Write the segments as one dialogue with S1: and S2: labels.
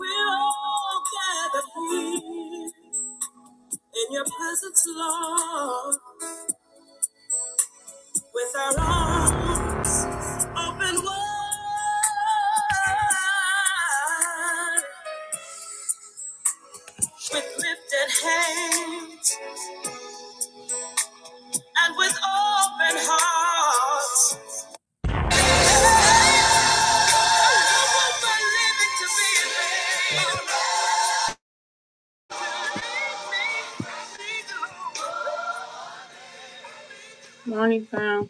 S1: We're all gathered here in your presence, Lord, with our arms open wide, with lifted hands and with open hearts. I want my living to be a Morning, fam.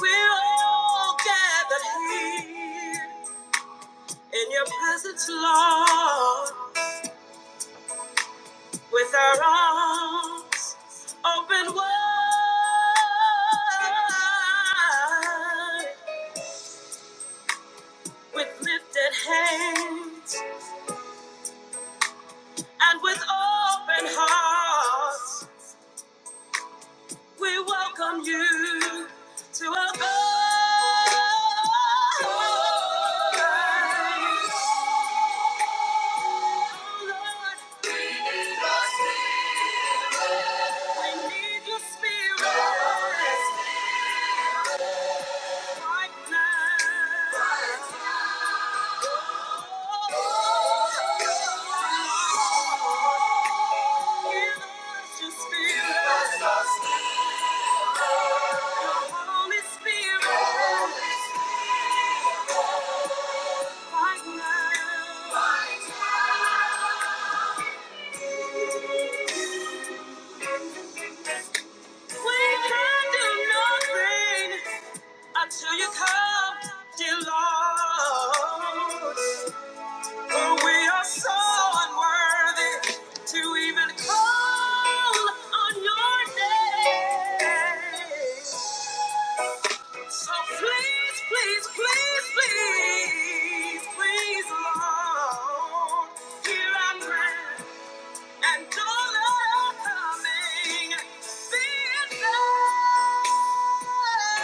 S1: We're all gathered here in your Lord. with our arms open wide, with lifted hands and with open hearts, we welcome you to our God. We need your spirit right now. Until you come, dear Lord, for we are so unworthy to even call on your name. So please, please, please, please, please, Lord, hear our prayer at and all I'm coming. Be it thine.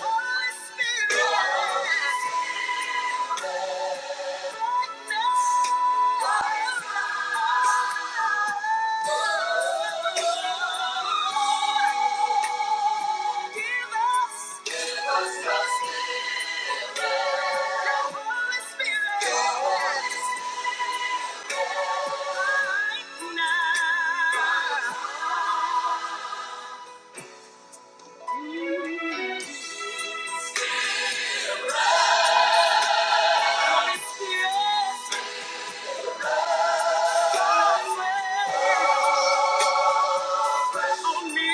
S1: The Holy Spirit on me.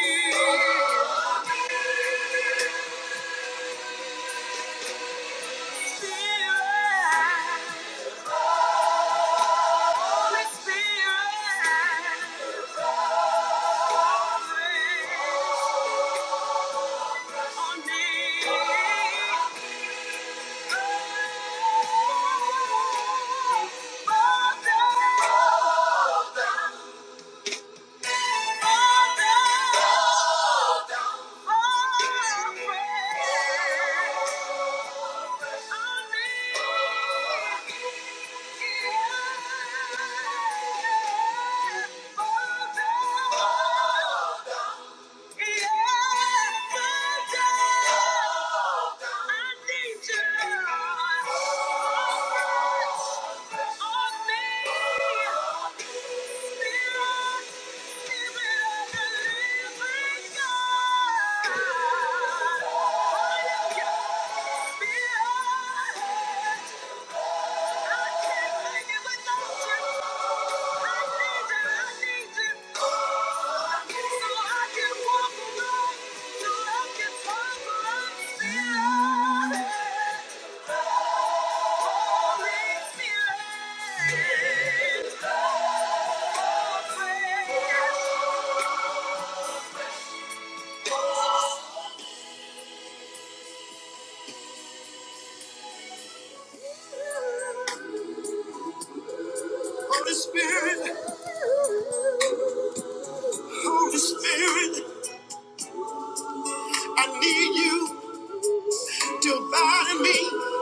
S1: Oh, Oh, Holy Spirit, Holy Spirit. I need you to abide in me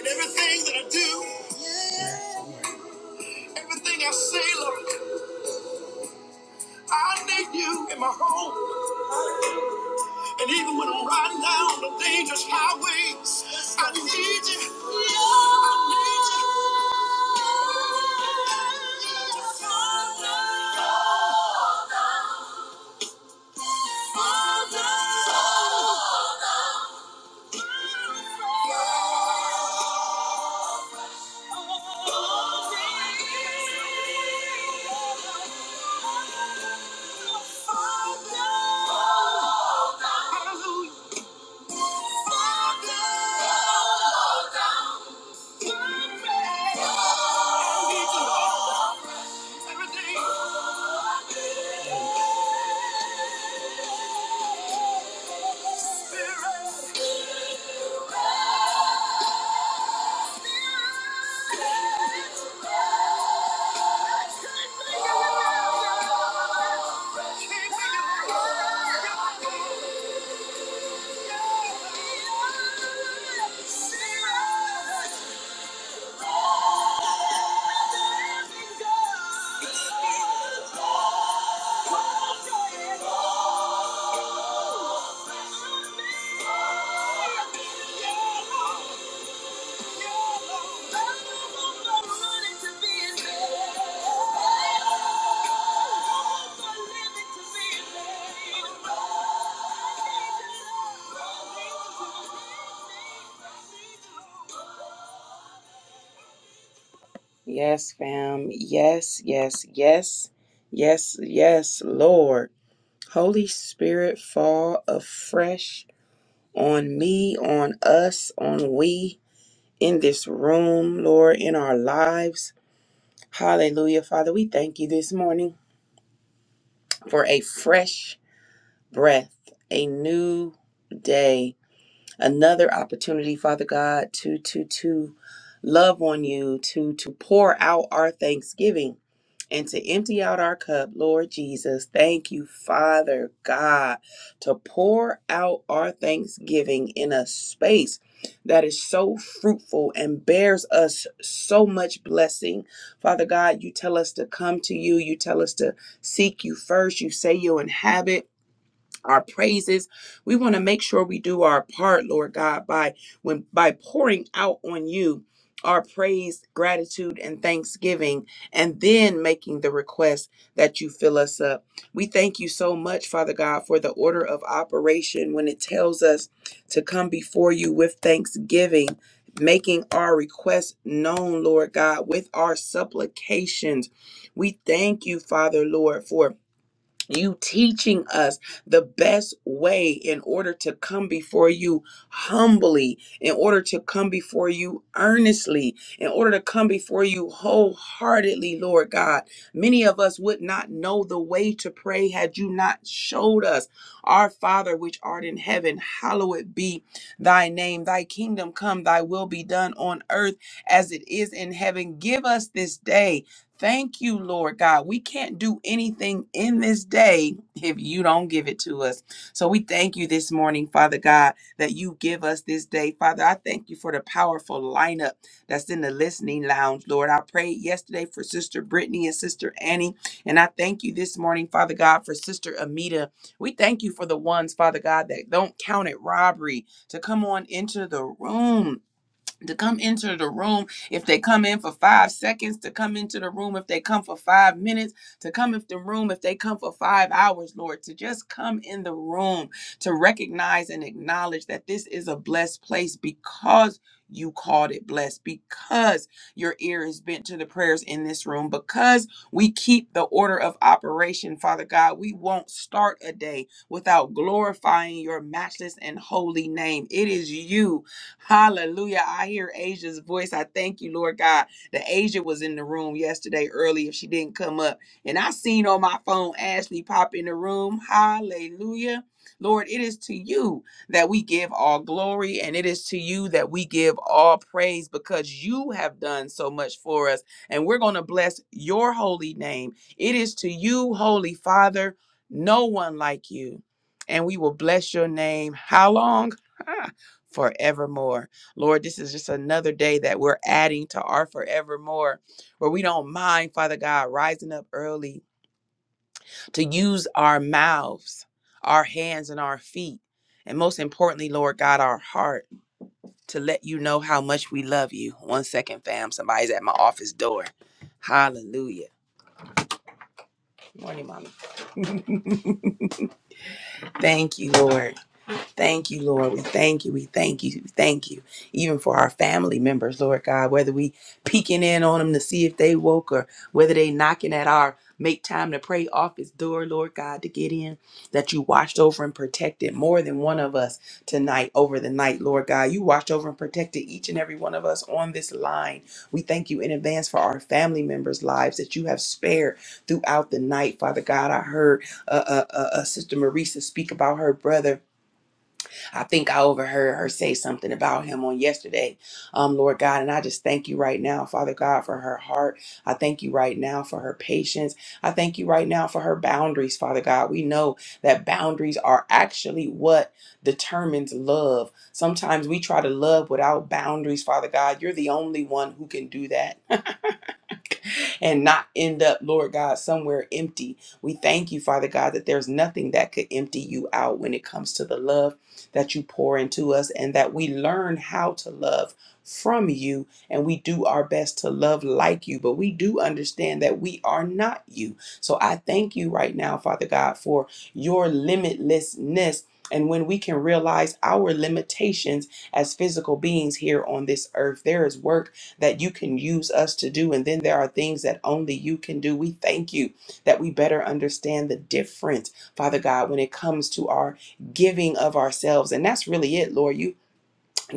S1: in everything that I do, everything I say, Lord. I need you in my home, and even when I'm riding down the dangerous highways, I need you. I need you. Father, Father, Father. Everything, spirit, spirit. Oh! Yes, fam. Yes, yes, yes, yes, yes, Lord. Holy Spirit, fall afresh on me, on us, on we in this room, Lord, in our lives. Hallelujah. Father, we thank you this morning for a fresh breath, a new day, another opportunity, Father God, to to to love on you, to to pour out our thanksgiving and to empty out our cup, Lord Jesus. Thank you, Father God, to pour out our thanksgiving in a space that is so fruitful and bears us so much blessing. Father God, you tell us to come to you, you tell us to seek you first. You say you'll inhabit our praises. We want to make sure we do our part, Lord God, by when by pouring out on you our praise, gratitude, and thanksgiving, and then making the request that you fill us up. We thank you so much, Father God, for the order of operation when it tells us to come before you with thanksgiving. Making our requests known, Lord God, with our supplications. We thank you, Father, Lord, for you teaching us the best way in order to come before you humbly, in order to come before you earnestly, in order to come before you wholeheartedly, Lord God. Many of us would not know the way to pray had you not showed us. Our Father, which art in heaven, hallowed be thy name. Thy kingdom come, thy will be done on earth as it is in heaven. Give us this day. Thank you, Lord God. We can't do anything in this day if you don't give it to us. So we thank you this morning, Father God, that you give us this day. Father, I thank you for the powerful lineup that's in the listening lounge, Lord. I prayed yesterday for Sister Brittany and Sister Annie. And I thank you this morning, Father God, for Sister Amita. We thank you for the ones, Father God, that don't count it robbery to come on into the room to come into the room if they come in for five seconds to come into the room if they come for five minutes to come into the room if they come for five hours lord to just come in the room to recognize and acknowledge that this is a blessed place because you called it blessed because your ear is bent to the prayers in this room because we keep the order of operation father god we won't start a day without glorifying your matchless and holy name it is you Hallelujah. I hear Asia's voice. I thank you, Lord God, that Asia was in the room yesterday early if she didn't come up. And I seen on my phone Ashley pop in the room. Hallelujah. Lord, it is to you that we give all glory and it is to you that we give all praise because you have done so much for us. And we're going to bless your holy name. It is to you, Holy Father, no one like you. And we will bless your name. How long? forevermore. Lord, this is just another day that we're adding to our forevermore, where we don't mind, Father God, rising up early to use our mouths, our hands, and our feet. And most importantly, Lord God, our heart to let you know how much we love you. One second, fam. Somebody's at my office door. Hallelujah. Morning, mommy. Thank you, Lord. Thank you, Lord. We thank you. We thank you. We thank you. Even for our family members, Lord God, whether we peeking in on them to see if they woke or whether they knocking at our make time to pray office door, Lord God, to get in, that you watched over and protected more than one of us tonight over the night, Lord God. You watched over and protected each and every one of us on this line. We thank you in advance for our family members' lives that you have spared throughout the night, Father God. I heard uh, uh, uh, uh, Sister Marisa speak about her brother I think I overheard her say something about him on yesterday, um, Lord God. And I just thank you right now, Father God, for her heart. I thank you right now for her patience. I thank you right now for her boundaries, Father God. We know that boundaries are actually what determines love. Sometimes we try to love without boundaries, Father God. You're the only one who can do that and not end up, Lord God, somewhere empty. We thank you, Father God, that there's nothing that could empty you out when it comes to the love that you pour into us and that we learn how to love from you and we do our best to love like you, but we do understand that we are not you. So I thank you right now, Father God, for your limitlessness. And when we can realize our limitations as physical beings here on this earth, there is work that you can use us to do. And then there are things that only you can do. We thank you that we better understand the difference, Father God, when it comes to our giving of ourselves. And that's really it, Lord. You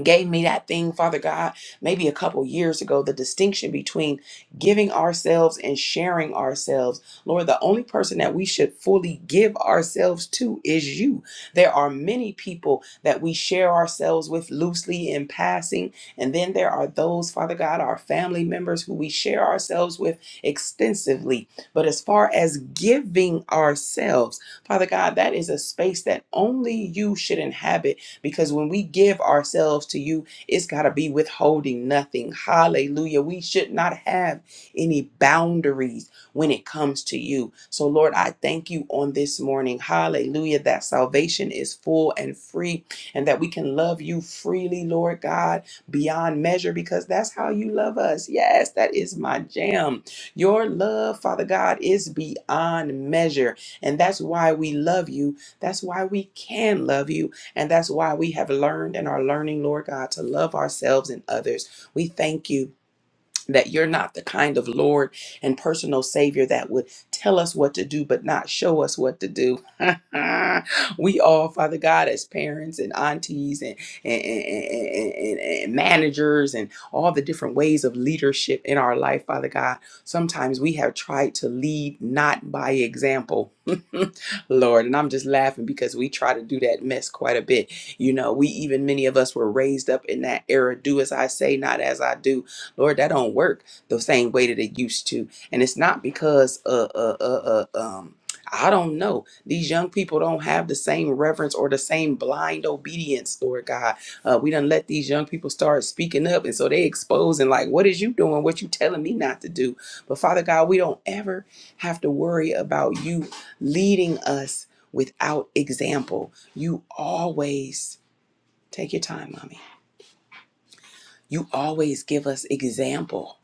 S1: gave me that thing, Father God, maybe a couple years ago, the distinction between giving ourselves and sharing ourselves. Lord, the only person that we should fully give ourselves to is you. There are many people that we share ourselves with loosely in passing, and then there are those, Father God, our family members who we share ourselves with extensively. But as far as giving ourselves, Father God, that is a space that only you should inhabit because when we give ourselves to you, it's got to be withholding nothing. Hallelujah. We should not have any boundaries when it comes to you. So, Lord, I thank you on this morning. Hallelujah. That salvation is full and free and that we can love you freely, Lord God, beyond measure because that's how you love us. Yes, that is my jam. Your love, Father God, is beyond measure. And that's why we love you. That's why we can love you and that's why we have learned and are learning, Lord God, to love ourselves and others. We thank you that you're not the kind of Lord and personal Savior that would tell us what to do, but not show us what to do. we all, Father God, as parents and aunties and, and, and, and, and managers and all the different ways of leadership in our life, Father God, sometimes we have tried to lead not by example, Lord. And I'm just laughing because we try to do that mess quite a bit. You know, we even, many of us were raised up in that era do as I say, not as I do Lord, that don't work the same way that it used to. And it's not because uh uh uh, uh um I don't know. These young people don't have the same reverence or the same blind obedience, Lord God. Uh, we done let these young people start speaking up, and so they expose and like, what is you doing? What you telling me not to do? But Father God, we don't ever have to worry about you leading us without example. You always take your time, mommy. You always give us example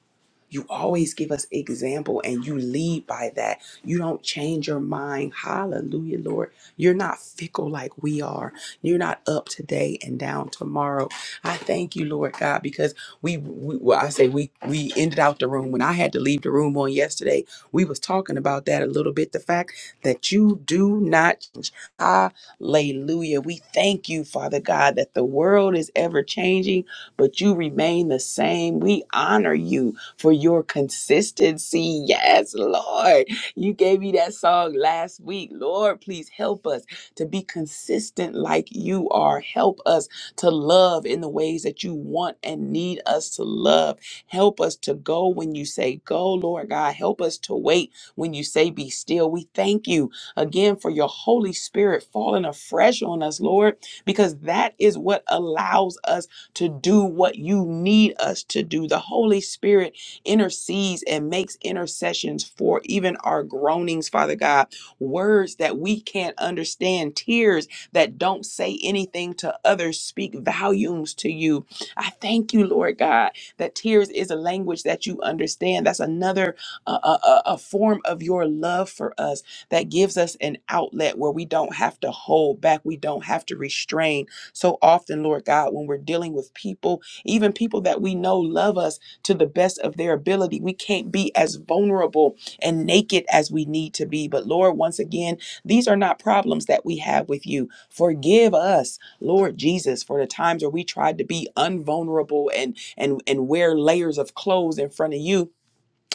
S1: you always give us example and you lead by that. You don't change your mind. Hallelujah, Lord. You're not fickle like we are. You're not up today and down tomorrow. I thank you, Lord God, because we, we well, I say we we ended out the room when I had to leave the room on yesterday. We was talking about that a little bit. The fact that you do not change. Hallelujah. We thank you, Father God, that the world is ever changing, but you remain the same. We honor you for your consistency. Yes, Lord. You gave me that song last week. Lord, please help us to be consistent like you are. Help us to love in the ways that you want and need us to love. Help us to go when you say go, Lord God. Help us to wait when you say be still. We thank you again for your Holy Spirit falling afresh on us, Lord, because that is what allows us to do what you need us to do. The Holy Spirit intercedes and makes intercessions for even our groanings, Father God, words that we can't understand, tears that don't say anything to others, speak volumes to you. I thank you, Lord God, that tears is a language that you understand. That's another uh, uh, uh, a form of your love for us that gives us an outlet where we don't have to hold back, we don't have to restrain. So often, Lord God, when we're dealing with people, even people that we know love us, to the best of their ability. We can't be as vulnerable and naked as we need to be. But Lord, once again, these are not problems that we have with you. Forgive us, Lord Jesus, for the times where we tried to be unvulnerable and and and wear layers of clothes in front of you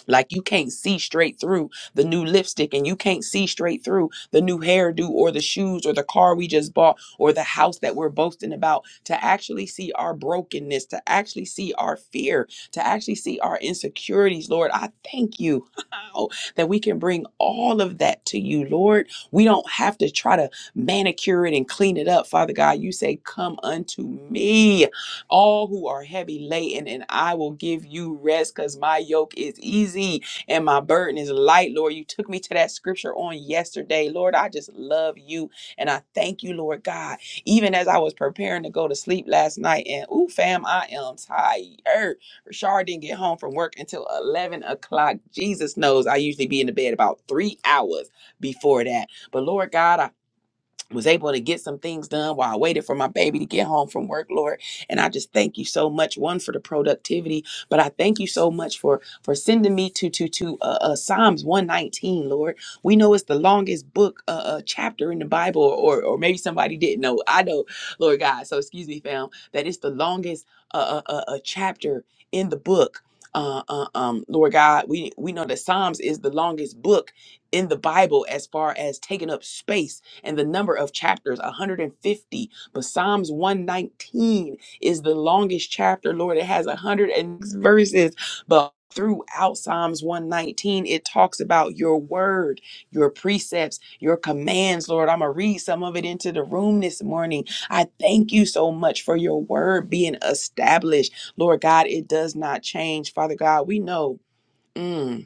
S1: like you can't see straight through the new lipstick and you can't see straight through the new hairdo or the shoes or the car we just bought or the house that we're boasting about to actually see our brokenness, to actually see our fear, to actually see our insecurities, Lord. I thank you that we can bring all of that to you, Lord. We don't have to try to manicure it and clean it up, Father God. You say, Come unto me all who are heavy laden, and I will give you rest because my yoke is easy and my burden is light, Lord. You took me to that scripture on yesterday. Lord, I just love you and I thank you, Lord God. Even as I was preparing to go to sleep last night, and ooh, fam, I am tired. Rashard didn't get home from work until 11 o'clock. Jesus knows I usually be in the bed about three hours before that. But Lord God, I was able to get some things done while I waited for my baby to get home from work, Lord. And I just thank you so much, one for the productivity, but I thank you so much for for sending me to to to uh, uh, Psalms one nineteen, Lord. We know it's the longest book uh, uh, chapter in the Bible, or or maybe somebody didn't know. I know, Lord God. So excuse me, fam, that it's the longest uh, uh, uh, uh, chapter in the book. Uh, uh, um, Lord God, we we know that Psalms is the longest book in the Bible as far as taking up space and the number of chapters 150 but psalms 119 is the longest chapter lord it has 100 and verses but throughout psalms 119 it talks about your word your precepts your commands lord i'm gonna read some of it into the room this morning i thank you so much for your word being established lord god it does not change father god we know mm,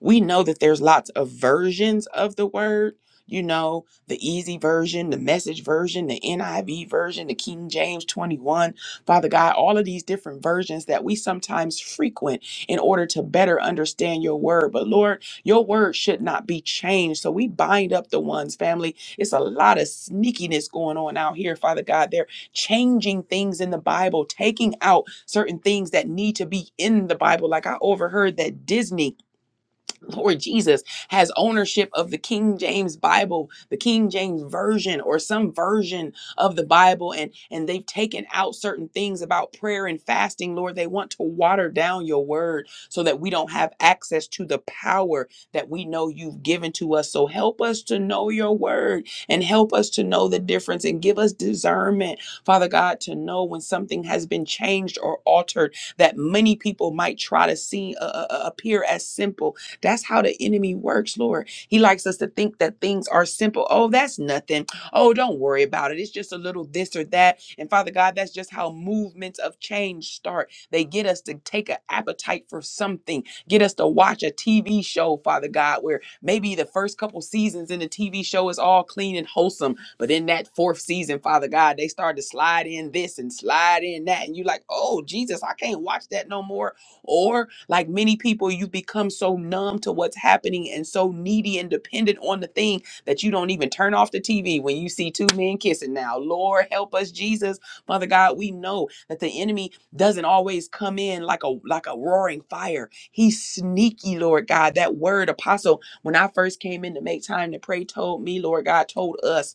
S1: we know that there's lots of versions of the word you know the easy version the message version the niv version the king james 21 father god all of these different versions that we sometimes frequent in order to better understand your word but lord your word should not be changed so we bind up the ones family it's a lot of sneakiness going on out here father god they're changing things in the bible taking out certain things that need to be in the bible like i overheard that disney Lord Jesus has ownership of the King James Bible, the King James version or some version of the Bible and and they've taken out certain things about prayer and fasting, Lord. They want to water down your word so that we don't have access to the power that we know you've given to us. So help us to know your word and help us to know the difference and give us discernment, Father God, to know when something has been changed or altered that many people might try to see uh, uh, uh, appear as simple that's how the enemy works, Lord. He likes us to think that things are simple. Oh, that's nothing. Oh, don't worry about it. It's just a little this or that. And Father God, that's just how movements of change start. They get us to take an appetite for something, get us to watch a TV show, Father God, where maybe the first couple seasons in the TV show is all clean and wholesome. But in that fourth season, Father God, they start to slide in this and slide in that. And you're like, oh, Jesus, I can't watch that no more. Or, like many people, you become so numb to what's happening and so needy and dependent on the thing that you don't even turn off the TV when you see two men kissing. Now, Lord, help us, Jesus. Father God, we know that the enemy doesn't always come in like a like a roaring fire. He's sneaky, Lord God. That word apostle, when I first came in to make time to pray, told me, Lord God, told us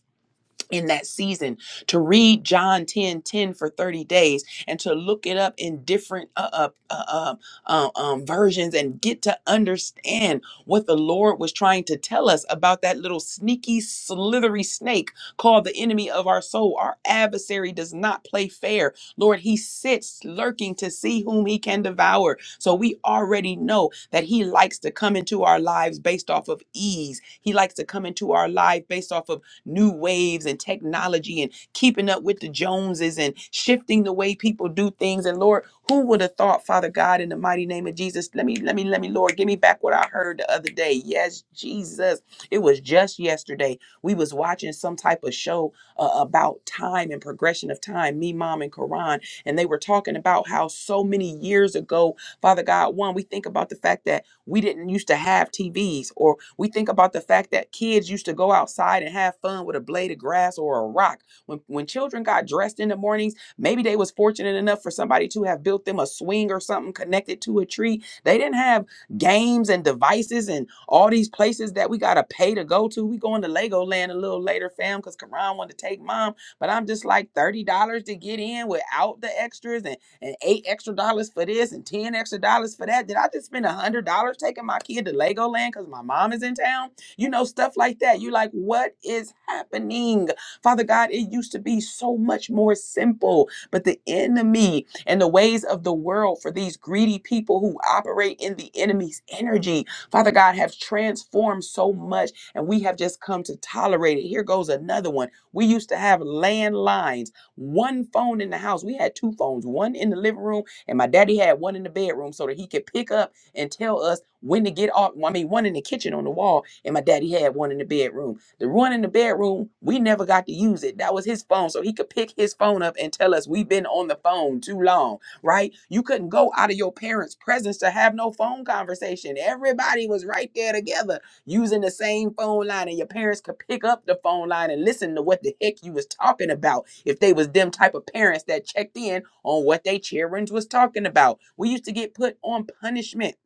S1: in that season to read John 10 10 for 30 days and to look it up in different uh, uh, uh, uh, um, uh, um, versions and get to understand what the Lord was trying to tell us about that little sneaky, slithery snake called the enemy of our soul. Our adversary does not play fair. Lord, he sits lurking to see whom he can devour. So we already know that he likes to come into our lives based off of ease, he likes to come into our life based off of new waves and technology and keeping up with the Joneses and shifting the way people do things. And Lord, who would have thought, Father God, in the mighty name of Jesus, let me, let me, let me, Lord, give me back what I heard the other day. Yes, Jesus. It was just yesterday. We was watching some type of show uh, about time and progression of time, me, mom, and Quran. And they were talking about how so many years ago, Father God, one, we think about the fact that we didn't used to have TVs, or we think about the fact that kids used to go outside and have fun with a blade of grass or a rock. When when children got dressed in the mornings, maybe they was fortunate enough for somebody to have built them a swing or something connected to a tree. They didn't have games and devices and all these places that we gotta pay to go to. We going to Legoland a little later, fam, because Karan wanted to take mom. But I'm just like $30 to get in without the extras. And and eight extra dollars for this and ten extra dollars for that. Did I just spend a hundred dollars taking my kid to Legoland because my mom is in town? You know, stuff like that. You're like, what is happening? Father God, it used to be so much more simple, but the enemy and the ways of the world for these greedy people who operate in the enemy's energy, Father God, have transformed so much, and we have just come to tolerate it. Here goes another one. We used to have landlines one phone in the house. We had two phones, one in the living room, and my daddy had one in the bedroom so that he could pick up and tell us when to get off. I mean, one in the kitchen on the wall, and my daddy had one in the bedroom. The one in the bedroom, we never got to use it. That was his phone, so he could pick his phone up and tell us we've been on the phone too long right? You couldn't go out of your parents' presence to have no phone conversation. Everybody was right there together using the same phone line and your parents could pick up the phone line and listen to what the heck you was talking about if they was them type of parents that checked in on what they children was talking about we used to get put on punishment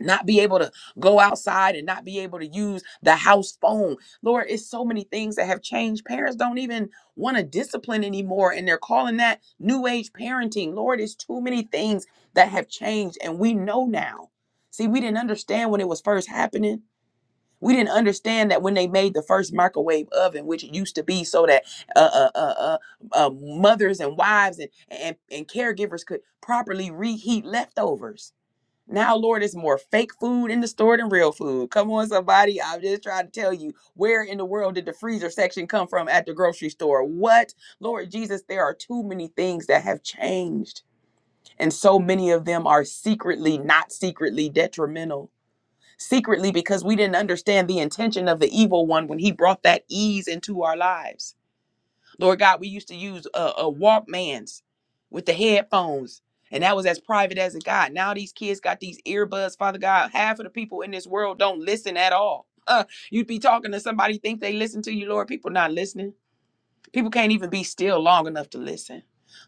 S1: not be able to go outside and not be able to use the house phone lord it's so many things that have changed parents don't even want to discipline anymore and they're calling that new age parenting lord it's too many things that have changed and we know now see we didn't understand when it was first happening we didn't understand that when they made the first microwave oven, which it used to be so that uh, uh, uh, uh, uh, mothers and wives and, and, and caregivers could properly reheat leftovers. Now, Lord, it's more fake food in the store than real food. Come on, somebody. I'm just trying to tell you where in the world did the freezer section come from at the grocery store? What? Lord Jesus, there are too many things that have changed. And so many of them are secretly, not secretly detrimental secretly because we didn't understand the intention of the evil one when he brought that ease into our lives. Lord God, we used to use a, uh uh, Walkmans with the headphones, and that was as private as it got. Now these kids got these earbuds. Father God, half of the people in this world don't listen at all. Uh, you'd be talking to somebody, think they listen to you, Lord. People not listening. People can't even be still long enough to listen.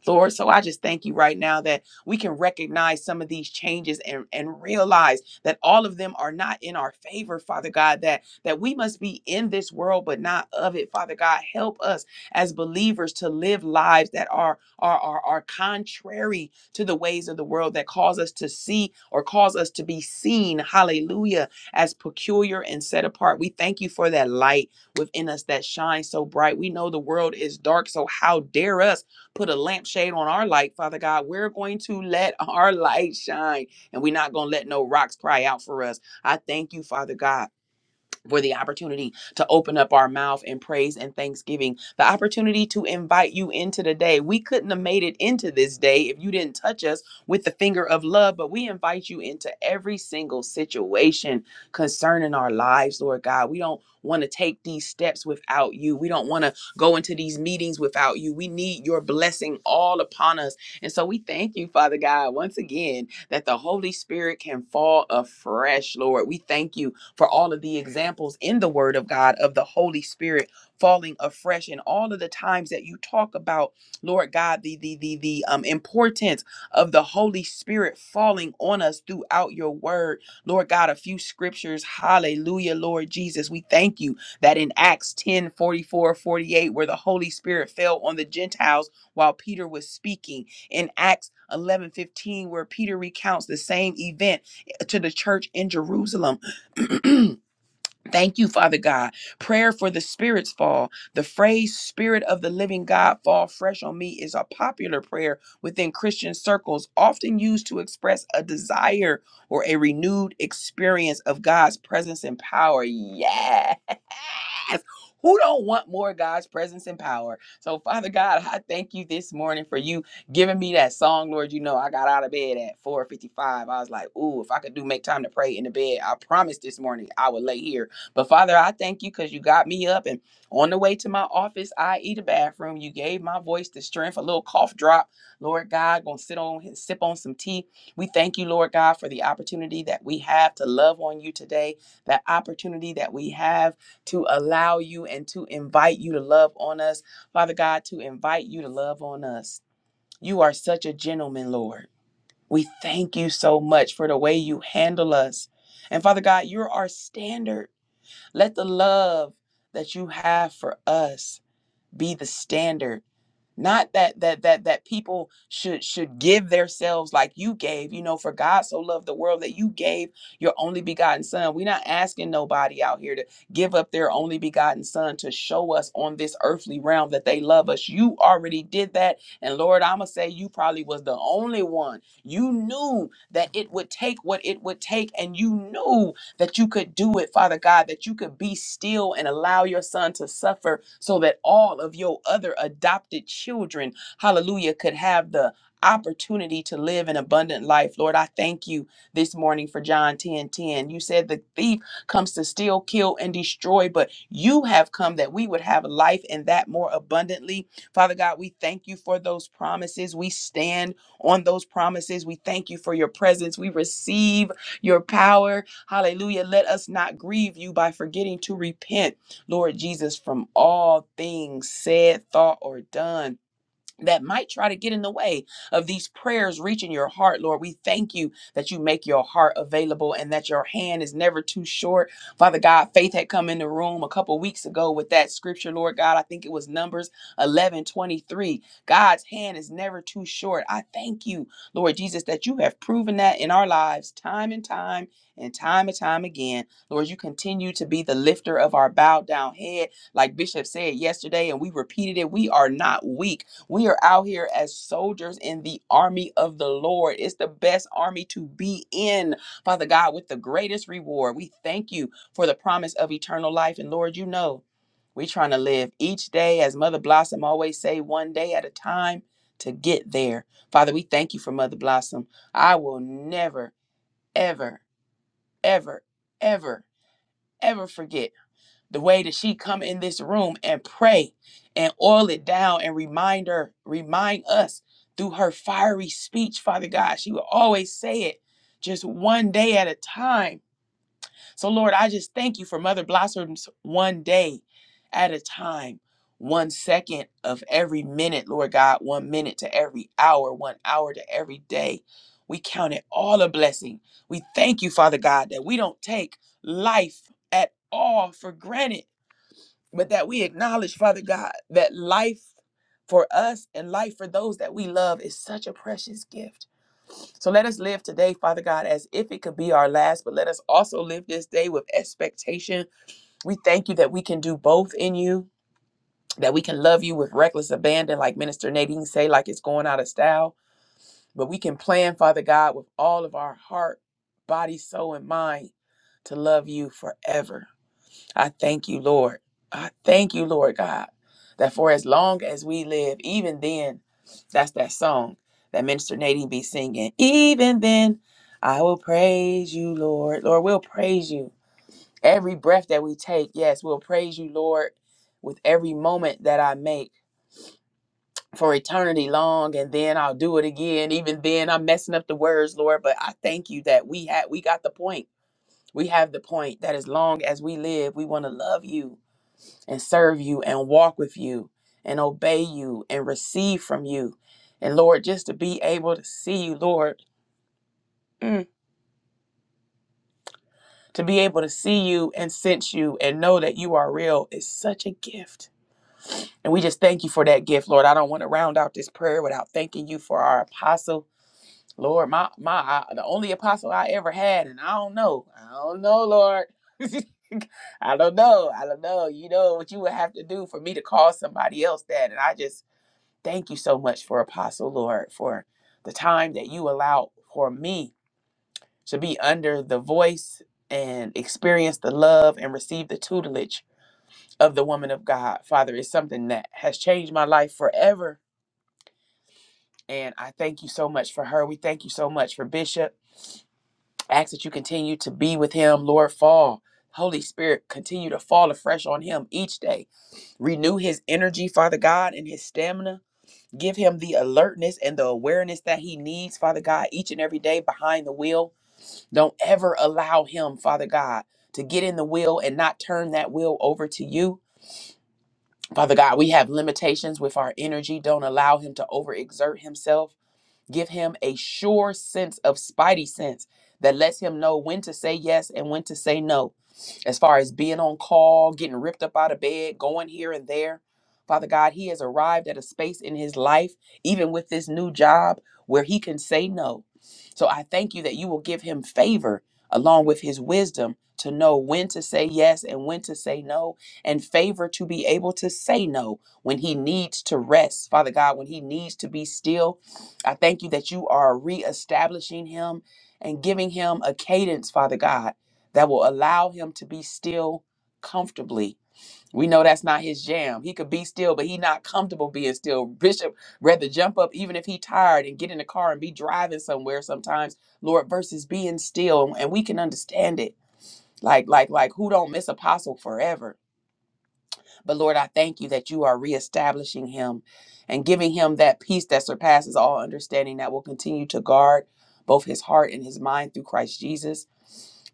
S1: Lord, so I just thank you right now that we can recognize some of these changes and, and realize that all of them are not in our favor, Father God, that, that we must be in this world but not of it, Father God. Help us as believers to live lives that are, are, are, are contrary to the ways of the world, that cause us to see or cause us to be seen, hallelujah, as peculiar and set apart. We thank you for that light within us that shines so bright. We know the world is dark, so how dare us put a lampshade on our light, Father God? We're going to let our light shine, and we're not going to let no rocks cry out for us. I thank you, Father God for the opportunity to open up our mouth in praise and thanksgiving, the opportunity to invite you into the day. We couldn't have made it into this day if you didn't touch us with the finger of love, but we invite you into every single situation concerning our lives, Lord God. We don't want to take these steps without you. We don't want to go into these meetings without you. We need your blessing all upon us. And so we thank you, Father God, once again, that the Holy Spirit can fall afresh, Lord. We thank you for all of the examples in the Word of God of the Holy Spirit falling afresh and all of the times that you talk about, Lord God, the the the the um importance of the Holy Spirit falling on us throughout your word. Lord God, a few scriptures. Hallelujah, Lord Jesus. We thank you that in Acts 10 44 48 where the Holy Spirit fell on the Gentiles while Peter was speaking. In Acts 11 15 where Peter recounts the same event to the church in Jerusalem. Thank you, Father God. Prayer for the Spirit's fall. The phrase Spirit of the Living God fall fresh on me is a popular prayer within Christian circles, often used to express a desire or a renewed experience of God's presence and power. Yes. Who don't want more God's presence and power? So, Father God, I thank you this morning for you giving me that song, Lord. You know, I got out of bed at 4:55. I was like, "Ooh, if I could do make time to pray in the bed, I promise this morning I would lay here but Father, I thank you because you got me up and on the way to my office, I eat a bathroom. You gave my voice the strength, a little cough drop. Lord God, gonna sit on and sip on some tea. We thank you, Lord God, for the opportunity that we have to love on you today, that opportunity that we have to allow you and to invite you to love on us. Father God, to invite you to love on us. You are such a gentleman, Lord. We thank you so much for the way you handle us. And Father God, you're our standard. Let the love that you have for us be the standard. Not that that that that people should should give themselves like you gave. You know, for God so loved the world that you gave your only begotten son. We're not asking nobody out here to give up their only begotten son to show us on this earthly realm that they love us. You already did that. And Lord, I'ma say you probably was the only one. You knew that it would take what it would take, and you knew that you could do it, Father God, that you could be still and allow your son to suffer so that all of your other adopted children, hallelujah, could have the opportunity to live an abundant life. Lord, I thank you this morning for John 10 10. You said the thief comes to steal, kill, and destroy, but you have come that we would have life and that more abundantly. Father God, we thank you for those promises. We stand on those promises. We thank you for your presence. We receive your power Hallelujah. Let us not grieve you by forgetting to repent, Lord Jesus, from all things said, thought, or done that might try to get in the way of these prayers reaching your heart, Lord. We thank you that you make your heart available and that your hand is never too short. Father God, faith had come in the room a couple weeks ago with that scripture, Lord God. I think it was Numbers 11 23. God's hand is never too short. I thank you, Lord Jesus, that you have proven that in our lives time and time and time and time again. Lord, you continue to be the lifter of our bowed down head. Like Bishop said yesterday, and we repeated it, we are not weak. We are out here as soldiers in the army of the Lord. It's the best army to be in, Father God, with the greatest reward. We thank you for the promise of eternal life. And Lord, you know, we're trying to live each day, as Mother Blossom always say, one day at a time to get there. Father, we thank you for Mother Blossom. I will never, ever, ever, ever, ever forget the way that she come in this room and pray and oil it down and remind her remind us through her fiery speech father god she will always say it just one day at a time so lord i just thank you for mother blossoms one day at a time one second of every minute lord god one minute to every hour one hour to every day we count it all a blessing we thank you father god that we don't take life at all for granted but that we acknowledge, Father God, that life for us and life for those that we love is such a precious gift. So let us live today, Father God, as if it could be our last, but let us also live this day with expectation. We thank you that we can do both in you, that we can love you with reckless abandon, like Minister Nadine say, like it's going out of style, but we can plan, Father God, with all of our heart, body, soul, and mind to love you forever. I thank you, Lord. I thank you, Lord God, that for as long as we live, even then, that's that song that Minister Nadine be singing. Even then, I will praise you, Lord. Lord, we'll praise you. Every breath that we take, yes, we'll praise you, Lord, with every moment that I make for eternity long, and then I'll do it again. Even then, I'm messing up the words, Lord, but I thank you that we had we got the point. We have the point that as long as we live, we want to love you and serve you and walk with you and obey you and receive from you. And Lord, just to be able to see you, Lord, mm, to be able to see you and sense you and know that you are real is such a gift. And we just thank you for that gift, Lord. I don't want to round out this prayer without thanking you for our apostle. Lord, my my I- the only apostle I ever had, and I don't know. I don't know, Lord. I don't know. I don't know. You know what you would have to do for me to call somebody else that. And I just Thank you so much for Apostle Lord for the time that you allow for me to be under the voice and experience the love and receive the tutelage of the woman of God. Father, is something that has changed my life forever. And I thank you so much for her. We thank you so much for Bishop. I ask that you continue to be with him, Lord. Fall. Holy Spirit, continue to fall afresh on him each day. Renew his energy, Father God, and his stamina. Give him the alertness and the awareness that he needs, Father God, each and every day behind the wheel. Don't ever allow him, Father God, to get in the wheel and not turn that wheel over to you. Father God, we have limitations with our energy. Don't allow him to overexert himself. Give him a sure sense of spidey sense that lets him know when to say yes and when to say no. As far as being on call, getting ripped up out of bed, going here and there. Father God, he has arrived at a space in his life, even with this new job, where he can say no. So I thank you that you will give him favor along with his wisdom to know when to say yes and when to say no, and favor to be able to say no when he needs to rest, Father God, when he needs to be still I thank you that you are reestablishing him and giving him a cadence, Father God, that will allow him to be still comfortably. We know that's not his jam. He could be still, but he not comfortable being still. Bishop rather jump up even if he tired and get in the car and be driving somewhere sometimes, Lord, versus being still. And we can understand it. Like, like, like who don't miss apostle forever? But Lord, I thank you that you are reestablishing him and giving him that peace that surpasses all understanding that will continue to guard both his heart and his mind through Christ Jesus.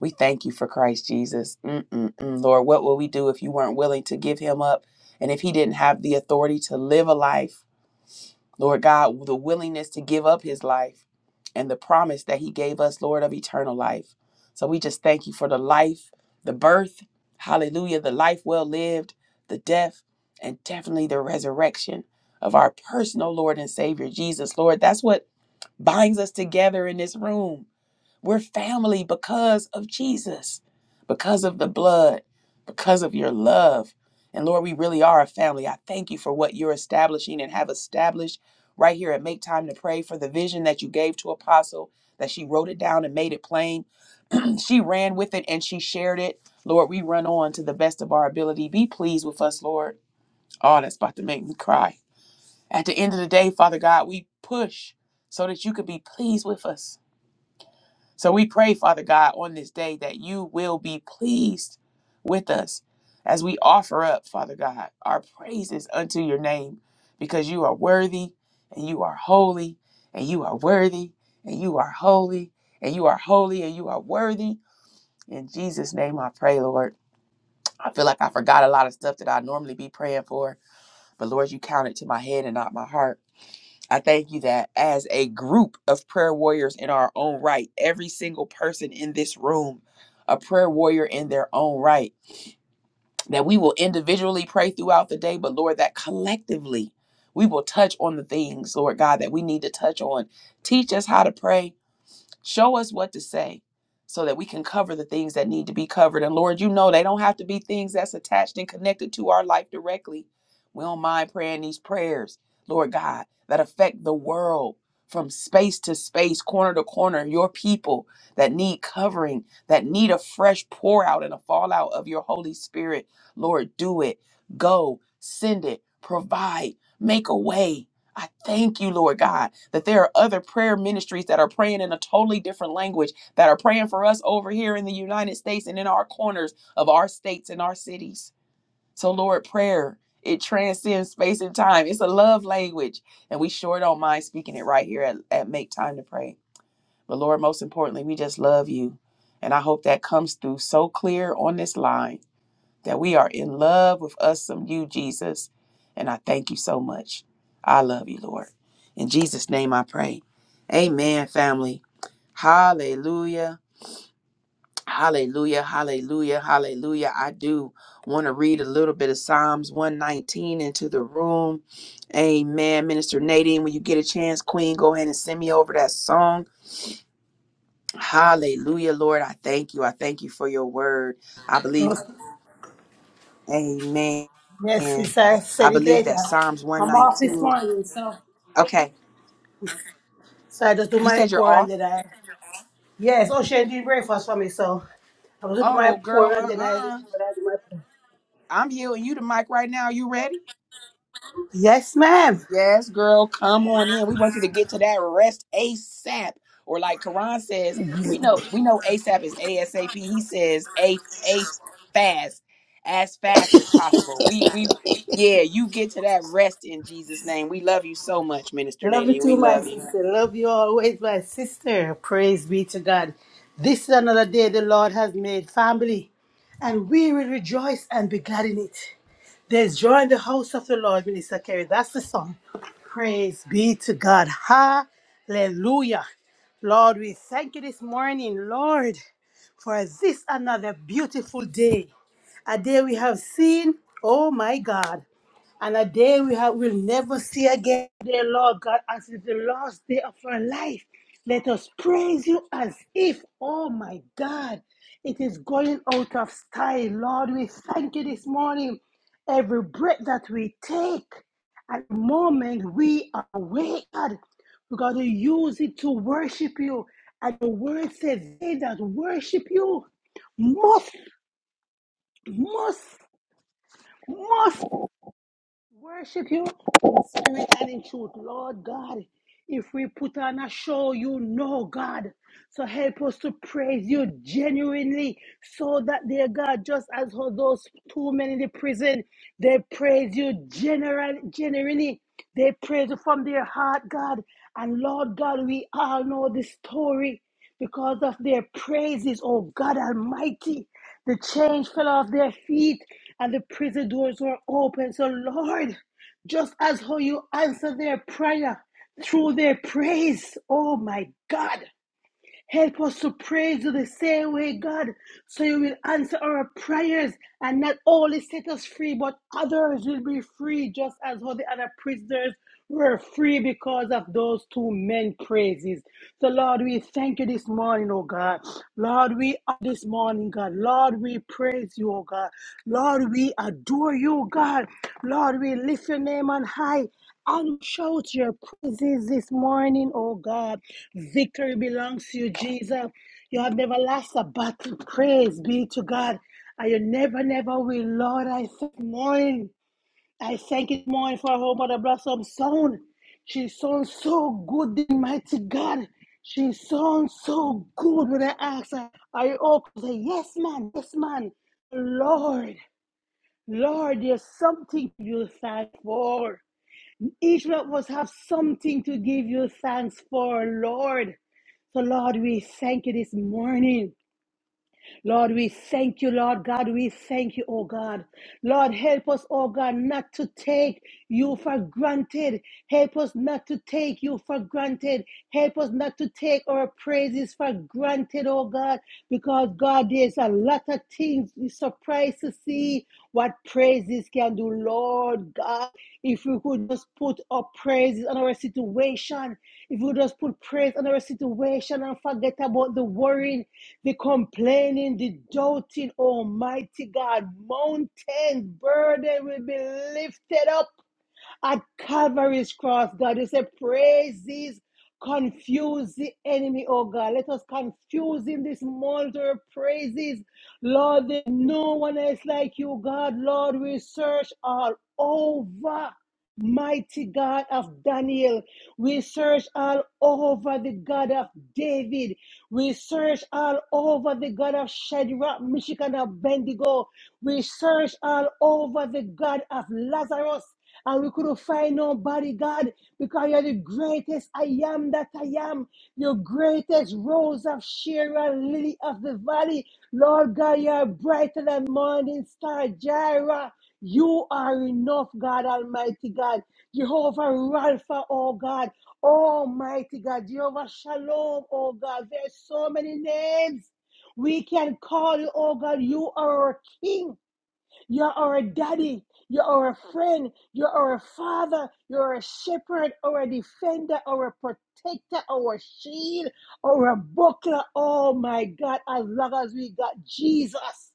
S1: We thank you for Christ Jesus. Mm-mm-mm. Lord, what would we do if you weren't willing to give him up and if he didn't have the authority to live a life? Lord God, the willingness to give up his life and the promise that he gave us, Lord, of eternal life. So we just thank you for the life, the birth, hallelujah, the life well lived, the death, and definitely the resurrection of our personal Lord and Savior, Jesus. Lord, that's what binds us together in this room. We're family because of Jesus, because of the blood, because of your love. And Lord, we really are a family. I thank you for what you're establishing and have established right here at Make Time to Pray for the vision that you gave to Apostle, that she wrote it down and made it plain. she ran with it and she shared it. Lord, we run on to the best of our ability. Be pleased with us, Lord. Oh, that's about to make me cry. At the end of the day, Father God, we push so that you could be pleased with us. So we pray, Father God, on this day that you will be pleased with us as we offer up, Father God, our praises unto your name because you are worthy and you are holy and you are worthy and you are holy and you are holy and you are worthy. In Jesus' name I pray, Lord. I feel like I forgot a lot of stuff that I normally be praying for, but Lord, you counted to my head and not my heart. I thank you that as a group of prayer warriors in our own right, every single person in this room, a prayer warrior in their own right, that we will individually pray throughout the day, but Lord, that collectively we will touch on the things, Lord God, that we need to touch on. Teach us how to pray Show us what to say so that we can cover the things that need to be covered. And Lord, you know they don't have to be things that's attached and connected to our life directly. We don't mind praying these prayers, Lord God, that affect the world from space to space, corner to corner, your people that need covering, that need a fresh pour out and a fallout of your Holy Spirit. Lord, do it. Go, send it, provide, make a way. I thank you, Lord God, that there are other prayer ministries that are praying in a totally different language, that are praying for us over here in the United States and in our corners of our states and our cities. So, Lord, prayer, it transcends space and time. It's a love language. And we sure don't mind speaking it right here at, at Make Time to Pray. But, Lord, most importantly, we just love you. And I hope that comes through so clear on this line that we are in love with us some you, Jesus. And I thank you so much. I love you, Lord. In Jesus' name I pray. Amen, family. Hallelujah. Hallelujah. Hallelujah. Hallelujah. I do want to read a little bit of Psalms 119 into the room. Amen. Minister Nadine, when you get a chance, Queen, go ahead and send me over that song. Hallelujah, Lord. I thank you. I thank you for your word. I believe.
S2: Okay.
S1: Amen.
S2: Yes, sis, I
S1: I
S2: said it
S1: believe
S2: later.
S1: that Psalms
S2: I'm off,
S1: 119. Okay.
S2: so I just do
S1: You
S2: my
S1: said you're
S2: pour and
S1: off?
S2: then I. Yes, oh, she did breakfast for me, so I was gonna do
S1: Oh,
S2: my
S1: well, girl,
S2: pour
S1: uh
S2: and then
S1: uh
S2: I. But I do my pour.
S1: i am yielding you the mic right now. You ready?
S2: Yes, ma'am.
S1: Yes, girl, come on in. We want you to get to that rest ASAP. Or like Quran says, we know we know ASAP is ASAP. He says A A fast, as fast as possible. We we yeah, you get to that rest in Jesus' name. We love you so much, Minister
S2: Love you
S1: Nadine.
S2: too,
S1: We
S2: my
S1: love you.
S2: sister. Love you always, my sister. Praise be to God. This is another day the Lord has made, family, and we will rejoice and be glad in it. There's joy in the house of the Lord, Minister Kerry. That's the song. Praise be to God. Hallelujah. Lord, we thank you this morning, Lord, for this another beautiful day. A day we have seen, oh my God and a day we have, will never see again. Dear Lord God, as it's the last day of our life, let us praise you as if, oh my God, it is going out of style. Lord, we thank you this morning. Every breath that we take, at the moment we are awake, God, we got to use it to worship you. And the word says, they that worship you must, must, must Worship you in spirit and in truth, Lord God. If we put on a show, you know, God. So help us to praise you genuinely so that, dear God, just as how those two men in the prison, they praise you general, genuinely. They praise you from their heart, God. And Lord God, we all know the story because of their praises, oh God Almighty. The chains fell off their feet and the prison doors were open. So, Lord, just as how you answer their prayer through their praise, oh my God. Help us to praise you the same way, God, so you will answer our prayers and not only set us free, but others will be free, just as how the other prisoners were free because of those two men praises. So, Lord, we thank you this morning, oh God. Lord, we are this morning, God. Lord, we praise you, oh God. Lord, we adore you, God. Lord, we lift your name on high i shout your praises this morning, oh God. Victory belongs to you, Jesus. You have never lost a battle. Praise be to God. And you never, never will, Lord. I thank you, morning. I thank you, morning, for her mother blossom sound. She sounds so good, the mighty God. She sounds so good when I ask her, Are you okay? Say, yes, man, yes, man. Lord, Lord, there's something you thank for. Israel must have something to give you thanks for, Lord. So, Lord, we thank you this morning. Lord, we thank you, Lord God. We thank you, oh God. Lord, help us, oh God, not to take you for granted. Help us not to take you for granted. Help us not to take our praises for granted, oh God, because God, there's a lot of things we surprised to see see what praises can do, Lord God. If we could just put our praises on our situation, if we just put praise on our situation and forget about the worrying, the complaining, the doubting, Almighty God, mountains, burden will be lifted up at Calvary's cross, God. You say, praises confuse the enemy, oh God. Let us confuse him this morning to our praises. Lord, there's no one else like you, God. Lord, we search all over. Mighty God of Daniel, we search all over the God of David. We search all over the God of Shadrach, Meshach, and Abednego, We search all over the God of Lazarus. And we couldn't find nobody, God, because you're the greatest I am that I am. Your greatest rose of Sharon, lily of the valley. Lord God, you're brighter than morning star, Jireh. You are enough, God Almighty God. Jehovah Rapha, oh God. Almighty God. Jehovah Shalom, oh God. There's so many names. We can call you, oh God. You are our King. You are a daddy. You are a friend. You are a father. You are a shepherd or a defender or a protector or a shield or a buckler. Oh my God. As long as we got Jesus,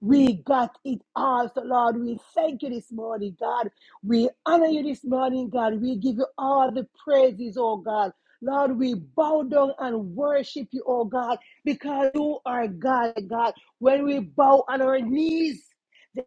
S2: we got it all. So, Lord, we thank you this morning, God. We honor you this morning, God. We give you all the praises, oh God. Lord, we bow down and worship you, oh God, because you are God, God. When we bow on our knees,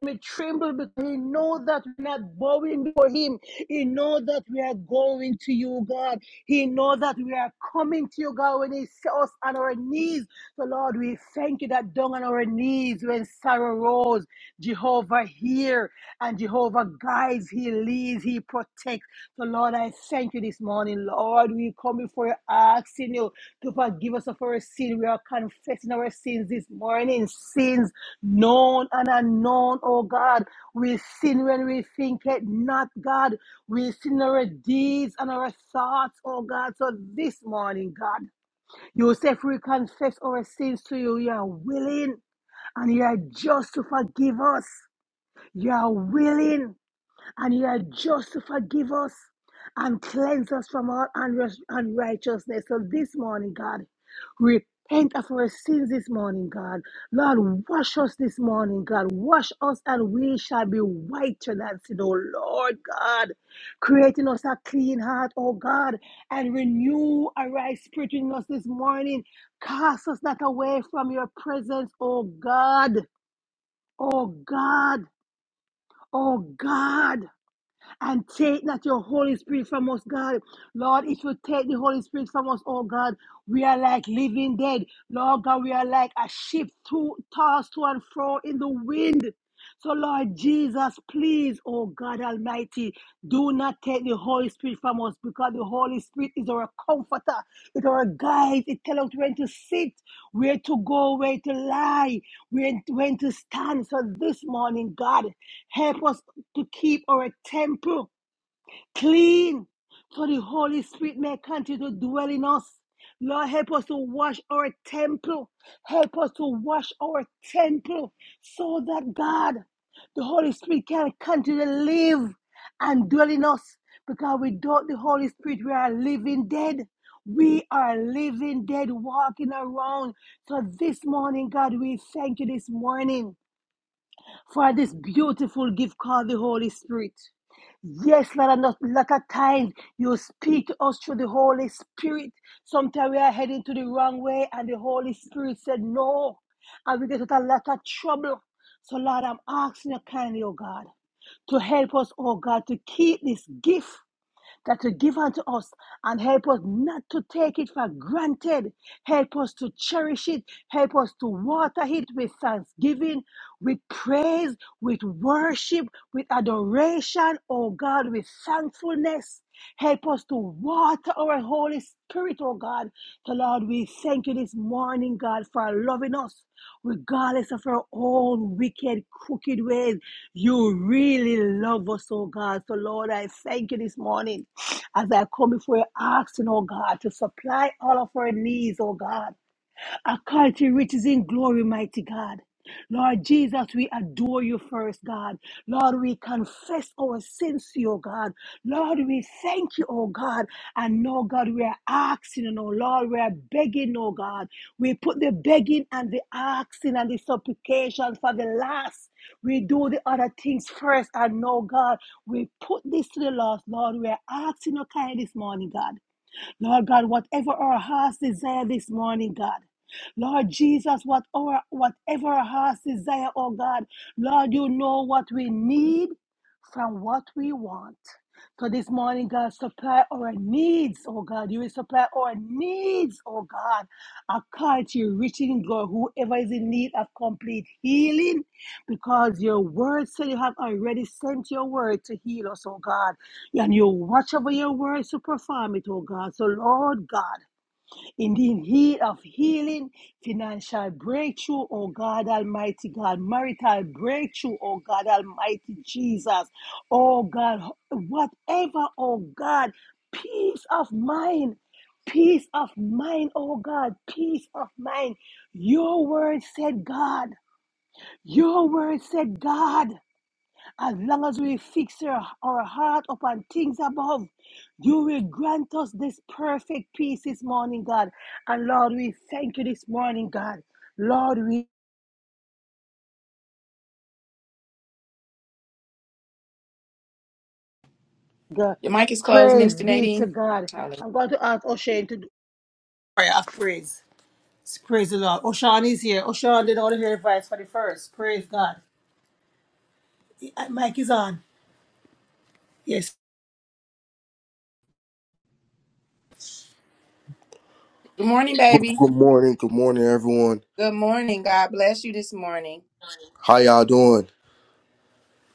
S2: they may tremble because he know that we're not bowing before him. He knows that we are going to you, God. He knows that we are coming to you, God, when he saw us on our knees. So, Lord, we thank you that down on our knees when sorrow rose, Jehovah here and Jehovah guides, he leads, he protects. So, Lord, I thank you this morning, Lord. We come before you asking you to forgive us of our sin. We are confessing our sins this morning, sins known and unknown, oh God. We sin when we think it not, God. We sin our deeds and our thoughts, oh God. So this morning, God, you say if we confess our sins to you, you are willing and you are just to forgive us. You are willing and you are just to forgive us and cleanse us from all unri- unrighteousness. So this morning, God, repent of our sins this morning, God. Lord, wash us this morning, God. Wash us and we shall be whiter than sin, oh Lord God. Creating us a clean heart, oh God, and renew a right spirit in us this morning. Cast us not away from your presence, oh God. Oh God. Oh God and take not your Holy Spirit from us, God. Lord, if you take the Holy Spirit from us, oh God, we are like living dead. Lord God, we are like a ship to, tossed to and fro in the wind. So, Lord Jesus, please, oh God Almighty, do not take the Holy Spirit from us because the Holy Spirit is our comforter, it's our guide. It tells us when to sit, where to go, where to lie, where when to stand. So, this morning, God, Help us to keep our temple clean so the Holy Spirit may continue to dwell in us. Lord, help us to wash our temple. Help us to wash our temple so that God, the Holy Spirit, can continue to live and dwell in us. Because without the Holy Spirit, we are living dead. We are living dead, walking around. So this morning, God, we thank you this morning for this beautiful gift called the Holy Spirit. Yes, Lord, and a lot of times you speak to us through the Holy Spirit. Sometimes we are heading to the wrong way, and the Holy Spirit said no, and we get into a lot of trouble. So, Lord, I'm asking you kindly, oh God, to help us, oh God, to keep this gift that you give unto us and help us not to take it for granted. Help us to cherish it. Help us to water it with thanksgiving, with praise, with worship, with adoration, oh God, with thankfulness. Help us to water our Holy Spirit, oh God. So, Lord, we thank you this morning, God, for loving us regardless of our own wicked, crooked ways. You really love us, oh God. So, Lord, I thank you this morning as I come before you asking, oh God, to supply all of our needs, oh God a country which is in glory, mighty God. Lord Jesus, we adore you first, God. Lord, we confess our sins to you, God. Lord, we thank you, oh God. And no, God, we are asking, and oh Lord, we are begging, oh God. We put the begging and the asking and the supplication for the last. We do the other things first, and no, God, we put this to the last, Lord. We are asking, oh kind, this morning, God. Lord God, whatever our hearts desire this morning, God. Lord Jesus, whatever, whatever our hearts desire, oh God, Lord, you know what we need from what we want. So this morning, God, supply our needs, oh God. You will supply our needs, oh God. According to your riches in glory, whoever is in need of complete healing, because your word said you have already sent your word to heal us, oh God. And you watch over your words to perform it, oh God. So, Lord God, in the need of healing, financial breakthrough, oh God Almighty God, marital breakthrough, oh God Almighty Jesus, oh God, whatever, oh God, peace of mind. Peace of mind, oh God, peace of mind. Your word said, God, your word said, God. As long as we fix our, our heart upon things above, you will grant us this perfect peace this morning, God. And Lord, we thank you this morning, God. Lord, we God.
S1: Your mic is closed,
S2: praise
S1: Minister
S2: be to
S1: Nadine.
S2: God.
S1: Hallelujah.
S2: I'm going to ask O'Shane to do prayer of praise. Praise the Lord. O'Shawn is here. O'Shawn did all the hair advice for the first. Praise God. Mike is on. Yes.
S1: Good morning,
S2: Good,
S1: baby.
S2: good morning, good morning, everyone.
S1: Good morning. God bless you this morning.
S2: How y'all doing?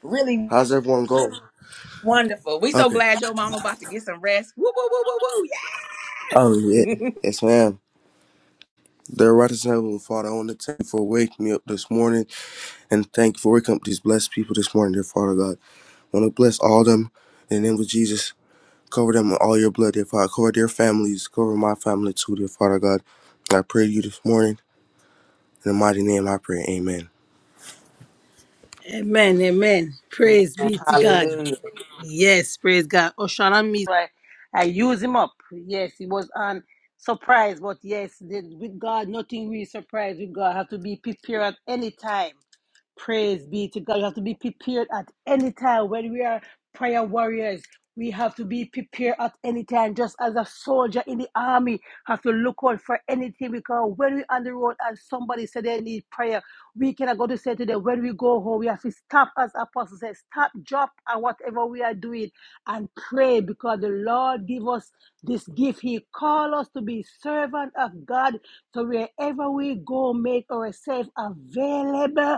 S1: Really
S2: How's everyone going?
S1: wonderful. We so
S2: Okay.
S1: glad your mama about to get some rest. Woo, woo, woo, woo,
S2: Oh, yeah.
S1: woo. Yes.
S2: yes, ma'am. Dear righteous Heavenly Father, I want to thank you for waking me up this morning and thank you for waking up these blessed people this morning, dear Father God. I want to bless all of them in the name of Jesus. Cover them in all your blood, dear Father. Cover their families. Cover my family too, dear Father God. I pray to you this morning. In the mighty name I pray. Amen. Amen, amen. Praise be to God.
S1: Hallelujah.
S2: Yes, praise God. Oshana me, I, I use him up. Yes, he was on surprise, but yes, the- with God, nothing really surprise with God. Have to be prepared at any time. Praise be to God. You have to be prepared at any time when we are prayer warriors. We have to be prepared at any time, just as a soldier in the army have to look out for anything. Because when we're on the road and somebody said they need prayer, we cannot go to say to them, when we go home, we have to stop, as Apostle says, stop, drop, and whatever we are doing, and pray. Because the Lord give us this gift. He called us to be servant of God. So wherever we go, make ourselves available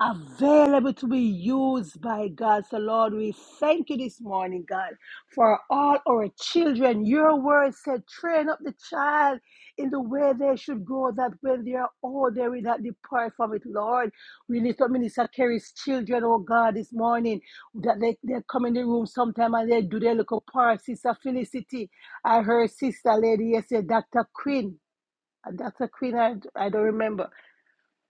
S2: available to be used by God. So, Lord, we thank you this morning, God, for all our children. Your word said, train up the child in the way they should go, that when they are old, they will not depart from it, Lord. We lift up Minister Kerry's children, oh God, this morning, that they, they come in the room sometime and they do their little part. Sister Felicity, I heard Sister Lady yesterday, Dr. Quinn. Dr. Quinn, I, I don't remember.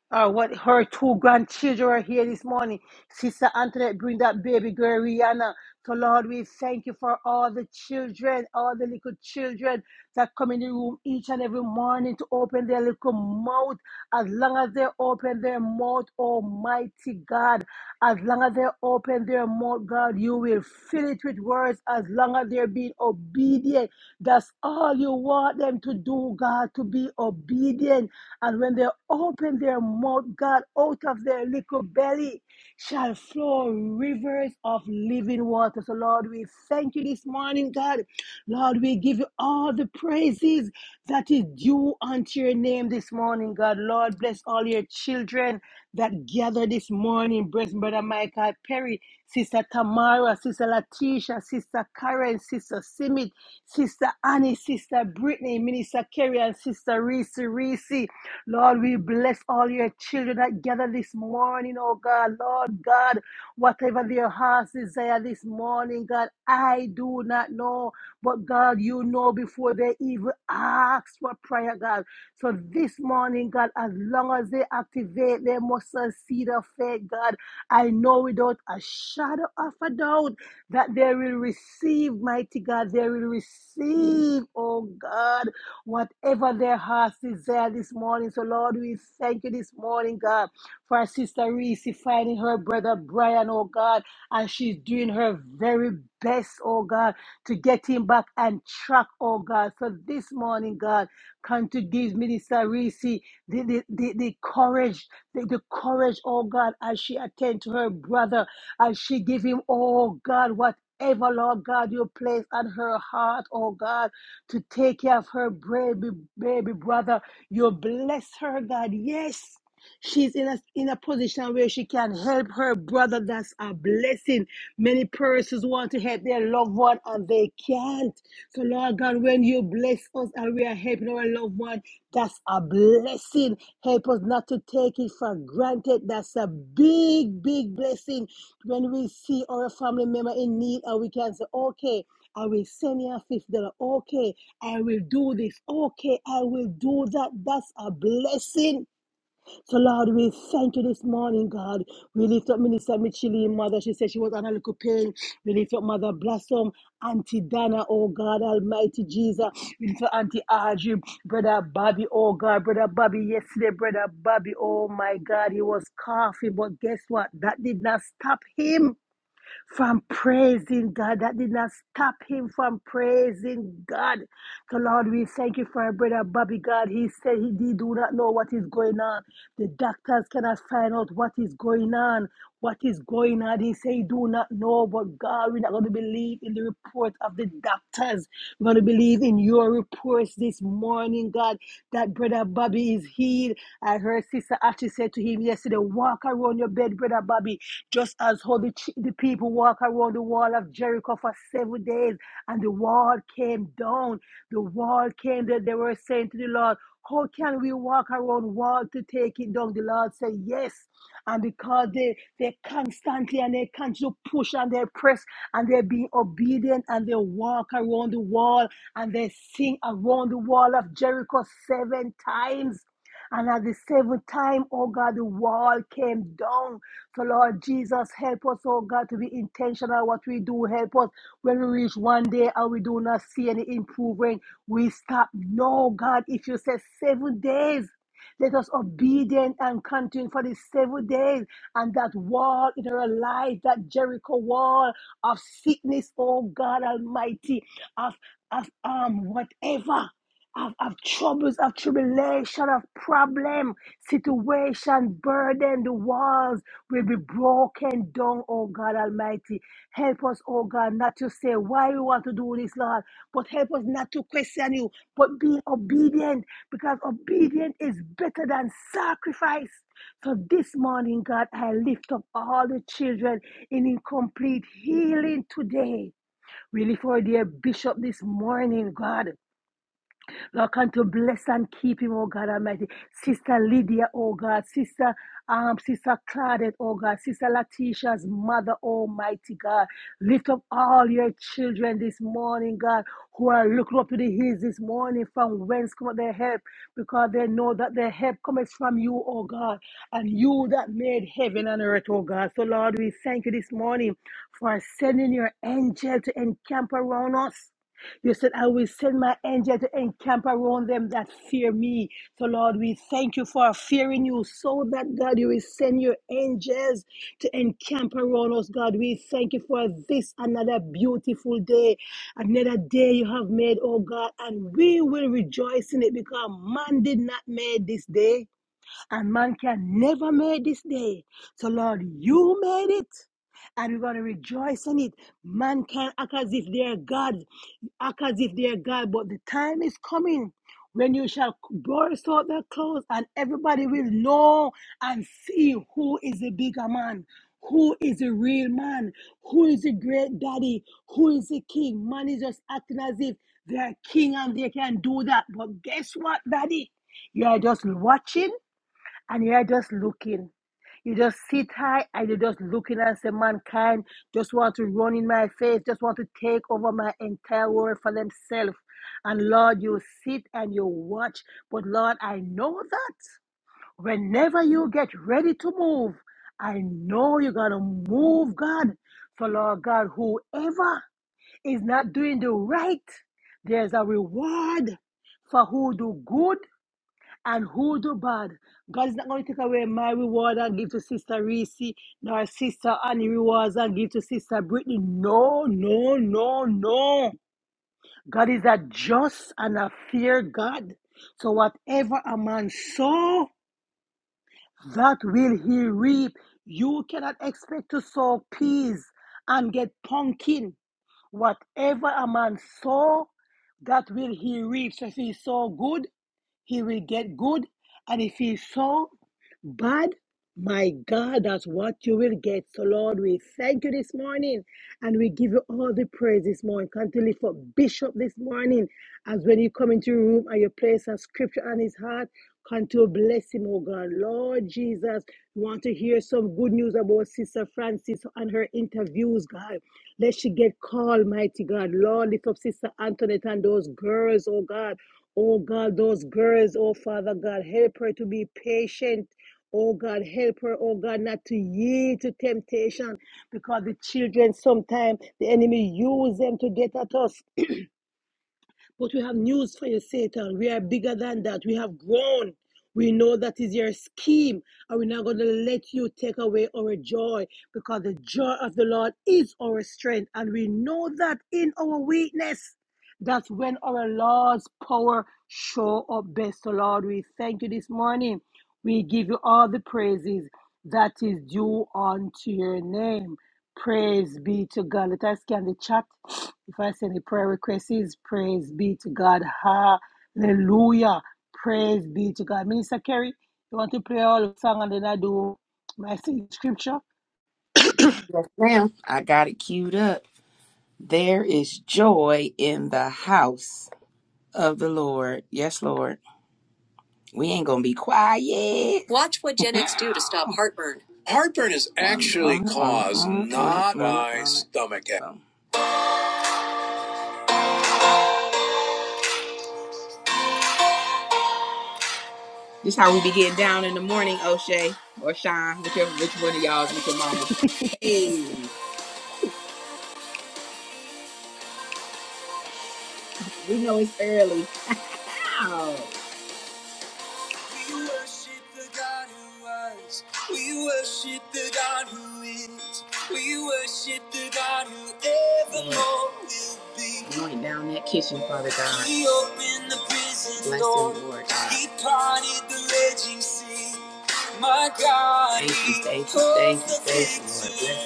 S2: Uh, what her two grandchildren are here this morning. Sister Antoinette, bring that baby girl Rihanna. So Lord, we thank you for all the children, all the little children that come in the room each and every morning to open their little mouth. As long as they open their mouth, Almighty God, as long as they open their mouth, God, you will fill it with words. As long as they're being obedient, that's all you want them to do, God, to be obedient. And when they open their mouth, God, out of their little belly shall flow rivers of living water. So, Lord, we thank you this morning, God. Lord, we give you all the praises that is due unto your name this morning, God. Lord, bless all your children that gather this morning. Bless Brother Michael Perry, Sister Tamara, Sister Latisha, Sister Karen, Sister Simit, Sister Annie, Sister Brittany, Minister Kerry, and Sister Reese Reese. Lord, we bless all your children that gather this morning, oh God. Lord God, whatever their hearts desire this morning, God, I do not know. But God, you know before they even ask for prayer, God. So this morning, God, as long as they activate their muscle seed of faith, God, I know without a shadow of a doubt that they will receive, mighty God. They will receive, oh God whatever their hearts desire this morning. So, Lord, we thank you this morning, God, for our sister Reese finding her brother Brian, oh God, and she's doing her very best, oh God, to get him back and track, oh God. So, this morning, God, come to give Minister Reese the, the, the, the courage, the, the courage, oh God, as she attend to her brother, as she give him, oh God, whatever, Lord God, you place on her heart, oh God to take care of her baby, baby brother. You bless her, God. Yes. She's in a, in a position where she can help her brother. That's a blessing. Many persons want to help their loved one and they can't. So, Lord God, when you bless us and we are helping our loved one, that's a blessing. Help us not to take it for granted. That's a big, big blessing when we see our family member in need and we can say, okay, I will send you a fifty dollar. Okay, I will do this. Okay, I will do that. That's a blessing. So Lord, we thank you this morning, God. We lift up Minister Michele, mother. She said she was on a little pain. We lift up Mother Blossom, Auntie Dana, oh God, Almighty Jesus. We lift up Auntie Audrey, Brother Bobby, oh God, Brother Bobby. Yesterday, Brother Bobby, oh my God, he was coughing, but guess what? That did not stop him from praising God. That did not stop him from praising God. So, Lord, we thank you for our brother Bobby God. He said he did do not know what is going on. The doctors cannot find out what is going on. What is going on? He said, he do not know, but God, we're not going to believe in the report of the doctors. We're going to believe in your reports this morning, God, that brother Bobby is healed. I heard Sister Ashley said to him yesterday, walk around your bed, brother Bobby. Just as how the, chi- the people walk around the wall of Jericho for seven days and the wall came down. The wall came that they were saying to the Lord, how can we walk around wall to take it down? The Lord said, yes. And because they, they constantly and they continue to push and they press and they're being obedient and they walk around the wall and they sing around the wall of Jericho seven times. And at the seventh time, oh God, the wall came down. So, Lord Jesus, help us, oh God, to be intentional what we do. Help us when we reach one day and we do not see any improvement. We stop. No, God, if you say seven days, let us obedient and continue for these seven days. And that wall in our life, that Jericho wall of sickness, oh God Almighty, of of um whatever of, of troubles, of tribulation, of problem, situation, burden, the walls will be broken down, oh God Almighty. Help us, oh God, not to say why we want to do this, Lord, but help us not to question you, but be obedient because obedience is better than sacrifice. So this morning, God, I lift up all the children in incomplete healing today. We lift our dear bishop this morning, God. Lord, continue to bless and keep him, oh God Almighty. Sister Lydia, oh God. Sister, um, Sister Claudette, oh God. Sister Latisha's mother, Almighty God. Lift up all your children this morning, God, who are looking up to the hills this morning from whence come their help, because they know that their help comes from you, oh God, and you that made heaven and earth, oh God. So, Lord, we thank you this morning for sending your angel to encamp around us. You said, I will send my angel to encamp around them that fear me. So, Lord, we thank you for fearing you so that, God, you will send your angels to encamp around us, God. We thank you for this another beautiful day, another day you have made, oh God, and we will rejoice in it because man did not make this day and man can never make this day. So, Lord, you made it, and we're going to rejoice in it. Man can act as if they're God, act as if they're God, but the time is coming when you shall burst out their clothes, and everybody will know and see who is the bigger man. Who is the real man? Who is the great daddy? Who is the king? Man is just acting as if they're king and they can do that. But guess what, daddy? You are just watching and you're just looking. You just sit high and you're just looking and say, mankind just want to run in my face, just want to take over my entire world for themselves. And Lord, you sit and you watch. But Lord, I know that whenever you get ready to move, I know you're going to move, God. So, Lord God, whoever is not doing the right, there's a reward for who do good and who do bad. God is not going to take away my reward and give to Sister Reese, nor Sister Annie rewards and give to Sister Brittany. No, no, no, no. God is a just and a fair God. So whatever a man sow, that will he reap. You cannot expect to sow peas and get pumpkin. Whatever a man sow, that will he reap. So if he sow good, he will get good. And if he saw bad, my God, that's what you will get. So, Lord, we thank you this morning and we give you all the praise this morning. Continue for Bishop this morning as when you come into your room and you place a scripture on his heart. Continue to bless him, oh God. Lord Jesus, we want to hear some good news about Sister Francis and her interviews, God. Let she get called, mighty God. Lord, lift up Sister Antoinette and those girls, oh God. Oh God, those girls, oh Father God, help her to be patient. Oh God, help her, oh God, not to yield to temptation because the children sometimes the enemy use them to get at us. But we have news for you, Satan. We are bigger than that. We have grown. We know that is your scheme, and we're not going to let you take away our joy because the joy of the Lord is our strength. And we know that in our weakness, that's when our Lord's power show up best. So, Lord, we thank you this morning. We give you all the praises that is due unto your name. Praise be to God. Let us scan the chat. If I send a prayer request, is praise be to God. Hallelujah. Praise be to God. Minister Kerry, you want to play all the song and then I do my sing scripture?
S1: now, I got it queued up. There is joy in the house of the Lord. Yes, Lord. We ain't going to be quiet. Watch what Gen X do to stop heartburn. Truly cause not vomit, by This how we be getting down in the morning, O'Shea or Shine, whichever which one of y'all is with your mama. Hey, we know it's early. Ow. We worship the God who was. We worship the God who is. We worship the God who evermore will be. Anoint down that kitchen, Father God. He opened the prison Bless door. Them, Lord God. He parted the raging sea. My God. Thank you, thank you, thank you, thank you. Lord.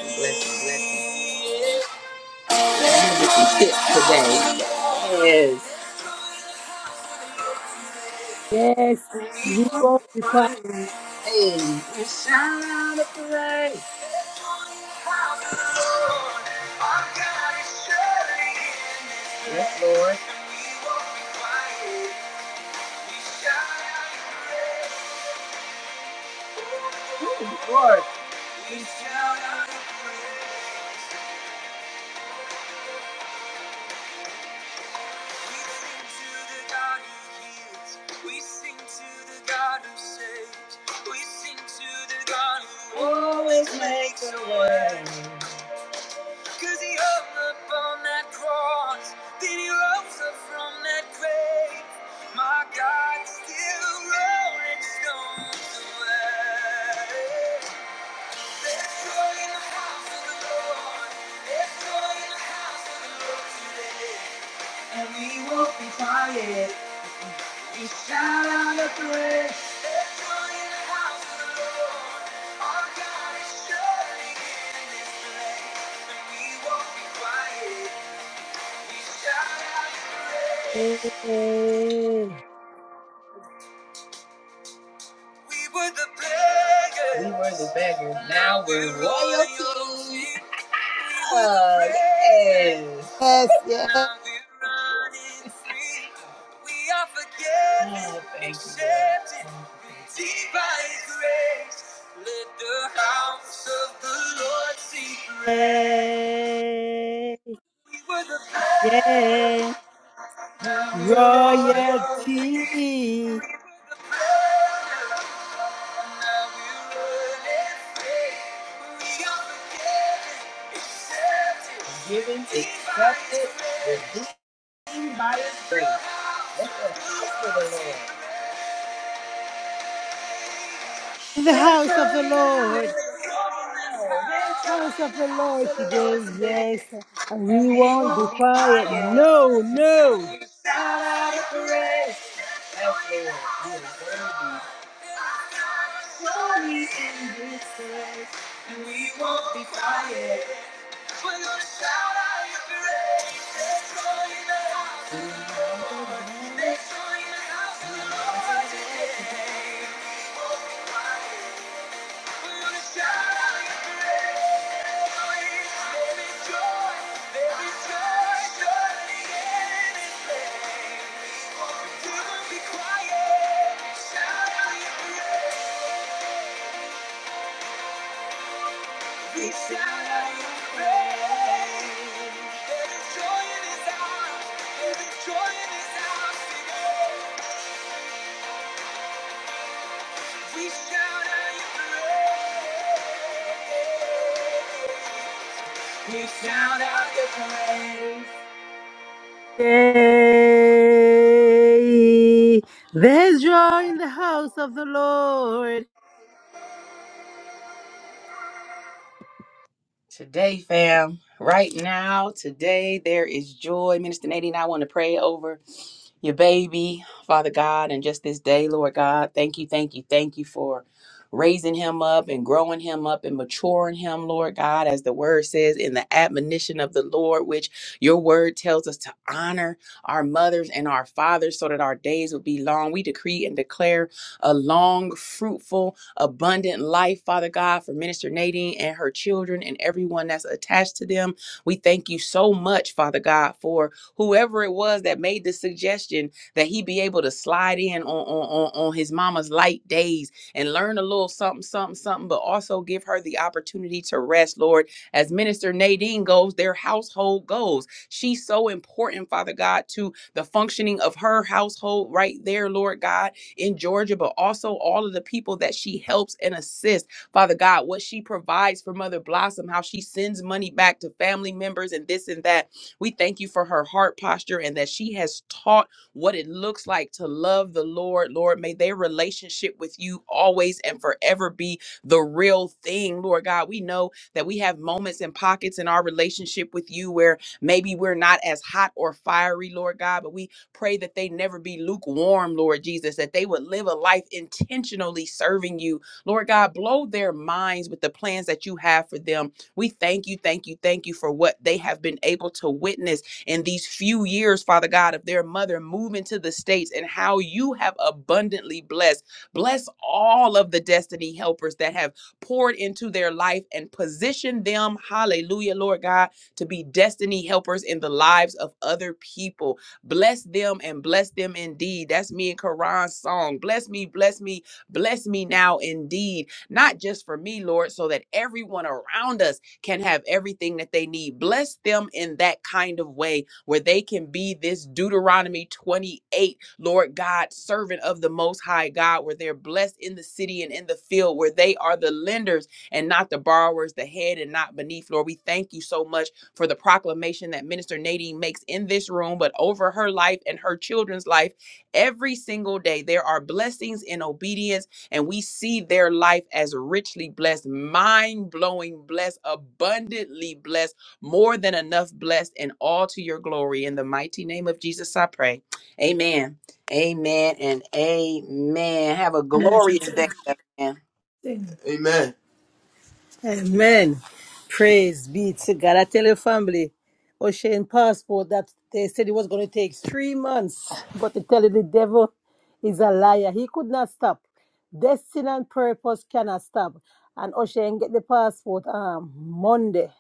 S1: Bless you, bless you, bless you. Have a good today. Yes.
S2: Yes, he won't be quiet.
S1: Hey. We shout a praise. Yes, Lord. Ooh, Lord. We sing to the God who heals. We sing to the God who saves. We sing to the God who always makes a way. Cause he hung up on that cross, then he rose up from that grave. My God still rolling stones away. There's joy in the house of the Lord. There's joy in the house of the Lord today. And we won't be quiet. He shot on the bridge. They're calling the house of the Lord. Our God is surely in this place. And shout out the praise. We were the beggars. We were the beggars. Now we're royalty. Oh, yes.
S2: Yes, yes.
S1: Now we're running free. We are forgiven. Oh, thank you. Lord. Accepted. Deep by His grace, let the house of the Lord see praise. We were the
S2: Yay.
S1: first, now we're royalty.
S2: Royalty
S1: We were the first, now we're running free. We are forgiven, accepted, Given, accepted, redeemed by His grace. Let's go, for the Lord.
S2: in the
S1: There's joy in
S2: house of the
S1: the house of
S2: Lord.
S1: the Lord. There's joy
S2: House of
S1: in the
S2: the
S1: house
S2: Lord
S1: of the
S2: today,
S1: Lord
S2: yes.
S1: today.
S2: And
S1: And
S2: we
S1: we
S2: won't be
S1: won't be
S2: quiet.
S1: quiet.
S2: No, no.
S1: We shout out a praise. Thank you. Surely in this place, and we won't be quiet. We're gonna shout out your praise. There's joy in the house, Lord. There's joy in the house of the Lord today. We won't be quiet. We shout out your praise.
S2: Yay. There's joy in the house of the Lord.
S1: Today, fam, right now, today, there is joy. Minister Nadine, I want to pray over your baby, Father God, and just this day, Lord God. Thank you, thank you, thank you for raising him up and growing him up and maturing him, Lord God, as the word says in the admonition of the Lord, which your word tells us to honor our mothers and our fathers so that our days would be long. We decree and declare a long, fruitful, abundant life, Father God, for Minister Nadine and her children and everyone that's attached to them. We thank you so much, Father God, for whoever it was that made the suggestion that he be able to slide in on, on, on, on his mama's light days and learn a little something, something, something, but also give her the opportunity to rest, Lord. As Minister Nadine goes, their household goes. She's so important, Father God, to the functioning of her household right there, Lord God in Georgia, but also all of the people that she helps and assists. Father God, what she provides for Mother Blossom, how she sends money back to family members and this and that. We thank you for her heart posture and that she has taught what it looks like to love the Lord. Lord, may their relationship with you always and forever be the real thing, Lord God. We know that we have moments and pockets in our relationship with you where maybe we're not as hot or fiery, Lord God, but we Pray that they never be lukewarm, Lord Jesus, that they would live a life intentionally serving you. Lord God, blow their minds with the plans that you have for them. We thank you, thank you, thank you for what they have been able to witness in these few years, Father God, of their mother moving to the States and how you have abundantly blessed. Bless all of the destiny helpers that have poured into their life and positioned them, hallelujah, Lord God, to be destiny helpers in the lives of other people. Bless them and bless them indeed. That's me and Karan's song. Bless me, bless me, bless me now indeed. Not just for me, Lord, so that everyone around us can have everything that they need. Bless them in that kind of way where they can be this Deuteronomy 28, Lord God, servant of the Most High God, where they're blessed in the city and in the field, where they are the lenders and not the borrowers, the head and not beneath. Lord, we thank you so much for the proclamation that Minister Nadine makes in this room, but over her life and her children's life every single day. There are blessings in obedience, and we see their life as richly blessed, mind blowing blessed, abundantly blessed, more than enough blessed, and all to your glory. In the mighty name of Jesus, I pray. Amen. Amen and amen. Have a glorious day. Amen.
S2: Amen. Amen. Praise be to God. I tell your family, Ocean passport that they said it was going to take three months, but to tell you the devil is a liar. He could not stop. Destiny and purpose cannot stop. And Ocean get the passport um Monday.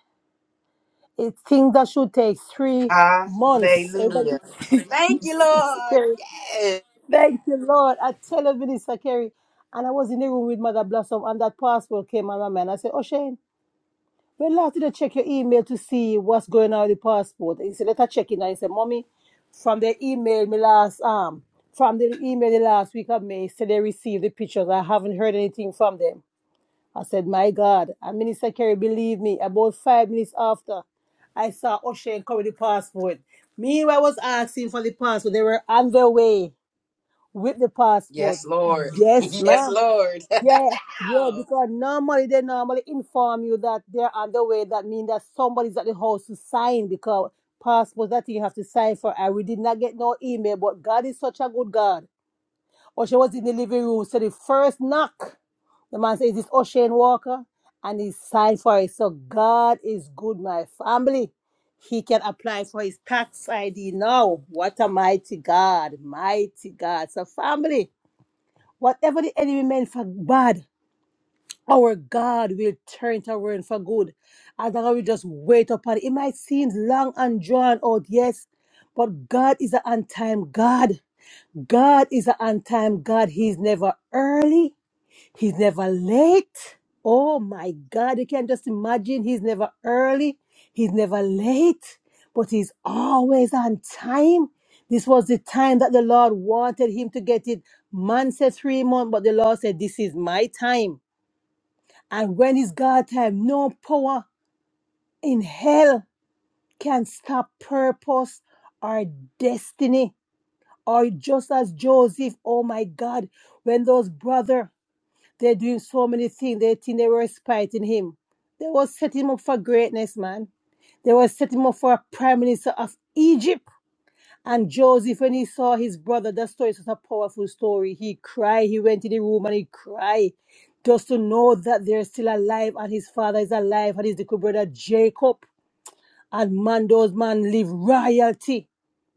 S2: It's thing that should take three months. Everybody,
S1: Hallelujah. Thank you,
S2: Minister
S1: Lord.
S2: Kerry.
S1: Yes.
S2: Thank you, Lord. I tell you, Minister Kerry. And I was in the room with Mother Blossom, and that passport came on my mind. I said, Ocean. Well, last did I check your email to see what's going on with the passport? He said, let her check it. I said, Mommy, from the email me last um from the email the last week of May said they received the pictures. I haven't heard anything from them. I said, My God. And Minister Kerry, believe me, about five minutes after I saw O'Shane come with the passport. Meanwhile, I was asking for the passport. They were on their way with the passport.
S1: Yes, Lord.
S2: Yes,
S1: Yes,
S2: ma'am.
S1: Lord.
S2: Yeah, yeah,
S1: Oh,
S2: because normally they normally inform you that they're on the way. That means that somebody's at the house to sign because passports that you have to sign for. And we did not get no email, but God is such a good God. Or she was in the living room, so the first knock, the man says, Is this O'Shane Walker? And he signed for it. So God is good, my family. He can apply for his tax ID now. What a mighty God, mighty God. So, family, whatever the enemy meant for bad our God will turn it around for good. As long as we just wait upon it. It might seem long and drawn out, yes, but God is an on time God. God is an on time God. He's never early, He's never late. Oh my God, you can just imagine He's never early, He's never late, but He's always on time. This was the time that the Lord wanted him to get it. Man said three months, but the Lord said, This is my time. And when it's God time, no power in hell can stop purpose or destiny. Or just as Joseph, oh my God, when those brother they're doing so many things, they think they were spiting him. They were setting him up for greatness, man. They were setting him up for a prime minister of Egypt. And Joseph, when he saw his brother, that story is such a powerful story. He cried. He went in the room and he cried. Just to know that they're still alive and his father is alive and his little brother Jacob. And man, those man live royalty.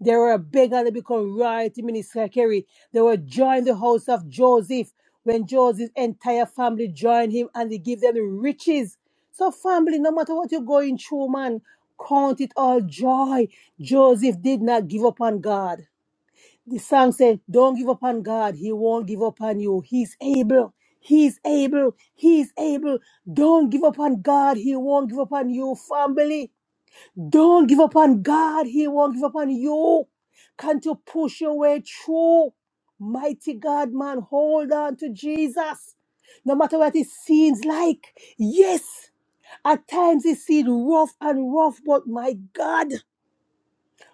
S2: They were a beggar, they become royalty, Minister Kerry. They were joined the house of Joseph when Joseph's entire family joined him and they give them the riches. So, family, no matter what you're going through, man, count it all joy. Joseph did not give up on God. The song said, Don't give up on God. He won't give up on you. He's able. He's able. He's able. Don't give up on God. He won't give up on you, family. Don't give up on God. He won't give up on you. Can't you push your way through? Mighty God, man, hold on to Jesus. No matter what it seems like. Yes, at times it seems rough and rough, but my God,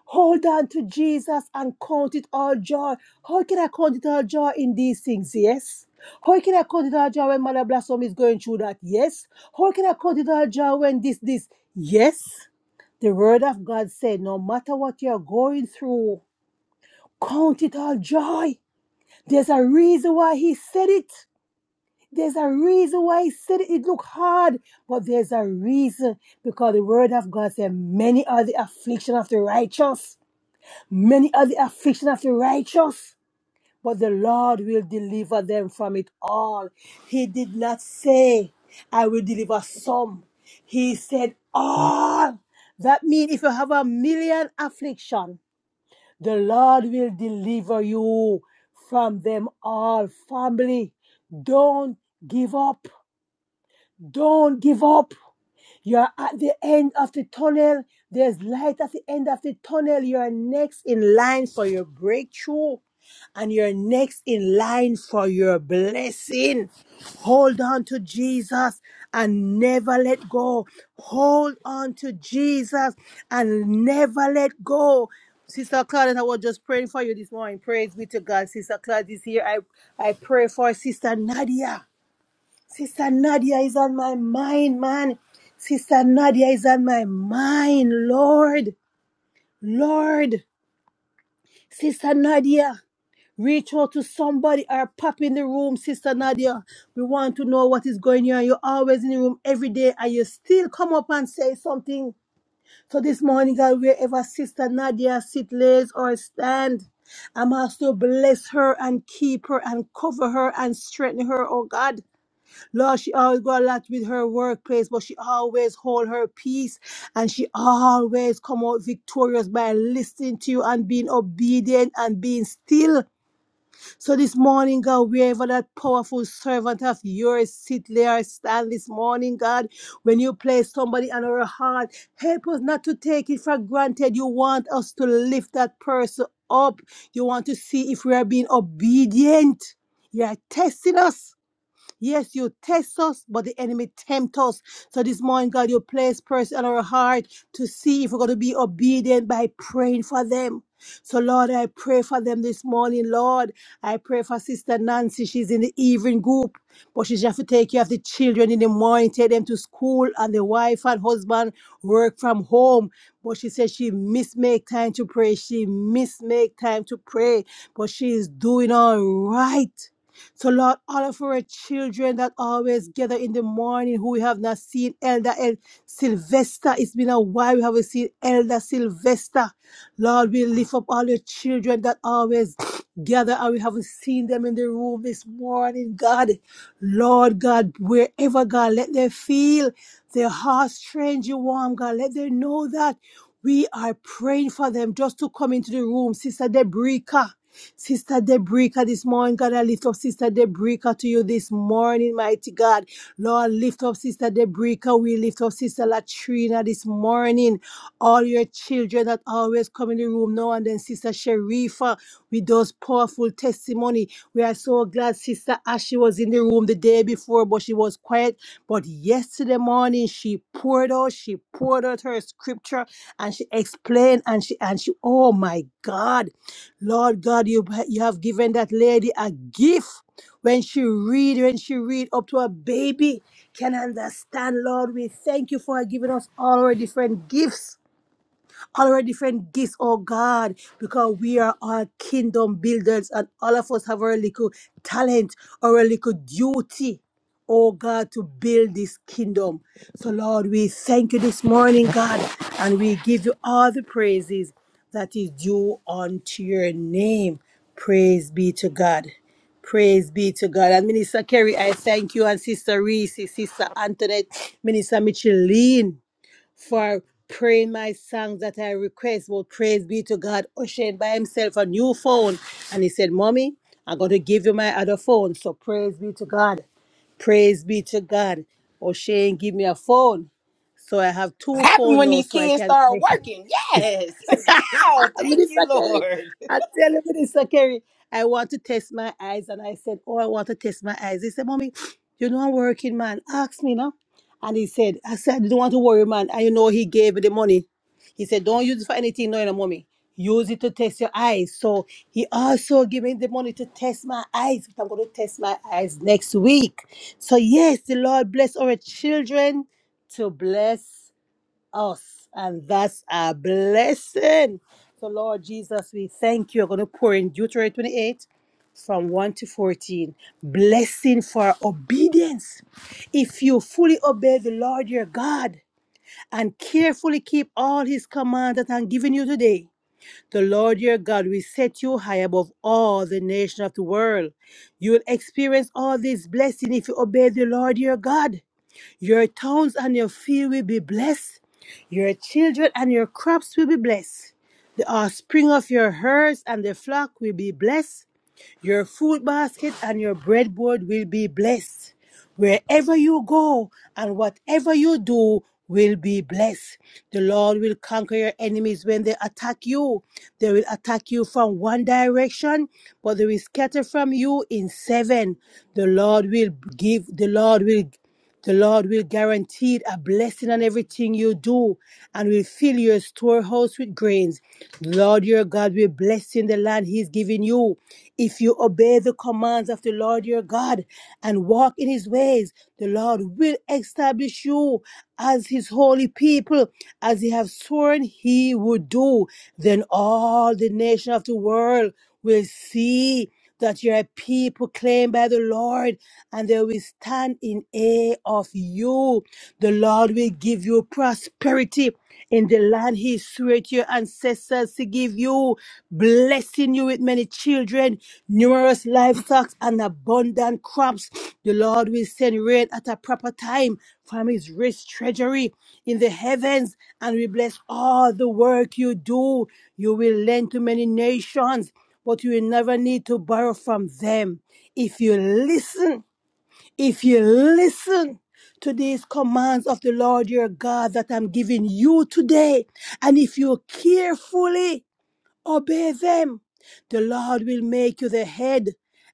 S2: hold on to Jesus and count it all joy. How can I count it all joy in these things? Yes. How can I count it all joy when Mother Blossom is going through that? Yes. How can I count it all joy when this, this? Yes. The word of God said, no matter what you're going through, count it all joy. There's a reason why he said it. There's a reason why he said it. It looked hard, but there's a reason because the word of God said, many are the affliction of the righteous. Many are the affliction of the righteous, but the Lord will deliver them from it all. He did not say, I will deliver some. He said, all. That means if you have a million affliction, The Lord will deliver you from them all. Family, don't give up. Don't give up. You are at the end of the tunnel. There's light at the end of the tunnel. You are next in line for your breakthrough and you're next in line for your blessing. Hold on to Jesus and never let go. Hold on to Jesus and never let go. Sister Claudette, I was just praying for you this morning. Praise be to God. Sister Claudette is here. I, I pray for Sister Nadia. Sister Nadia is on my mind, man. Sister Nadia is on my mind, Lord. Lord. Sister Nadia, reach out to somebody or pop in the room, Sister Nadia. We want to know what is going on. You're always in the room every day and you still come up and say something. So this morning, God, wherever Sister Nadia sit, lays, or stand, I'm asked to bless her and keep her and cover her and strengthen her, oh God. Lord, she always got a lot with her workplace, but she always hold her peace and she always come out victorious by listening to you and being obedient and being still. So this morning, God, wherever that powerful servant of yours sit there, stand this morning, God, when you place somebody on our heart, help us not to take it for granted. You want us to lift that person up. You want to see if we are being obedient. You are testing us. Yes, you test us, but the enemy tempt us. So this morning, God, you place person on our heart to see if we're going to be obedient by praying for them. So, Lord, I pray for them this morning, Lord. I pray for Sister Nancy. She's in the evening group, but she just have to take care of the children in the morning, take them to school, and the wife and husband work from home. But she says she miss make time to pray. She miss make time to pray, but she is doing all right. So, Lord, all of our children that always gather in the morning who we have not seen, Elder El- Sylvester, it's been a while we haven't seen Elder Sylvester. Lord, we lift up all your children that always gather and we haven't seen them in the room this morning, God. Lord God, wherever, God, let them feel their hearts strange warm, God. Let them know that we are praying for them just to come into the room, Sister Debrica. Sister Debrica this morning, God, I lift up Sister Debrica to you this morning, mighty God. Lord, lift up Sister Debrica. We lift up Sister Latrina this morning. All your children that always come in the room now and then, Sister Sharifa, with those powerful testimony. We are so glad Sister Ashley was in the room the day before, but she was quiet. But yesterday morning, she poured out, she poured out her scripture and she explained and she and she, oh my God. Lord God, you, you have given that lady a gift when she read, when she read up to a baby can understand, Lord. We thank you for giving us all our different gifts all our different gifts, oh God, because we are all kingdom builders and all of us have our little talent, our little duty. Oh God, to build this kingdom. So, Lord, we thank you this morning, God, and we give you all the praises that is due unto your name. Praise be to God. Praise be to God. And Minister Kerry, I thank you. And Sister Reese, Sister Antoinette, Minister Micheline for praying my songs that I request. Well, praise be to God. Ushered by himself a new phone. And he said, Mommy, I'm going to give you my other phone. So praise be to God. Praise be to God. O'Shane give me a phone. So I have two
S1: happened
S2: phones
S1: when
S2: now
S1: these
S2: so I
S1: kids
S2: can
S1: start working. Yes. Oh, thank you,
S2: Minister Kerry,
S1: Lord.
S2: I tell you, Minister Kerry, I want to test my eyes. And I said, Oh, I want to test my eyes. He said, Mommy, you know I'm working, man. Ask me now. And he said, I said, you don't want to worry, man. And you know he gave me the money. He said, Don't use it for anything, no, no, mommy. Use it to test your eyes. So he also gave me the money to test my eyes. But I'm going to test my eyes next week. So yes, the Lord bless our children to bless us, and that's a blessing. So, Lord Jesus, we thank you. i are going to pour in Deuteronomy 28 from 1 to 14. Blessing for obedience. If you fully obey the Lord your God and carefully keep all his commands that I'm giving you today, the Lord your God will set you high above all the nations of the world. You will experience all these blessings if you obey the Lord your God. Your towns and your field will be blessed. Your children and your crops will be blessed. The offspring of your herds and the flock will be blessed. Your food basket and your breadboard will be blessed. Wherever you go and whatever you do will be blessed. The Lord will conquer your enemies when they attack you. They will attack you from one direction, but they will scatter from you in seven. The Lord will give, the Lord will the Lord will guarantee a blessing on everything you do and will fill your storehouse with grains. The Lord your God will bless you in the land He is giving you. If you obey the commands of the Lord your God and walk in his ways, the Lord will establish you as his holy people, as he has sworn he would do. Then all the nations of the world will see that you're a people claimed by the Lord, and they will stand in awe of you. The Lord will give you prosperity in the land He swore to your ancestors to give you, blessing you with many children, numerous livestock, and abundant crops. The Lord will send rain at a proper time from His rich treasury in the heavens, and will bless all the work you do. You will lend to many nations but you will never need to borrow from them. If you listen, if you listen to these commands of the Lord your God that I'm giving you today, and if you carefully Obey them. The Lord will make you the head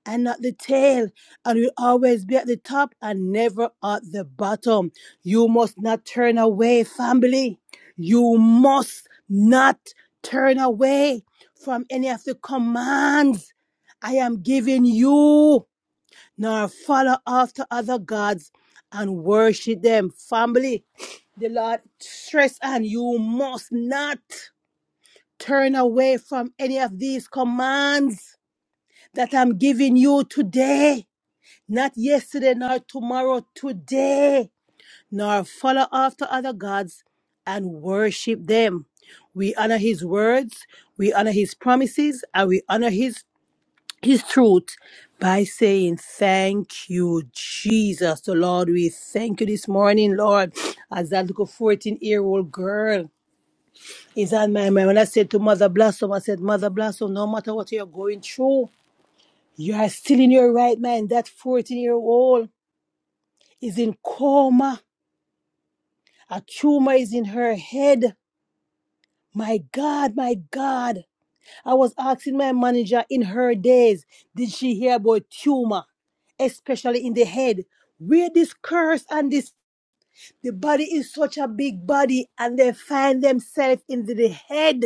S2: and not the tail, and will always be at the top and never at the bottom. You must not turn away, family. You must not turn away from any of the commands I am giving you, nor follow after other gods and worship them. Family, the Lord stress and you must not. Turn away from any of these commands that I'm giving you today. Not yesterday, nor tomorrow, today. Nor follow after other gods and worship them. We honor his words, we honor his promises, and we honor his, his truth by saying, Thank you, Jesus. The Lord, we thank you this morning, Lord, as that little 14 year old girl is on my mind. When I said to Mother Blossom, I said, Mother Blossom, no matter what you're going through, you are still in your right mind. That 14 year old is in coma. A tumor is in her head. My God, my God. I was asking my manager in her days, did she hear about tumor, especially in the head? Where this curse and this, the body is such a big body, and they find themselves in the head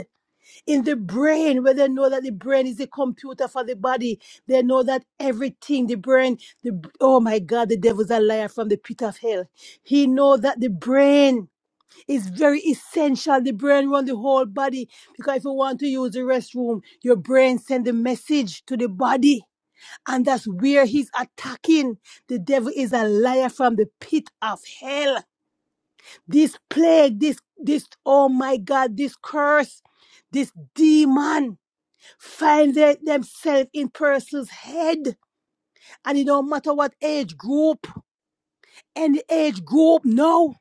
S2: in the brain where they know that the brain is the computer for the body they know that everything the brain the oh my god the devil's a liar from the pit of hell he know that the brain is very essential the brain runs the whole body because if you want to use the restroom your brain send the message to the body and that's where he's attacking the devil is a liar from the pit of hell this plague this this oh my god this curse this demon find their, themselves in person's head. And it don't matter what age group, any age group, no.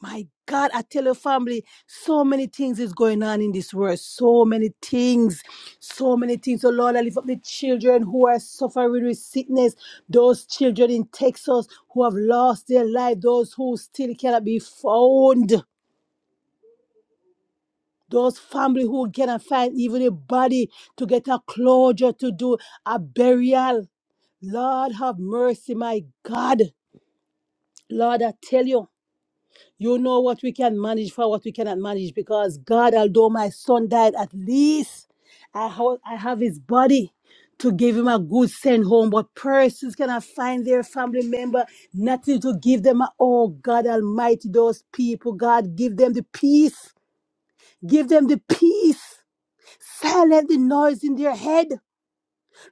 S2: My God, I tell your family, so many things is going on in this world. So many things. So many things. So Lord, I lift up the children who are suffering with sickness. Those children in Texas who have lost their life. Those who still cannot be found those family who cannot find even a body to get a closure to do a burial Lord have mercy, my God. Lord, I tell you, you know what we can manage for what we cannot manage because God, although my son died, at least I, ho- I have his body to give him a good send home. But persons cannot find their family member, nothing to give them. a- Oh, God Almighty, those people, God, give them the peace. Give them the peace. Silence the noise in their head.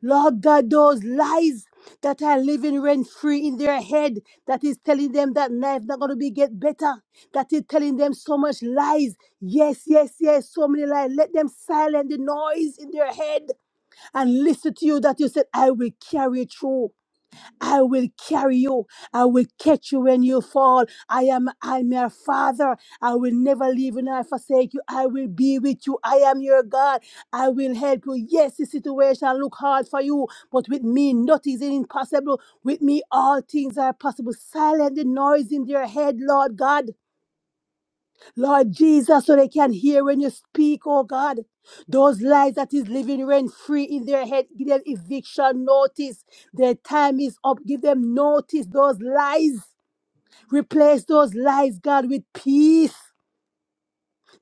S2: Lord God, those lies that are living rent free in their head, that is telling them that life not going to be get better, that is telling them so much lies. Yes, yes, yes, so many lies. Let them silence the noise in their head and listen to you that you said, I will carry you through. I will carry you. I will catch you when you fall. I am I am your father. I will never leave you nor forsake you. I will be with you. I am your God. I will help you. Yes, the situation look hard for you, but with me nothing is impossible. With me all things are possible. Silence the noise in their head, Lord God. Lord Jesus, so they can hear when you speak, oh God. Those lies that is living rent free in their head, give them eviction notice. Their time is up. Give them notice. Those lies. Replace those lies, God, with peace.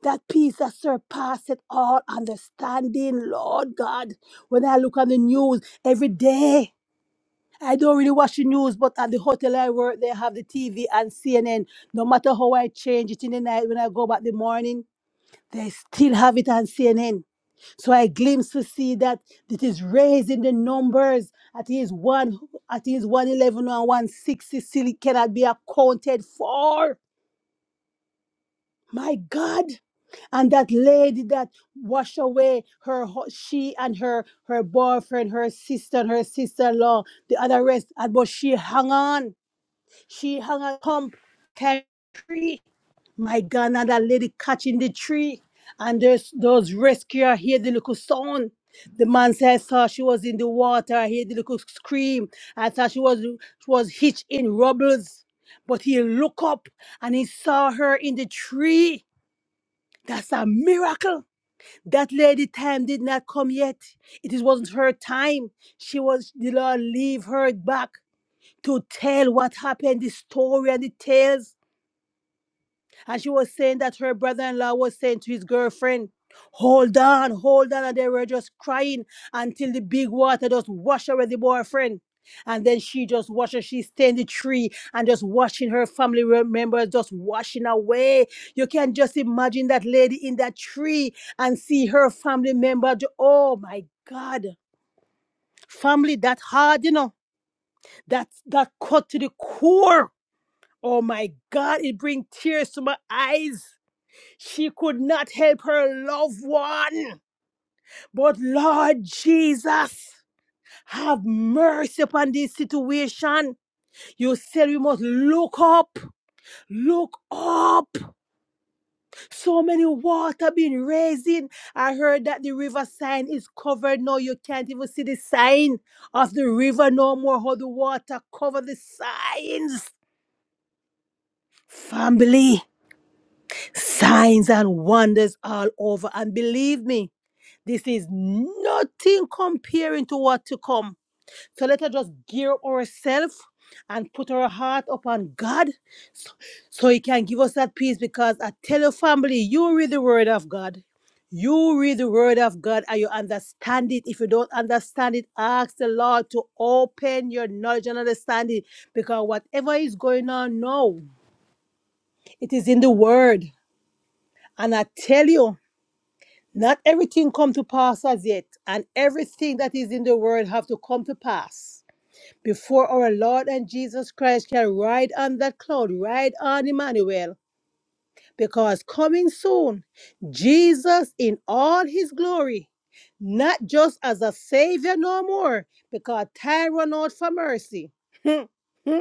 S2: That peace that surpasses all understanding, Lord God. When I look on the news every day, I don't really watch the news, but at the hotel I work, they have the TV and CNN. No matter how I change it in the night, when I go back the morning, they still have it on CNN. So I glimpse to see that it is raising the numbers. At least one, at least 111 and 160 still cannot be accounted for. My God. And that lady that washed away her, hu- she and her, her boyfriend, her sister, and her sister-in-law, the other rest, and but she hung on. She hung on, pump, carry. My God, now that lady catching the tree, and there's those rescuer hear the little sound. The man said, I saw she was in the water. I hear the little scream. I thought she was she was hitched in rubbles. But he looked up and he saw her in the tree. That's a miracle. That lady time did not come yet. It is- wasn't her time. She was the Lord leave her back to tell what happened, the story and the tales. And she was saying that her brother in law was saying to his girlfriend, Hold on, hold on. And they were just crying until the big water just washed away the boyfriend. And then she just watched her. She stayed in the tree and just watching her family members just washing away. You can just imagine that lady in that tree and see her family member. ju- Oh my God. Family that hard, you know, that that cut to the core. Oh my God, it brings tears to my eyes. She could not help her loved one. But Lord Jesus, have mercy upon this situation. You said we must look up, look up. So many water been raising. I heard that the river sign is covered now. You can't even see the sign of the river no more. How the water cover the signs. Family, signs and wonders all over. And believe me, This is nothing comparing to what to come. So let us just gear up ourselves and put our heart upon God so He can give us that peace. Because I tell your family, you read the Word of God. You read the Word of God and you understand it. If you don't understand it, ask the Lord to open your knowledge and understanding. Because whatever is going on now, it is in the Word. And I tell you, Not everything come to pass as yet, and everything that is in the world have to come to pass before our Lord and Jesus Christ can ride on that cloud, ride on Emmanuel, because coming soon, Jesus in all his glory, not just as a savior no more, because time run out for mercy. Hmm, hmm.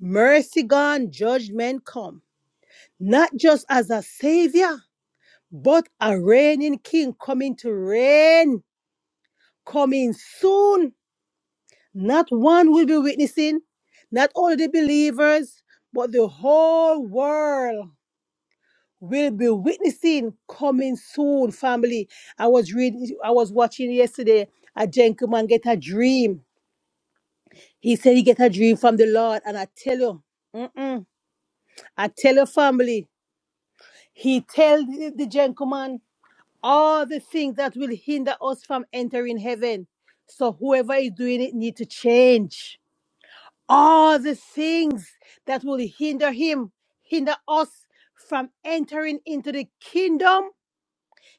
S2: mercy gone, judgment come. Not just as a savior, but a reigning king coming to reign coming soon. Not one will be witnessing, not only the believers, but the whole world will be witnessing coming soon, family. I was reading, I was watching yesterday. A gentleman get a dream. He said he get a dream from the Lord, and I tell you, mm-mm, I tell your family, he tell the, the gentleman all the things that will hinder us from entering heaven. So whoever is doing it need to change all the things that will hinder him, hinder us from entering into the kingdom.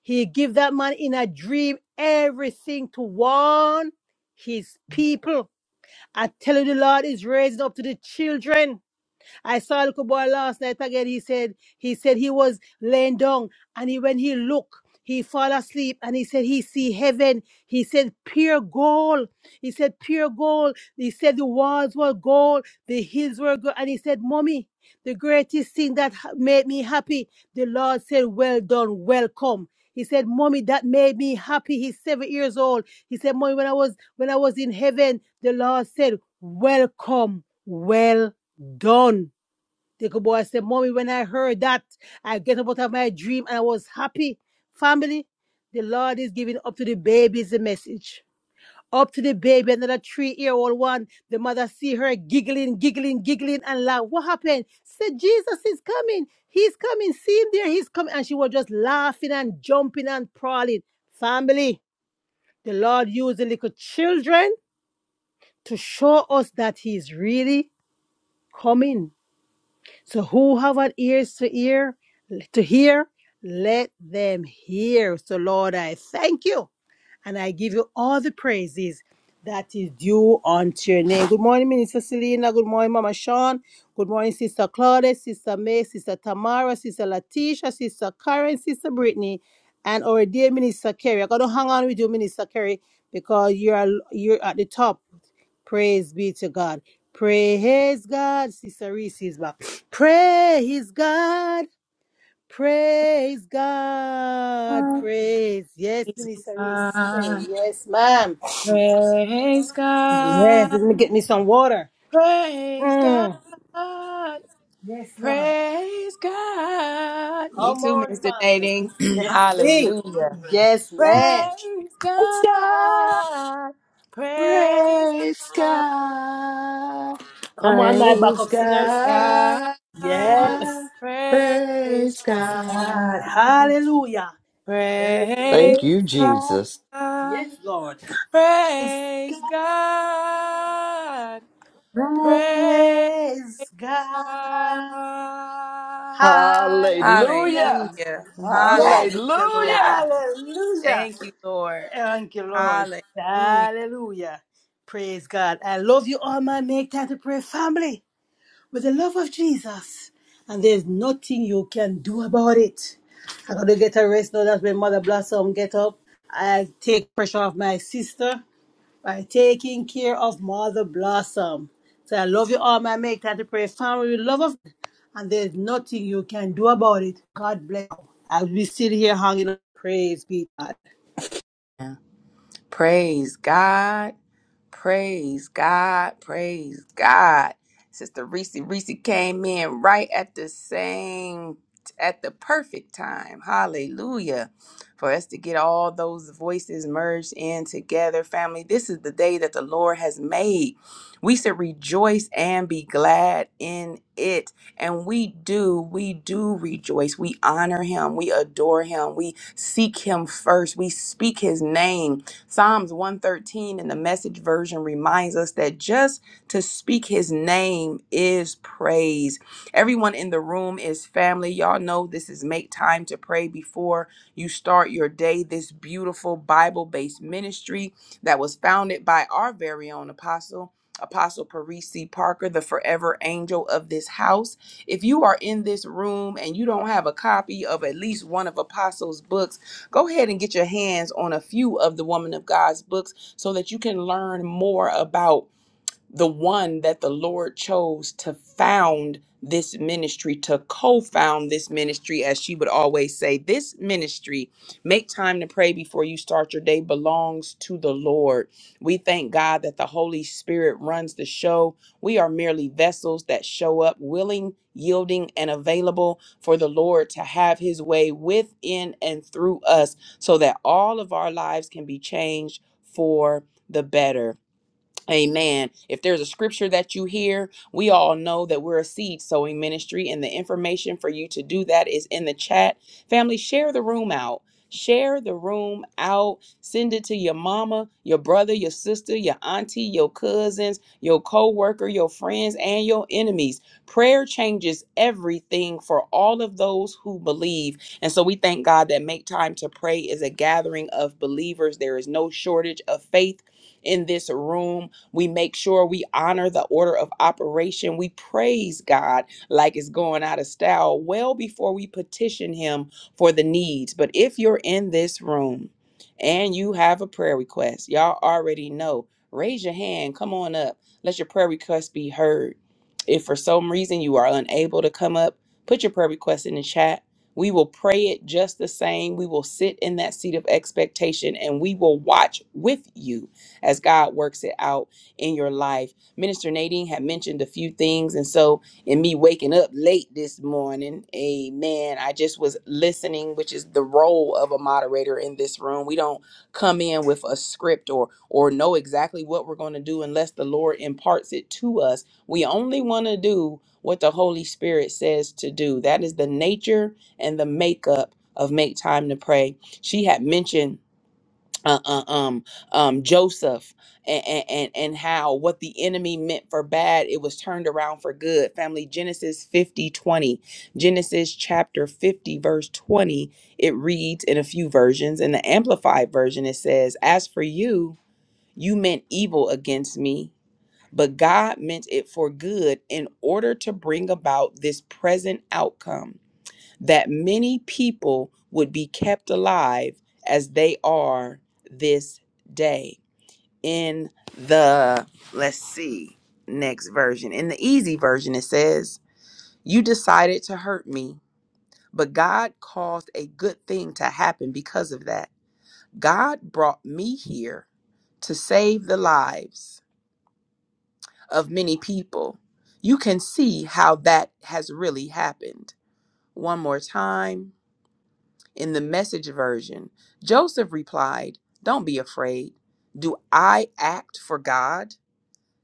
S2: He give that man in a dream everything to warn his people. I tell you, the Lord is raising up to the children. I saw a little boy last night again. He said he said he was laying down and he when he looked, he fall asleep and he said he see heaven. He said pure gold. He said pure gold. He said the walls were gold, the hills were gold. And he said, Mommy, the greatest thing that ha- made me happy, the Lord said, Well done, welcome. He said, Mommy, that made me happy. He's seven years old. He said, Mommy, when I was when I was in heaven, the Lord said, 'Welcome, well done. The good boy said, Mommy, when I heard that, I get up out of my dream and I was happy. Family, the Lord is giving up to the baby is the message. Up to the baby, another three-year-old one. The mother see her giggling, giggling, giggling, and laugh. What happened? She said, Jesus is coming. He's coming. See him there. He's coming. And she was just laughing and jumping and prowling. Family, the Lord used the little children to show us that He is really coming So who have an ears to ear to hear, let them hear. So Lord, I thank you and I give you all the praises that is due unto your name. Good morning, Minister Selena. Good morning, Mama Sean. Good morning, Sister Claudia, Sister May, Sister Tamara, Sister Latisha, Sister Karen, Sister Brittany, and our dear Minister Kerry. I'm gonna hang on with you, Minister Kerry, because you're you're at the top. Praise be to God. Praise God, Sister Reese is back. Praise God. Praise God. Praise. Yes, Minister Reese. Hey, Yes, ma'am.
S1: Praise God. Praise
S2: Yes,
S1: God.
S2: let me get me some water.
S1: Praise
S2: Mm.
S1: God.
S2: Yes, Lord.
S1: Praise God. Me
S2: Come
S1: too,
S2: on,
S1: Mr.
S2: family.
S1: Dating.
S2: Let's sing.
S1: Hallelujah.
S2: Yes,
S3: Praise
S2: ma'am.
S1: Praise
S3: God,
S1: God. Praise
S3: praise
S1: God.
S3: God,
S2: Come on, my
S3: praise
S2: backup singers.
S3: God,
S1: God.
S2: Yes.
S1: Praise
S3: praise
S1: God.
S2: God.
S3: God.
S2: Hallelujah.
S1: Praise
S3: Thank you,
S2: Praise God.
S3: Jesus.
S1: God.
S2: Yes, Lord. Praise
S1: Praise
S2: God.
S1: God. Praise
S2: Praise God.
S1: God.
S2: Hallelujah.
S3: Hallelujah,
S1: Hallelujah.
S2: Yes.
S1: Hallelujah, Lord.
S3: hallelujah,
S2: Hallelujah.
S1: Thank you, Lord.
S2: Thank you, Lord.
S1: Hallelujah.
S2: Hallelujah. Praise God. I love you all, my Make time to pray family with the love of Jesus. And there's nothing you can do about it. i got to get a rest now That's when Mother Blossom get up, I take pressure off my sister by taking care of Mother Blossom. So I love you all, my make time to pray. Family, we love of God, and there's nothing you can do about it. God bless you. As we sit here hanging on, praise be God.
S1: Praise God. Praise God. Praise God. Sister Reese Reese came in right at the same at the perfect time. Hallelujah. For us to get all those voices merged in together, family. This is the day that the Lord has made. We should rejoice and be glad in it. And we do, we do rejoice. We honor him. We adore him. We seek him first. We speak his name. Psalms 113 in the message version reminds us that just to speak his name is praise. Everyone in the room is family. Y'all know this is make time to pray before you start your day. This beautiful Bible based ministry that was founded by our very own apostle. Apostle Parisi Parker, the forever angel of this house. If you are in this room and you don't have a copy of at least one of Apostle's books, go ahead and get your hands on a few of the Woman of God's books so that you can learn more about the one that the Lord chose to found this ministry, to co found this ministry, as she would always say, this ministry, make time to pray before you start your day, belongs to the Lord. We thank God that the Holy Spirit runs the show. We are merely vessels that show up willing, yielding, and available for the Lord to have his way within and through us so that all of our lives can be changed for the better. Amen. If there's a scripture that you hear, we all know that we're a seed sowing ministry, and the information for you to do that is in the chat. Family, share the room out. Share the room out. Send it to your mama, your brother, your sister, your auntie, your cousins, your co worker, your friends, and your enemies. Prayer changes everything for all of those who believe. And so we thank God that Make Time to Pray is a gathering of believers. There is no shortage of faith in this room. We make sure we honor the order of operation. We praise God like it's going out of style well before we petition Him for the needs. But if you're in this room and you have a prayer request, y'all already know, raise your hand, come on up, let your prayer request be heard. If for some reason you are unable to come up, put your prayer request in the chat. We will pray it just the same. We will sit in that seat of expectation and we will watch with you as God works it out in your life. Minister Nadine had mentioned a few things. And so, in me waking up late this morning, amen, I just was listening, which is the role of a moderator in this room. We don't come in with a script or or know exactly what we're going to do unless the Lord imparts it to us. We only want to do what the Holy Spirit says to do. That is the nature and the makeup of make time to pray. She had mentioned uh, uh, um, um, Joseph and, and and how what the enemy meant for bad it was turned around for good. Family Genesis 50 20 Genesis chapter 50 verse 20 it reads in a few versions in the amplified version it says as for you you meant evil against me but God meant it for good in order to bring about this present outcome that many people would be kept alive as they are this day. In the, let's see, next version. In the easy version, it says, You decided to hurt me, but God caused a good thing to happen because of that. God brought me here to save the lives of many people. You can see how that has really happened. One more time. In the message version, Joseph replied, Don't be afraid. Do I act for God?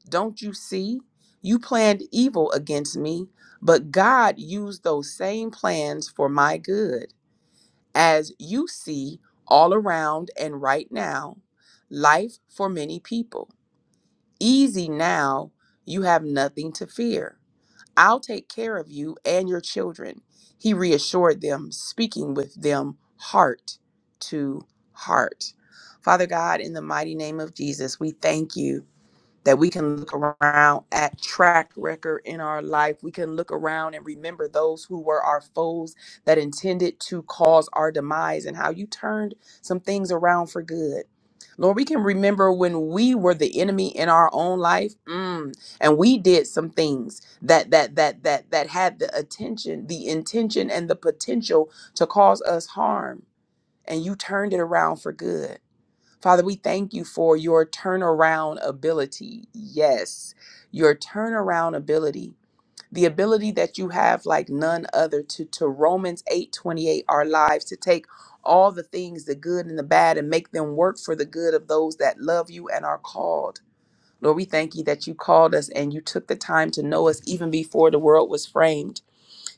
S1: Don't you see? You planned evil against me, but God used those same plans for my good. As you see all around and right now, life for many people. Easy now, you have nothing to fear. I'll take care of you and your children, he reassured them, speaking with them heart to heart. Father God, in the mighty name of Jesus, we thank you that we can look around at track record in our life. We can look around and remember those who were our foes that intended to cause our demise and how you turned some things around for good. Lord, we can remember when we were the enemy in our own life, mm, and we did some things that that that that that had the attention, the intention, and the potential to cause us harm, and you turned it around for good. Father, we thank you for your turnaround ability. Yes, your turnaround ability. The ability that you have like none other to to Romans 8:28 our lives to take all the things the good and the bad and make them work for the good of those that love you and are called. Lord, we thank you that you called us and you took the time to know us even before the world was framed.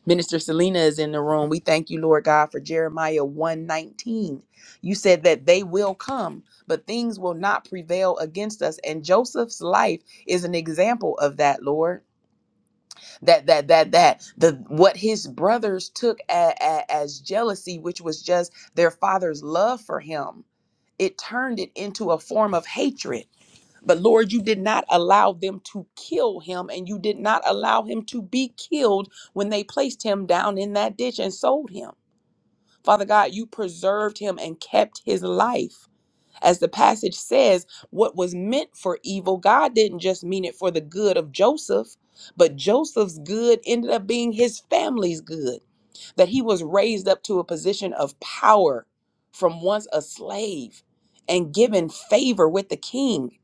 S1: Minister Selena is in the room. We thank you, Lord God, for Jeremiah 119. You said that they will come, but things will not prevail against us. And Joseph's life is an example of that, Lord. That that that that the what his brothers took a, a- as jealousy, which was just their father's love for him, it turned it into a form of hatred but Lord, you did not allow them to kill him, and you did not allow him to be killed when they placed him down in that ditch and sold him. Father God, you preserved him and kept his life. As the passage says, what was meant for evil, God didn't just mean it for the good of Joseph, but Joseph's good ended up being his family's good that he was raised up to a position of power from once a slave and given favor with the king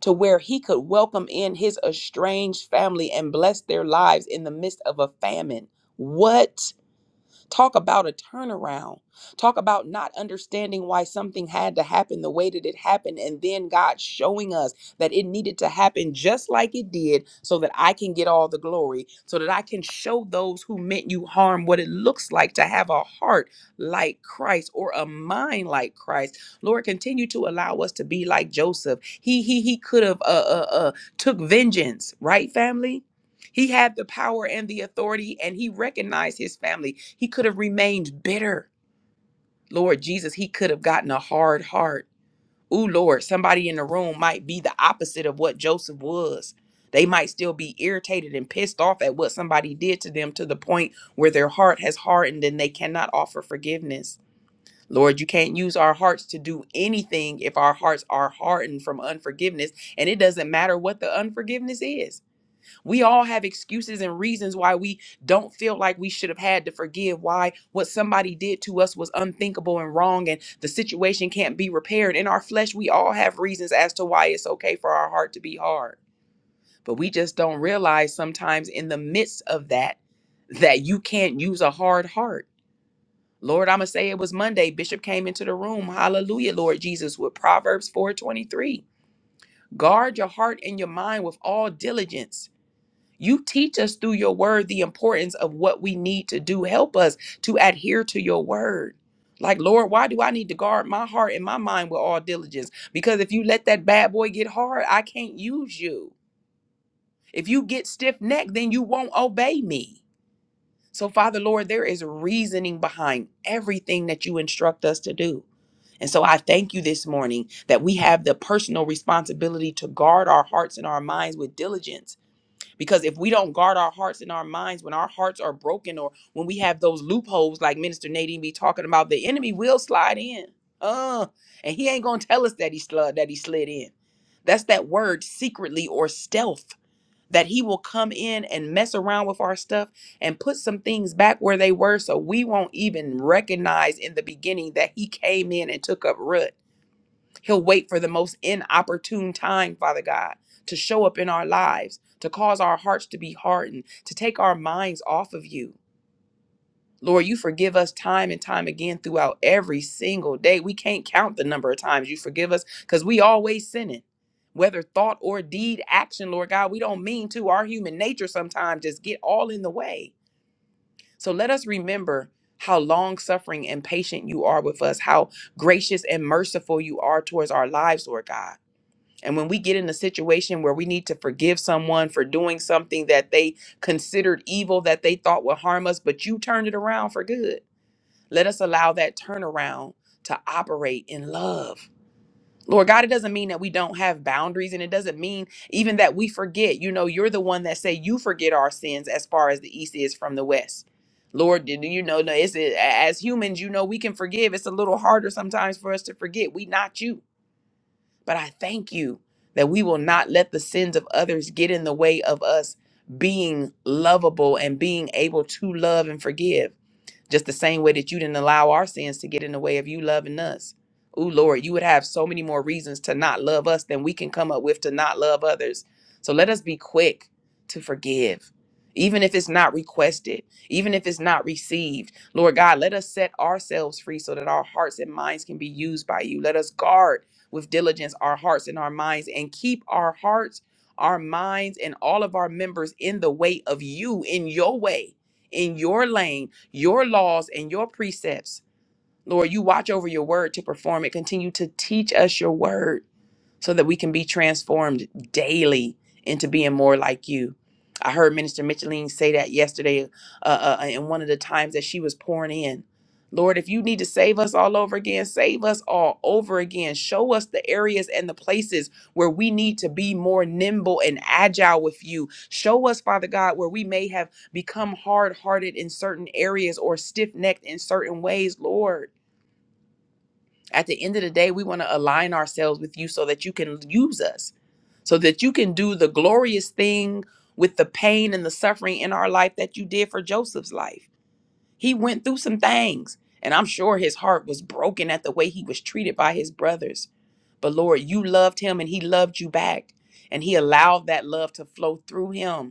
S1: to where he could welcome in his estranged family and bless their lives in the midst of a famine. What? Talk about a turnaround. Talk about not understanding why something had to happen the way that it happened, and then God showing us that it needed to happen just like it did so that I can get all the glory, so that I can show those who meant you harm what it looks like to have a heart like Christ or a mind like Christ. Lord, continue to allow us to be like Joseph. He he he could have uh, uh uh took vengeance, right, family? He had the power and the authority, and he recognized his family. He could have remained bitter. Lord Jesus, he could have gotten a hard heart. Ooh, Lord, somebody in the room might be the opposite of what Joseph was. They might still be irritated and pissed off at what somebody did to them to the point where their heart has hardened and they cannot offer forgiveness. Lord, you can't use our hearts to do anything if our hearts are hardened from unforgiveness. And it doesn't matter what the unforgiveness is. We all have excuses and reasons why we don't feel like we should have had to forgive, why what somebody did to us was unthinkable and wrong, and the situation can't be repaired. In our flesh, we all have reasons as to why it's okay for our heart to be hard. But we just don't realize sometimes in the midst of that, that you can't use a hard heart. Lord, I'ma say it was Monday. Bishop came into the room. Hallelujah, Lord Jesus, with Proverbs 4:23. Guard your heart and your mind with all diligence you teach us through your word the importance of what we need to do. Help us to adhere to your word. Like, Lord, why do I need to guard my heart and my mind with all diligence? Because if you let that bad boy get hard, I can't use you. If you get stiff necked, then you won't obey me. So, Father, Lord, there is reasoning behind everything that you instruct us to do. And so I thank you this morning that we have the personal responsibility to guard our hearts and our minds with diligence because if we don't guard our hearts and our minds when our hearts are broken or when we have those loopholes like minister nadine be talking about the enemy will slide in uh and he ain't gonna tell us that he slid that he slid in that's that word secretly or stealth that he will come in and mess around with our stuff and put some things back where they were so we won't even recognize in the beginning that he came in and took up root He'll wait for the most inopportune time, Father God, to show up in our lives, to cause our hearts to be hardened, to take our minds off of you. Lord, you forgive us time and time again throughout every single day. We can't count the number of times you forgive us because we always sinning. Whether thought or deed, action, Lord God, we don't mean to. Our human nature sometimes just get all in the way. So let us remember how long suffering and patient you are with us, how gracious and merciful you are towards our lives, Lord God and when we get in a situation where we need to forgive someone for doing something that they considered evil, that they thought would harm us, but you turned it around for good, let us allow that turnaround to operate in love. Lord God, it doesn't mean that we don't have boundaries and it doesn't mean even that we forget. You know, you're the one that say you forget our sins as far as the east is from the west. Lord, do you know no, it's as humans, you know we can forgive. It's a little harder sometimes for us to forget. We not you. But I thank you that we will not let the sins of others get in the way of us being lovable and being able to love and forgive just the same way that you didn't allow our sins to get in the way of you loving us. Ooh, Lord, you would have so many more reasons to not love us than we can come up with to not love others. So let us be quick to forgive, even if it's not requested, even if it's not received. Lord God, let us set ourselves free so that our hearts and minds can be used by you. Let us guard with diligence our hearts and our minds and keep our hearts, our minds, and all of our members in the way of you, in your way, in your lane your laws and your precepts. Lord, you watch over your word to perform it. Continue to teach us your word so that we can be transformed daily into being more like you. I heard Minister Micheline say that yesterday uh, uh, uh, in one of the times that she was pouring in. Lord, if you need to save us all over again, save us all over again. Show us the areas and the places where we need to be more nimble and agile with you. Show us, Father God, where we may have become hard hearted in certain areas or stiff necked in certain ways, Lord. At the end of the day, we want to align ourselves with you so that you can use us, so that you can do the glorious thing with the pain and the suffering in our life that you did for Joseph's life. He went through some things, and I'm sure his heart was broken at the way he was treated by his brothers. But Lord, you loved him and he loved you back, and he allowed that love to flow through him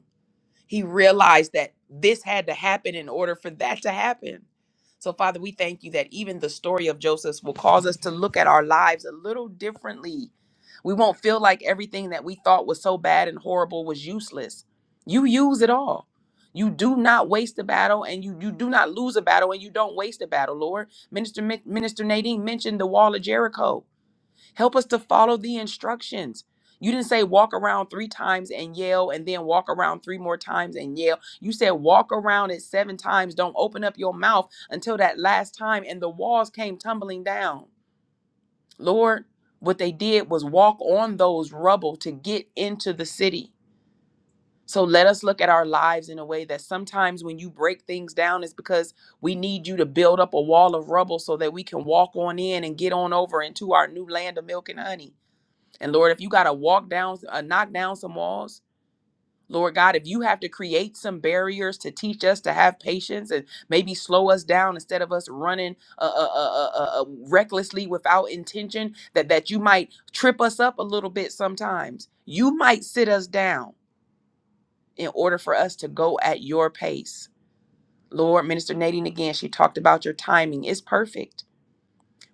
S1: he realized that this had to happen in order for that to happen. So, Father, we thank you that even the story of Joseph will cause us to look at our lives a little differently. We won't feel like everything that we thought was so bad and horrible was useless. You use it all. You do not waste a battle and you, you do not lose a battle and you don't waste a battle, Lord. Minister, Minister Nadine mentioned the wall of Jericho. Help us to follow the instructions. You didn't say walk around three times and yell and then walk around three more times and yell. You said walk around it seven times. Don't open up your mouth until that last time. And the walls came tumbling down. Lord, what they did was walk on those rubble to get into the city. So let us look at our lives in a way that sometimes when you break things down, it's because we need you to build up a wall of rubble so that we can walk on in and get on over into our new land of milk and honey. And Lord, if you got to walk down, uh, knock down some walls, Lord God, if you have to create some barriers to teach us to have patience and maybe slow us down instead of us running uh, uh, uh, uh, uh, uh, recklessly without intention, that, that you might trip us up a little bit sometimes. You might sit us down in order for us to go at your pace. Lord, Minister Nadine, again, she talked about your timing. It's perfect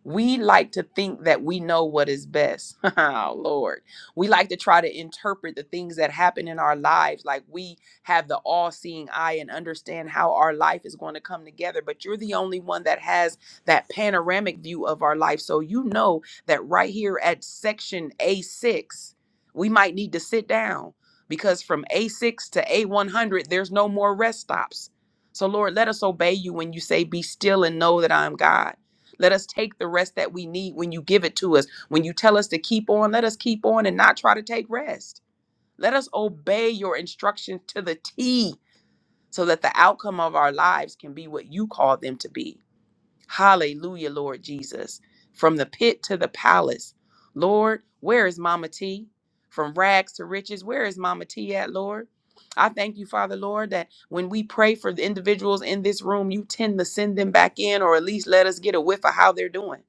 S1: we like to think that we know what is best. oh, Lord. We like to try to interpret the things that happen in our lives like we have the all seeing eye and understand how our life is going to come together. But you're the only one that has that panoramic view of our life. So you know that right here at section A6, we might need to sit down because from A6 to A100, there's no more rest stops. So, Lord, let us obey you when you say, Be still and know that I am God. Let us take the rest that we need when you give it to us. When you tell us to keep on, let us keep on and not try to take rest. Let us obey your instructions to the T so that the outcome of our lives can be what you call them to be. Hallelujah, Lord Jesus. From the pit to the palace. Lord, where is Mama T? From rags to riches, where is Mama T at, Lord? I thank you, Father, Lord, that when we pray for the individuals in this room, you tend to send them back in or at least let us get a whiff of how they're doing.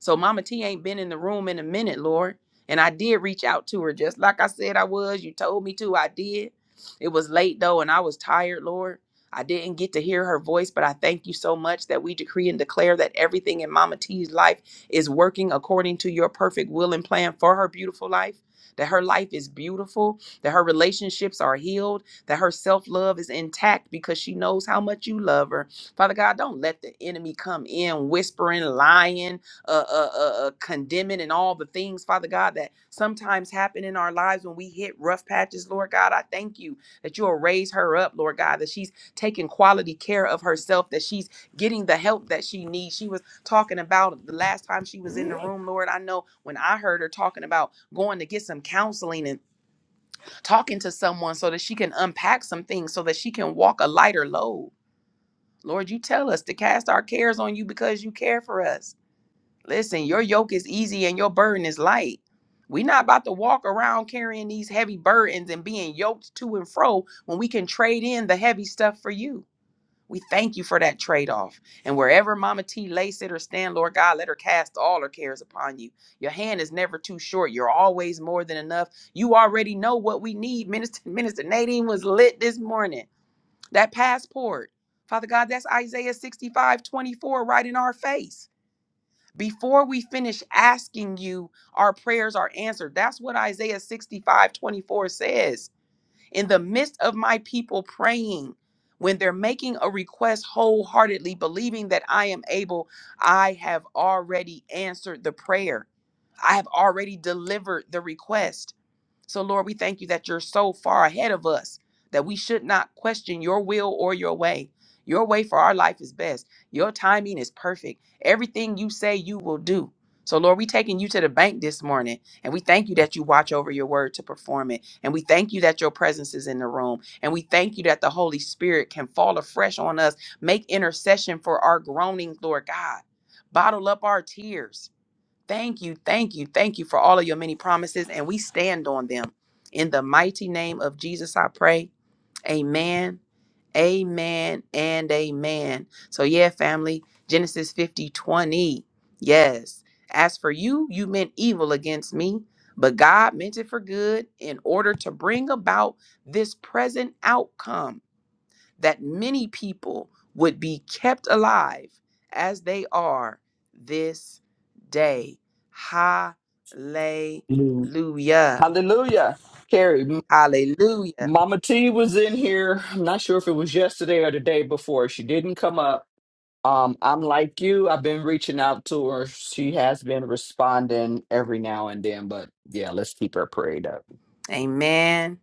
S1: So Mama T ain't been in the room in a minute, Lord. And I did reach out to her just like I said I was. You told me to. I did. It was late though, and I was tired, Lord. I didn't get to hear her voice, but I thank you so much that we decree and declare that everything in Mama T's life is working according to your perfect will and plan for her beautiful life. That her life is beautiful, that her relationships are healed, that her self love is intact because she knows how much you love her. Father God, don't let the enemy come in whispering, lying, uh, uh, uh, uh, condemning, and all the things, Father God, that sometimes happen in our lives when we hit rough patches, Lord God. I thank you that you'll raise her up, Lord God, that she's taking quality care of herself, that she's getting the help that she needs. She was talking about the last time she was in the room, Lord. I know when I heard her talking about going to get some counseling and talking to someone so that she can unpack some things so that she can walk a lighter load. Lord, you tell us to cast our cares on you because you care for us. Listen, your yoke is easy and your burden is light. We're not about to walk around carrying these heavy burdens and being yoked to and fro when we can trade in the heavy stuff for you. We thank you for that trade off. And wherever Mama T lays it or stand, Lord God, let her cast all her cares upon you. Your hand is never too short. You're always more than enough. You already know what we need. Minister, Minister Nadine was lit this morning. That passport. Father God, that's Isaiah 65:24 right in our face. Before we finish asking you, our prayers are answered. That's what Isaiah 65:24 says in the midst of my people praying, when they're making a request wholeheartedly, believing that I am able, I have already answered the prayer. I have already delivered the request. So, Lord, we thank you that you're so far ahead of us that we should not question your will or your way. Your way for our life is best. Your timing is perfect. Everything you say, you will do. So, Lord, we taking you to the bank this morning, and we thank you that you watch over your word to perform it. And we thank you that your presence is in the room. And we thank you that the Holy Spirit can fall afresh on us, make intercession for our groaning, Lord God. Bottle up our tears Thank you, thank you, thank you for all of your many promises, and we stand on them. In the mighty name of Jesus, I pray. Amen, amen, and amen. So, yeah, family, Genesis 50 20. Yes. As for you, you meant evil against me, but God meant it for good in order to bring about this present outcome that many people would be kept alive as they are this day. Hallelujah.
S3: Mm. hallelujah. Carrie, M-
S1: Hallelujah.
S3: Mama T was in here. I'm not sure if it was yesterday or the day before. She didn't come up. Um, I'm like you. I've been reaching out to her. She has been responding every now and then, but yeah, let's keep her prayed up.
S1: Amen.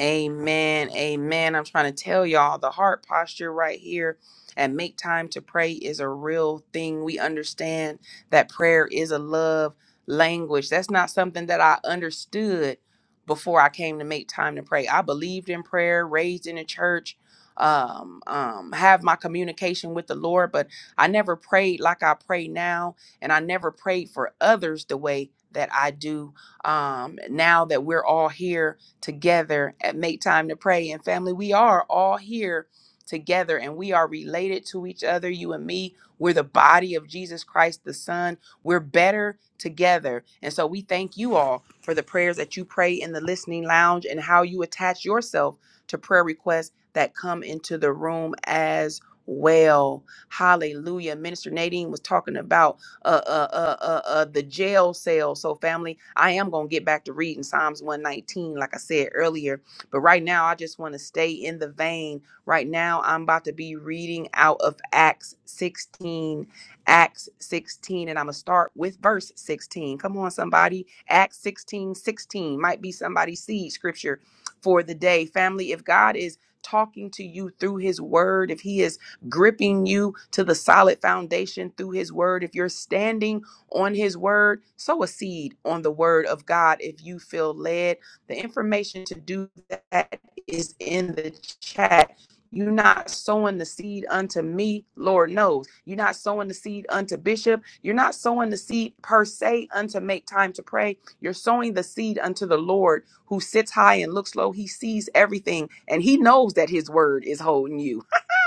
S1: Amen. Amen. I'm trying to tell y'all the heart posture right here and make time to pray is a real thing. We understand that prayer is a love language. That's not something that I understood before I came to make time to pray. I believed in prayer, raised in a church, um, um, have my communication with the Lord, but I never prayed like I pray now, and I never prayed for others the way that I do um, now that we're all here together at Make Time to Pray. And family, we are all here together and we are related to each other, you and me. We're the body of Jesus Christ, the Son. We're better together. And so we thank you all for the prayers that you pray in the listening lounge and how you attach yourself to prayer requests that come into the room as well. Hallelujah. Minister Nadine was talking about uh, uh, uh, uh, uh, the jail cell. So, family, I am going to get back to reading Psalms 119, like I said earlier. But right now, I just want to stay in the vein. Right now, I'm about to be reading out of Acts 16, Acts 16, and I'm going to start with verse 16. Come on, somebody. Acts 16, 16 might be somebody's seed scripture for the day. Family, if God is talking to you through his word, if he is gripping you to the solid foundation through his word. If you're standing on his word, sow a seed on the word of God if you feel led. The information to do that is in the chat. You're not sowing the seed unto me, Lord knows. You're not sowing the seed unto Bishop. You're not sowing the seed per se unto make time to pray. You're sowing the seed unto the Lord who sits high and looks low. He sees everything and he knows that his word is holding you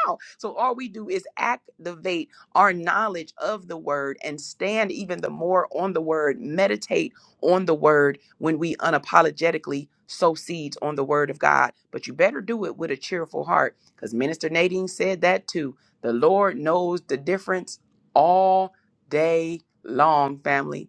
S1: now. So all we do is activate our knowledge of the word and stand even the more on the word, meditate on the word when we unapologetically sow seeds on the word of God. But you better do it with a cheerful heart because Minister Nadine said that too. The Lord knows the difference all day long, family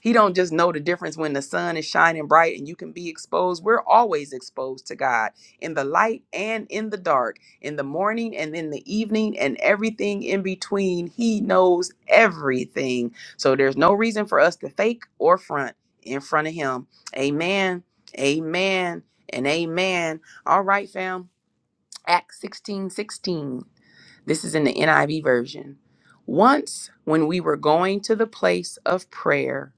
S1: he don't just know the difference when the sun is shining bright and you can be exposed. We're always exposed to God in the light and in the dark, in the morning and in the evening and everything in between. He knows everything. So there's no reason for us to fake or front in front of him. Amen. Amen. And amen. All right, fam. Acts 16 16. This is in the NIV version. Once, when we were going to the place of prayer,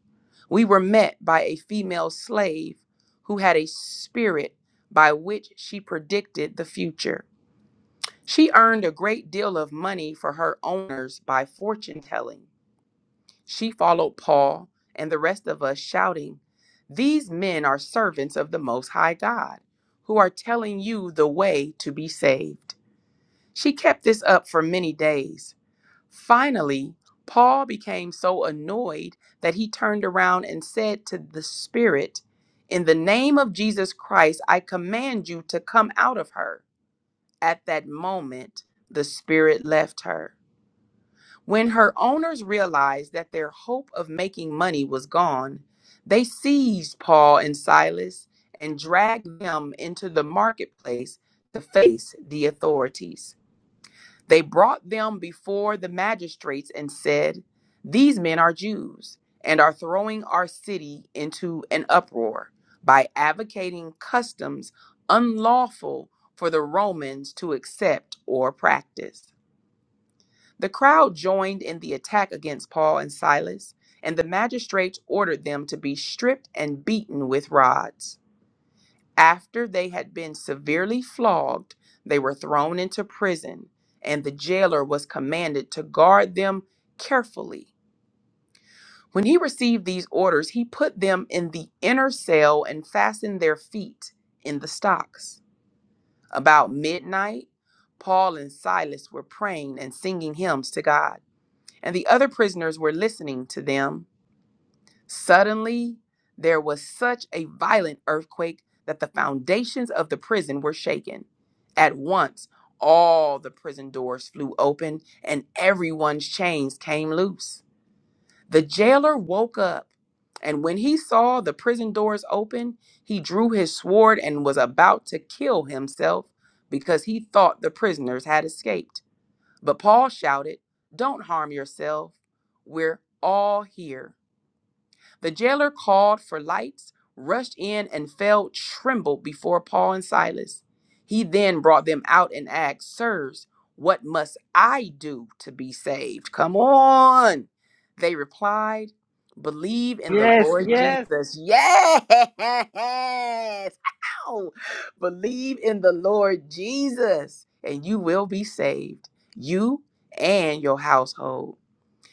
S1: we were met by a female slave who had a spirit by which she predicted the future. She earned a great deal of money for her owners by fortune telling. She followed Paul and the rest of us, shouting, These men are servants of the Most High God, who are telling you the way to be saved. She kept this up for many days. Finally, Paul became so annoyed that he turned around and said to the Spirit, In the name of Jesus Christ, I command you to come out of her. At that moment, the Spirit left her. When her owners realized that their hope of making money was gone, they seized Paul and Silas and dragged them into the marketplace to face the authorities. They brought them before the magistrates and said, These men are Jews and are throwing our city into an uproar by advocating customs unlawful for the Romans to accept or practice. The crowd joined in the attack against Paul and Silas, and the magistrates ordered them to be stripped and beaten with rods. After they had been severely flogged, they were thrown into prison, and the jailer was commanded to guard them carefully. When he received these orders, he put them in the inner cell and fastened their feet in the stocks. About midnight, Paul and Silas were praying and singing hymns to God, and the other prisoners were listening to them. Suddenly, there was such a violent earthquake that the foundations of the prison were shaken. At once, all the prison doors flew open and everyone's chains came loose. The jailer woke up, and when he saw the prison doors open, he drew his sword and was about to kill himself because he thought the prisoners had escaped. But Paul shouted, Don't harm yourself. We're all here. The jailer called for lights, rushed in, and fell trembled before Paul and Silas. He then brought them out and asked, Sirs, what must I do to be saved? Come on. They replied, Believe in the
S2: Yes,
S1: Lord
S2: yes,
S1: Jesus. Yes. Ow! Believe in the Lord Jesus, and you will be saved, you and your household.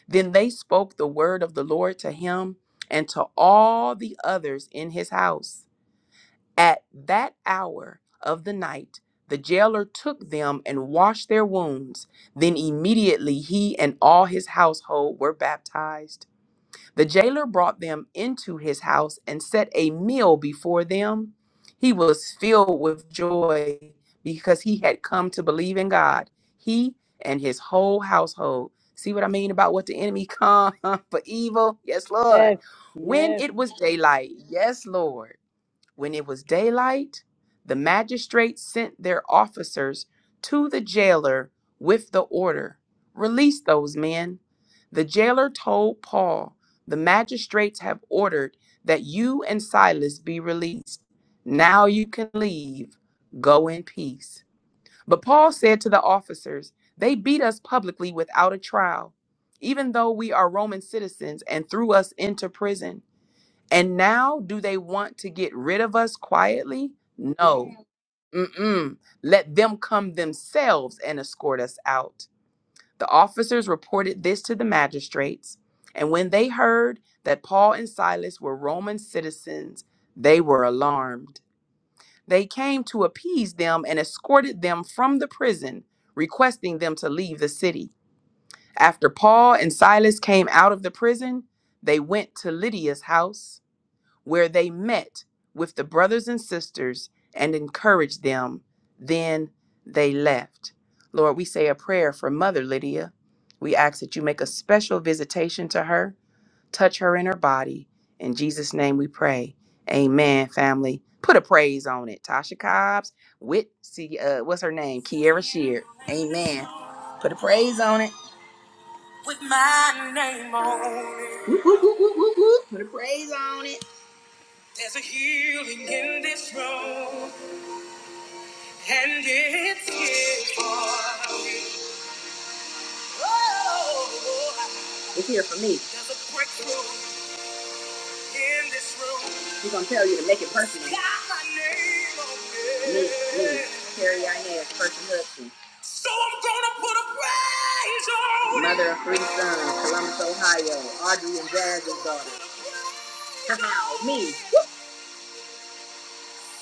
S1: Then they spoke the word of the Lord to him and to all the others in his house. At that hour of the night, the jailer took them and washed their wounds. Then immediately he and all his household were baptized. The jailer brought them into his house and set a meal before them. He was filled with joy because he had come to believe in God, he and his whole household. See what I mean about what the enemy come for evil? Yes, Lord.
S2: yes, yes.
S1: When it was daylight, yes, Lord. When it was daylight, the magistrates sent their officers to the jailer with the order Release those men. The jailer told Paul, The magistrates have ordered that you and Silas be released. Now you can leave. Go in peace. But Paul said to the officers, They beat us publicly without a trial, even though we are Roman citizens and threw us into prison. And now, do they want to get rid of us quietly? No. Mm-mm. Let them come themselves and escort us out. The officers reported this to the magistrates, and when they heard that Paul and Silas were Roman citizens, they were alarmed. They came to appease them and escorted them from the prison, requesting them to leave the city. After Paul and Silas came out of the prison, they went to Lydia's house where they met with the brothers and sisters and encouraged them. Then they left. Lord, we say a prayer for Mother Lydia. We ask that you make a special visitation to her, touch her in her body. In Jesus' name we pray. Amen, family. Put a praise on it. Tasha Cobbs with see uh what's her name? Kiara Shear. Amen. Put a in this room and it's here for in this room. How me?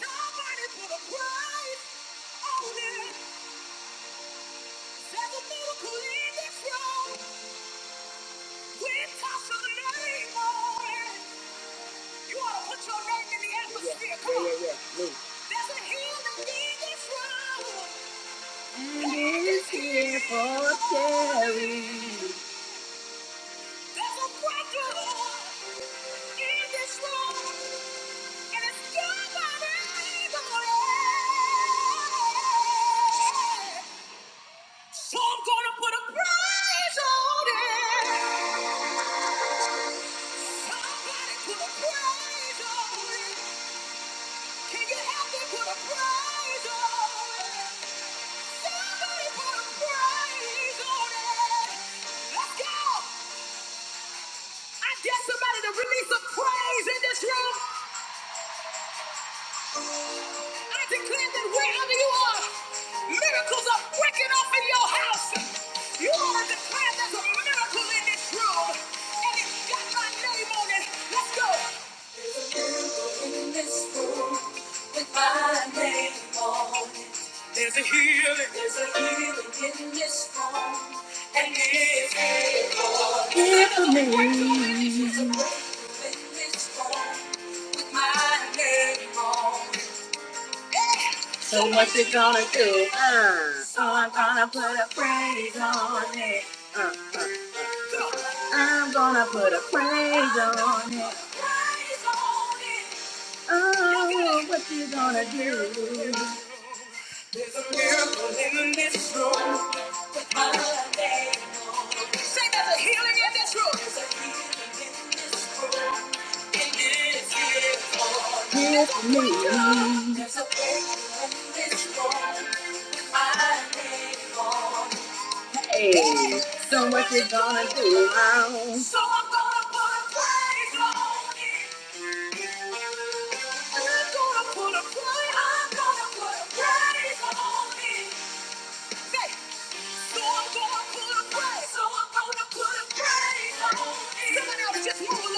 S1: Somebody put a price on it. There's a miracle in this room. We toss the name on it. You ought to put your name in the atmosphere. Come on. Yeah, yeah, yeah. There's a healing in this room. It's Here for Terry. There's a breakthrough in this room. And it's your name on it. So I'm gonna put a price on it. Somebody put a price on it. Can you help me put a price on it? Somebody put a price on it. Let's go. I dare somebody to release a praise in this room. I declare that wherever you are, miracles are breaking off in your house. You ought to declare there's a miracle in this room, and it's got my name on it. Let's go. There's a healing. Healing in this room. I put a prayer. Praise on it. There's a miracle in this room. Say there's a healing in this room. There's a healing in this room. In this room. Hey, so much is gonna do now. So I'm gonna put a praise on it. I'm gonna put a praise. I'm gonna put a praise on it. Hey, so I'm gonna put a praise. So I'm gonna put a praise on it. Someone else just move.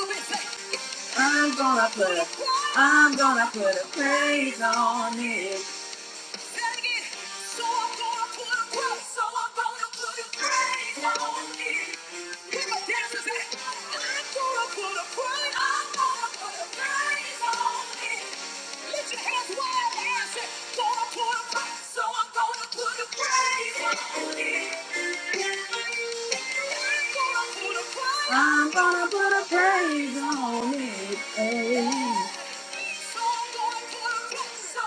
S1: Gonna put a- I'm gonna put a praise on it. Ah. So so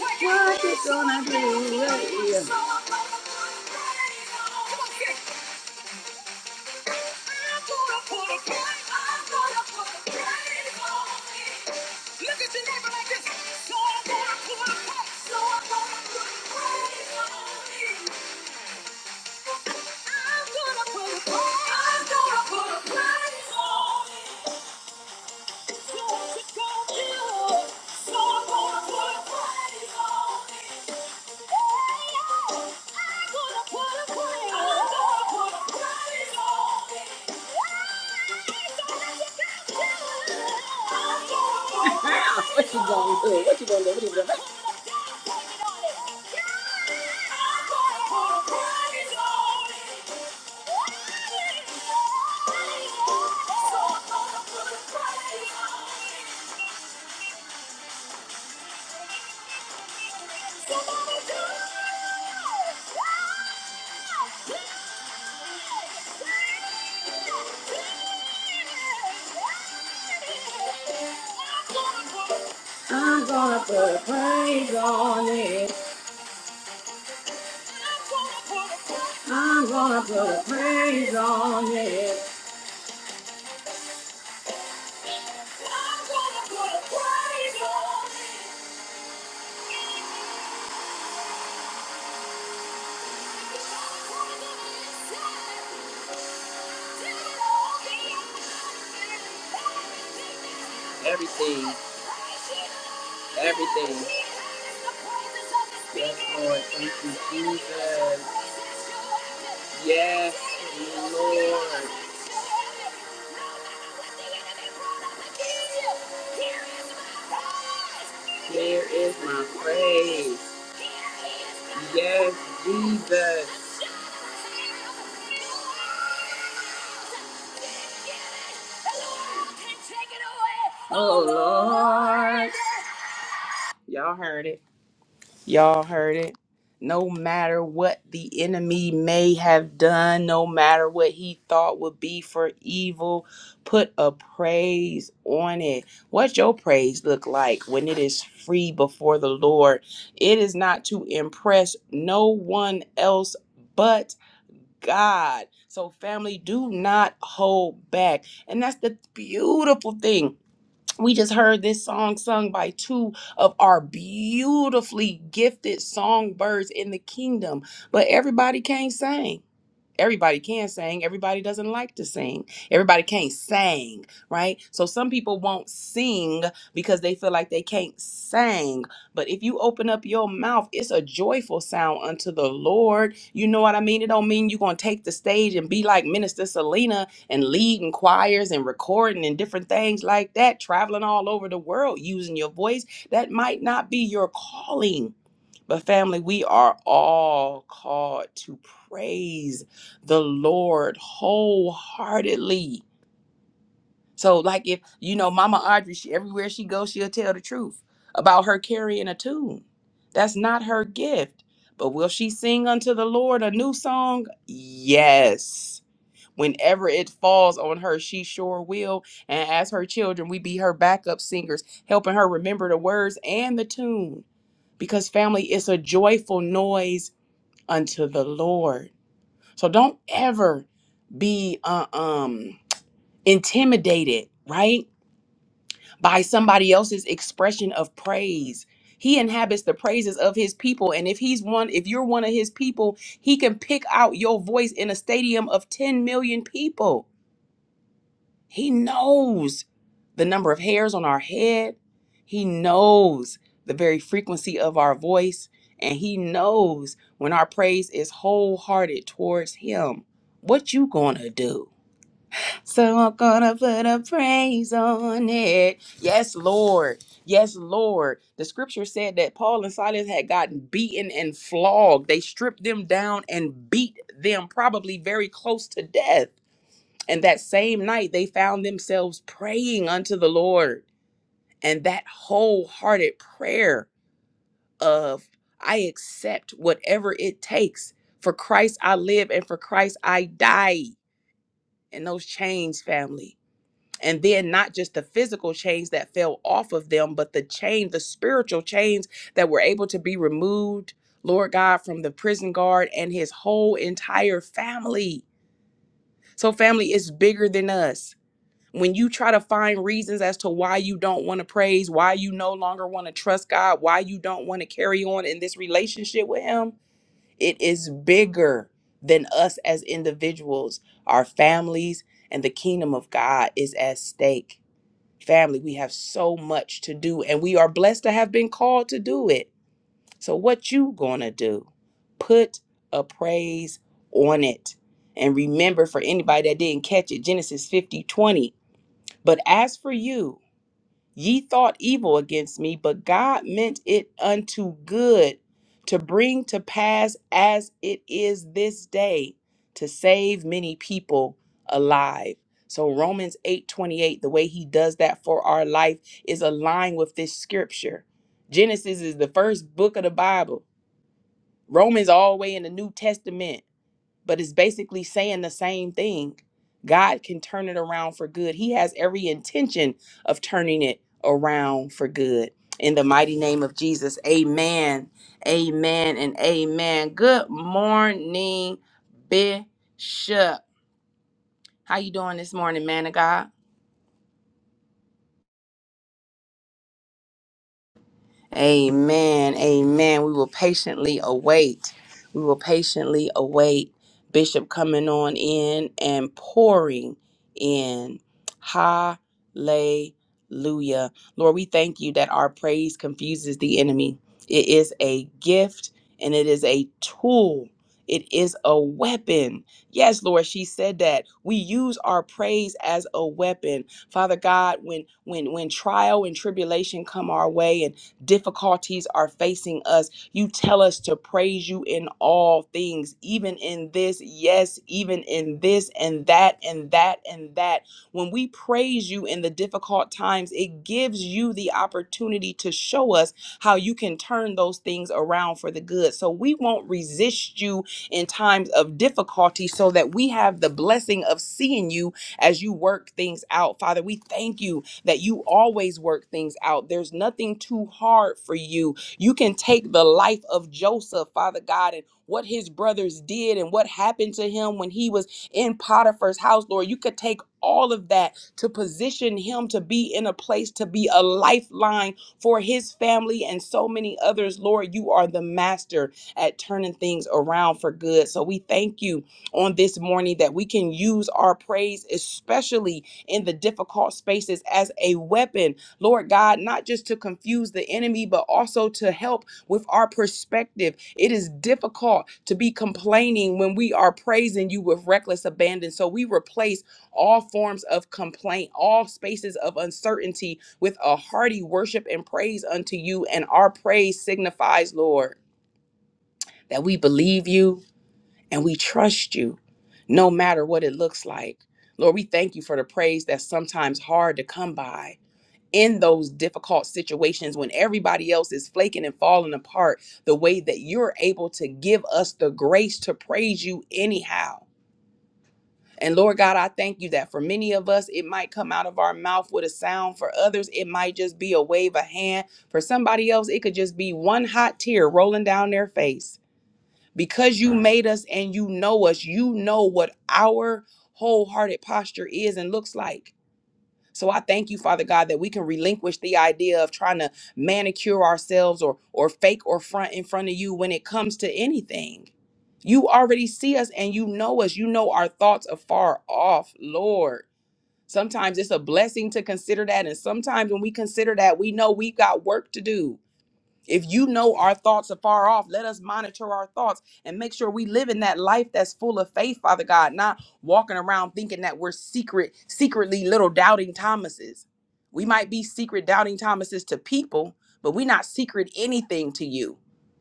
S1: What you gonna do right here? So like So so I'm gonna put a praise on it. Yes, you, Yes, Y'all heard it. Y'all heard it. No matter what the enemy may have done, no matter what he thought would be for evil, put a praise on it. What's your praise look like when it is free before the Lord? It is not to impress no one else but God. So, family, do not hold back. And that's the beautiful thing. We just heard this song sung by two of our beautifully gifted songbirds in the kingdom, but everybody can't sing everybody can sing everybody doesn't like to sing everybody can't sing right so some people won't sing because they feel like they can't sing but if you open up your mouth it's a joyful sound unto the lord you know what i mean it don't mean you're gonna take the stage and be like minister selena and leading choirs and recording and different things like that traveling all over the world using your voice that might not be your calling but family, we are all called to praise the Lord wholeheartedly. So, like if you know Mama Audrey, she everywhere she goes, she'll tell the truth about her carrying a tune. That's not her gift. But will she sing unto the Lord a new song? Yes. Whenever it falls on her, she sure will. And as her children, we be her backup singers, helping her remember the words and the tune. Because family, it's a joyful noise unto the Lord. So don't ever be uh, um intimidated, right? By somebody else's expression of praise. He inhabits the praises of his people and if he's one if you're one of his people, he can pick out your voice in a stadium of 10 million people. He knows the number of hairs on our head. He knows the very frequency of our voice and he knows when our praise is wholehearted towards him. What you going to do? So I'm gonna put a praise on it. Yes, Lord. Yes, Lord. The scripture said that Paul and Silas had gotten beaten and flogged. They stripped them down and beat them, probably very close to death. And that same night, they found themselves praying unto the Lord. And that wholehearted prayer of, I accept whatever it takes. For Christ I live and for Christ I die. And those chains, family and then not just the physical chains that fell off of them but the chain the spiritual chains that were able to be removed lord god from the prison guard and his whole entire family so family is bigger than us when you try to find reasons as to why you don't want to praise why you no longer want to trust god why you don't want to carry on in this relationship with him it is bigger than us as individuals our families and the kingdom of god is at stake Family, we have so much to do and we are blessed to have been called to do it. So what you going to do? Put a praise on it. And remember for anybody that didn't catch it, Genesis 50 20. But as for you, Ye thought evil against me, but God meant it unto good to bring to pass as it is this day to save many people alive. So Romans 8:28, the way he does that for our life is aligned with this scripture. Genesis is the first book of the Bible. Romans all the way in the New Testament but it's basically saying the same thing. God can turn it around for good. He has every intention of turning it around for good. In the mighty name of Jesus, amen, amen, and amen. Good morning, Bishop. How you doing this morning, man of God? Amen. Amen. We will patiently await. We will patiently await Bishop coming on in and pouring in. Hallelujah. Lord, we thank you that our praise confuses the enemy. It is a gift and it is a tool. It is a weapon. Yes, Lord, she said that. We use our praise as a weapon. Father God, when when when trial and tribulation come our way difficulties are facing us, you tell us to praise you in all things, even in this, yes, even in this and that and that and that. When we praise you in the difficult times, it gives you the opportunity to show us how you can turn those things around for the good. So we won't resist you in times of difficulty so that we have the blessing of seeing you as you work things out. Father, we thank you that you always work things out. There's nothing too hard for you. You can take the life of Joseph, Father God, and what his brothers did and what happened to him when he was in Potiphar's house, Lord. You could take all of that to position him to be in a place to be a lifeline for his family and so many others. Lord, you are the master at turning things around for good. So we thank you on this morning that we can use our praise, especially in the difficult spaces as a weapon, Lord God, not just to confuse the enemy, but also to help with our perspective. It is difficult to be complaining when we are praising you with reckless abandon. So we replace all forms of complaint, all spaces of uncertainty with a hearty worship and praise unto you. And our praise signifies, Lord, that we believe you and we trust you no matter what it looks like. Lord, we thank you for the praise that's sometimes hard to come by in those difficult situations when everybody else is flaking and falling apart, the way that you're able to give us the grace to praise you anyhow. And Lord God, I thank you that for many of us, it might come out of our mouth with a sound. For others, it might just be a wave of hand. For somebody else, it could just be one hot tear rolling down their face because you made us and you know us, you know what our wholehearted posture is and looks like. So I thank you, Father God, that we can relinquish the idea of trying to manicure ourselves or or fake or front in front of you when it comes to anything. You already see us and you know us. You know our thoughts afar off, Lord. Sometimes it's a blessing to consider that. And sometimes when we consider that, we know we've got work to do if you know our thoughts are far off, let us monitor our thoughts and make sure we live in that life that's full of faith, Father God, not walking around thinking that we're secret, secretly little doubting Thomases. We might be secret doubting Thomases to people, but we're not secret anything to you.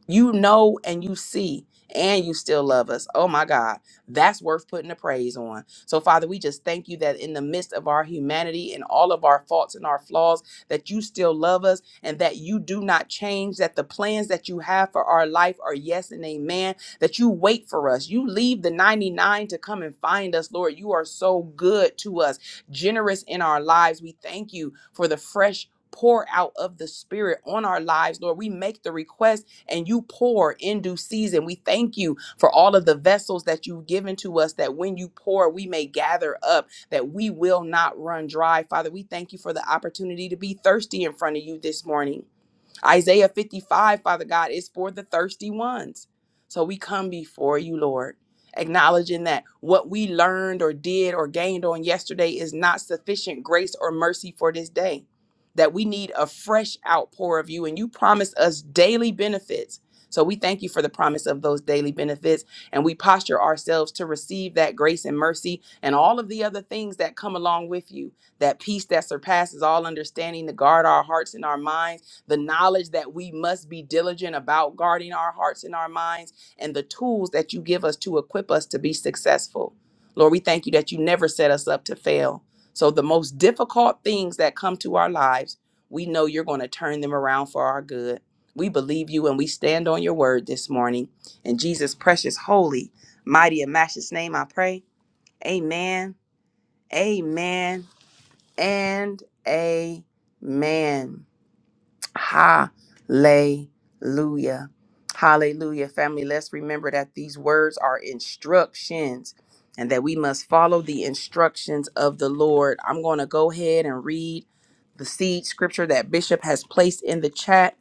S1: You know and you see, and you still love us. Oh my God, that's worth putting a praise on. So, Father, we just thank you that in the midst of our humanity and all of our faults and our flaws, that you still love us and that you do not change, that the plans that you have for our life are yes and amen, that you wait for us. You leave the 99 to come and find us, Lord. You are so good to us, generous in our lives. We thank you for the fresh pour out of the spirit on our lives lord we make the request and you pour in due season we thank you for all of the vessels that you've given to us that when you pour we may gather up that we will not run dry. Father, we thank you for the opportunity to be thirsty in front of you this morning. Isaiah 55, Father God, is for the thirsty ones. So we come before you, Lord, acknowledging that what we learned or did or gained on yesterday is not sufficient grace or mercy for this day, that we need a fresh outpour of you, and you promise us daily benefits. So we thank you for the promise of those daily benefits, and we posture ourselves to receive that grace and mercy and all of the other things that come along with you that peace that surpasses all understanding to guard our hearts and our minds the knowledge that we must be diligent about guarding our hearts and our minds, and the tools that you give us to equip us to be successful. Lord, we thank you that you never set us up to fail. So, the most difficult things that come to our lives, we know you're going to turn them around for our good. We believe you and we stand on your word this morning. In Jesus' precious, holy, mighty, and matchless name, I pray. Amen, amen, and amen. Hallelujah. Hallelujah. Family, let's remember that these words are instructions and that we must follow the instructions of the Lord. I'm going to go ahead and read the seed scripture that Bishop has placed in the chat.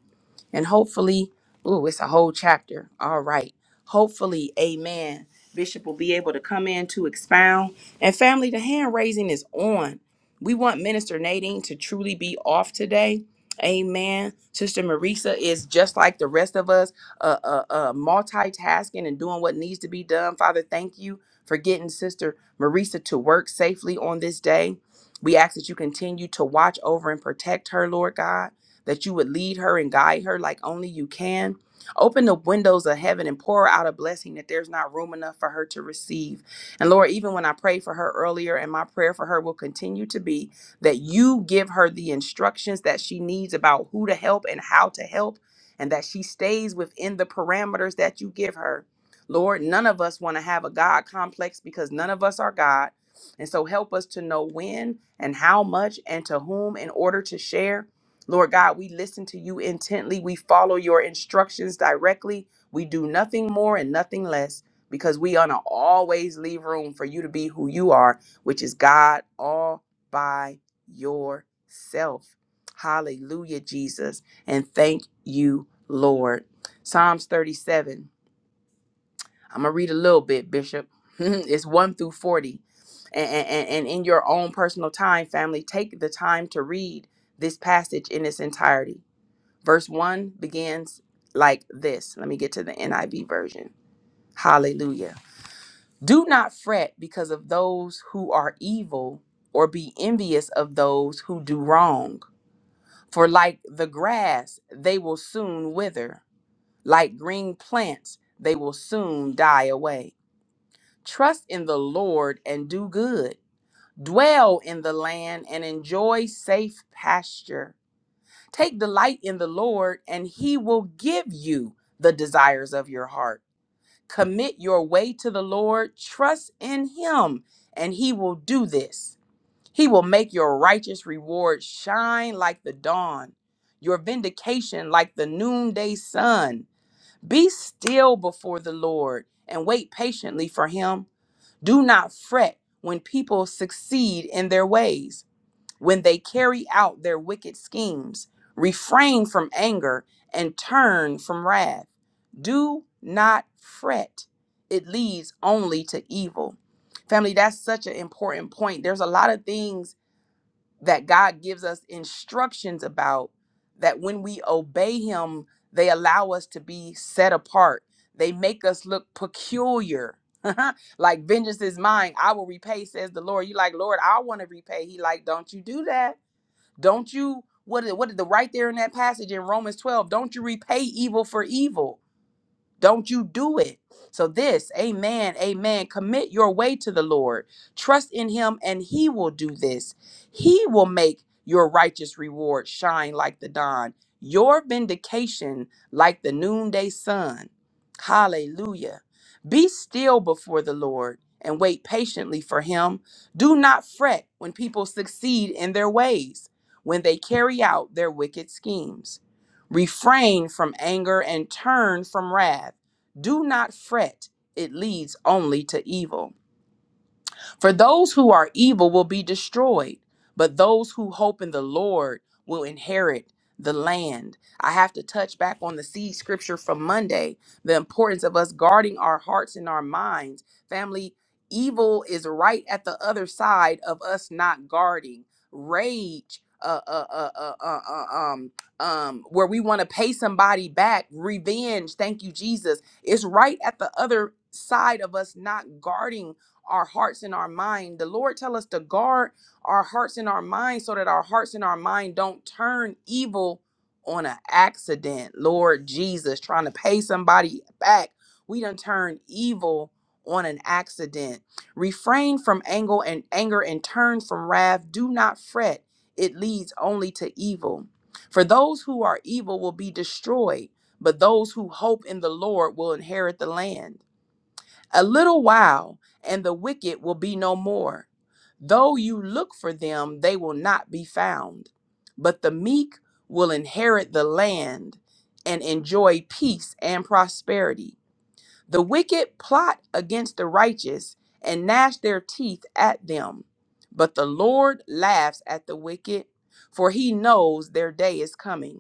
S1: And hopefully, ooh, it's a whole chapter. All right. Hopefully, amen. Bishop will be able to come in to expound. And family, the hand raising is on. We want Minister Nadine to truly be off today. Amen. Sister Marisa is just like the rest of us, uh, uh, uh, multitasking and doing what needs to be done. Father, thank you for getting Sister Marisa to work safely on this day. We ask that you continue to watch over and protect her, Lord God that you would lead her and guide her like only you can. Open the windows of heaven and pour out a blessing that there's not room enough for her to receive. And Lord, even when I prayed for her earlier, and my prayer for her will continue to be that you give her the instructions that she needs about who to help and how to help, and that she stays within the parameters that you give her. Lord, none of us want to have a God complex because none of us are God. And so help us to know when and how much and to whom in order to share Lord God, we listen to you intently. We follow your instructions directly. We do nothing more and nothing less because we want to always leave room for you to be who you are, which is God all by yourself. Hallelujah, Jesus. And thank you, Lord. Psalms 37. I'm going to read a little bit, Bishop. it's 1 through 40. And, and, and in your own personal time, family, take the time to read this passage in its entirety. Verse 1 begins like this. Let me get to the NIV version. Hallelujah. Do not fret because of those who are evil, or be envious of those who do wrong. For like the grass, they will soon wither. Like green plants, they will soon die away. Trust in the Lord and do good. Dwell in the land and enjoy safe pasture. Take delight in the Lord, and he will give you the desires of your heart. Commit your way to the Lord, trust in him, and he will do this. He will make your righteous reward shine like the dawn, your vindication like the noonday sun. Be still before the Lord and wait patiently for him. Do not fret when people succeed in their ways when they carry out their wicked schemes. Refrain from anger and turn from wrath. Do not fret, it leads only to evil. Family, that's such an important point. There's a lot of things that God gives us instructions about that when we obey Him, they allow us to be set apart. They make us look peculiar. like vengeance is mine, I will repay, says the Lord. You like, Lord, I want to repay. He like, don't you do that don't you what what did the right there in that passage in Romans 12, don't you repay evil for evil? Don't you do it. So, this, amen, amen. Commit your way to the Lord. Trust in Him, and He will do this. He will make your righteous reward shine like the dawn, your vindication like the noonday sun. Hallelujah. Be still before the Lord and wait patiently for Him. Do not fret when people succeed in their ways, when they carry out their wicked schemes. Refrain from anger and turn from wrath. Do not fret, it leads only to evil. For those who are evil will be destroyed, but those who hope in the Lord will inherit the land. I have to touch back on the seed scripture from Monday, the importance of us guarding our hearts and our minds. Family, evil is right at the other side of us not guarding. Rage, uh, uh, uh, uh, uh, uh, um, um, where we want to pay somebody back, revenge, thank you, Jesus, is right at the other side of us not guarding our hearts and our mind. The Lord tell us to guard our hearts and our mind so that our hearts and our mind don't turn evil on an accident. Lord Jesus, trying to pay somebody back. We done turned evil on an accident. Refrain from anger and anger and turn from wrath. Do not fret. It leads only to evil. For those who are evil will be destroyed, but those who hope in the Lord will inherit the land. A little while, and the wicked will be no more. Though you look for them, they will not be found. But the meek will inherit the land and enjoy peace and prosperity. The wicked plot against the righteous and gnash their teeth at them. But the Lord laughs at the wicked, for he knows their day is coming.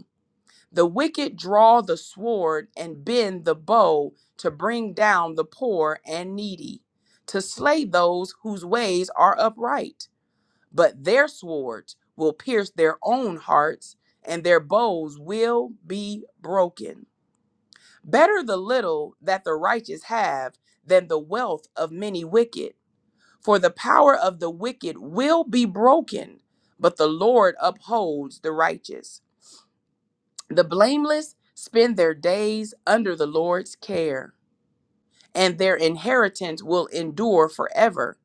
S1: The wicked draw the sword and bend the bow to bring down the poor and needy, to slay those whose ways are upright. But their swords will pierce their own hearts, and their bows will be broken. Better the little that the righteous have than the wealth of many wicked. For the power of the wicked will be broken, but the Lord upholds the righteous. The blameless spend their days under the Lord's care, and their inheritance will endure forever.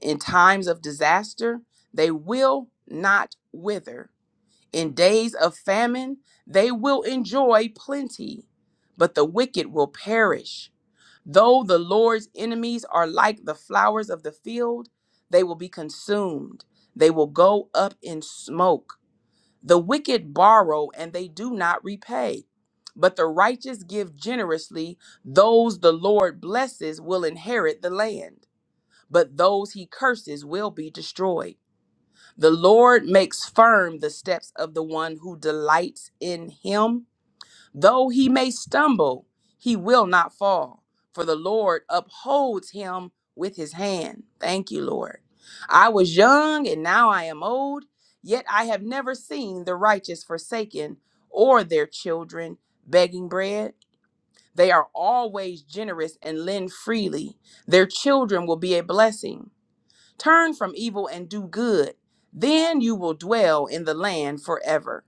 S1: In times of disaster, they will not wither. In days of famine, they will enjoy plenty, but the wicked will perish. Though the Lord's enemies are like the flowers of the field, they will be consumed. They will go up in smoke. The wicked borrow and they do not repay, but the righteous give generously. Those the Lord blesses will inherit the land, but those he curses will be destroyed. The Lord makes firm the steps of the one who delights in him. Though he may stumble, he will not fall, for the Lord upholds him with his hand. Thank you, Lord. I was young and now I am old, yet I have never seen the righteous forsaken or their children begging bread. They are always generous and lend freely. Their children will be a blessing. Turn from evil and do good. Then you will dwell in the land forever.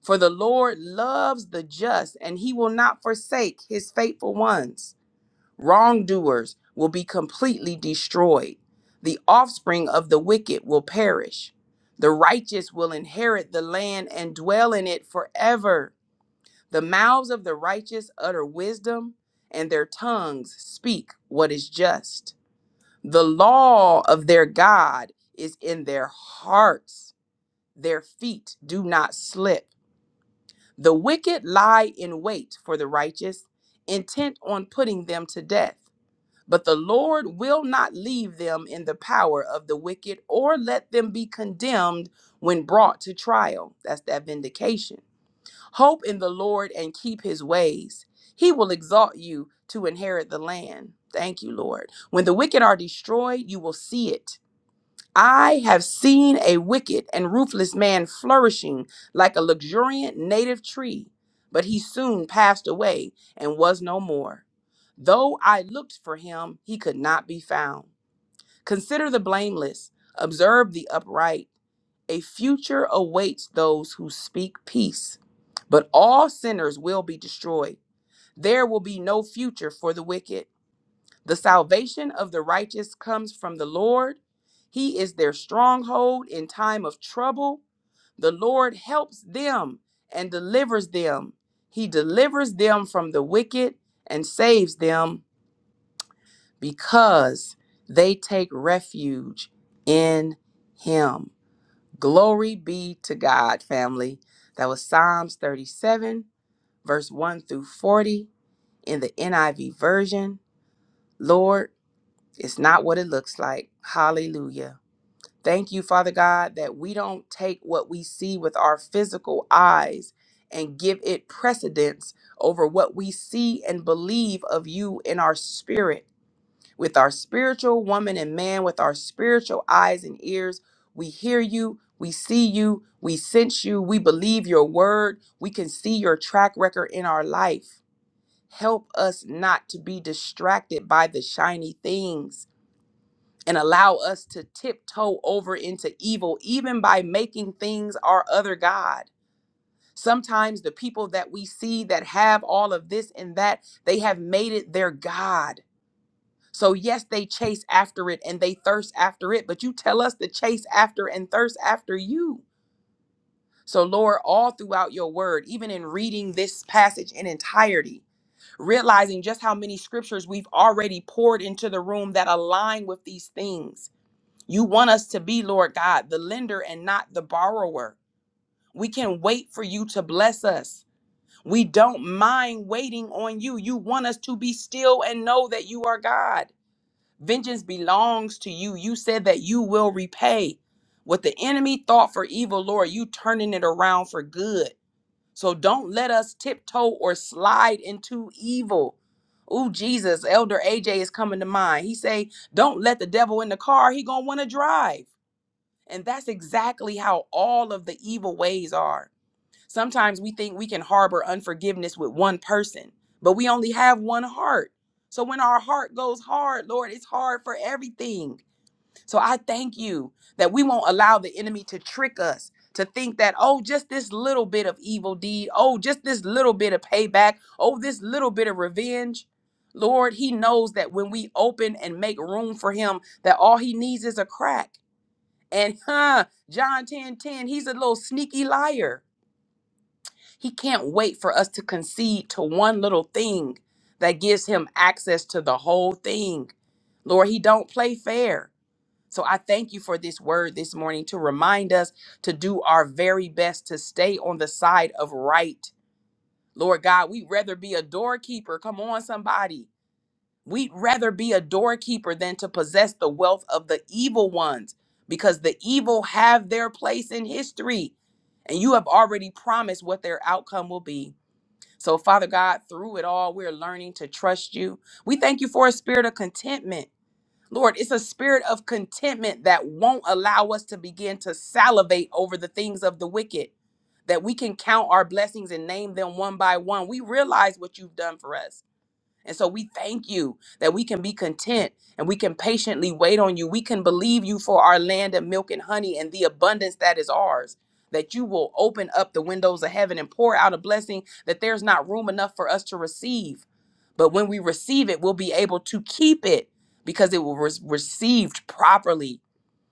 S1: For the Lord loves the just, and he will not forsake his faithful ones. Wrongdoers will be completely destroyed. The offspring of the wicked will perish. The righteous will inherit the land and dwell in it forever. The mouths of the righteous utter wisdom, and their tongues speak what is just. The law of their God is in their hearts, their feet do not slip. The wicked lie in wait for the righteous, intent on putting them to death. But the Lord will not leave them in the power of the wicked or let them be condemned when brought to trial. That's that vindication. Hope in the Lord and keep his ways. He will exalt you to inherit the land. Thank you, Lord. When the wicked are destroyed, you will see it. I have seen a wicked and ruthless man flourishing like a luxuriant native tree, but he soon passed away and was no more. Though I looked for him, he could not be found. Consider the blameless, observe the upright. A future awaits those who speak peace, but all sinners will be destroyed. There will be no future for the wicked. The salvation of the righteous comes from the Lord. He is their stronghold in time of trouble. The Lord helps them and delivers them. He delivers them from the wicked and saves them because they take refuge in Him. Glory be to God, family. That was Psalms 37, verse 1 through 40 in the NIV version. Lord, It's not what it looks like. Hallelujah. Thank you, Father God, that we don't take what we see with our physical eyes and give it precedence over what we see and believe of you in our spirit. With our spiritual woman and man, with our spiritual eyes and ears, we hear you, we see you, we sense you, we believe your word, we can see your track record in our life. Help us not to be distracted by the shiny things and allow us to tiptoe over into evil, even by making things our other God. Sometimes the people that we see that have all of this and that, they have made it their God. So, yes, they chase after it and they thirst after it, but you tell us to chase after and thirst after you. So, Lord, all throughout your word, even in reading this passage in entirety, realizing just how many scriptures we've already poured into the room that align with these things you want us to be, Lord God, the lender and not the borrower. We can wait for you to bless us. We don't mind waiting on you. You want us to be still and know that you are God. Vengeance belongs to you. You said that you will repay what the enemy thought for evil, Lord. You turning it around for good. So don't let us tiptoe or slide into evil. Ooh, Jesus, Elder AJ is coming to mind. He say, "Don't let the devil in the car. He gonna want to drive." And that's exactly how all of the evil ways are. Sometimes we think we can harbor unforgiveness with one person, but we only have one heart. So when our heart goes hard, Lord, it's hard for everything. So I thank you that we won't allow the enemy to trick us to think that, oh, just this little bit of evil deed, oh, just this little bit of payback, oh, this little bit of revenge. Lord, he knows that when we open and make room for him, that all he needs is a crack. And huh, John 10 10, he's a little sneaky liar. He can't wait for us to concede to one little thing that gives him access to the whole thing. Lord, he don't play fair. So I thank you for this word this morning to remind us to do our very best to stay on the side of right. Lord God, we'd rather be a doorkeeper. Come on, somebody We'd rather be a doorkeeper than to possess the wealth of the evil ones because the evil have their place in history and you have already promised what their outcome will be. So, Father God, through it all, we're learning to trust you. We thank you for a spirit of contentment. Lord, it's a spirit of contentment that won't allow us to begin to salivate over the things of the wicked, that we can count our blessings and name them one by one. We realize what you've done for us and so we thank you that we can be content and we can patiently wait on you. We can believe you for our land of milk and honey and the abundance that is ours. That you will open up the windows of heaven and pour out a blessing that there's not room enough for us to receive. But when we receive it, we'll be able to keep it because it will was received properly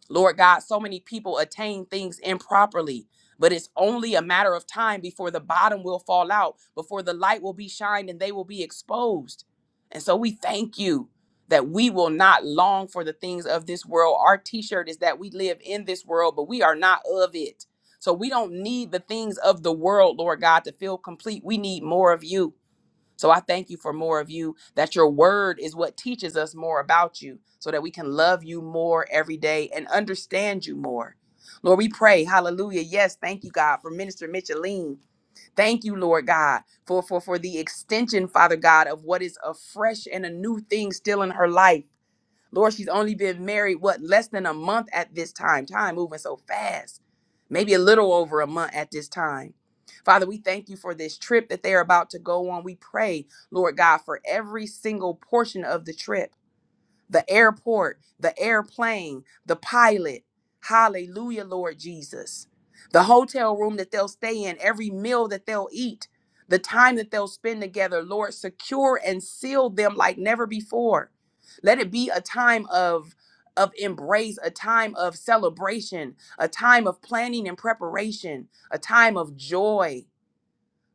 S1: Lord God, so many people attain things improperly, but it's only a matter of time before the bottom will fall out, before the light will be shined and they will be exposed. And so we thank you that we will not long for the things of this world. Our t shirt is that we live in this world, but we are not of it. So we don't need the things of the world, Lord God, to feel complete. We need more of you. So I thank you for more of you, that your word is what teaches us more about you so that we can love you more every day and understand you more. Lord, we pray, hallelujah. Yes, thank you, God, for Minister Micheline. Thank you, Lord God, for, for, for the extension, Father God, of what is a fresh and a new thing still in her life. Lord, she's only been married, what, less than a month at this time. Time moving so fast. Maybe a little over a month at this time. Father, we thank you for this trip that they are about to go on. We pray, Lord God, for every single portion of the trip the airport, the airplane, the pilot. Hallelujah, Lord Jesus. The hotel room that they'll stay in, every meal that they'll eat, the time that they'll spend together, Lord, secure and seal them like never before. Let it be a time of of embrace, a time of celebration, a time of planning and preparation, a time of joy,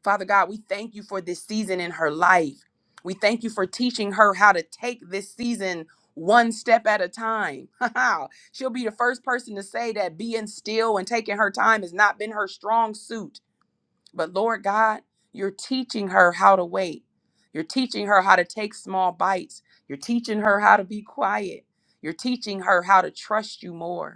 S1: Father God, we thank you for this season in her life. We thank you for teaching her how to take this season one step at a time. She'll be the first person to say that being still and taking her time has not been her strong suit. But Lord God, you're teaching her how to wait. You're teaching her how to take small bites. You're teaching her how to be quiet. You're teaching her how to trust you more.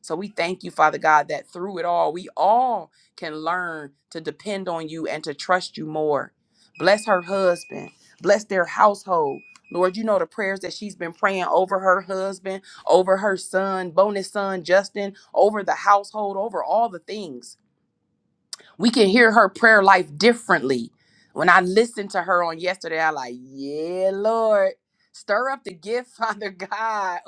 S1: So we thank you, Father God, that through it all, we all can learn to depend on you and to trust you more. Bless her husband, bless their household. Lord, you know the prayers that she's been praying over her husband, over her son, bonus son, Justin, over the household, over all the things we can hear her prayer life differently. When I listened to her on yesterday, I like, yeah, Lord, stir up the gift, Father God.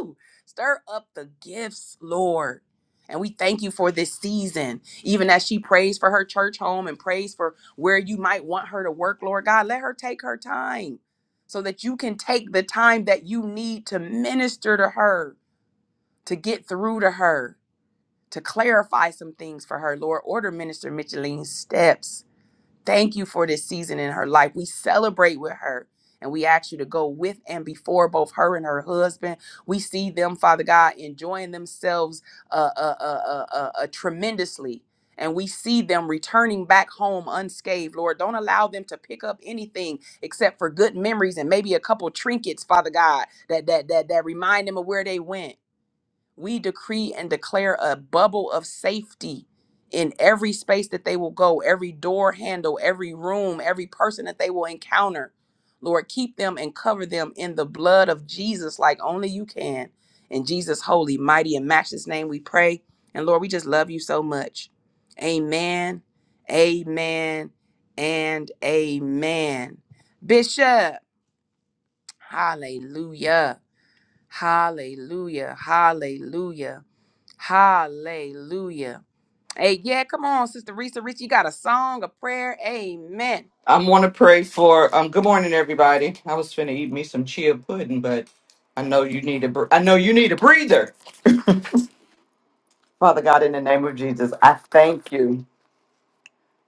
S1: Ooh, stir up the gifts, Lord. And we thank you for this season. Even as she prays for her church home and prays for where you might want her to work, Lord God, let her take her time so that you can take the time that you need to minister to her, to get through to her to clarify some things for her. Lord, order Minister Micheline's steps. Thank you for this season in her life. We celebrate with her and we ask you to go with and before both her and her husband. We see them, Father God, enjoying themselves uh, uh, uh, uh, uh, uh, tremendously. And we see them returning back home unscathed. Lord, don't allow them to pick up anything except for good memories and maybe a couple trinkets, Father God, that that that that remind them of where they went we decree and declare a bubble of safety in every space that they will go, every door handle, every room, every person that they will encounter. Lord, keep them and cover them in the blood of Jesus like only you can. In Jesus' holy, mighty, and matchless name we pray. And Lord, we just love you so much. Amen, amen, and amen. Bishop, hallelujah, hallelujah, hallelujah. Hallelujah. Hey, yeah, come on, Sister Risa Rich. You got a song, a prayer. Amen.
S3: I want to pray for. Um, good morning, everybody. I was finna eat me some chia pudding, but I know you need a. br- I know you need a breather. Father God, in the name of Jesus, I thank you.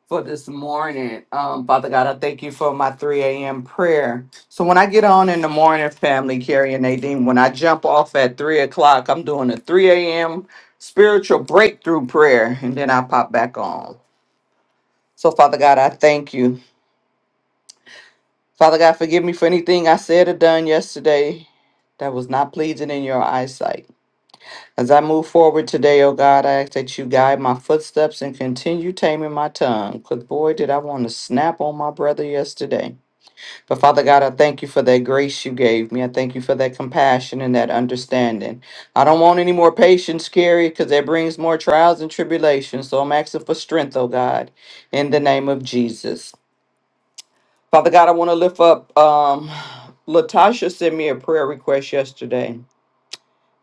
S3: for this morning. Um, Father God, I thank you for my 3 a.m. prayer. So when I get on in the morning, family, Carrie and Nadine, when I jump off at 3 o'clock, I'm doing a 3 a.m. spiritual breakthrough prayer, and then I pop back on. So, Father God, I thank you. Father God, forgive me for anything I said or done yesterday that was not pleasing in your eyesight. As I move forward today, oh God, I ask that you guide my footsteps and continue taming my tongue. Because boy, did I want to snap on my brother yesterday. But Father God, I thank you for that grace you gave me. I thank you for that compassion and that understanding. I don't want any more patience, Carrie, because that brings more trials and tribulations. So I'm asking for strength, oh God, in the name of Jesus. Father God, I want to lift up. Um, Latasha sent me a prayer request yesterday,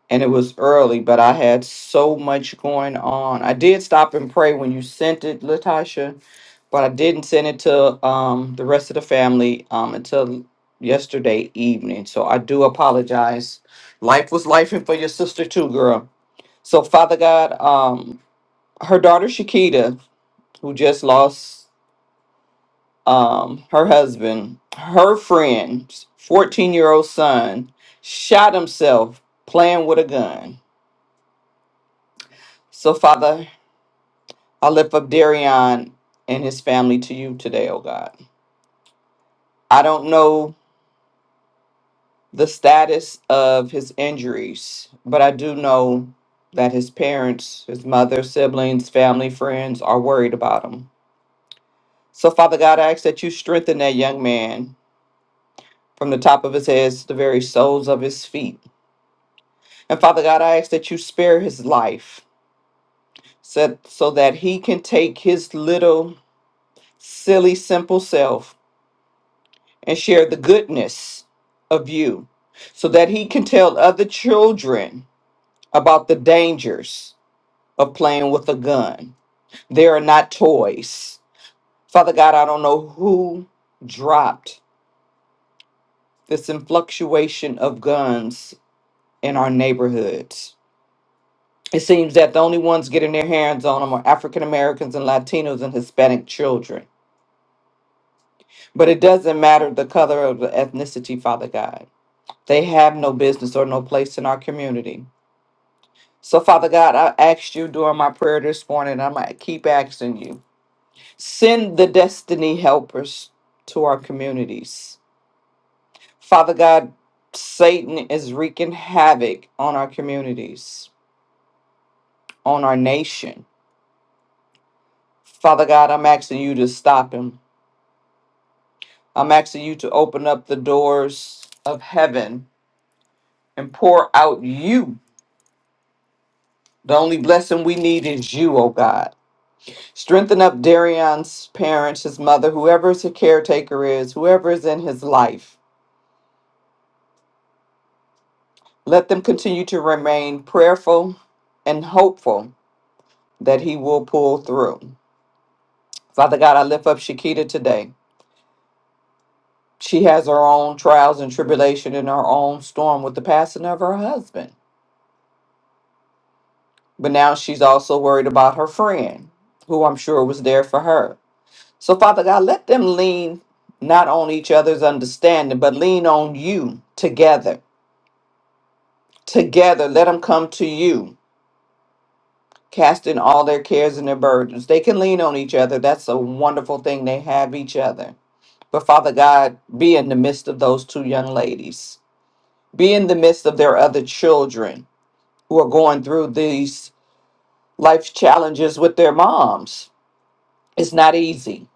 S3: and it was early, but I had so much going on. I did stop and pray when you sent it, Latasha but I didn't send it to um, the rest of the family um, until yesterday evening. So I do apologize. Life was life and for your sister too, girl. So Father God, um, her daughter Shakita, who just lost um, her husband, her friend's 14 year old son shot himself playing with a gun. So Father, I lift up Darion and his family to you today, oh God. I don't know the status of his injuries, but I do know that his parents, his mother, siblings, family, friends are worried about him. So, Father God, I ask that you strengthen that young man from the top of his head to the very soles of his feet. And Father God, I ask that you spare his life so, so that he can take his little, silly, simple self and share the goodness of you so that he can tell other children about the dangers of playing with a gun. They are not toys. Father God, I don't know who dropped this influctuation of guns in our neighborhoods. It seems that the only ones getting their hands on them are African Americans and Latinos and Hispanic children. But it doesn't matter the color of the ethnicity, Father God. They have no business or no place in our community. So, Father God, I asked you during my prayer this morning, and I'm going to keep asking you Send the destiny helpers to our communities. Father God, Satan is wreaking havoc on our communities, on our nation. Father God, I'm asking you to stop him. I'm asking you to open up the doors of heaven and pour out you. The only blessing we need is you, oh God. Strengthen up Darion's parents, his mother, whoever his caretaker is, whoever is in his life. Let them continue to remain prayerful and hopeful that He will pull through. Father God, I lift up Shakita today. She has her own trials and tribulation and her own storm with the passing of her husband. But now she's also worried about her friend, who I'm sure was there for her. So, Father God, let them lean not on each other's understanding, but lean on you together. Together, let them come to you casting all their cares and their burdens. They can lean on each other. That's a wonderful thing. They have each other. But Father God, be in the midst of those two young ladies, be in the midst of their other children who are going through these life challenges with their moms. It's not easy.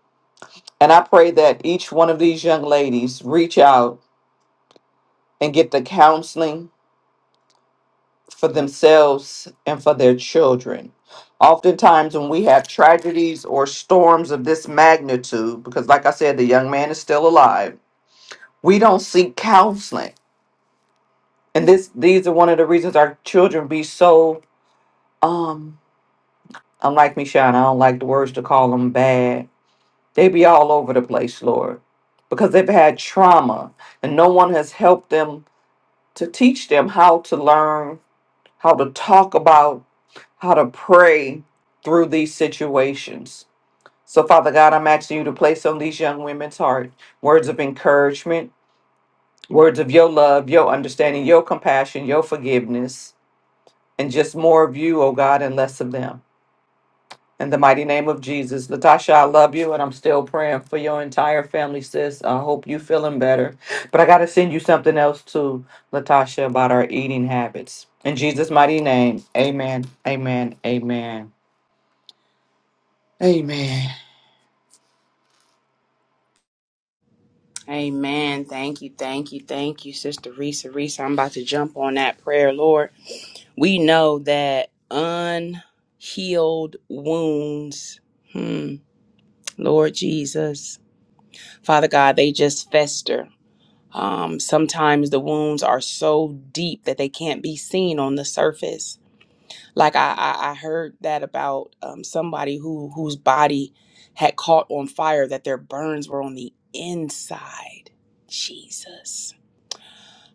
S3: And I pray that each one of these young ladies reach out and get the counseling for themselves and for their children. Oftentimes, when we have tragedies or storms of this magnitude, because like I said, the young man is still alive, we don't seek counseling. And this these are one of the reasons our children be so um unlike me, Shine, I don't like the words to call them bad. They be all over the place, Lord, because they've had trauma and no one has helped them to teach them how to learn, how to talk about how to pray through these situations. So, Father God, I'm asking you to place on these young women's heart words of encouragement, words of your love, your understanding, your compassion, your forgiveness, and just more of you, oh God, and less of them. In the mighty name of Jesus, Latasha, I love you, and I'm still praying for your entire family, sis. I hope you feeling better. But I got to send you something else too, Latasha, about our eating habits. In Jesus' mighty name, amen, amen, amen, amen.
S1: Amen. Thank you. Thank you. Thank you, Sister Risa. Risa, I'm about to jump on that prayer, Lord. We know that unhealed wounds, hmm, Lord Jesus, Father God, they just fester. Um, sometimes the wounds are so deep that they can't be seen on the surface. like I, I I heard that about um, somebody who whose body had caught on fire that their burns were on the inside. Jesus,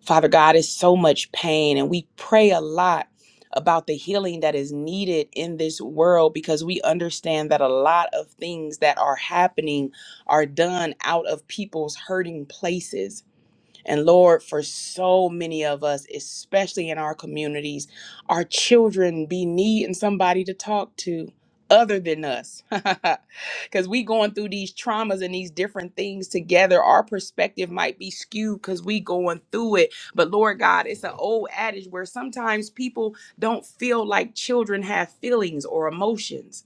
S1: Father God, is so much pain, and we pray a lot about the healing that is needed in this world because we understand that a lot of things that are happening are done out of people's hurting places and Lord, for so many of us, especially in our communities, our children be needing somebody to talk to other than us. Cuz we going through these traumas and these different things together. Our perspective might be skewed cuz we going through it. But Lord God, it's an old adage where sometimes people don't feel like children have feelings or emotions.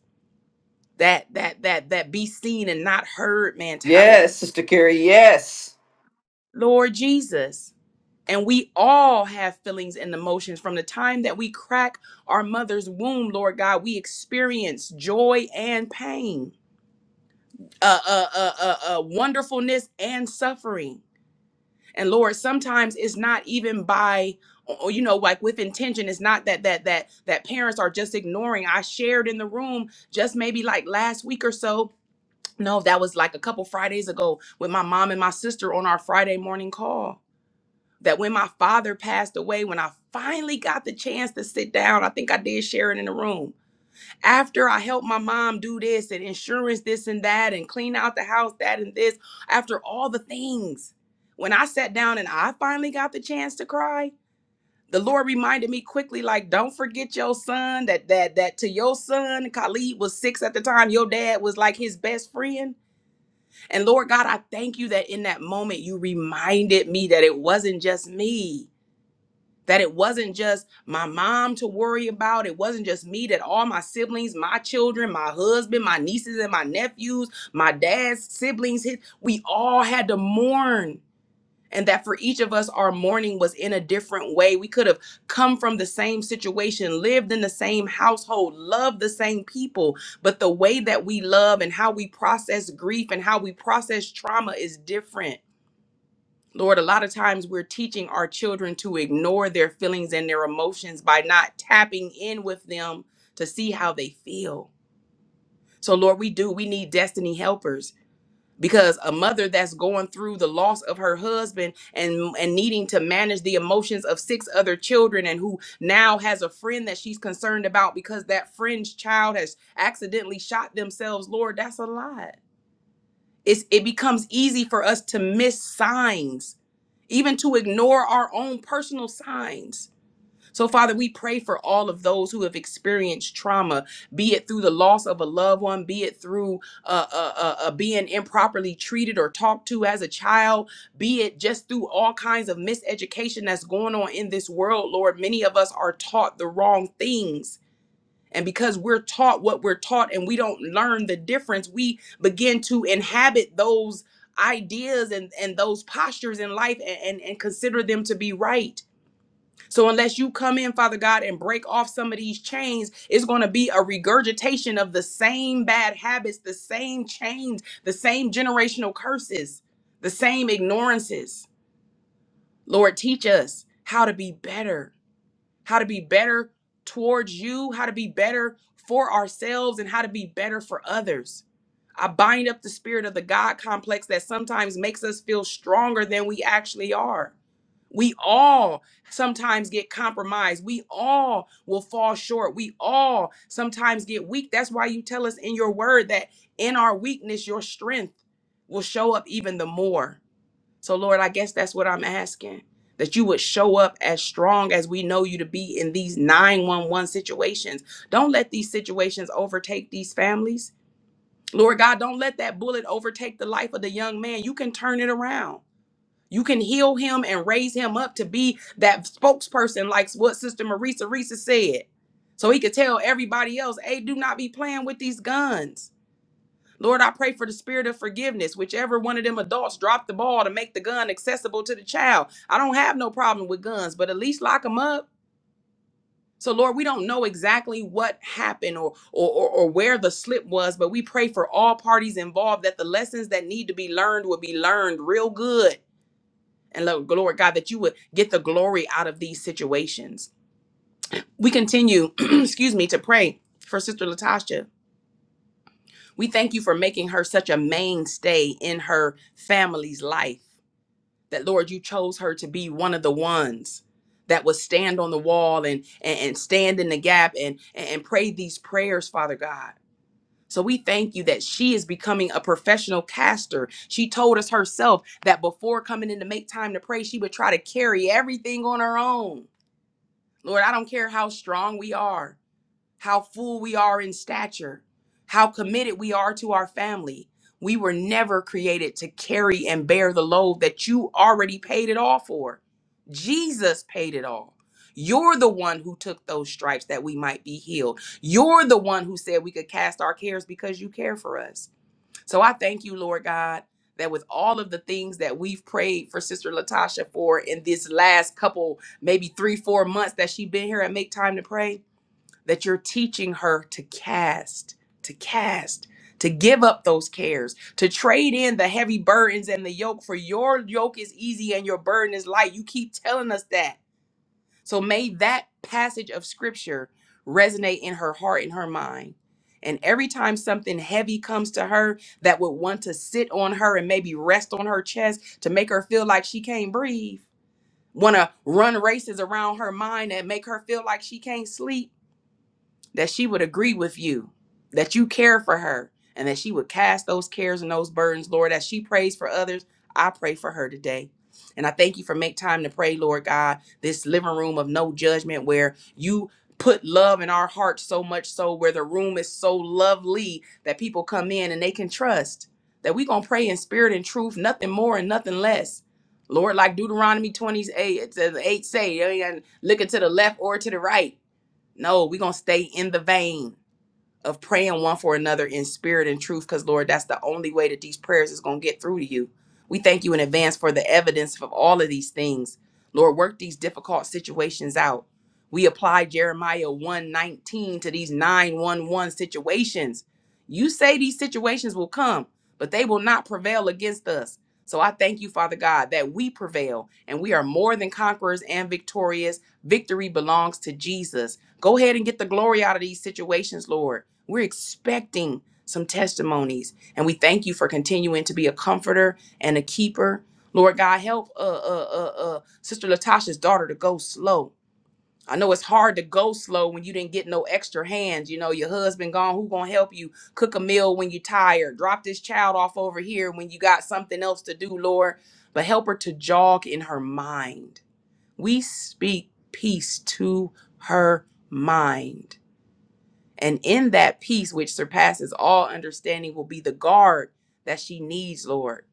S1: That that that that be seen and not heard
S3: Yes,
S1: mentality.
S3: Sister Carrie, yes.
S1: Lord Jesus, And we all have feelings and emotions from the time that we crack our mother's womb, Lord God. We experience joy and pain, uh, uh, uh, uh, uh, wonderfulness and suffering. And Lord, sometimes it's not even by, or, you know, like with intention. It's not that that that that parents are just ignoring. I shared in the room just maybe like last week or so. No, that was like a couple Fridays ago with my mom and my sister on our Friday morning call that when my father passed away, when I finally got the chance to sit down, I think I did share it in the room. After I helped my mom do this and insurance, this and that, and clean out the house, that and this, after all the things, when I sat down and I finally got the chance to cry, the Lord reminded me quickly, like, don't forget your son, that that that to your son, Khalid was six at the time, your dad was like his best friend. And Lord God, I thank you that in that moment you reminded me that it wasn't just me that it wasn't just my mom to worry about. It wasn't just me, that all my siblings, my children, my husband, my nieces and my nephews, my dad's siblings, his, we all had to mourn. And that for each of us, our mourning was in a different way. We could have come from the same situation, lived in the same household, loved the same people, but the way that we love and how we process grief and how we process trauma is different. Lord, a lot of times we're teaching our children to ignore their feelings and their emotions by not tapping in with them to see how they feel. So, Lord, we do. We need destiny helpers because a mother that's going through the loss of her husband and and needing to manage the emotions of six other children and who now has a friend that she's concerned about because that friend's child has accidentally shot themselves lord that's a lot it's, it becomes easy for us to miss signs, even to ignore our own personal signs. So, Father, we pray for all of those who have experienced trauma, be it through the loss of a loved one, be it through uh, uh, uh, uh, being improperly treated or talked to as a child, be it just through all kinds of miseducation that's going on in this world, Lord. Many of us are taught the wrong things and because we're taught what we're taught and we don't learn the difference, we begin to inhabit those ideas and, and those postures in life and, and, and consider them to be right. So unless you come in, Father God, and break off some of these chains, it's going to be a regurgitation of the same bad habits, the same chains, the same generational curses, the same ignorances. Lord, teach us how to be better how to be better towards you, how to be better for ourselves, and how to be better for others. I bind up the spirit of the God complex that sometimes makes us feel stronger than we actually are. We all sometimes get compromised. We all will fall short. We all sometimes get weak. That's why you tell us in your word that in our weakness, your strength will show up even the more. So, Lord, I guess that's what I'm asking that you would show up as strong as we know you to be in these 911 situations. Don't let these situations overtake these families. Lord God, don't let that bullet overtake the life of the young man. You can turn it around. You can heal him and raise him up to be that spokesperson, like what Sister Marisa Risa said. So he could tell everybody else, hey, do not be playing with these guns. Lord, I pray for the spirit of forgiveness. Whichever one of them adults dropped the ball to make the gun accessible to the child. I don't have no problem with guns, but at least lock them up. So, Lord, we don't know exactly what happened or, or, or, or where the slip was, but we pray for all parties involved that the lessons that need to be learned will be learned real good. And Lord, Lord God, that you would get the glory out of these situations. We continue, excuse me, to pray for Sister Latasha. We thank you for making her such a mainstay in her family's life. That Lord, you chose her to be one of the ones that would stand on the wall and and, and stand in the gap and, and and pray these prayers, Father God. So we thank you that she is becoming a professional caster. She told us herself that before coming in to make time to pray, she would try to carry everything on her own. Lord, I don't care how strong we are how full we are in stature, how committed we are to our family. We were never created to carry and bear the load that you already paid it all for. Jesus paid it all. You're the one who took those stripes that we might be healed. You're the one who said we could cast our cares because you care for us. So I thank you, Lord God, that with all of the things that we've prayed for Sister Latasha for in this last couple, maybe three, four months that she's been here and make time to pray, that you're teaching her to cast, to cast, to give up those cares, to trade in the heavy burdens and the yoke, for your yoke is easy and your burden is light. You keep telling us that. So may that passage of scripture resonate in her heart and her mind. And every time something heavy comes to her that would want to sit on her and maybe rest on her chest to make her feel like she can't breathe, want to run races around her mind and make her feel like she can't sleep that she would agree with you, that you care for her, and that she would cast those cares and those burdens, Lord, as she prays for others. I pray for her today. And I thank you for make time to pray, Lord God, this living room of no judgment where you put love in our hearts so much so where the room is so lovely that people come in and they can trust that we going to pray in spirit and truth, nothing more and nothing less. Lord, like Deuteronomy 28, it says 8 say, you ain't gotta look to the left or to the right no, we're gonna stay in the vein of praying one for another in spirit and truth because lord that's the only way that these prayers is going to get through to you we thank you in advance for the evidence of all of these things lord work these difficult situations out we apply jeremiah 119 to these 911 situations you say these situations will come but they will not prevail against us so i thank you father god that we prevail and we are more than conquerors and victorious victory belongs to jesus go ahead and get the glory out of these situations lord we're expecting some testimonies, and we thank you for continuing to be a comforter and a keeper. Lord God, help uh, uh, uh, uh, Sister Latasha's daughter to go slow. I know it's hard to go slow when you didn't get no extra hands. You know, your husband gone. Who gonna help you cook a meal when you tired? Drop this child off over here when you got something else to do, Lord. But help her to jog in her mind. We speak peace to her mind and in that peace which surpasses all understanding will be the guard that she needs, Lord.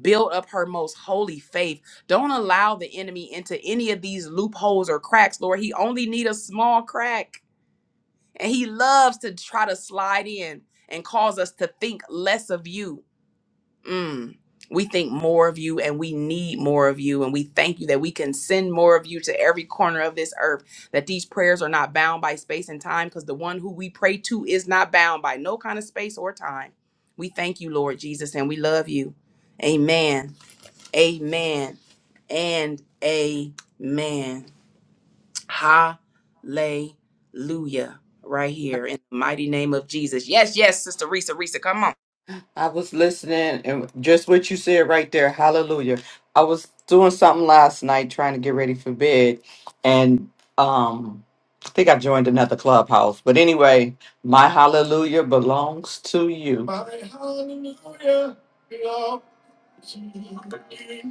S1: Build up her most holy faith. Don't allow the enemy into any of these loopholes or cracks, Lord. He only need a small crack. And he loves to try to slide in and cause us to think less of you. Mm. We think more of you and we need more of you. And we thank you that we can send more of you to every corner of this earth. That these prayers are not bound by space and time because the one who we pray to is not bound by no kind of space or time. We thank you, Lord Jesus, and we love you. Amen. Amen. And amen. Hallelujah. Right here in the mighty name of Jesus. Yes, yes, Sister Risa. Risa, come on.
S3: I was listening and just what you said right there. Hallelujah. I was doing something last night trying to get ready for bed and um I think I joined another clubhouse. But anyway, my hallelujah belongs to you. My hallelujah.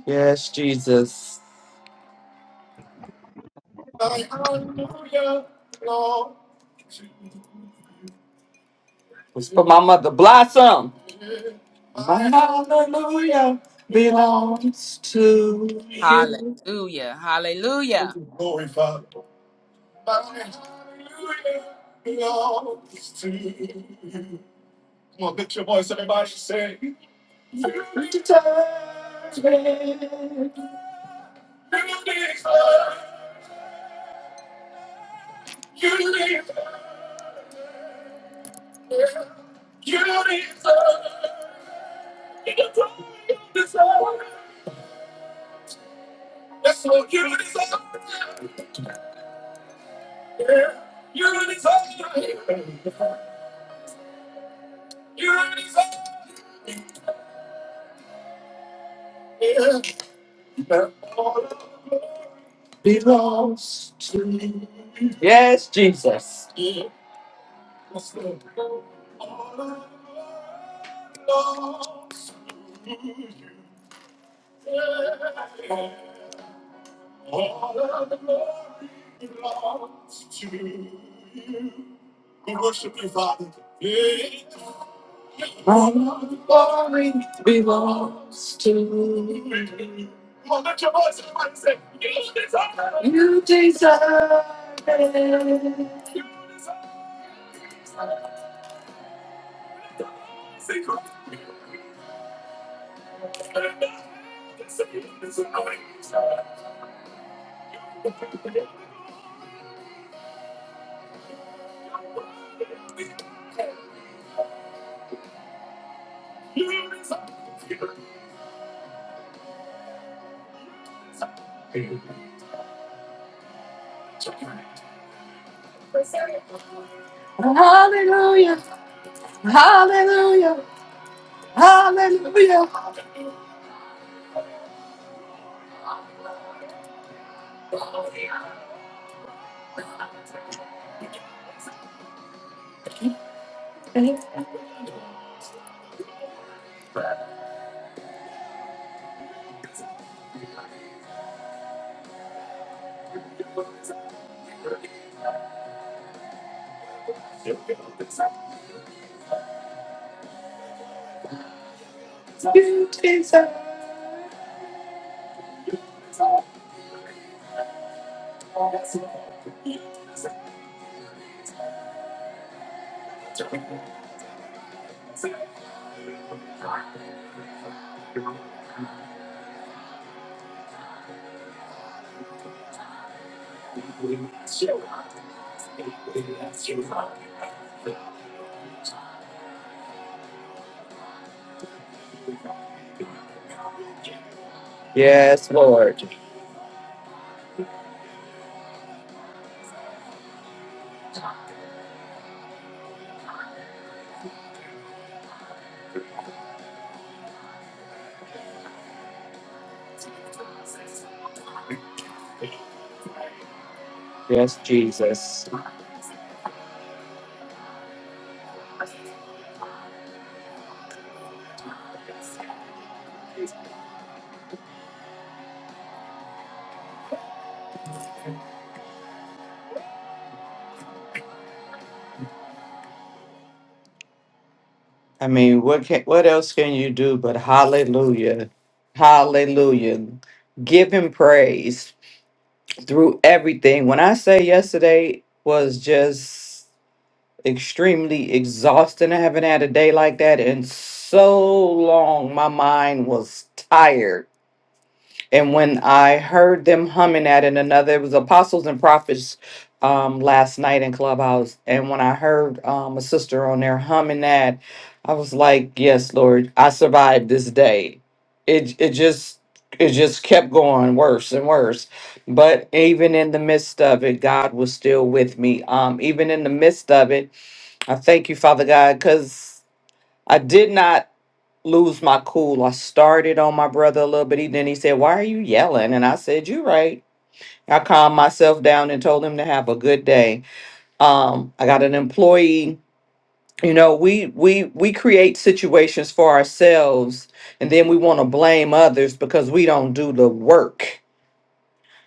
S3: Yes, Jesus. It's for my mother Blossom. My hallelujah belongs to you.
S1: Hallelujah. Hallelujah.
S3: Yes, Jesus. All of glory belongs to you. Come on, let your voice come on say, You deserve it. You deserve it. Hallelujah. Hallelujah. Hallelujah. You deserve it. Yes, Lord. Yes, Jesus. I mean, what can, what else can you do but hallelujah? Hallelujah. Give him praise. through everything. When I say yesterday was just extremely exhausting, I haven't had a day like that in so long. My mind was tired and when I heard them humming at it, another, it was Apostles and Prophets um, last night in Clubhouse. And when I heard um, a sister on there humming that, I was like, yes, Lord, I survived this day. It, it just, it just kept going worse and worse. But even in the midst of it, God was still with me. Um, even in the midst of it, I thank you, Father God, because I did not lose my cool. I started on my brother a little bit. He then he said, "Why are you yelling?" And I said, "You're right." I calmed myself down and told him to have a good day. Um, I got an employee. You know, we we we create situations for ourselves, and then we want to blame others because we don't do the work.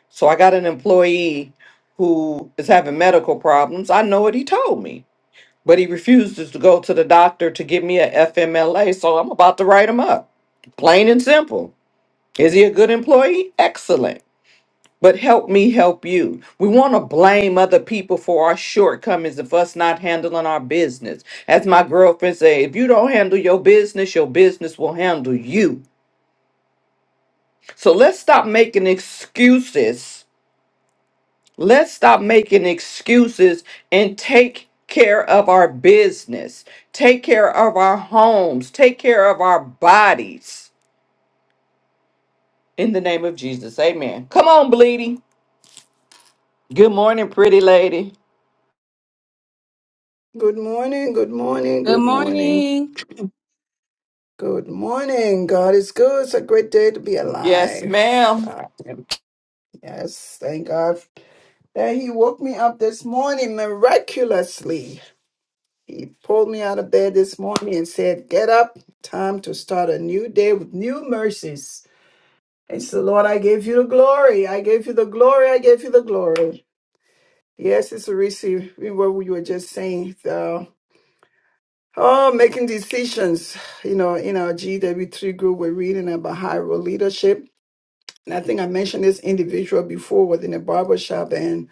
S3: So I got an employee who is having medical problems. I know what he told me, but he refuses to go to the doctor to give me a FMLA. So I'm about to write him up, plain and simple Is he a good employee? Excellent. But help me help you. We want to blame other people for our shortcomings of us not handling our business. As my girlfriend say, if you don't handle your business, your business will handle you. So let's stop making excuses. Let's stop making excuses and take care of our business. Take care of our homes. Take care of our bodies. In the name of Jesus. Amen. Come on, Bleedy. Good morning, pretty lady.
S4: Good morning, good morning, good morning, good morning. God is good. It's a great day to be
S3: Yes,
S4: alive.
S3: ma'am.
S4: Uh, yes, thank God that He woke me up this morning miraculously. He pulled me out of bed this morning and said, Get up, time to start a new day with new mercies. And so, Lord, I gave you the glory. I gave you the glory. I gave you the glory. Yes, it's a receive. What we were just saying. uh, Oh, making decisions. You know, in our GW3 group, we're reading about high role leadership. And I think I mentioned this individual before within a barbershop and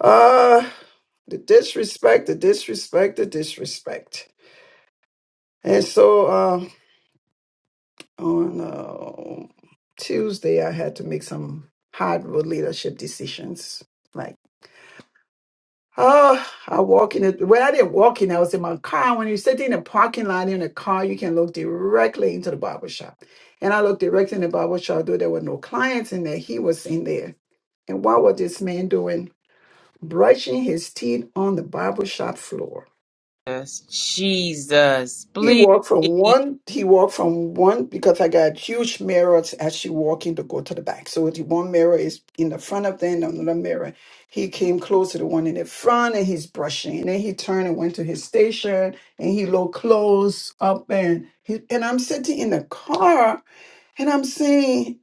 S4: uh the disrespect, the disrespect, the disrespect. And so uh on uh, Tuesday I had to make some hard role leadership decisions. like Oh, I walk in it. Well, I didn't walk in. I was in my car. When you sit in a parking lot in a car, you can look directly into the barber shop. And I looked directly in the barber shop, though there were no clients in there. He was in there. And what was this man doing? Brushing his teeth on the barber shop floor.
S1: Jesus. Jesus.
S4: He
S1: Please.
S4: walked from one, he walked from one because I got huge mirrors actually walking to go to the back. So the one mirror is in the front of them, another mirror. He came close to the one in the front and he's brushing. And then he turned and went to his station and he looked close up and he, and I'm sitting in the car and I'm saying,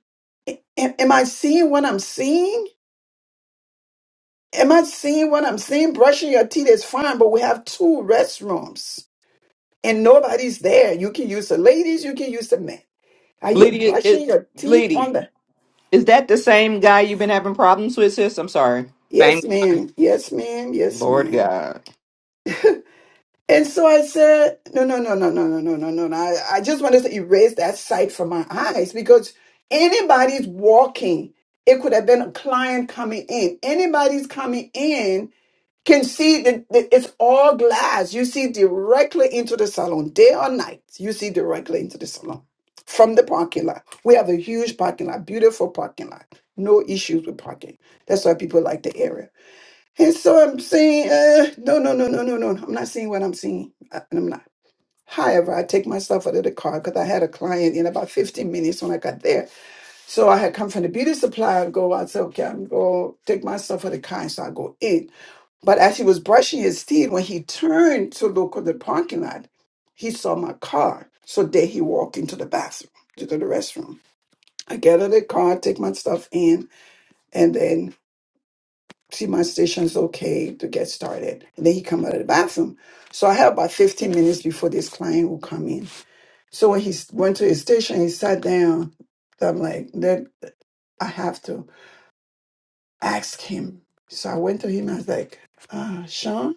S4: "A- am I seeing what I'm seeing? Am I seeing what I'm seeing? Brushing your teeth is fine, but we have two restrooms and nobody's there. You can use the ladies, you can use the men. Are you
S3: Bleedy,
S4: brushing
S3: it,
S4: your teeth
S3: Bleedy,
S4: on the?
S3: is that the same guy you've been having problems with, sis? I'm sorry.
S4: Yes,
S1: Thank
S4: ma'am. Yes, ma'am. Yes,
S3: Lord
S4: ma'am.
S3: God.
S4: And so I said, no, no, no, no, no, no, no, no, no. no. I, I just wanted to erase that sight from my eyes because anybody's walking. It could have been a client coming in. Anybody's coming in can see that that it's all glass. You see directly into the salon, day or night. You see directly into the salon from the parking lot. We have a huge parking lot, beautiful parking lot. No issues with parking. That's why people like the area. And so I'm saying, uh, no, no, no, no, no, no. no. I'm not seeing what I'm seeing. I, I'm not. However, I take myself out of the car because I had a client in about 15 minutes when I got there. So I had come from the beauty supply. I go, I said, okay, I'm going to take myself out of the car. So I go in. But as he was brushing his teeth, when he turned to look at the parking lot, he saw my car. So there he walked into the bathroom, to the restroom. I get out of the car, take my stuff in, and then see my station's okay to get started. And then he come out of the bathroom. So I had about 15 minutes before this client will come in. So when he s- went to his station, he sat down. So I'm like, then I have to ask him. So I went to him. I was like, uh, Sean.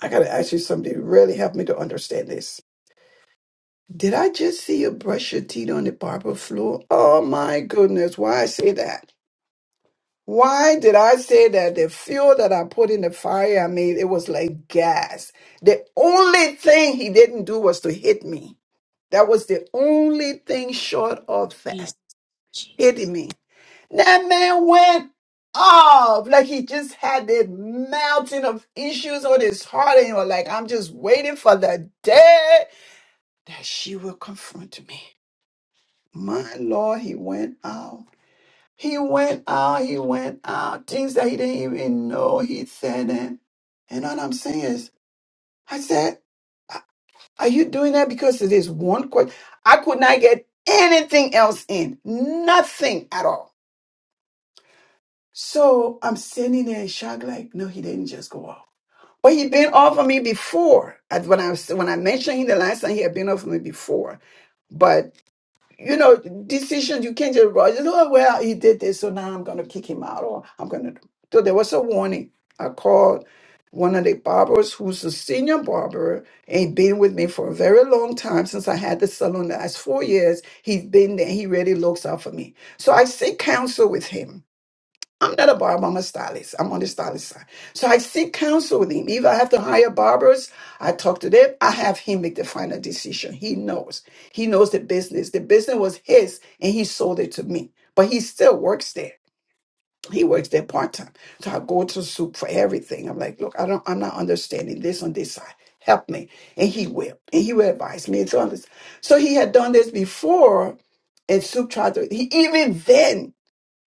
S4: I gotta ask you something. to really help me to understand this. Did I just see you brush your teeth on the barber floor? Oh my goodness, why I say that? Why did I say that? The fuel that I put in the fire, I made it was like gas. The only thing he didn't do was to hit me. That was the only thing short of that. Hitting me. That man went off. Like he just had this mountain of issues on his heart, and you're like, I'm just waiting for the day. that she will confront me. My Lord, he went out. He went out. He went out. Things that he didn't even know he said them. And all I'm saying is, I said, "A- are you doing that because of this one question? I could not get anything else in. Nothing at all. So I'm standing there in shock, like, no, he didn't just go off. But he'd been off of me before. As When I was, when I mentioned him the last time, he had been off of me before. you know, decisions you can't just rush. "Oh, well, he did this, so now I'm going to kick him out, or I'm going to. So there was a warning. I called one of the barbers who's a senior barber and been with me for a very long time since I had the salon the last four years. He's been there. He really looks out for me. So I seek counsel with him. I'm not a barber, I'm a stylist. I'm on the stylist side. So I seek counsel with him. If I have to hire barbers, I talk to them. I have him make the final decision. He knows. He knows the business. The business was his and he sold it to me. But he still works there. He works there part-time. So I go to soup for everything. I'm like, look, I don't I'm not understanding this on this side. Help me. And he will. And he will advise me. And so, on this. so he had done this before and Soup tried to he even then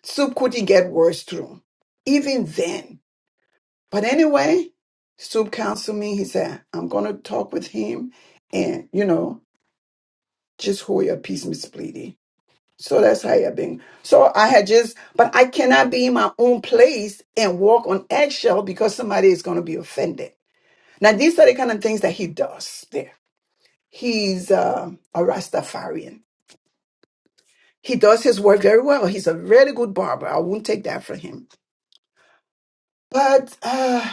S4: Soup couldn't get words through, even then. But anyway, Soup counseled me. He said, I'm going to talk with him and, you know, just hold your peace, Miss Bleedy." So that's how I've been. So I had just, but I cannot be in my own place and walk on eggshell because somebody is going to be offended. Now, these are the kind of things that he does there. He's uh, a Rastafarian. He does his work very well. He's a really good barber. I won't take that for him. But uh,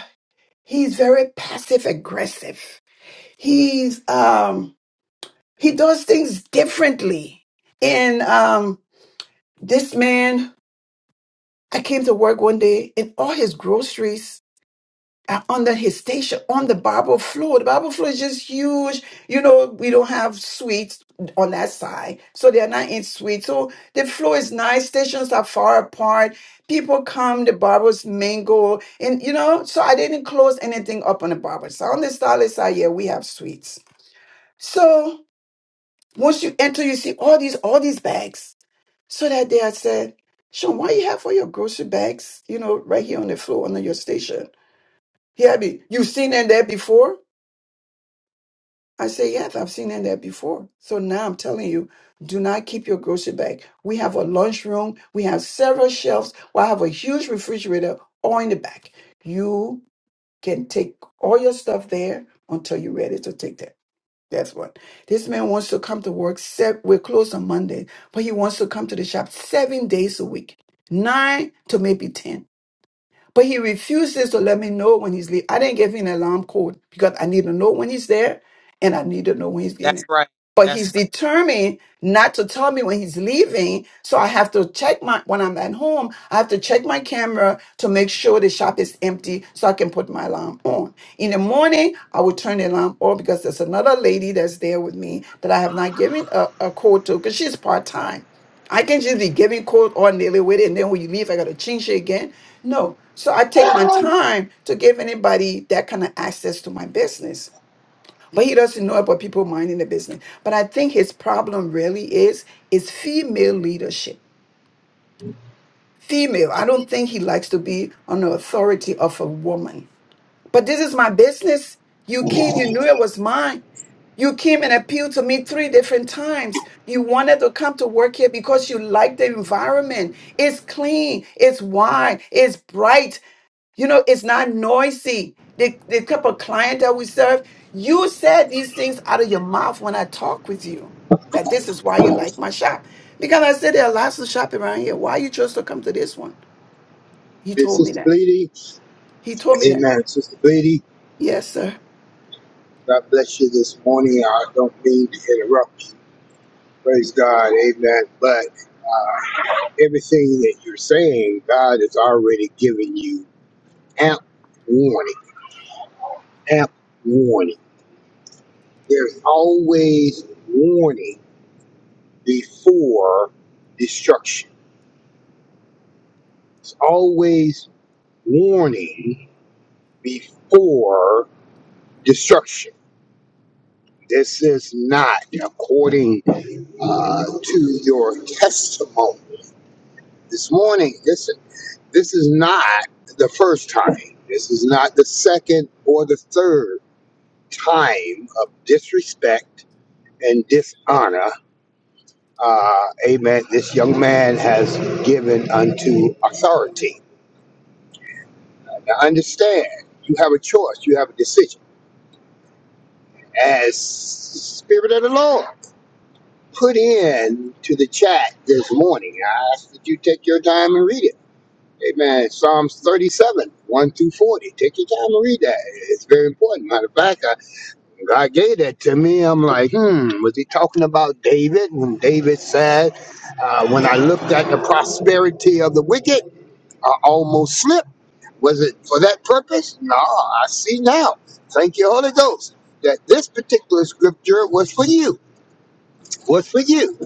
S4: He's very passive aggressive. He's um he does things differently. And um this man, I came to work one day and all his groceries uh, under his station on the Bible floor. The Bible floor is just huge. You know, we don't have suites on that side, so they are not in suites. So the floor is nice. Stations are far apart. People come, the barbers mingle, and you know. So I didn't close anything up on the barber side. On the stylist side, yeah, we have suites. So once you enter, you see all these all these bags. So that day, I said. Sean, why you have all your grocery bags, you know, right here on the floor under your station? He I me, you've seen them there before? I say, yes, I've seen it there before. So now I'm telling you, do not keep your grocery bag. We have a lunchroom. We have several shelves. We have a huge refrigerator all in the back. You can take all your stuff there until you're ready to take that. That's what. This man wants to come to work. Seven, we're closed on Monday, but he wants to come to the shop seven days a week, nine to maybe 10. But he refuses to let me know when he's leaving. I didn't give him an alarm code because I need to know when he's there and I need to know when he's leaving. But he's determined not to tell me when he's leaving. So I have to check my, when I'm at home, I have to check my camera to make sure the shop is empty so I can put my alarm on. In the morning, I will turn the alarm on because there's another lady that's there with me that I have not given a, a code to because she's part time. I can just be giving code all nearly with it. And then when you leave, I got to change it again no. So I take my time to give anybody that kind of access to my business. But he doesn't know about people minding the business. But I think his problem really is is female leadership. Female. I don't think he likes to be on the authority of a woman. But this is my business. You came, you knew it was mine. You came and appealed to me three different times. You wanted to come to work here because you like the environment. It's clean, it's wide, it's bright, You know, it's not noisy. The, the type of client that we serve, you said these things out of your mouth when I talk with you. That this is why you like my shop. Because I said there are lots of shop around here. Why you chose to come to this one? He
S5: Hey,
S4: told me
S5: Sister
S4: that.
S5: Bleedy.
S4: He told me that.
S5: Amen. Sister Bleedy,
S4: Yes, sir.
S5: God bless you this morning. I don't mean to interrupt you. Praise God. Amen. But everything that you're saying, God has already given you amp warning. Amp warning. There's always warning before destruction. There's always warning before destruction. This is not according uh, to your testimony. This morning, this this is not the first time. This is not the second or the third time of disrespect and dishonor. Uh, amen. This young man has given unto authority. Now understand, you have a choice. You have a decision. As Spirit of the Lord put in to the chat this morning, I ask that you take your time and read it Amen. Psalms 37, 1 through 40. Take your time and read that. It's very important. Matter of fact, I, God gave that to me. I'm like, hmm, was he talking about David? When David said, uh, when I looked at the prosperity of the wicked, I almost slipped. Was it for that purpose? No, I see now. Thank you, Holy Ghost, that this particular scripture was for you. Was for you.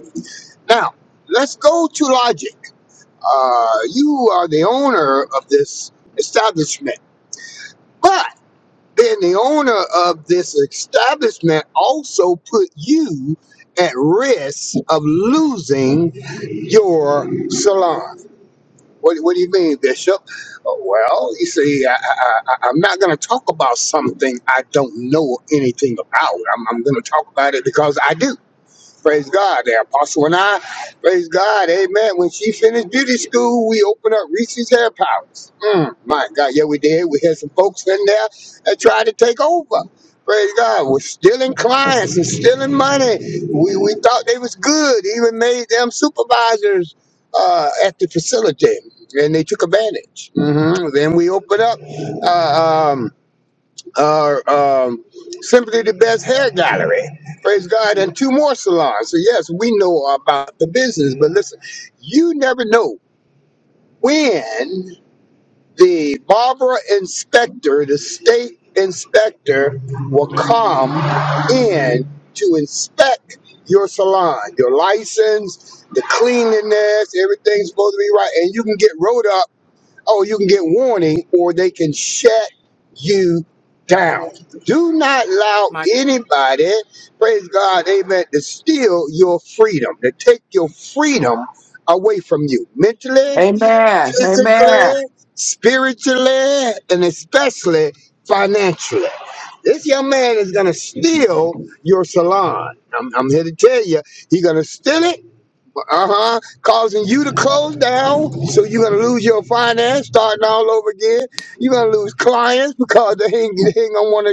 S5: Now, let's go to logic. Uh, you are the owner of this establishment But then the owner of this establishment also put you at risk of losing your salon. What, what do you mean, Bishop? "Oh, Well, you see, I, I, I- I'm not going to talk about something I don't know anything about. I'm, I'm going to talk about it because I do. Praise God. The apostle and I, praise God. Amen. When she finished beauty school, we opened up Reese's Hair Palace. Mm, my God. Yeah, we did. We had some folks in there that tried to take over. Praise God. We're stealing clients and stealing money. We, we thought they was good. Even made them supervisors uh, at the facility. And they took advantage. hmm Then we opened up. Uh, um, or um, simply the best hair gallery. Praise God, and two more salons. So yes, we know about the business, but listen, you never know when the barber inspector, the state inspector, will come in to inspect your salon, your license, the cleanliness, everything's supposed to be right, and you can get wrote up oh, you can get warning or they can shut you down. Do not allow
S1: my
S5: anybody, praise God, amen, to steal your freedom, to take your freedom away from you mentally,
S3: Amen. Amen.
S5: physically, spiritually, and especially financially. This young man is going to steal your salon. I'm, I'm here to tell you, he's going to steal it uh-huh, causing you to close down. So you're gonna lose your finance, starting all over again. You're gonna lose clients because they ain't, they ain't gonna want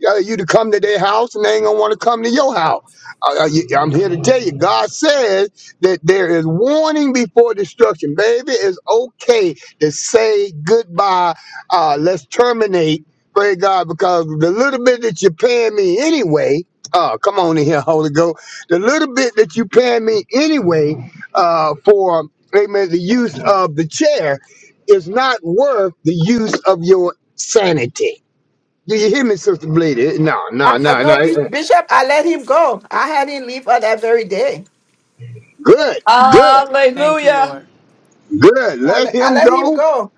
S5: to uh, you to come to their house, and they ain't gonna want to come to your house. Uh, uh, you- I'm here to tell you, God says that there is warning before destruction. Baby, it's okay to say goodbye. Uh, let's terminate. Pray God, because the little bit that you're paying me anyway. Oh, come on in here, Holy Ghost the little bit that you pay me anyway uh, for amen the use of the chair is not worth the use of your sanity. Do you hear me, Sister Bleedy? No,
S4: I,
S5: no,
S4: I
S5: no, no.
S4: no Bi- Bishop, I let him go. I had him leave on that very day.
S5: Good, good,
S1: thank you,
S3: Hallelujah.
S1: Lord.
S5: good.
S4: I
S5: Let
S4: let, I
S5: him
S4: let
S5: go.
S4: him go.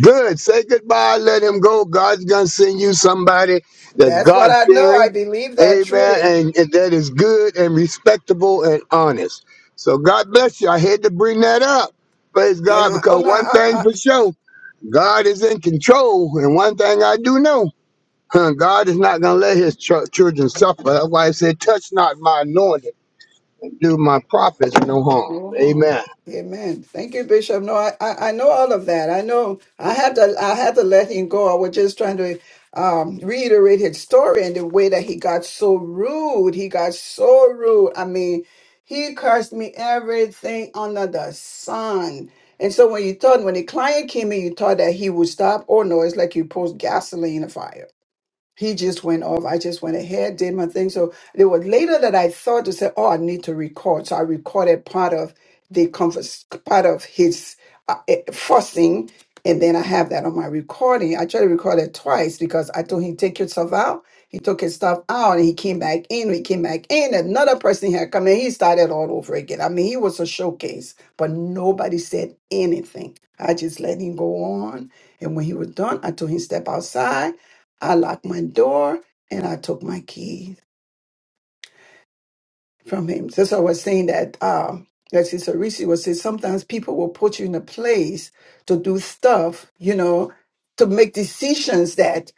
S5: Good. Say goodbye. Let him go. God's going to send you somebody that's
S4: That's what
S5: God
S4: I know. I
S5: fearing.
S4: believe that
S5: Amen.
S4: truly.
S5: And, and that is good and respectable and honest. So God bless you. I had to bring that up. Praise God.
S4: Yeah. Oh
S5: Because one
S4: no.
S5: thing for sure, God is in control. And one thing I do know, huh, God is not going to let his ch- children suffer. That's why he said, touch not my anointed. Do my prophets no harm.
S4: No
S5: Amen.
S4: harm. Amen. Thank you, Bishop. No, I, I, I know all of that. I know I had to I had to let him go. I was just trying to um, reiterate his story and the way that he got so rude. He got so rude. I mean, he cursed me everything under the sun. And so when you thought when the client came in, you thought that he would stop. Oh no, it's like you post gasoline in a fire he just went off. I just went ahead, did my thing. So it was later that I thought to say, "Oh, I need to record." So I recorded part of the converse, part of his uh, eh, fussing, and then I have that on my recording. I tried to record it twice because I told him, "Take yourself out." He took his stuff out, and he came back in. He came back in. Another person had come in. He started all over again. I mean, he was a showcase, but nobody said anything. I just let him go on, and when he was done, I told him step outside. I locked my door and I took my keys from him. That's why I was saying that um like Sister Reese was saying, sometimes people will put you in a place to do stuff, you know, to make decisions that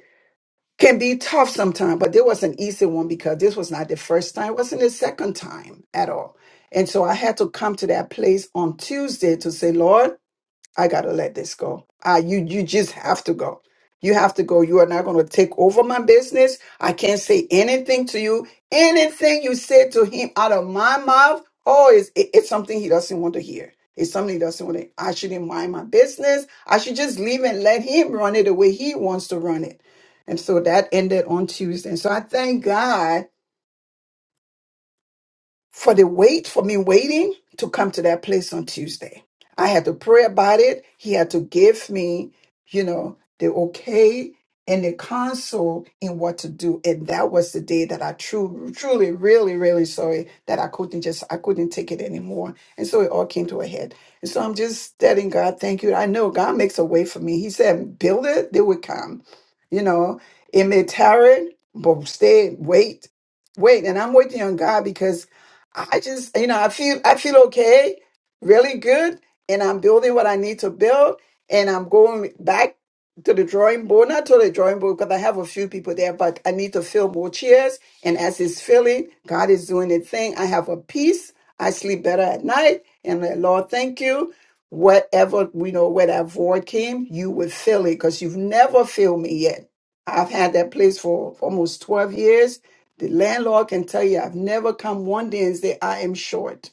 S4: can be tough sometimes. But there was an easy one because this was not the first time, it wasn't the second time at all. And so I had to come to that place on Tuesday to say, Lord, I gotta let this go. Ah, you you just have to go. You have to go. You are not gonna take over my business. I can't say anything to you. Anything you say to him out of my mouth, oh, it's it- it's something he doesn't want to hear. It's something he doesn't want to. I shouldn't mind my business. I should just leave and let him run it the way he wants to run it. And so that ended on Tuesday. And so I thank God for the wait for me waiting to come to that place on Tuesday. I had to pray about it. He had to give me, you know, the okay and the counsel in what to do. And that was the day that I truly, truly, really, really sorry that I couldn't just I couldn't take it anymore. And so it all came to a head. And so I'm just telling God, thank you. I know God makes a way for me. He said, build it, they will come. You know, it may tarry, but stay, wait, wait. And I'm waiting on God because I just, you know, I feel I feel okay, really good, and I'm building what I need to build, and I'm going back to the drawing board, not to the drawing board because I have a few people there, but I need to fill more chairs. And as it's filling, God is doing the thing. I have a peace. I sleep better at night, and the Lord, thank you. Whatever we know where that void came, you will fill it because you've never filled me yet. I've had that place for almost 12 years the landlord can tell you, I've never come one day and say, I am short.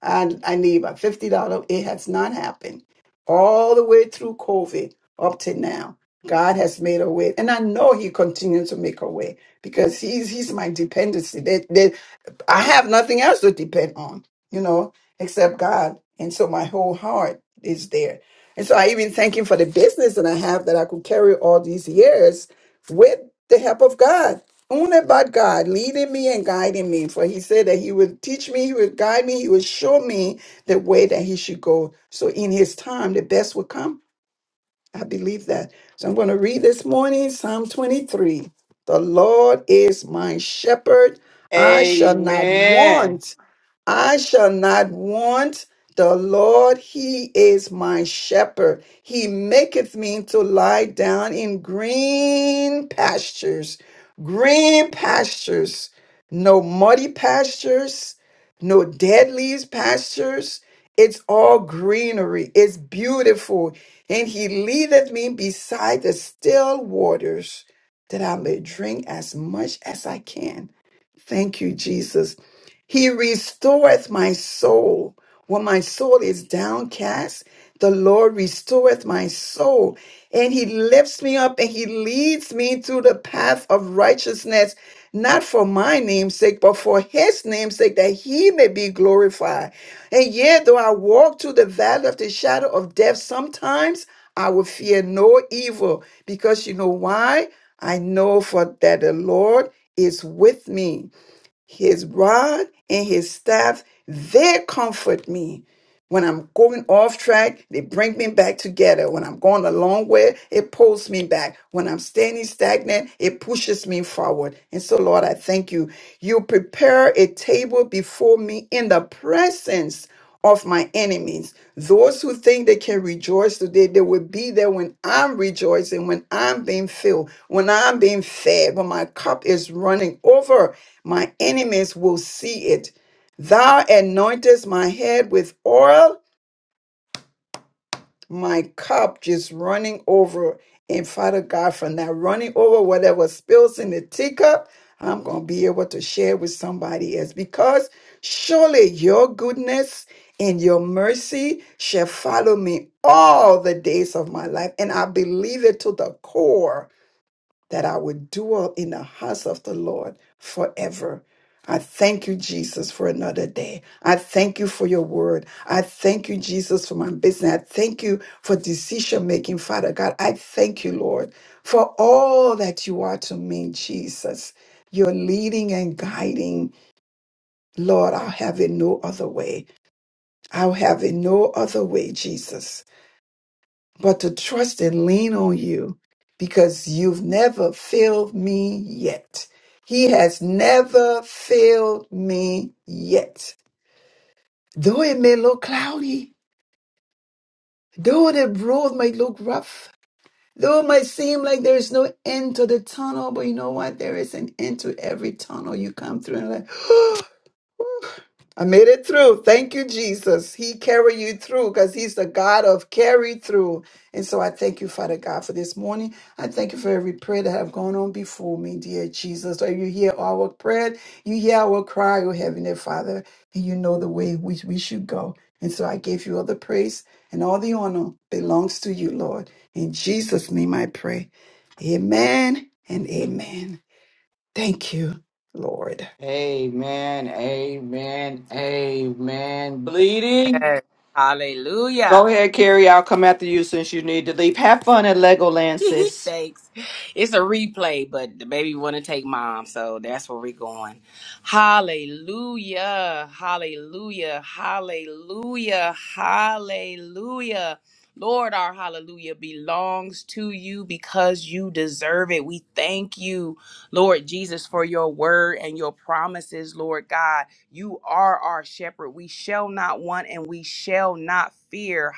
S4: I, I need about $50. It has not happened. All the way through COVID up to now, God has made a way. And I know He continues to make a way because He's He's my dependency. There, I have nothing else to depend on, you know, except God. And so my whole heart is there. And so I even thank Him for the business that I have that I could carry all these years with the help of God. Only about God leading me and guiding me. For He said that He would teach me, He would guide me, He would show me the way that He should go. So in His time, the best would come. I believe that. So I'm going to read this morning Psalm 23. The Lord is my shepherd. I shall not
S3: Amen.
S4: want. I shall not want. The Lord, He is my shepherd. He maketh me to lie down in green pastures. Green pastures. No muddy pastures, no dead leaves pastures. It's all greenery. It's beautiful. And He leadeth me beside the still waters that I may drink as much as I can. Thank you, Jesus. He restoreth my soul. When my soul is downcast, the Lord restoreth my soul. And he lifts me up and he leads me to the path of righteousness, not for my name's sake, but for his name's sake, that he may be glorified. And yet, though I walk through the valley of the shadow of death, sometimes I will fear no evil, because you know why? I know for that the Lord is with me. His rod and his staff, they comfort me. When I'm going off track, they bring me back together. When I'm going a long way, it pulls me back. When I'm standing stagnant, it pushes me forward. And so, Lord, I thank you. You prepare a table before me in the presence of my enemies. Those who think they can rejoice today, they will be there when I'm rejoicing, when I'm being filled, when I'm being fed, when my cup is running over my enemies will see it. Thou anointest my head with oil, my cup just running over. And Father God, from that running over, whatever spills in the teacup, I'm going to be able to share with somebody else because surely your goodness and your mercy shall follow me all the days of my life. And I believe it to the core that I would dwell in the house of the Lord forever. I thank you, Jesus, for another day. I thank you for your word. I thank you, Jesus, for my business. I thank you for decision making, Father God. I thank you, Lord, for all that you are to me, Jesus. You're leading and guiding. Lord, I'll have it no other way. I'll have it no other way, Jesus but to trust and lean on you because you've never failed me yet. He has never failed me yet. Though it may look cloudy, though the road might look rough, though it might seem like there is no end to the tunnel, but you know what? There is an end to every tunnel you come through and like, I made it through. Thank you, Jesus. He carry you through because he's the God of carry through. And so I thank you, Father God, for this morning. I thank you for every prayer that have gone on before me, dear Jesus. Are you hear our prayer? You hear our cry, O Heavenly Father, and you know the way which we should go. And so I gave you all the praise and all the honor belongs to you, Lord. In Jesus' name I pray. Amen and amen. Thank you, Lord.
S3: Amen. Amen. Amen. Bleedy.
S1: Yes. Hallelujah.
S3: Go ahead, Carrie. I'll come after you since you need to leave. Have fun at Legoland, sis.
S1: Thanks. It's a replay, but the baby want to take mom, so that's where we're going. Hallelujah! Hallelujah! Hallelujah! Hallelujah! Lord, our hallelujah belongs to you because you deserve it. We thank you, Lord Jesus, for your word and your promises, Lord God. You are our shepherd. We shall not want and we shall not fear.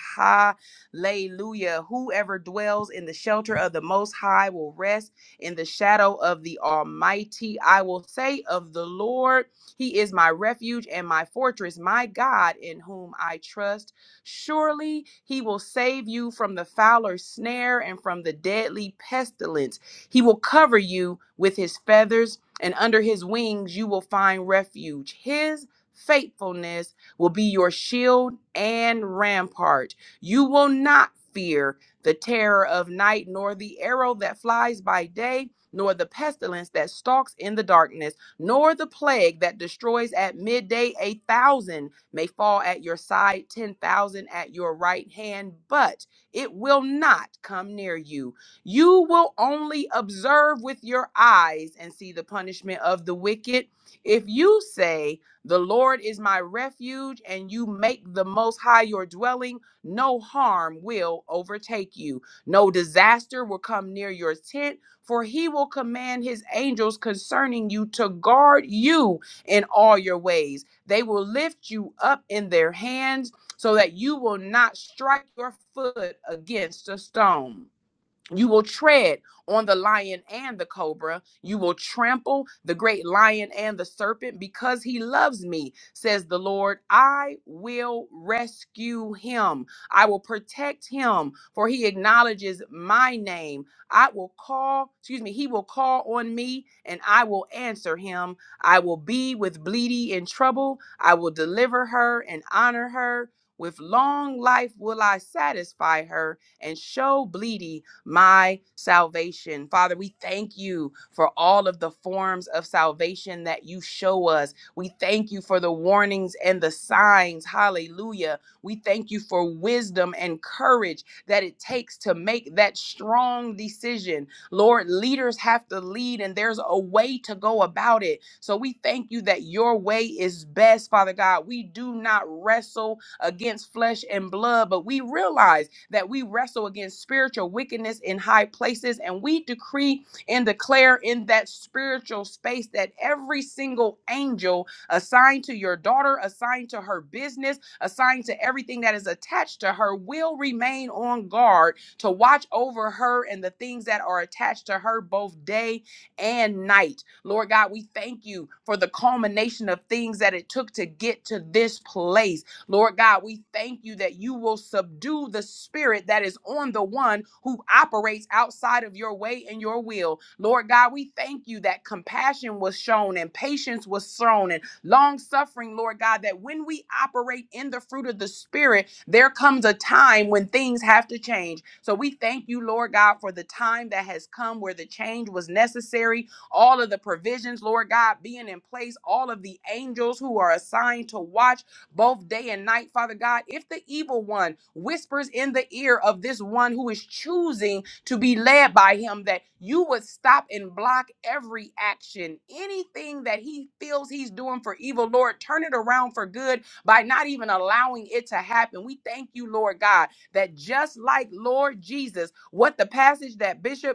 S1: Layluya. Whoever dwells in the shelter of the Most High will rest in the shadow of the Almighty. I will say of the Lord, He is my refuge and my fortress, my God in whom I trust. Surely He will save you from the fowler's snare and from the deadly pestilence. He will cover you with His feathers, and under His wings you will find refuge. His faithfulness will be your shield and rampart. You will not fear the terror of night, nor the arrow that flies by day, nor the pestilence that stalks in the darkness, nor the plague that destroys at midday. A thousand may fall at your side, ten thousand at your right hand, but it will not come near you. You will only observe with your eyes and see the punishment of the wicked. If you say, The Lord is my refuge, and you make the Most High your dwelling, no harm will overtake you. No disaster will come near your tent, for he will command his angels concerning you to guard you in all your ways. They will lift you up in their hands so that you will not strike your foot against a stone. You will tread on the lion and the cobra. You will trample the great lion and the serpent because he loves me, says the Lord. I will rescue him. I will protect him, for he acknowledges my name. I will call, excuse me, he will call on me and I will answer him. I will be with Bleedy in trouble. I will deliver her and honor her. With long life will I satisfy her and show Bleedy my salvation. Father, we thank you for all of the forms of salvation that you show us. We thank you for the warnings and the signs. Hallelujah. We thank you for wisdom and courage that it takes to make that strong decision. Lord, leaders have to lead, and there's a way to go about it. So we thank you that your way is best, Father God. We do not wrestle against flesh and blood, but we realize that we wrestle against spiritual wickedness in high places. And we decree and declare in that spiritual space that every single angel assigned to your daughter, assigned to her business, assigned to everything that is attached to her, will remain on guard to watch over her and the things that are attached to her both day and night. Lord God, we thank you for the culmination of things that it took to get to this place Lord God, we thank you that you will subdue the spirit that is on the one who operates outside of your way and your will. Lord God, we thank you that compassion was shown and patience was shown and long suffering, Lord God, that when we operate in the fruit of the spirit, there comes a time when things have to change. So we thank you, Lord God, for the time that has come where the change was necessary all of the provisions, Lord God, being in place, all of the angels who are assigned to watch, both day and night, Father God. If the evil one whispers in the ear of this one who is choosing to be led by him, that you would stop and block every action, anything that he feels he's doing for evil, Lord, turn it around for good by not even allowing it to happen. We thank you, Lord God, that just like Lord Jesus, what the passage that Bishop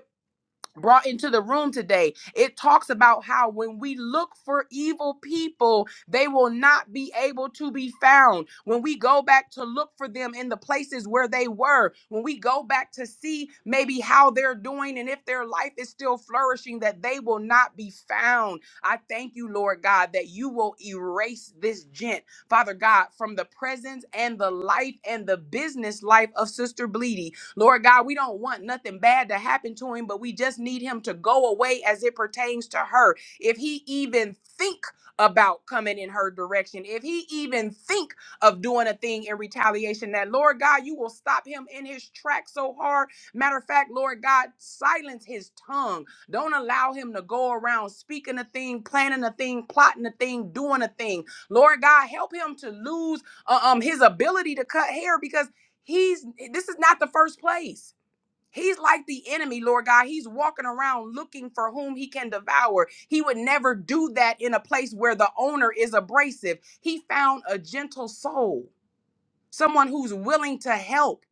S1: brought into the room today. It talks about how when we look for evil people, they will not be able to be found. When we go back to look for them in the places where they were, when we go back to see maybe how they're doing and if their life is still flourishing, that they will not be found. I thank you, Lord God, that you will erase this gent, Father God, from the presence and the life and the business life of Sister Bleedy Lord God, we don't want nothing bad to happen to him, but we just need him to go away as it pertains to her. If he even think about coming in her direction, if he even think of doing a thing in retaliation, that Lord God, you will stop him in his track so hard. Matter of fact, Lord God, silence his tongue. Don't allow him to go around speaking a thing, planning a thing, plotting a thing, doing a thing. Lord God, help him to lose uh, um his ability to cut hair because He's this is not the first place. He's like the enemy, Lord God. He's walking around looking for whom he can devour. He would never do that in a place where the owner is abrasive. He found a gentle soul someone who's willing to help,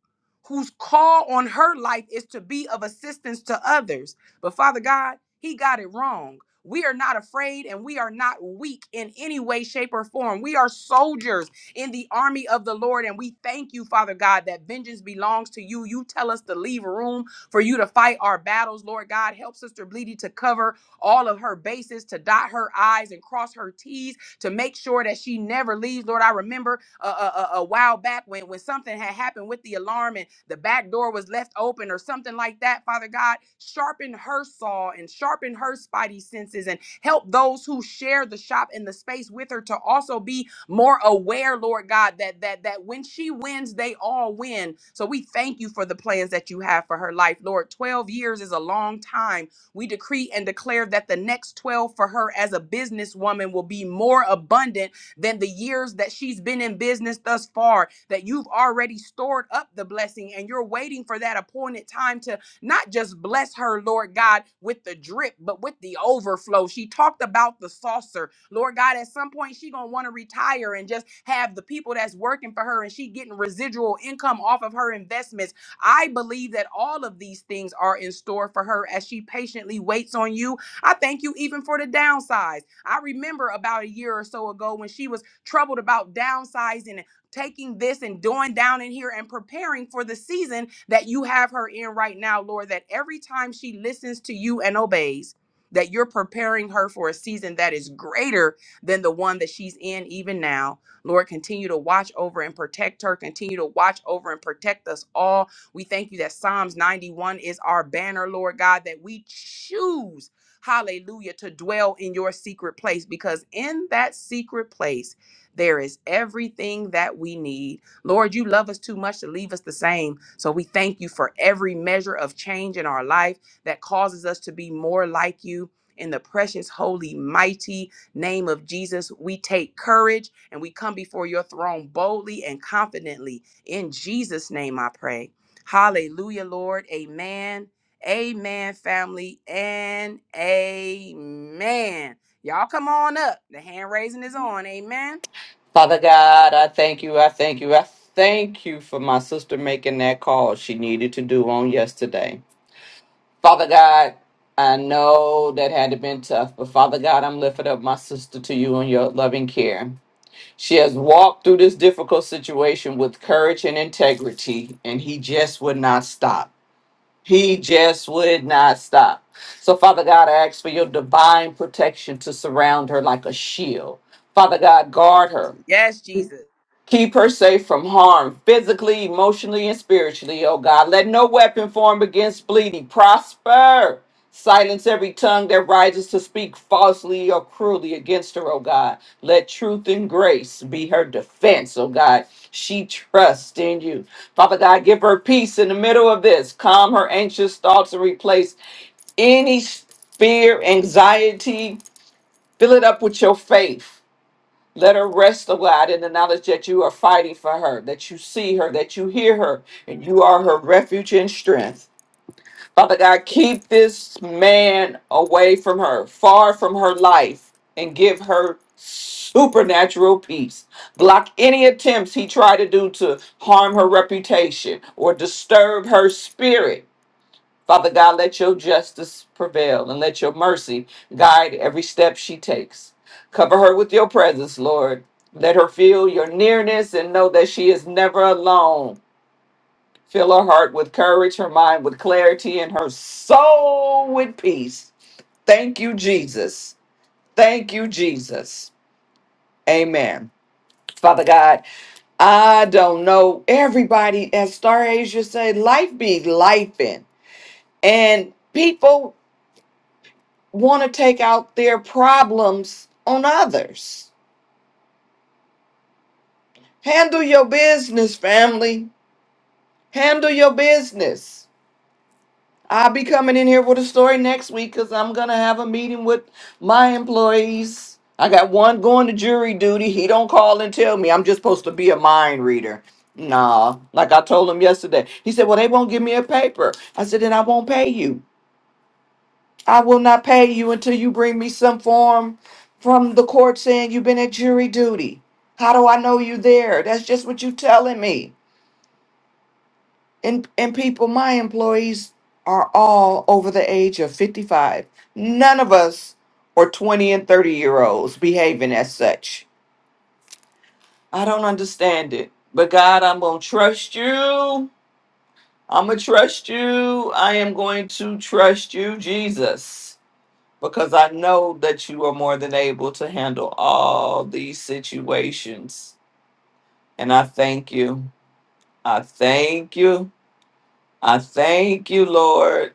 S1: whose call on her life is to be of assistance to others. But Father God, he got it wrong. We are not afraid and we are not weak in any way, shape, or form. We are soldiers in the army of the Lord. And we thank you, Father God, that vengeance belongs to you. You tell us to leave room for you to fight our battles, Lord God. Help Sister Bleedy to cover all of her bases, to dot her I's and cross her T's to make sure that she never leaves. Lord, I remember a, a, a a while back when, when something had happened with the alarm and the back door was left open or something like that. Father God, sharpen her saw and sharpen her spidey senses and help those who share the shop and the space with her to also be more aware, Lord God, that that that when she wins, they all win. So we thank you for the plans that you have for her life, Lord. 12 years is a long time we decree and declare that the next 12 for her as a businesswoman will be more abundant than the years that she's been in business thus far, that you've already stored up the blessing and you're waiting for that appointed time to not just bless her, Lord God, with the drip, but with the overflow. She talked about the saucer. Lord God, at some point she gonna want to retire and just have the people that's working for her and she getting residual income off of her investments I believe that all of these things are in store for her as she patiently waits on you. I thank you even for the downsize. I remember about a year or so ago when she was troubled about downsizing and taking this and doing down in here and preparing for the season that you have her in right now, Lord, that every time she listens to you and obeys, that you're preparing her for a season that is greater than the one that she's in even now. Lord, continue to watch over and protect her. Continue to watch over and protect us all we thank you that Psalms 91 is our banner, Lord God, that we choose, hallelujah, to dwell in your secret place because in that secret place, there is everything that we need. Lord, you love us too much to leave us the same. So we thank you for every measure of change in our life that causes us to be more like you. In the precious, holy, mighty name of Jesus, we take courage and we come before your throne boldly and confidently. In Jesus' name, I pray. Hallelujah, Lord. Amen. Amen, family. And amen. Y'all come on up. The hand raising is on. Amen.
S3: Father God, I thank you. I thank you. I thank you for my sister making that call she needed to do on yesterday. Father God, I know that had been tough, but Father God, I'm lifting up my sister to you in your loving care. She has walked through this difficult situation with courage and integrity, and he just would not stop. He just would not stop. So, Father God, I ask for your divine protection to surround her like a shield. Father God, guard her Keep her safe from harm, physically, emotionally, and spiritually, oh God. Let no weapon form against bleeding prosper. Silence every tongue that rises to speak falsely or cruelly against her, oh God. Let truth and grace be her defense, oh God. She trusts in you. Father God, give her peace in the middle of this. Calm her anxious thoughts and replace any fear, anxiety. Fill it up with your faith. Let her rest, O God, in the knowledge that you are fighting for her, that you see her, that you hear her, and you are her refuge and strength. Father God, keep this man away from her, far from her life, and give her supernatural peace. Block any attempts he tried to do to harm her reputation or disturb her spirit Father God, let your justice prevail and let your mercy guide every step she takes. Cover her with your presence, Lord. Let her feel your nearness and know that she is never alone. Fill her heart with courage, her mind with clarity, and her soul with peace. Thank you, Jesus. Thank you, Jesus. Amen. Father God, I don't know. Everybody, as Star Asia said, life be life And people want to take out their problems on others. Handle your business, family. Handle your business. I'll be coming in here with a story next week because I'm going to have a meeting with my employees. I got one going to jury duty. He don't call and tell me. I'm just supposed to be a mind reader. Nah, like I told him yesterday. He said, Well, they won't give me a paper. I said, Then I won't pay you. I will not pay you until you bring me some form from the court saying you've been at jury duty. How do I know you there? That's just what you telling me. And and people, my employees are all over the age of 55. None of us are 20 and 30 year olds behaving as such. I don't understand it. But God, I'm going to trust you. I'm going to trust you. I am going to trust you, Jesus. because I know that you are more than able to handle all these situations. And I thank you. I thank you. I thank you, Lord.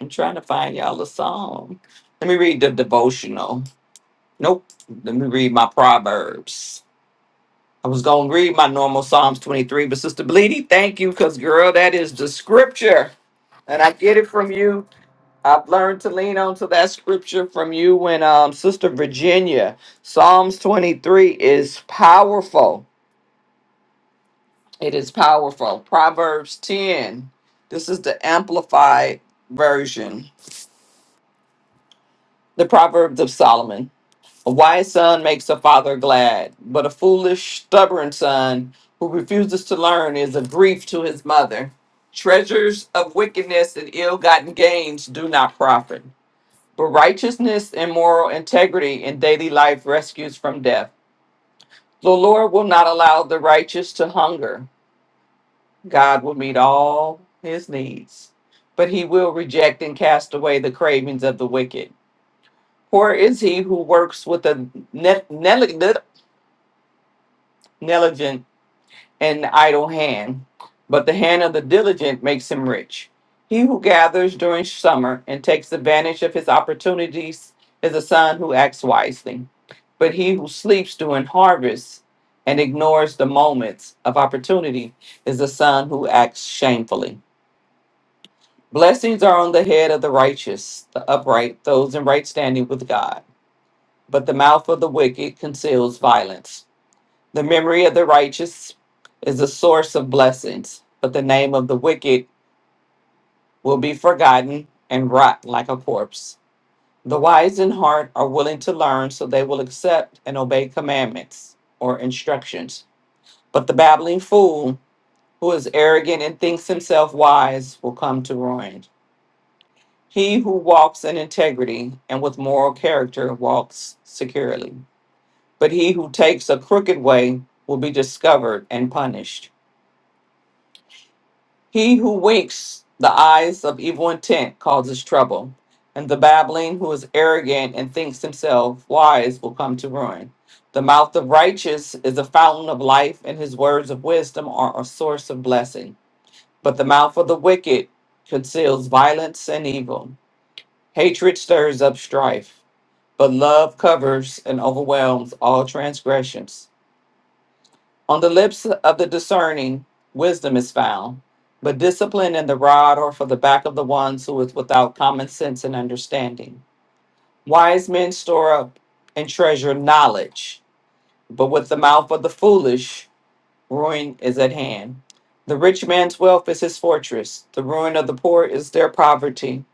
S3: I'm trying to find y'all a song. Let me read the devotional. Nope. Let me read my Proverbs. I was going to read my normal Psalms 23, but Sister Bleedy, thank you because, girl, that is the scripture. And I get it from you I've learned to lean onto that scripture from you when um Sister Virginia. Psalms 23 is powerful. It is powerful. Proverbs 10. This is the amplified version. The Proverbs of Solomon. A wise son makes a father glad, but a foolish, stubborn son who refuses to learn is a grief to his mother. Treasures of wickedness and ill-gotten gains do not profit but righteousness and moral integrity in daily life rescues from death. The Lord will not allow the righteous to hunger. God will meet all his needs, but he will reject and cast away the cravings of the wicked. Poor is he who works with a ne- neg- negligent and the idle hand, but the hand of the diligent makes him rich. He who gathers during summer and takes advantage of his opportunities is a son who acts wisely. But he who sleeps during harvest and ignores the moments of opportunity is a son who acts shamefully. Blessings are on the head of the righteous, the upright, those in right standing with God. But the mouth of the wicked conceals violence. The memory of the righteous is a source of blessings, but the name of the wicked will be forgotten and rot like a corpse. The wise in heart are willing to learn, so they will accept and obey commandments or instructions. But the babbling fool, who is arrogant and thinks himself wise, will come to ruin. He who walks in integrity and with moral character walks securely. But he who takes a crooked way will be discovered and punished. He who winks the eyes of evil intent causes trouble, and the babbling who is arrogant and thinks himself wise will come to ruin. The mouth of righteous is a fountain of life, and his words of wisdom are a source of blessing. But the mouth of the wicked conceals violence and evil. Hatred stirs up strife, but love covers and overwhelms all transgressions. On the lips of the discerning, wisdom is found, but discipline and the rod are for the back of the ones who is without common sense and understanding. Wise men store up and treasure knowledge, but with the mouth of the foolish, ruin is at hand. The rich man's wealth is his fortress. The ruin of the poor is their poverty.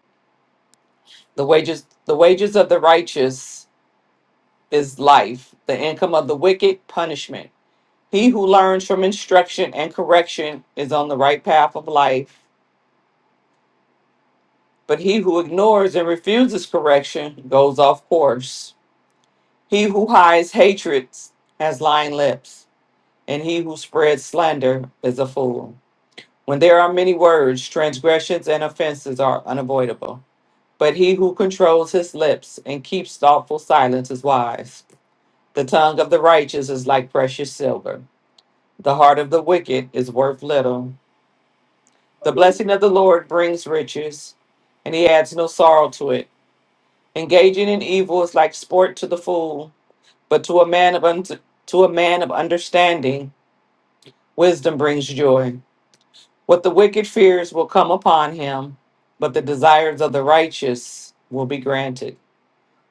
S3: The wages the wages of the righteous is life. The income of the wicked punishment. He who learns from instruction and correction is on the right path of life, but he who ignores and refuses correction goes off course. He who hides hatred has lying lips, and he who spreads slander is a fool. When there are many words, transgressions and offenses are unavoidable, but he who controls his lips and keeps thoughtful silence is wise. The tongue of the righteous is like precious silver, the heart of the wicked is worth little. The blessing of the Lord brings riches, and he adds no sorrow to it. Engaging in evil is like sport to the fool, but to a man of un- to a man of understanding, wisdom brings joy. What the wicked fears will come upon him, but the desires of the righteous will be granted.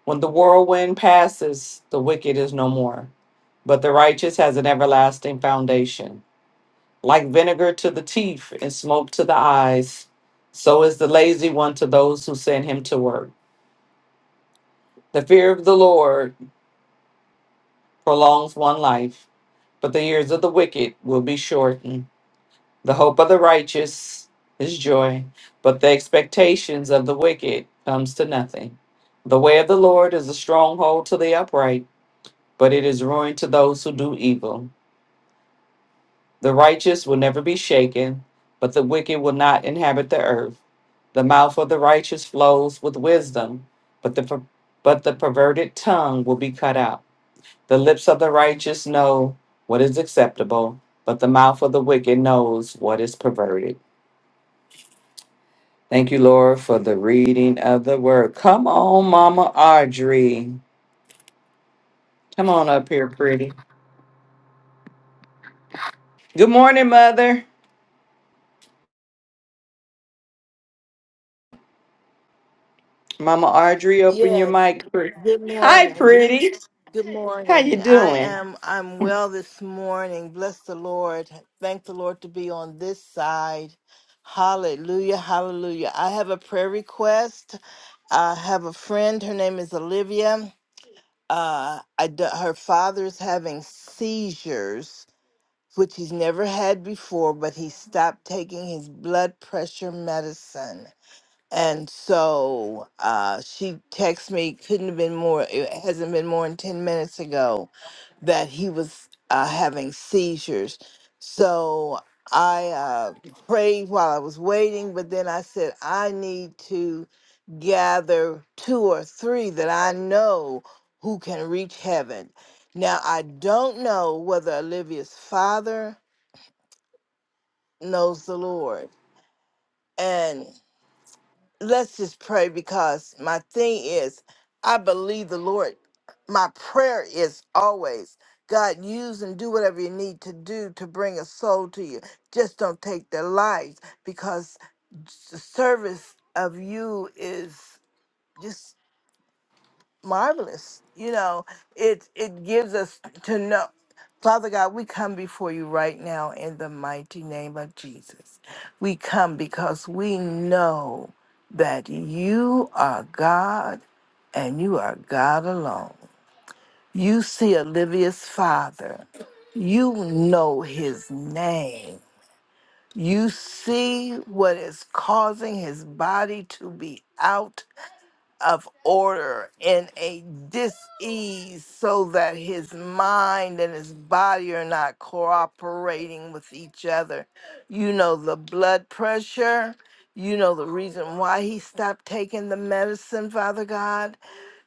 S3: When the whirlwind passes, the wicked is no more, but the righteous has an everlasting foundation. Like vinegar to the teeth and smoke to the eyes, so is the lazy one to those who send him to work. The fear of the Lord prolongs one life, but the years of the wicked will be shortened. The hope of the righteous is joy, but the expectations of the wicked comes to nothing. The way of the Lord is a stronghold to the upright, but it is ruin to those who do evil. The righteous will never be shaken, but the wicked will not inhabit the earth. The mouth of the righteous flows with wisdom, but the per- but the perverted tongue will be cut out. The lips of the righteous know what is acceptable, but the mouth of the wicked knows what is perverted. Thank you, Lord, for the reading of the word. Come on, Mama Audrey. Come on up here, pretty. Good morning, Mother. Mama Audrey, open your
S6: Yes.
S3: mic. pre-
S6: Good
S3: Hi,
S6: morning.
S3: pretty.
S6: Good
S3: How you
S6: morning. I
S3: doing?
S6: am I'm well this morning. Bless the Lord. Thank the Lord to be on this side. Hallelujah. Hallelujah. I have a prayer request. I have a friend. Her name is Olivia. Uh, I d- her father's having seizures, which he's never had before, but he stopped taking his blood pressure medicine. And so uh, she texted me, couldn't have been more, it hasn't been more than 10 minutes ago, that he was uh, having seizures. So I uh, prayed while I was waiting, but then I said, I need to gather two or three that I know who can reach heaven. Now, I don't know whether Olivia's father knows the Lord. and. let's just pray because my thing is I believe the Lord. My prayer is always God use and do whatever you need to do to bring a soul to you. Just don't take their lives because the service of you is just marvelous. You know, it it gives us to know. Father God, we come before you right now in the mighty name of Jesus. We come because we know that you are God and you are God alone. You see Olivia's father. You know his name. You see what is causing his body to be out of order and a dis-ease so that his mind and his body are not cooperating with each other you know the blood pressure you know the reason why he stopped taking the medicine father god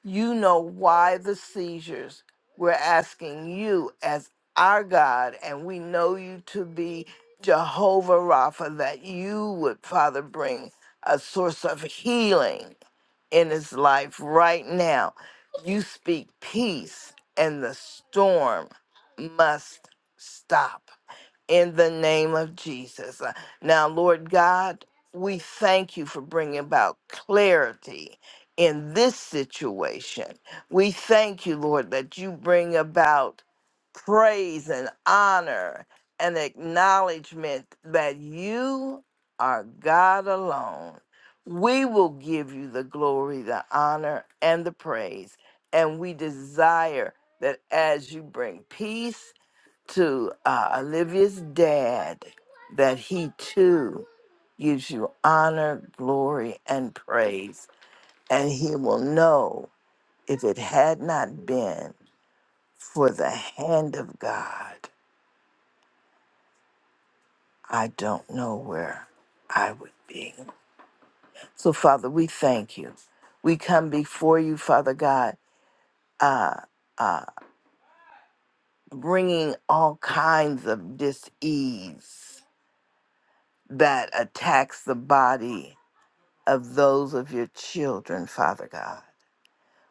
S6: you know why the seizures we're asking you as our god and we know you to be jehovah rapha that you would father bring a source of healing in his life right now. You speak peace, and the storm must stop in the name of Jesus. Uh, Now, Lord God, we thank you for bringing about clarity in this situation. We thank you, Lord, that you bring about praise and honor and acknowledgement that you are God alone. We will give you the glory, the honor, and the praise. And we desire that as you bring peace to uh, Olivia's dad that he too gives you honor, glory, and praise. And he will know if it had not been for the hand of God, I don't know where I would be. So, Father, we thank you. We come before you, Father God, uh, uh, bringing all kinds of dis ease that attacks the body of those of your children, Father God.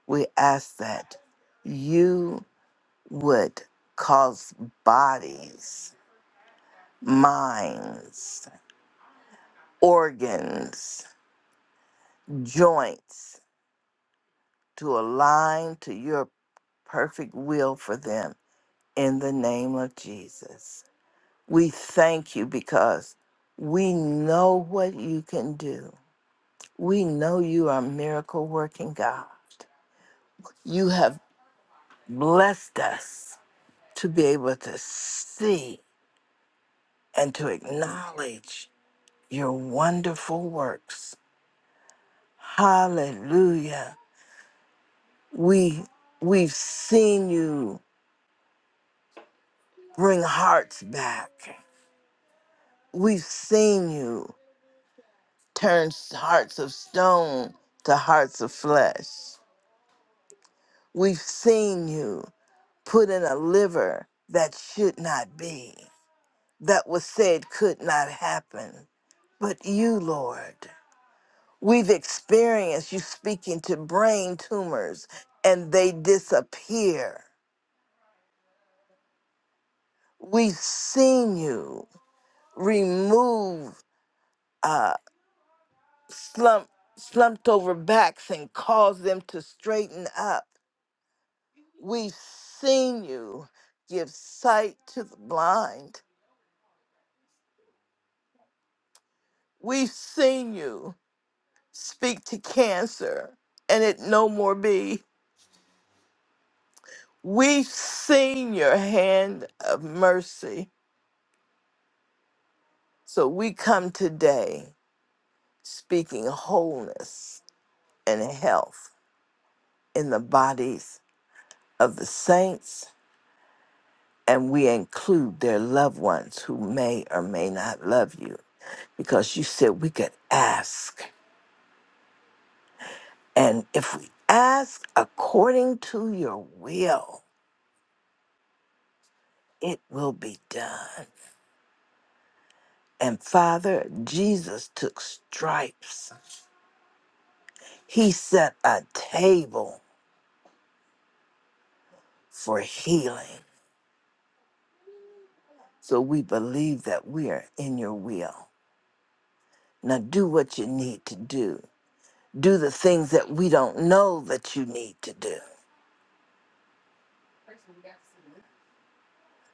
S6: We ask that you would cause bodies, minds, organs, joints to align to your perfect will for them in the name of Jesus. We thank you because we know what you can do. We know you are a miracle working God. You have blessed us to be able to see and to acknowledge your wonderful works. Hallelujah. We we've seen you bring hearts back. We've seen you turn hearts of stone to hearts of flesh. We've seen you put in a liver that should not be, that was said could not happen. But you, Lord. We've experienced you speaking to brain tumors and they disappear. We've seen you remove uh, slump, slumped over backs and cause them to straighten up. We've seen you give sight to the blind. We've seen you speak to cancer and it no more be. We've seen your hand of mercy So we come today speaking wholeness and health in the bodies of the saints, and we include their loved ones who may or may not love you. Because you said we could ask. And if we ask according to your will, it will be done. And Father, Jesus took stripes, He set a table for healing. So we believe that we are in your will. Now do what you need to do. Do the things that we don't know that you need to do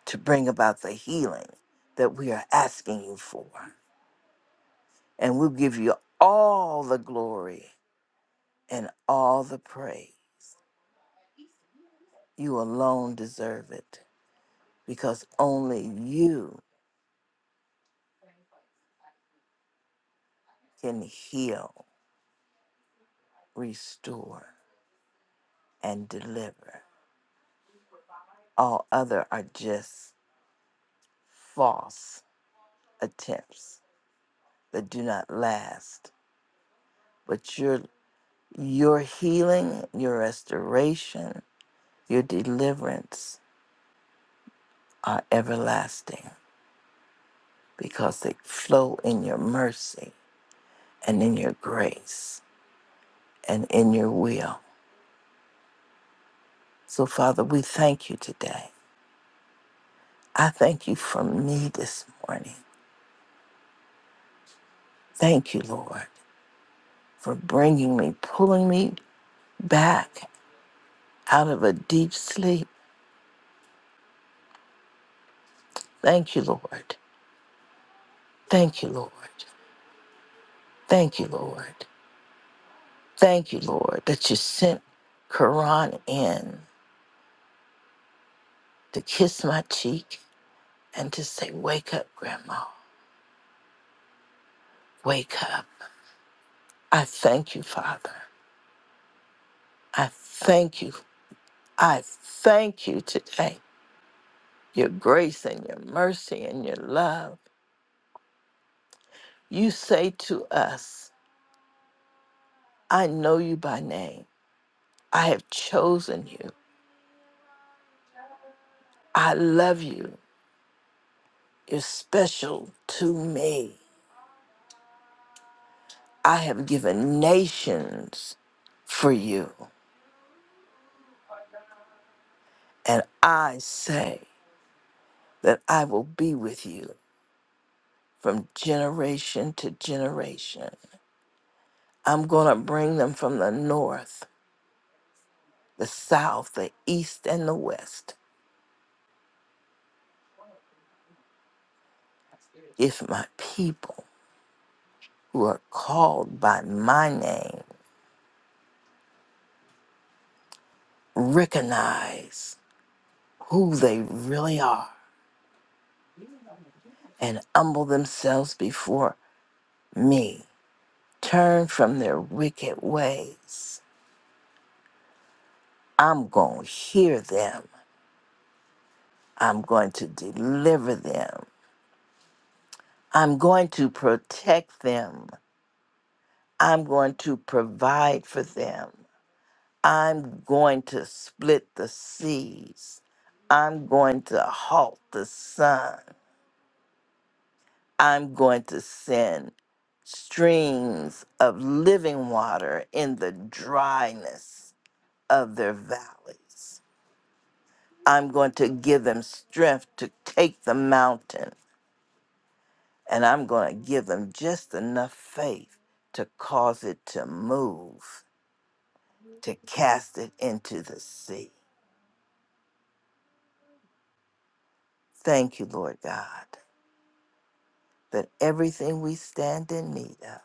S6: to bring about the healing that we are asking you for. And we'll give you all the glory and all the praise. You alone deserve it because only you can heal, restore, and deliver. All other are just false attempts that do not last. But your your healing, your restoration, your deliverance are everlasting because they flow in your mercy and in your grace and in your will. So Father, we thank you today. I thank you for me this morning. Thank you, Lord, for bringing me, pulling me back out of a deep sleep. Thank you, Lord. Thank you, Lord. Thank you, Lord. Thank you, Lord, that you sent Quran in to kiss my cheek and to say, Wake up, Grandma, wake up. I thank you, Father. I thank you. I thank you today. Your grace and your mercy and your love. You say to us, I know you by name. I have chosen you. I love you. You're special to me. I have given nations for you. And I say that I will be with you from generation to generation. I'm going to bring them from the north, the south, the east, and the west. If my people who are called by my name recognize who they really are and humble themselves before me, turn from their wicked ways, I'm going to hear them. I'm going to deliver them I'm going to protect them. I'm going to provide for them. I'm going to split the seas. I'm going to halt the sun. I'm going to send streams of living water in the dryness of their valleys. I'm going to give them strength to take the mountain, and I'm going to give them just enough faith to cause it to move to cast it into the sea. Thank you, Lord God, that everything we stand in need of,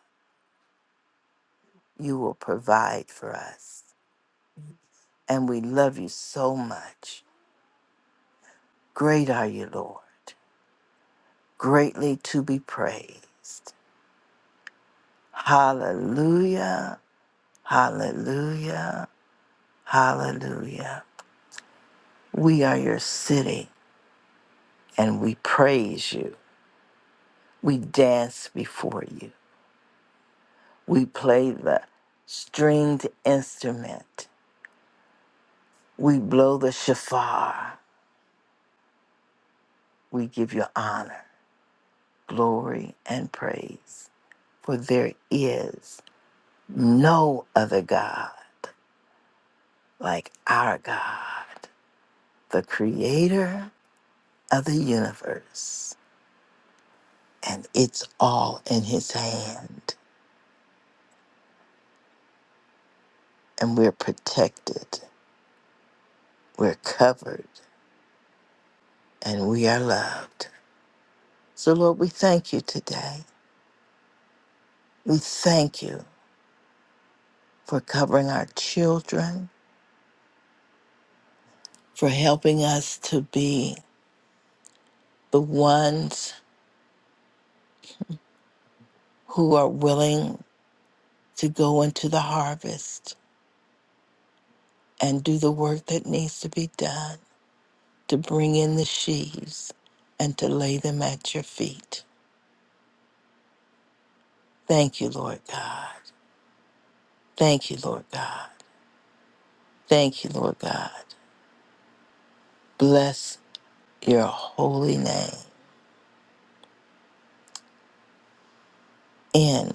S6: you will provide for us. And we love you so much. Great are you, Lord, greatly to be praised. Hallelujah, hallelujah, hallelujah. We are your city and we praise you. We dance before you. We play the stringed instrument We blow the shofar. We give you honor, glory, and praise. For there is no other God like our God, the creator of the universe. And it's all in his hand. And we're protected, we're covered, and we are loved. So, Lord, we thank you today. We thank you for covering our children, for helping us to be the ones who are willing to go into the harvest and do the work that needs to be done to bring in the sheaves and to lay them at your feet. Thank you, Lord God. Thank you, Lord God. Thank you, Lord God. Bless your holy name in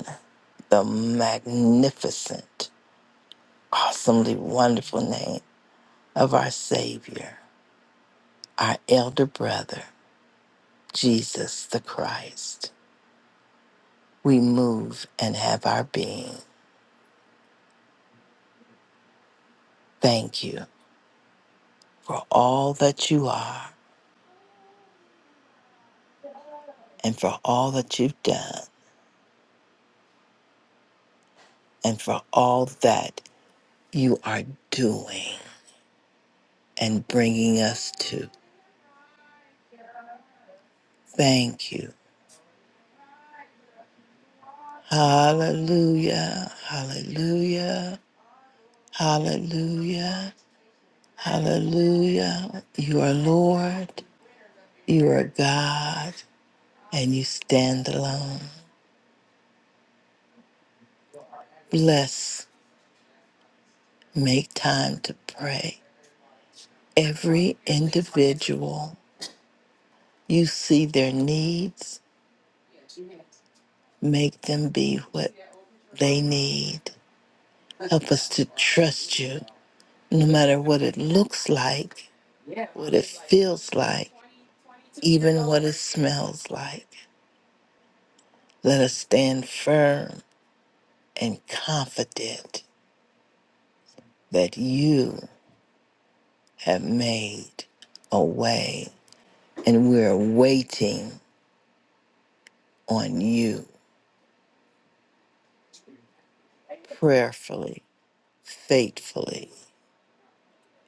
S6: the magnificent, awesomely wonderful name of our Savior, our elder brother, Jesus the Christ. we move and have our being. Thank you for all that you are and for all that you've done and for all that you are doing and bringing us to. Thank you. Hallelujah. Hallelujah. Hallelujah. Hallelujah. You are Lord. You are God and you stand alone. Bless, make time to pray every individual. You see their needs, make them be what they need. Help us to trust you, no matter what it looks like, what it feels like, even what it smells like. Let us stand firm and confident that you have made a way, and we're waiting on you prayerfully, faithfully,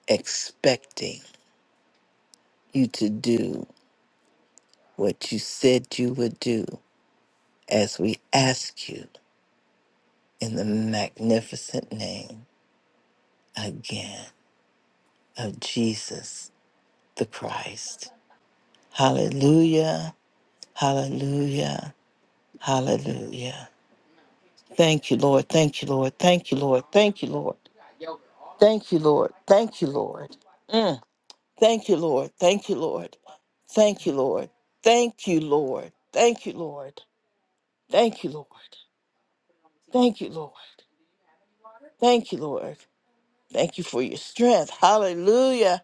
S6: expecting you to do what you said you would do as we ask you in the magnificent name again of Jesus the Christ. Hallelujah, hallelujah, hallelujah. Thank you, Lord. Thank you, Lord. Thank you, Lord. Thank you, Lord. Thank you, Lord. Thank you, Lord. Mm. Thank you, Lord. Thank you, Lord. Thank you, Lord. Thank you, Lord. Thank you, Lord. Thank you, Lord. Thank you, Lord. Thank you, Lord. Thank you for your strength. Hallelujah.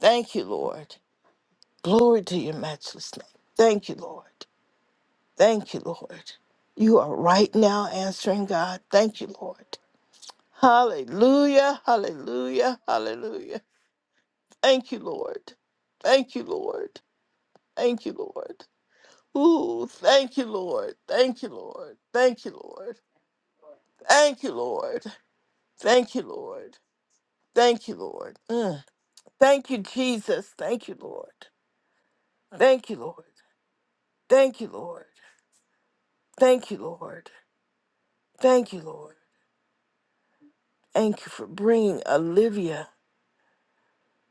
S6: Thank you, Lord. Glory to your matchless name. Thank you, Lord. Thank you, Lord. You are right now answering God. Thank you, Lord. Hallelujah. Hallelujah. Hallelujah. Thank you, Lord. Thank you, Lord. Thank you, Lord. Ooh, thank you, Lord. Thank you, Lord. Thank you, Lord. Thank you, Lord. Thank you, Lord. Thank you, Lord. Mm. Thank you, Jesus. Thank you, Lord. Thank you, Lord. Thank you, Lord. Thank you, Lord. Thank you, Lord. Thank you for bringing Olivia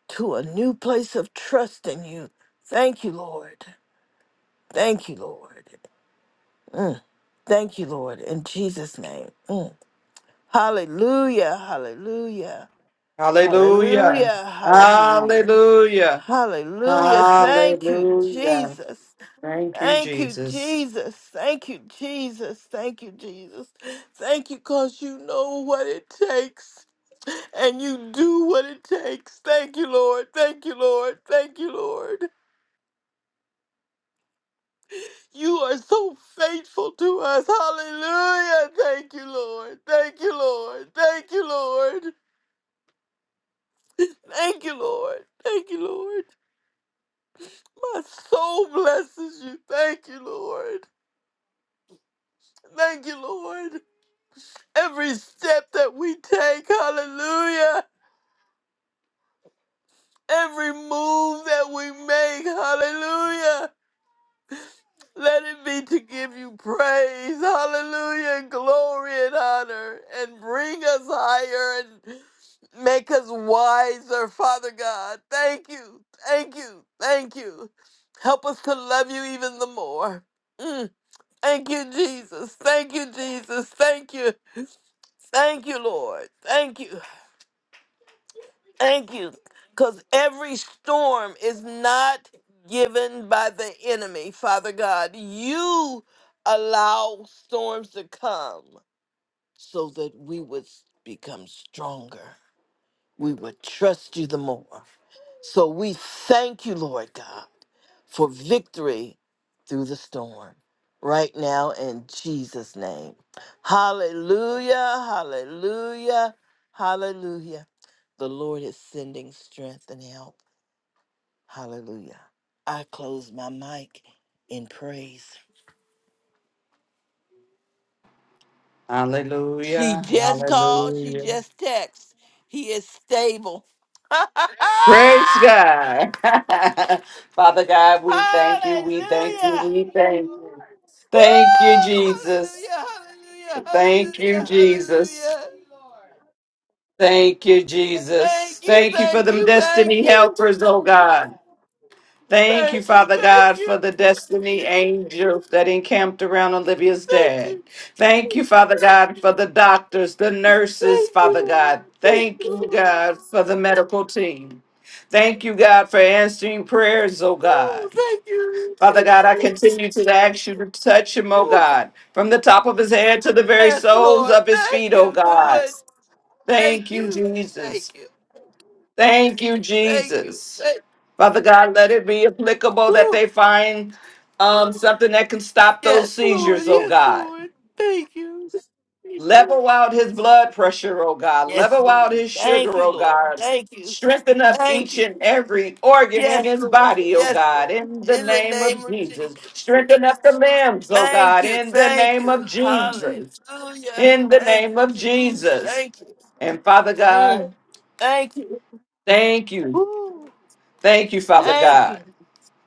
S6: to a new place of trust in you. Thank you, Lord. Thank you, Lord. Mm. Thank you, Lord. In Jesus' name. Mm. Hallelujah. Hallelujah.
S3: Hallelujah.
S6: Hallelujah. Hallelujah.
S3: Hallelujah.
S6: Hallelujah. Thank you,
S3: Hallelujah.
S6: Jesus.
S3: Thank you,
S6: Thank you,
S3: Jesus.
S6: Jesus. Thank you, Jesus. Thank you, Jesus. Thank you, because you know what it takes and you do what it takes. Thank you, Lord. Thank you, Lord. Thank you, Lord. You are so faithful to us. Hallelujah. Thank you, Lord. Thank you, Lord. Thank you, Lord. Thank you, Lord. Thank you, Lord. My soul blesses you. Thank you, Lord. Thank you, Lord. every step that we take, hallelujah, every move that we make, hallelujah. Let it be to give you praise, hallelujah, and glory and honor, and bring us higher and make us wiser, Father God. Thank you, thank you, thank you. Help us to love you even the more. Mm, Thank you, Jesus. Thank you, Jesus. Thank you. Thank you, Lord. Thank you. Thank you. Because every storm is not given by the enemy, Father God. You allow storms to come so that we would become stronger. We would trust you the more. So we thank you, Lord God, for victory through the storm right now in Jesus' name. Hallelujah, hallelujah, hallelujah. The Lord is sending strength and help. Hallelujah. I close my mic in praise. She
S3: Hallelujah.
S6: just called, she
S3: Hallelujah.
S6: just texted. He is stable. hallelujah.
S3: Praise God. Father God, we thank you. We thank you. We thank you.
S6: Woo!
S3: Thank you, Jesus.
S6: Hallelujah. Hallelujah.
S3: Thank you,
S6: Hallelujah.
S3: Jesus.
S6: Hallelujah.
S3: Thank you, Jesus.
S6: Thank you.
S3: Thank you for
S6: Thank
S3: them
S6: you. Thank
S3: destiny
S6: you.
S3: helpers, oh God. Thank you,
S6: Thank you.
S3: Father
S6: Thank
S3: God, for
S6: you.
S3: the destiny angels that encamped around Olivia's
S6: Thank
S3: dad. Thank you,
S6: you.
S3: Father God, for the doctors, the nurses,
S6: Thank you,
S3: Father God.
S6: Lord. Thank
S3: Thank you,
S6: you, Lord.
S3: God, for the medical team. Thank you, God, for answering prayers, oh
S6: Ooh,
S3: God.
S6: thank you.
S3: Father
S6: Thank
S3: God, I
S6: you.
S3: continue to ask you to touch him, oh
S6: Ooh,
S3: God, from the top of his head to the very
S6: yes,
S3: soles
S6: Lord.
S3: of his
S6: Thank
S3: feet, oh
S6: you. Do
S3: God.
S6: it. Thank
S3: Thank you,
S6: you.
S3: Jesus.
S6: Thank you.
S3: Thank you,
S6: Thank you.
S3: Jesus.
S6: Thank
S3: Father God, let it be applicable that
S6: Ooh,
S3: they find um, something that can stop those
S6: yes, Lord.
S3: seizures, oh
S6: Yes,
S3: God.
S6: Lord. Thank you. Thank you.
S3: Level out his blood pressure, oh God.
S6: Yes,
S3: Level out
S6: Lord.
S3: his
S6: Thank
S3: sugar,
S6: you,
S3: oh
S6: Lord.
S3: God.
S6: Thank you.
S3: Strengthen up
S6: Thank
S3: each
S6: you.
S3: and every organ in
S6: Yes,
S3: his
S6: Lord.
S3: body, oh
S6: Yes,
S3: God,
S6: Lord.
S3: in the
S6: In the
S3: name
S6: name
S3: of
S6: of
S3: Jesus.
S6: Jesus.
S3: Strengthen up the limbs, oh
S6: Thank
S3: God,
S6: you.
S3: in the
S6: Thank
S3: name
S6: you.
S3: of
S6: Hallelujah.
S3: Jesus. In the
S6: Thank
S3: name
S6: you,
S3: of
S6: Jesus.
S3: Jesus.
S6: Thank you.
S3: And Father God,
S6: Mm. Thank you.
S3: thank you.
S6: Woo.
S3: Thank you, Father
S6: Thank you.
S3: God.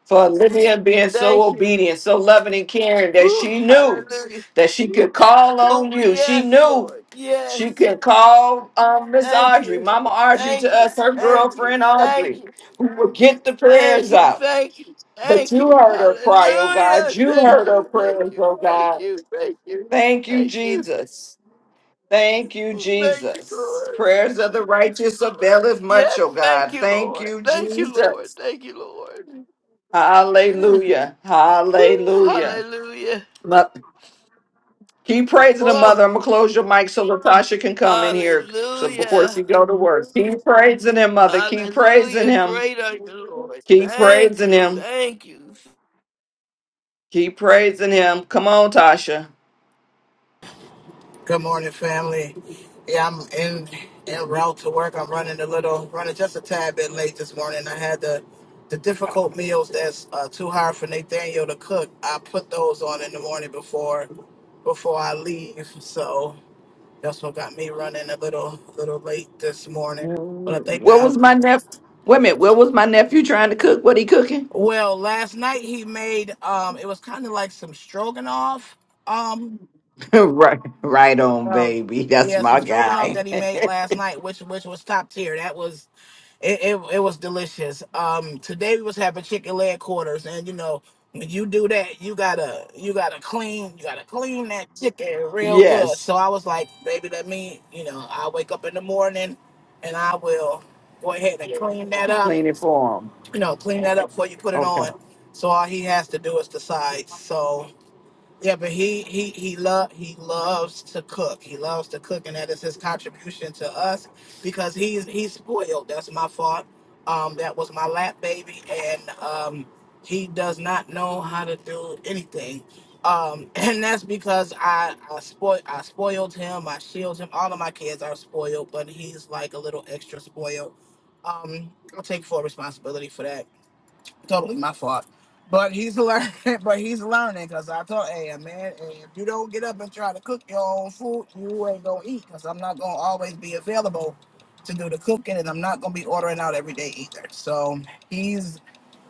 S3: for Olivia being so
S6: Thank you.
S3: obedient, so loving and caring that
S6: Ooh,
S3: she knew
S6: hallelujah.
S3: that she could call on
S6: Oh,
S3: you. She
S6: yes,
S3: knew
S6: Lord. Yes.
S3: she could call um, Miss
S6: Thank
S3: Audrey,
S6: you.
S3: Mama Audrey to
S6: Thank
S3: us,
S6: you.
S3: her
S6: Thank
S3: girlfriend
S6: you. Thank
S3: Audrey,
S6: you.
S3: who would get the
S6: Thank
S3: prayers
S6: you.
S3: out.
S6: Thank you.
S3: But
S6: Thank
S3: you
S6: you.
S3: heard her cry, oh God.
S6: Hallelujah.
S3: You
S6: Thank
S3: heard her
S6: you. Thank
S3: prayers,
S6: you.
S3: oh
S6: Thank
S3: God.
S6: you. Thank you.
S3: Thank you,
S6: Thank you.
S3: Jesus. Thank you,
S6: Oh, Thank you,
S3: Jesus.
S6: Lord.
S3: Prayers of the righteous availeth much,
S6: Yes,
S3: oh
S6: thank
S3: God.
S6: you,
S3: Thank
S6: Lord.
S3: you,
S6: Thank you, Lord.
S3: Jesus.
S6: Thank you, Lord. Mm.
S3: Hallelujah.
S6: Ooh,
S3: Hallelujah.
S6: hallelujah.
S3: Mo- Keep praising the
S6: Oh,
S3: mother. I'm gonna close your mic so Latasha can come in here. So before
S6: hallelujah.
S3: she go to work, keep praising him, mother. Keep praising
S6: Hallelujah.
S3: him.
S6: Great are you, Lord.
S3: Keep
S6: Thank
S3: praising
S6: you.
S3: him.
S6: Thank you.
S3: Keep praising him. Come on, Tasha.
S7: Good morning, family. Yeah, I'm in en route to work. I'm running a little, running just a tad bit late this morning. I had the the difficult meals that's uh, too hard for Nathaniel to cook. I put those on in the morning before before I leave. So that's what got me running a little little late this morning. But I
S3: Mm,
S7: think
S3: What
S7: I
S3: was my nephew? Wait a minute. What was my nephew trying to cook? What he cooking?
S7: well last night he made um it was kind of like some stroganoff um
S3: right, right on,
S7: uh,
S3: baby. That's
S7: yeah
S3: my
S7: some stroganoff
S3: guy.
S7: that he made last night, which which was top tier. That was It, it it was delicious. Um, today we was having chicken leg quarters, and you know when you do that, you gotta you gotta clean you gotta clean that chicken real good.
S3: yes,
S7: So I was like, baby, let me you know I wake up in the morning, and I will go ahead and clean that up.
S3: clean it for him.
S7: You know, clean that up before you put it
S3: Okay.
S7: on. So all he has to do is decide. So yeah, but he he he love he loves to cook. He loves to cook, and that is his contribution to us because he's he's spoiled. That's my fault. Um, that was my lap baby, and um, he does not know how to do anything. Um, and that's because I I spoil I spoiled him. I shield him. All of my kids are spoiled, but he's like a little extra spoiled. Um, I'll take full responsibility for that totally my fault. But he's learning. But he's learning because I told, hey uh, man, uh, if you don't get up and try to cook your own food, you ain't gonna eat. Because I'm not gonna always be available to do the cooking, and I'm not gonna be ordering out every day either. So he's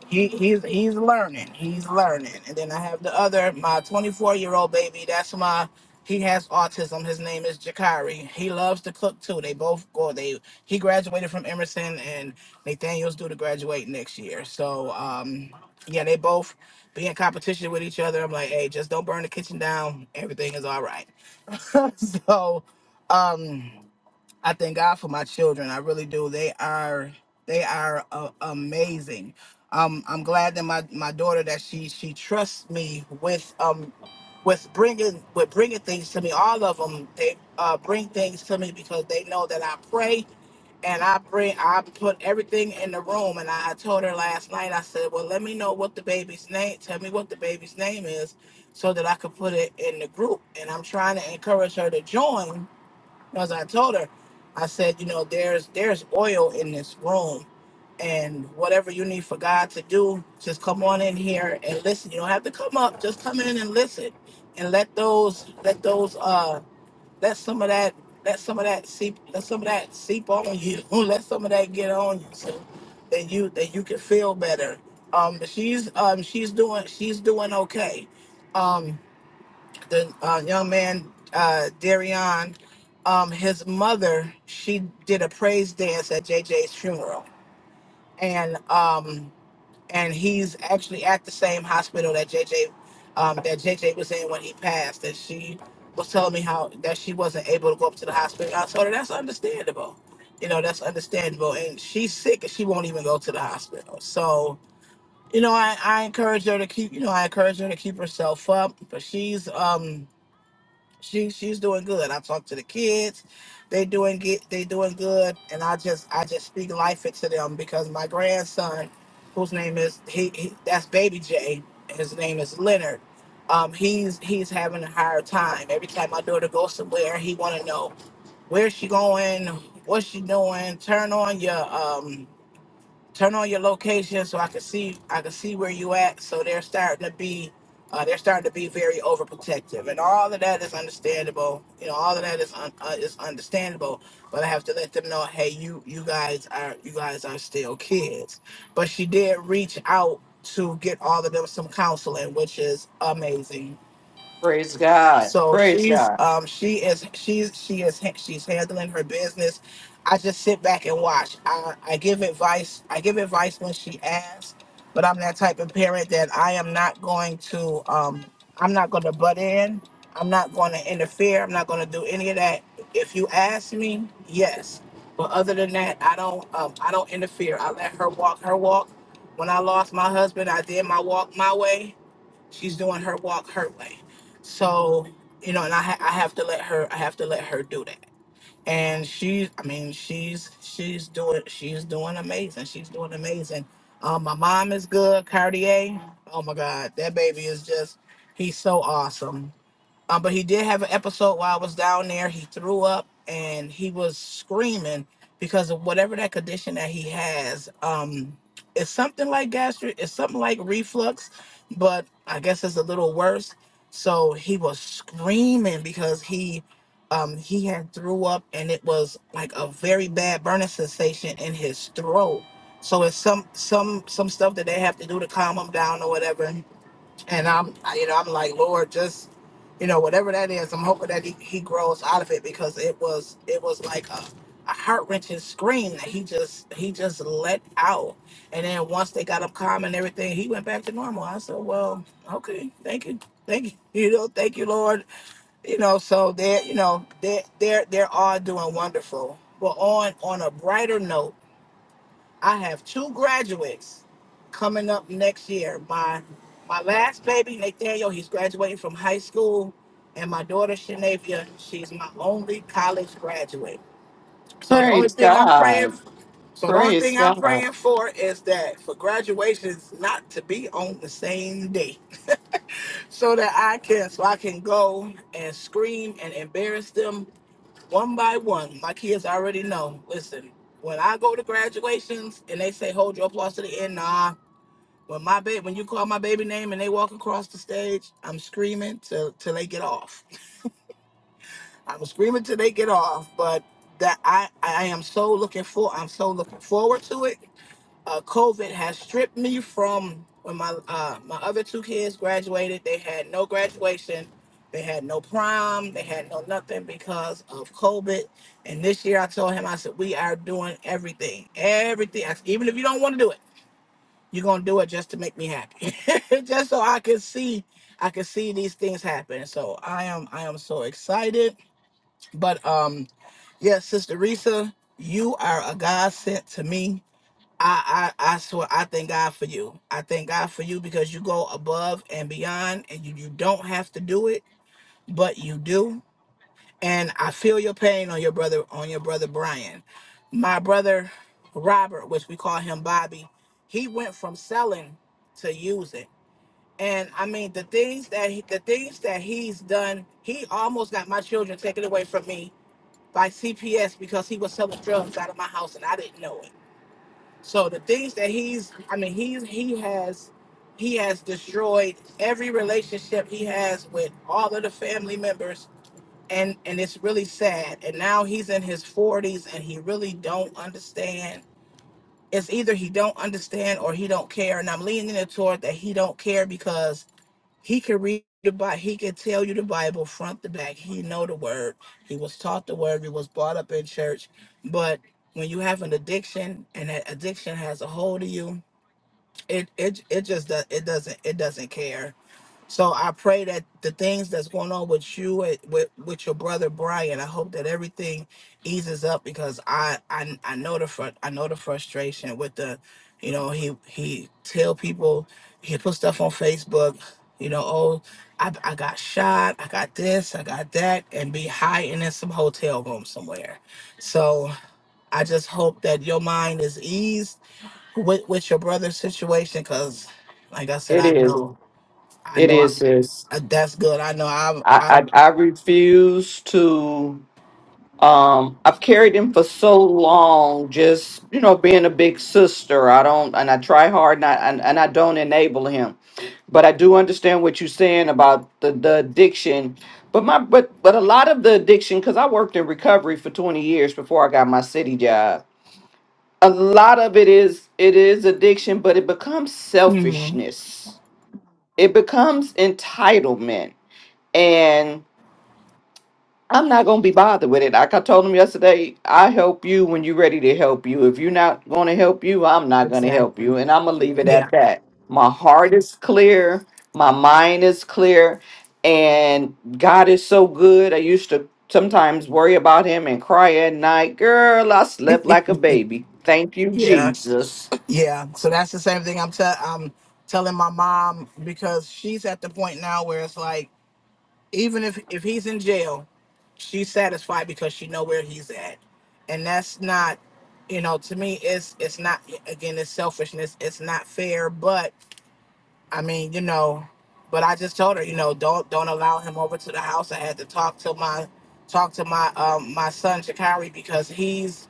S7: he, he's he's learning. He's learning. And then I have the other, my 24 year old baby. That's my. He has autism. His name is Jakari. He loves to cook too. They both go. They he graduated from Emerson, and Nathaniel's due to graduate next year. So um, yeah, they both be in competition with each other. I'm like, hey, just don't burn the kitchen down. Everything is all right. so um I thank God for my children. I really do. They are they are uh, amazing. Um, I'm glad that my my daughter that she she trusts me with um with bringing with bringing things to me. All of them they uh, bring things to me because they know that I pray and I bring I put everything in the room. And I, I told her last night. I said, well, let me know what the baby's name. Tell me what the baby's name is, so that I could put it in the group. And I'm trying to encourage her to join because I told her, I said, you know, there's there's oil in this room, and whatever you need for God to do, just come on in here and listen. You don't have to come up; just come in and listen, and let those let those uh let some of that let some of that seep let some of that seep on you. let some of that get on you, so that you that you can feel better. Um, she's um she's doing she's doing okay. Um, the uh, young man uh, Darion, um, his mother, she did a praise dance at JJ's funeral, and um, and he's actually at the same hospital that JJ um, that JJ was in when he passed. And she was telling me how that she wasn't able to go up to the hospital. I told her that's understandable. You know that's understandable, and she's sick and she won't even go to the hospital. So you know I, I encourage her to keep you know I encourage her to keep herself up, but she's um she she's doing good. I talk to the kids. They doing get they doing good and I just I just speak life into them because my grandson, whose name is he, he that's baby J, his name is Leonard. Um he's he's having a hard time. Every time my daughter goes somewhere, he wanna know where's she going, what's she doing, turn on your um turn on your location so I can see I can see where you at. So they're starting to be uh, they're starting to be very overprotective, and all of that is understandable. You know, all of that is un- uh, is understandable. But I have to let them know, hey, you you guys are you guys are still kids. But she did reach out to get all of them some counseling, which is amazing
S3: Praise God.
S7: so
S3: Praise
S7: she's
S3: God.
S7: um she is she's she is she's handling her business. I just sit back and watch. I, I give advice. I give advice when she asks, but I'm that type of parent that I am not going to um I'm not going to butt in. I'm not going to interfere. I'm not going to do any of that. If you ask me, yes. But other than that, I don't um I don't interfere. I let her walk her walk. When I lost my husband, I did my walk my way she's doing her walk her way so you know and i ha- i have to let her i have to let her do that and she's i mean she's she's doing she's doing amazing she's doing amazing um my mom is good cartier oh my god that baby is just he's so awesome um, but he did have an episode while I was down there. He threw up and he was screaming because of whatever that condition that he has. Um, it's something like gastric, it's something like reflux, but I guess it's a little worse. So he was screaming because he um he had threw up and it was like a very bad burning sensation in his throat. So it's some some some stuff that they have to do to calm him down or whatever and I'm, I- you know, I'm like, Lord, just, you know, whatever that is, I'm hoping that he, he grows out of it because it was, it was like a, a heart wrenching scream that he just, he just let out. And then once they got up calm and everything, he went back to normal. I said, well, okay, thank you. Thank you, you know, thank you, Lord. You know, so they're, you know, they're, they're, they're all doing wonderful. But on, on a brighter note, I have two graduates coming up next year. My my last baby, Nathaniel, he's graduating from high school, and my daughter Shanavia, she's my only college graduate. So the only
S3: Praise
S7: thing I'm praying
S3: God.
S7: so the only
S3: Praise
S7: thing I'm
S3: God.
S7: praying for is that for graduations not to be on the same day. So that I can so I can go and scream and embarrass them one by one. My kids already know. Listen, when I go to graduations and they say hold your applause to the end, nah. When my baby, when you call my baby name and they walk across the stage, I'm screaming till till they get off. I'm screaming till they get off. But that I I am so looking for. I'm so looking forward to it uh, COVID has stripped me from when my uh, my other two kids graduated. They had no graduation, they had no prom, they had no nothing because of COVID. And this year, I told him, I said, we are doing everything, everything. I said, Even if you don't want to do it, you're gonna do it just to make me happy, just so I can see. I can see these things happen, so I am I am so excited. But um, yes, Sister Risa, you are a godsend to me I, I I swear I thank God for you. I thank God for you because you go above and beyond and you, you don't have to do it, but you do. And I feel your pain on your brother on your brother Brian. My brother Robert, which we call him Bobby, he went from selling to using. And I mean the things that he, the things that he's done, he almost got my children taken away from me by CPS because he was selling drugs out of my house and I didn't know it so the things that he's, I mean, he's he has he has destroyed every relationship he has with all of the family members, and and it's really sad. And now he's in his forties, and he really don't understand. It's either he don't understand or he don't care. And I'm leaning it toward that he don't care because he can read the Bible. He can tell you the Bible front to back. He know the word. He was taught the word. He was brought up in church. But when you have an addiction and that addiction has a hold of you, it it it just does it doesn't it doesn't care. So I pray that the things that's going on with you and with, with your brother Brian, I hope that everything eases up because I I, I know the front I know the frustration with the, you know he he tell people he put stuff on Facebook, you know oh I I got shot I got this I got that and be hiding in some hotel room somewhere, so I just hope that your mind is eased with with your brother's situation because like I said
S3: It
S7: I
S3: is.
S7: know. I
S3: It
S7: know.
S3: is is
S7: Uh, That's good. I know. I.
S3: I, I
S7: I.
S3: I refuse to um I've carried him for so long just you know being a big sister. I don't and I try hard and I and, and I don't enable him. But I do understand what you're saying about the, the addiction. But my but but a lot of the addiction cuz I worked in recovery for 20 years before I got my city job. A lot of it is it is addiction, but it becomes selfishness. It becomes entitlement. I'm not gonna be bothered with it. Like I told him yesterday, I help you when you're ready to help you. If you're not gonna help you, I'm not gonna help
S7: Exactly.
S3: you, and I'm gonna leave it at
S7: Yeah.
S3: that. My heart is clear, my mind is clear, and God is so good. I used to sometimes worry about him and cry at night. Girl, I slept like a baby. Thank you,
S7: Yeah.
S3: Jesus.
S7: Yeah. So that's the same thing I'm tell. I'm telling my mom because she's at the point now where it's like, even if if he's in jail, she's satisfied because she know where he's at, and that's not, you know, to me, it's it's not again, it's selfishness. It's not fair, but I mean, you know, but I just told her, you know, don't don't allow him over to the house. I had to talk to my talk to my um my son Shakari because he's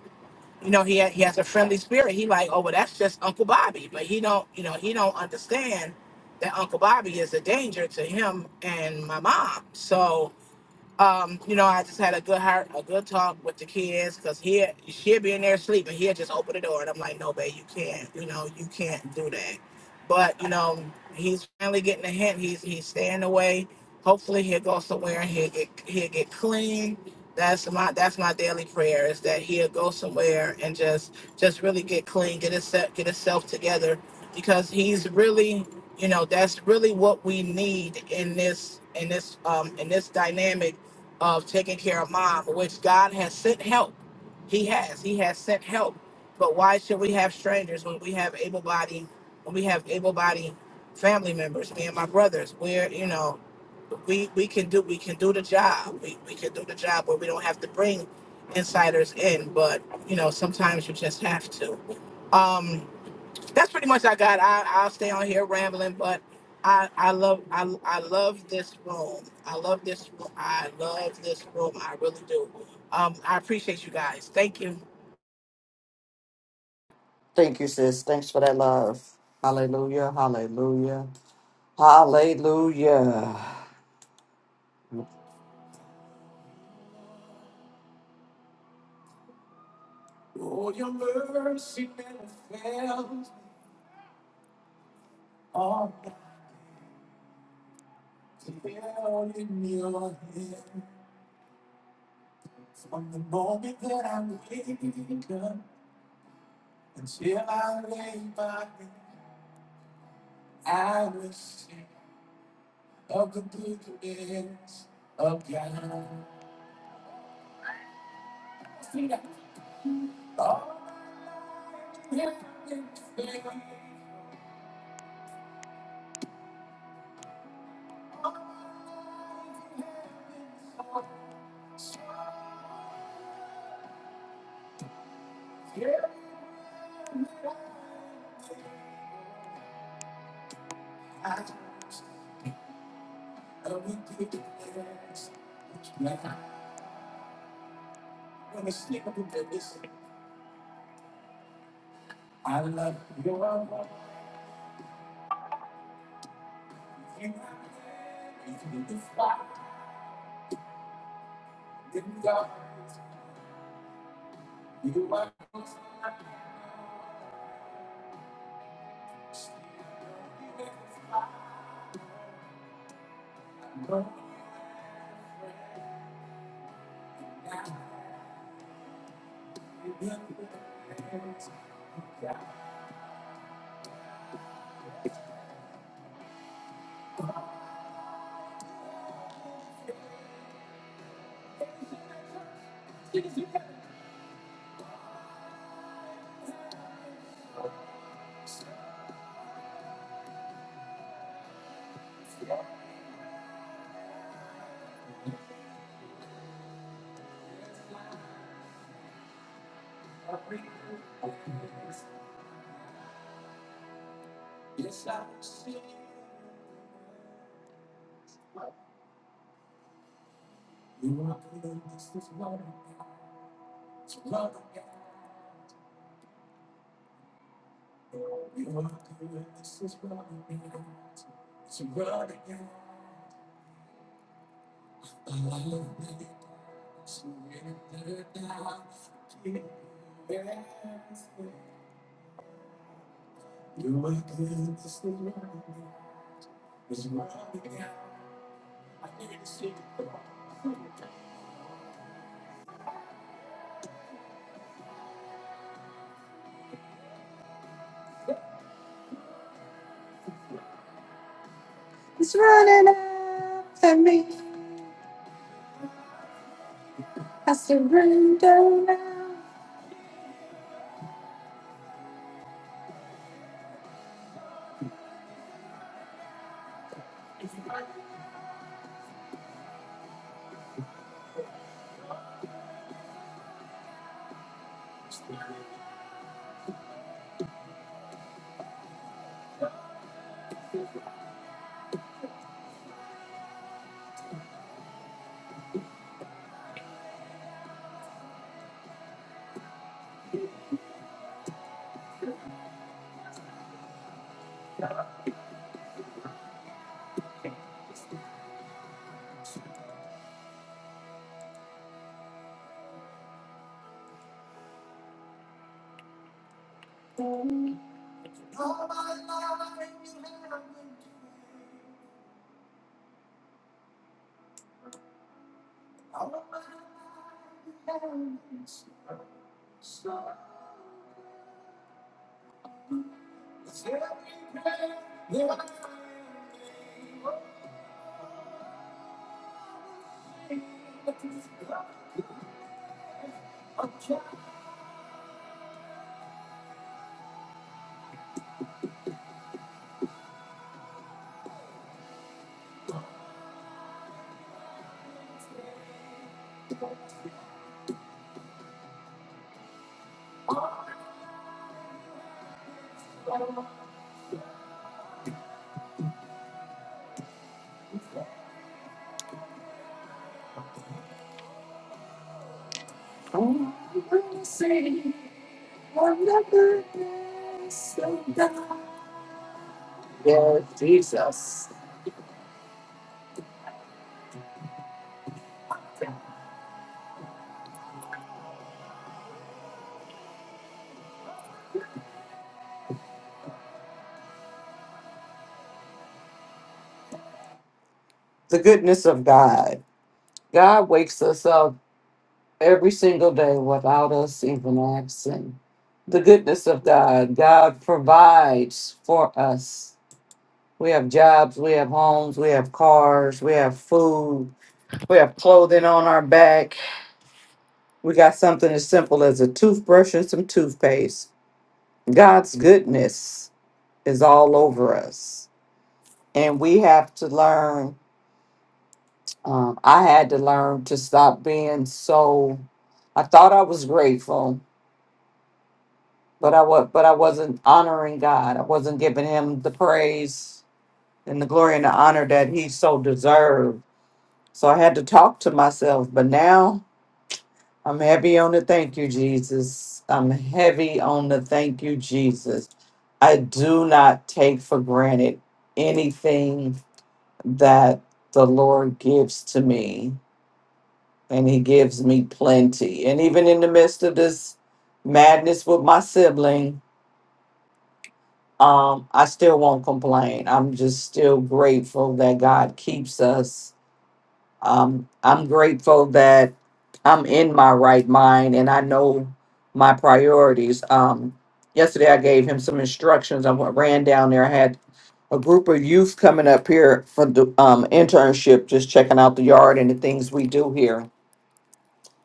S7: you know, he ha- he has a friendly spirit. He like, oh well, that's just Uncle Bobby, but he don't, you know, he don't understand that Uncle Bobby is a danger to him and my mom. So um, you know, I just had a good heart, a good talk with the kids because he she'll be in there sleeping. He'll just open the door, and I'm like, no, babe, you can't. You know, you can't do that. But you know, he's finally getting a hint. He's he's staying away. Hopefully, he'll go somewhere and he'll get he'll get clean. That's my that's my daily prayer is that he'll go somewhere and just just really get clean, get himself get himself together because he's really you know that's really what we need in this in this um in this dynamic of taking care of mom, which God has sent help. He has. He has sent help. But why should we have strangers when we have able bodied when we have able bodied family members, me and my brothers, where, you know, we, we can do we can do the job. We we can do the job where we don't have to bring insiders in, but you know, sometimes you just have to. Um that's pretty much I got. I I'll stay on here rambling, but I I love I I love this room. I love this. room. I love this room. I really do. Um, I appreciate you guys. Thank you.
S3: Thank you, sis. Thanks for that love. Hallelujah. Hallelujah. Hallelujah. It's running after me. I surrender now. Mercy, works of God. Yes, Jesus. The goodness of God. God wakes us up every single day without us even asking. The goodness of God. God provides for us. We have jobs, we have homes, we have cars, we have food, we have clothing on our back. We got something as simple as a toothbrush and some toothpaste. God's goodness is all over us. And we have to learn. Um, I had to learn to stop being so. I thought I was grateful, but I was, but I wasn't honoring God. I wasn't giving Him the praise and the glory and the honor that He so deserved. So I had to talk to myself. But now I'm heavy on the thank you, Jesus. I'm heavy on the thank you, Jesus. I do not take for granted anything that the Lord gives to me, and He gives me plenty. And even in the midst of this madness with my sibling, um, I still won't complain. I'm just still grateful that God keeps us Um, I'm grateful that I'm in my right mind and I know my priorities. Um, yesterday, I gave him some instructions. I went- ran down there. I had a group of youth coming up here for the um, internship, just checking out the yard and the things we do here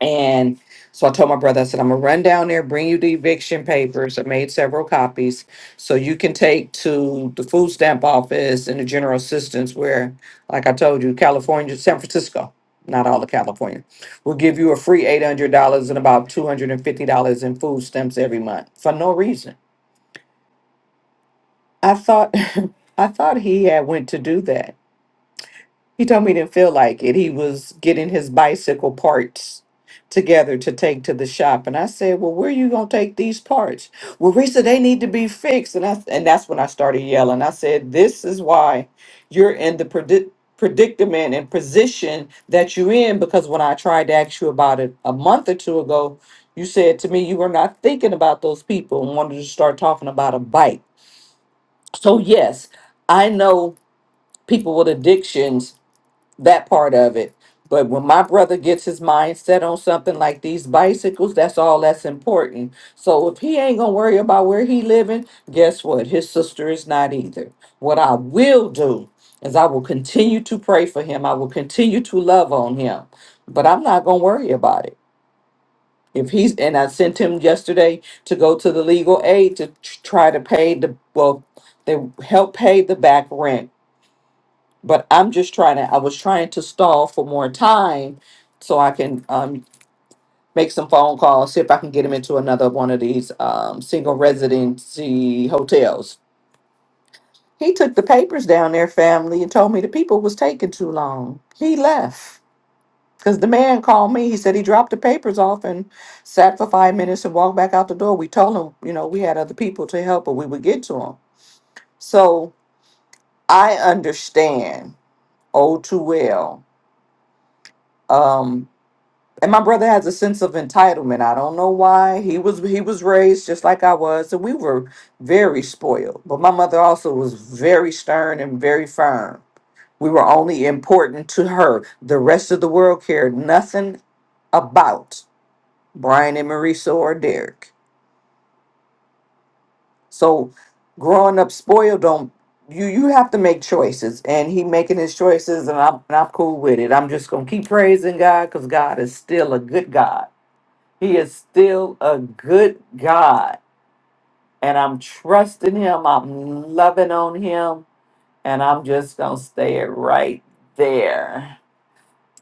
S3: and so I told my brother, I said, I'm gonna run down there, bring you the eviction papers. I made several copies. So you can take to the food stamp office and the general assistance where, like I told you, California, San Francisco, not all of California, will give you a free eight hundred dollars and about two hundred and fifty dollars in food stamps every month for no reason. I thought I thought he had went to do that. He told me he didn't feel like it. He was getting his bicycle parts together to take to the shop. And I said, Well, where are you gonna take these parts? Well, Risa, they need to be fixed. And I and that's when I started yelling. I said, This is why you're in the predic predicament and position that you're in because when I tried to ask you about it a month or two ago, you said to me you were not thinking about those people and wanted to start talking about a bike. So yes, I know people with addictions that part of it. But when my brother gets his mind set on something like these bicycles, that's all that's important. So if he ain't gonna worry about where he living, guess what? His sister is not either. What I will do is I will continue to pray for him. I will continue to love on him. But I'm not gonna worry about it. If he's and I sent him yesterday to go to the legal aid to tr- try to pay the well, they help pay the back rent but I'm just trying to, I was trying to stall for more time so I can um, make some phone calls, see if I can get him into another one of these um, single residency hotels. He took the papers down there, family, and told me the people was taking too long. He left because the man called me. He said he dropped the papers off and sat for five minutes and walked back out the door. We told him, you know, we had other people to help, but we would get to him. So I understand oh too well. Um, And my brother has a sense of entitlement. I don't know why. He was he was raised just like I was, and we were very spoiled. But my mother also was very stern and very firm. We were only important to her. The rest of the world cared nothing about Brian and Marisa or Derek. So growing up spoiled don't you you have to make choices and he making his choices and I'm and I'm cool with it. I'm just gonna keep praising God because God is still a good God He is still a good God. And I'm trusting him. I'm loving on him. And I'm just going to stay it right there.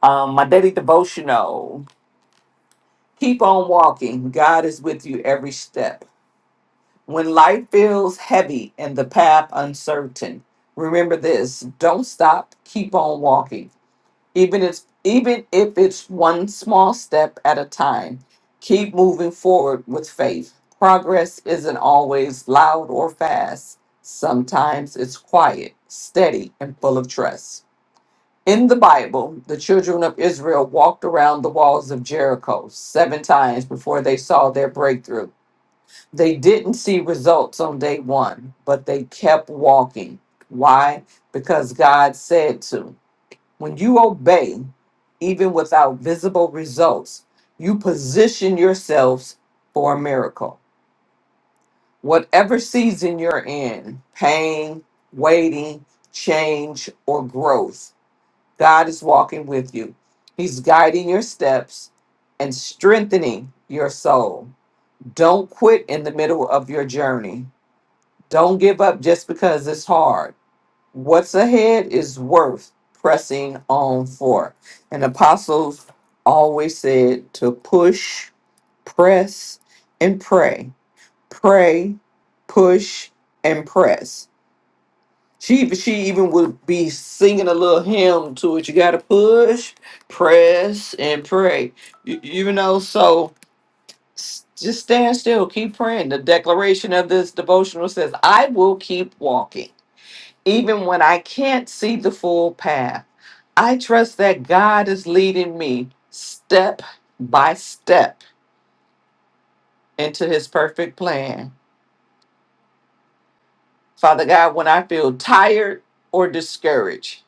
S3: Um, my daily devotional keep on walking. God is with you every step. When life feels heavy and the path uncertain, remember this don't stop, keep on walking. even if even if it's one small step at a time keep moving forward with faith progress isn't always loud or fast sometimes it's quiet steady and full of trust in the bible the children of israel walked around the walls of jericho seven times before they saw their breakthrough they didn't see results on day one but they kept walking why because god said to when you obey, even without visible results, you position yourselves for a miracle. Whatever season you're in pain, waiting, change, or growth God is walking with you. He's guiding your steps and strengthening your soul. Don't quit in the middle of your journey. Don't give up just because it's hard What's ahead is worth pressing on for. And apostles always said to push, press, and pray. Pray, push, and press. She she even would be singing a little hymn to it. You gotta push, press, and pray. You, you know, so s- just stand still, keep praying. The declaration of this devotional says, I will keep walking even when I can't see the full path. I trust that God is leading me step by step into his perfect plan. Father God, when I feel tired or discouraged,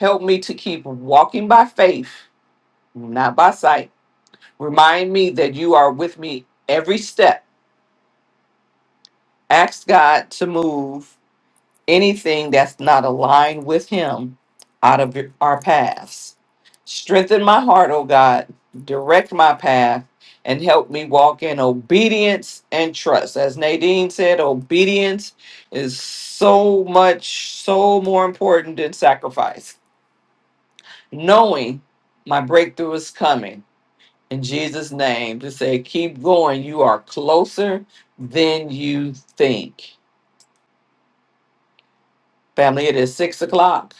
S3: help me to keep walking by faith, not by sight. Remind me that you are with me every step. Ask God to move anything that's not aligned with Him out of our paths. Strengthen my heart, O God, direct my path, and help me walk in obedience and trust. As Nadine said, obedience is so much, so more important than sacrifice. Knowing my breakthrough is coming in Jesus' name to say, keep going. You are closer than you think. Family, it is six o'clock.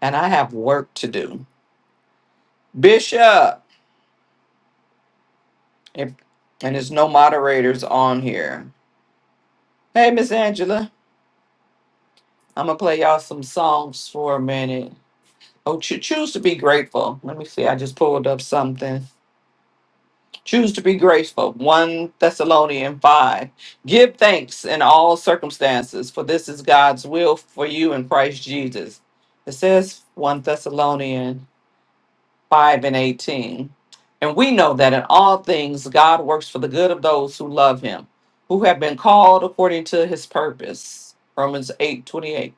S3: and I have work to do. Bishop, if, and there's no moderators on here. Hey, Miss Angela, I'm gonna play y'all some songs for a minute. Oh, cho- choose to be grateful. Let me see. I just pulled up something. Choose to be grateful. One Thessalonian five. Give thanks in all circumstances, for this is God's will for you in Christ Jesus. It says one Thessalonian 5 and 18. And we know that in all things God works for the good of those who love him, who have been called according to his purpose. Romans 8 28.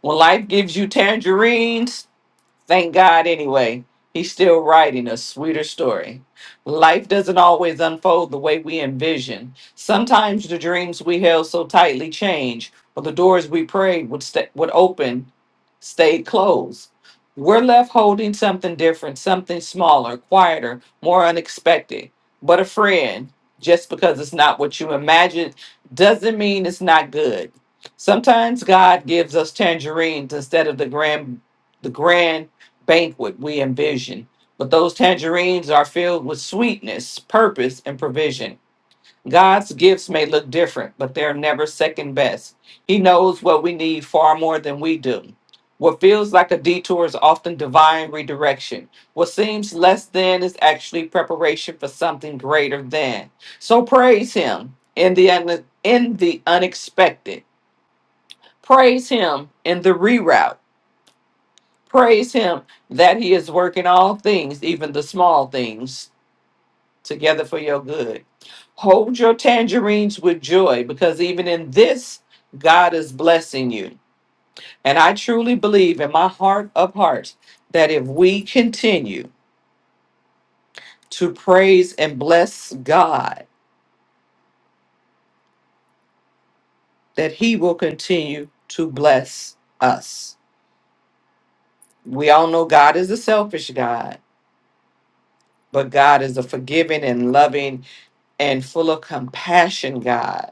S3: When life gives you tangerines, Thank God, anyway, he's still writing a sweeter story. Life doesn't always unfold the way we envision. Sometimes the dreams we held so tightly change, or the doors we prayed would, sta would open stayed closed. We're left holding something different, something smaller, quieter, more unexpected. But a friend, just because it's not what you imagined, doesn't mean it's not good. Sometimes God gives us tangerines instead of the grand, the grand banquet we envision. But those tangerines are filled with sweetness, purpose, and provision. God's gifts may look different, but they're never second best. He knows what we need far more than we do. What feels like a detour is often divine redirection. What seems less than is actually preparation for something greater than. So praise Him in the, un- in the unexpected. Praise Him in the reroute. Praise him that he is working all things, even the small things, together for your good. Hold your tangerines with joy because even in this, God is blessing you. And I truly believe in my heart of hearts that if we continue to praise and bless God, that he will continue to bless us. We all know God is a selfish God, but God is a forgiving and loving and full of compassion God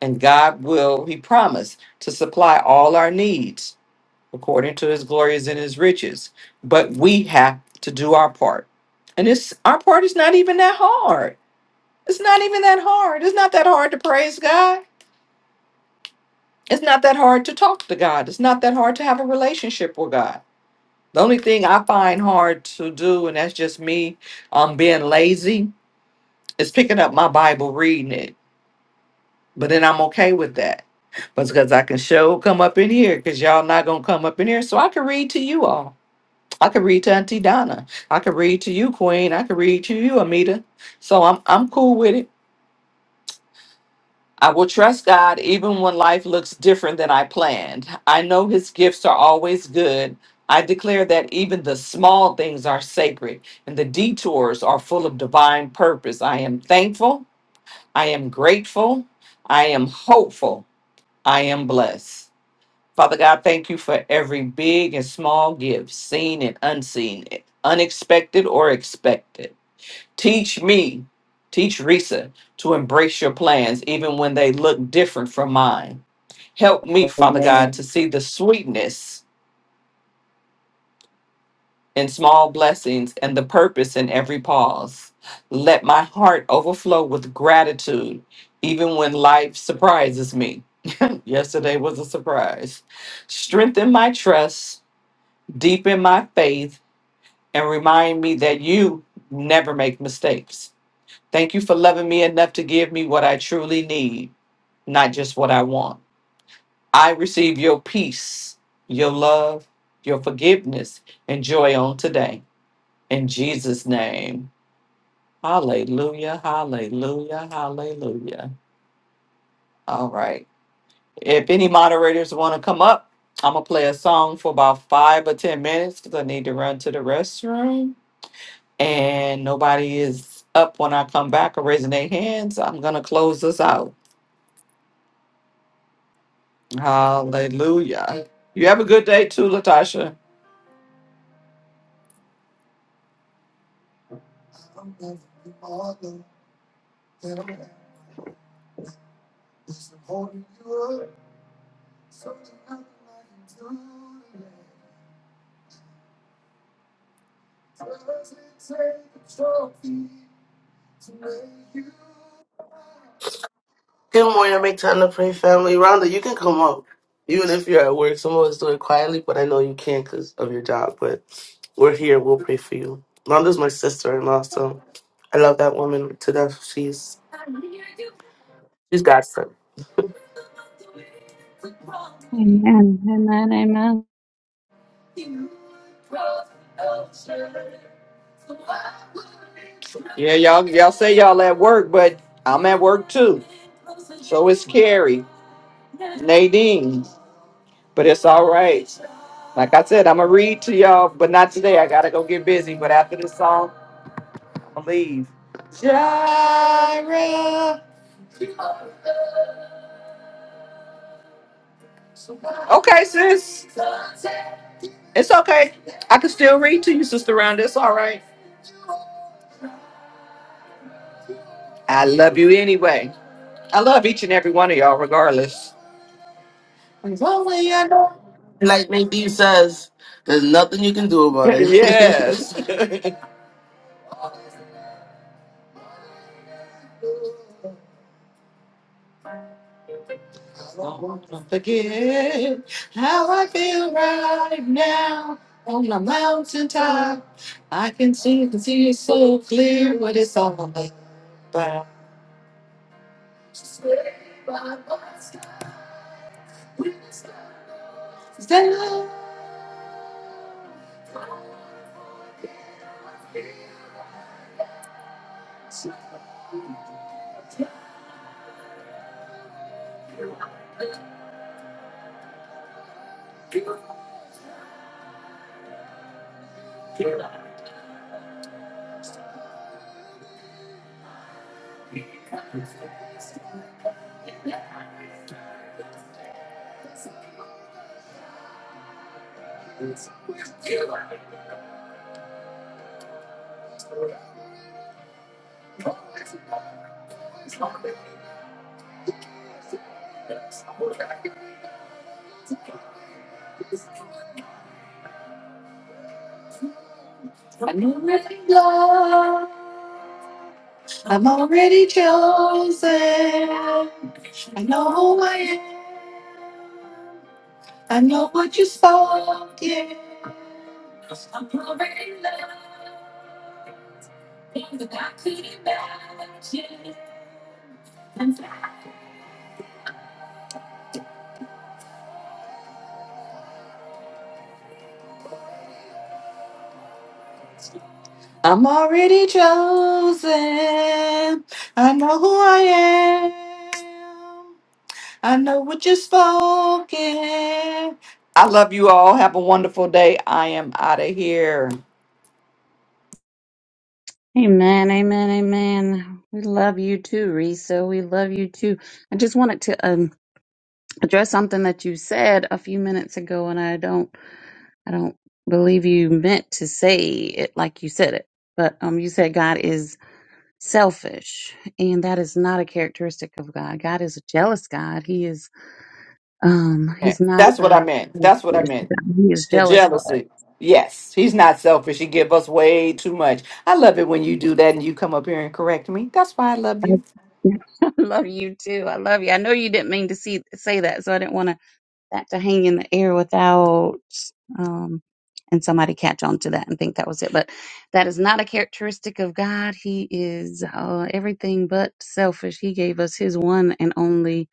S3: and God will, he promised, to supply all our needs according to his glories and his riches. But we have to do our part. And it's our part is not even that hard. It's not even that hard. It's not that hard to praise God. It's not that hard to talk to God. It's not that hard to have a relationship with God. The only thing I find hard to do, and that's just me um being lazy, is picking up my Bible, reading it. But then I'm okay with that. but Because I can show come up in here because y'all not gonna come up in here. So I can read to you all. I can read to Auntie Donna. I can read to you, Queen. I can read to you, Amita. So I'm I'm cool with it. I will trust God even when life looks different than I planned. I know his gifts are always good. I declare that even the small things are sacred and the detours are full of divine purpose. I am thankful. I am grateful. I am hopeful. I am blessed. Father God, thank you for every big and small gift, seen and unseen, unexpected or expected. Teach me, teach Risa to embrace your plans even when they look different from mine. Help me, Father God, to
S6: Amen.
S3: see the sweetness in small blessings and the purpose in every pause. Let my heart overflow with gratitude even when life surprises me. Yesterday was a surprise. Strengthen my trust deepen my faith, and remind me that you never make mistakes. Thank you for loving me enough to give me what I truly need, not just what I want. I receive your peace, your love, your forgiveness, and joy on today. In Jesus' name. Hallelujah, hallelujah, hallelujah. All right. If any moderators want to come up, I'm going to play a song for about five or 10 minutes because I need to run to the restroom. and nobody is up when I come back or raising their hands, I'm gonna close this out. Hallelujah. You have a good day too, Latasha.
S8: Good morning. Make time to pray, family. Rhonda, you can come up, even if you're at work. Some of us do it quietly, but I know you can because of your job. But we're here. We'll pray for you. Rhonda's my sister-in-law, so I love that woman to death. She's she's God's son.
S9: Amen. Amen. Amen.
S3: Yeah, y'all y'all say y'all at work, but I'm at work too. So is Carrie, Nadine. But it's all right. Like I said, I'm gonna read to y'all, but not today. I gotta go get busy. But after this song, I'm gonna leave. Jaira. Okay, sis. It's okay. I can still read to you, Sister Round. It's all right. I love you anyway. I love each and every one of y'all, regardless. As long as you know-
S8: Like Nadine says, there's nothing you can do about it.
S3: yes. Don't forget how I feel right now on the mountaintop. I can see, can see so clear what it's all about. I'm, al- I'm already chosen. I know who I am. I know what you're smoking. I love you all. Have a wonderful day. I am out of here.
S9: Amen. Amen. Amen. We love you too, Risa. We love you too. I just wanted to um, address something that you said a few minutes ago, and I don't, I don't believe you meant to say it like you said it. But um, you said God is selfish, and that is not a characteristic of God. God is a jealous God. He is, um,
S3: Yeah,
S9: he's not
S3: That's what I
S9: a.
S3: meant. That's what I meant.
S9: He is
S3: The
S9: jealous for
S3: jealousy. Yes, he's not selfish. He give us way too much. I love it when you do that and you come up here and correct me. That's why I love
S9: I
S3: you.
S9: I love you too. I love you. I know you didn't mean to see say that, so I didn't want to that to hang in the air without um and somebody catch on to that and think that was it. But that is not a characteristic of God. He is uh, everything but selfish. He gave us His one and only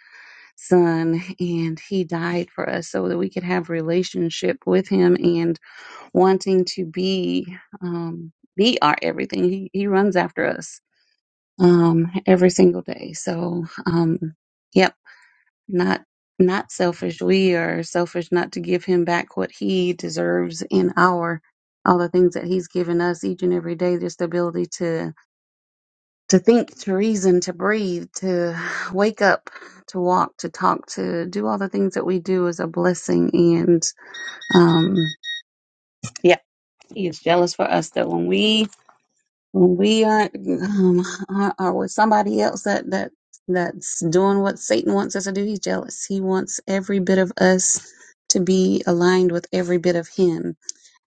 S9: Son, and He died for us so that we could have relationship with Him and wanting to be um, be our everything. He, he runs after us um, every single day. So, um, yep, not not selfish. We are selfish not to give him back what he deserves in our all the things that he's given us each and every day. Just the ability to to think, to reason, to breathe, to wake up, to walk, to talk, to do all the things that we do is a blessing. And um, yeah, he is jealous for us that when we when we aren't um, are, are with somebody else that that that's doing what Satan wants us to do, he's jealous. He wants every bit of us to be aligned with every bit of him.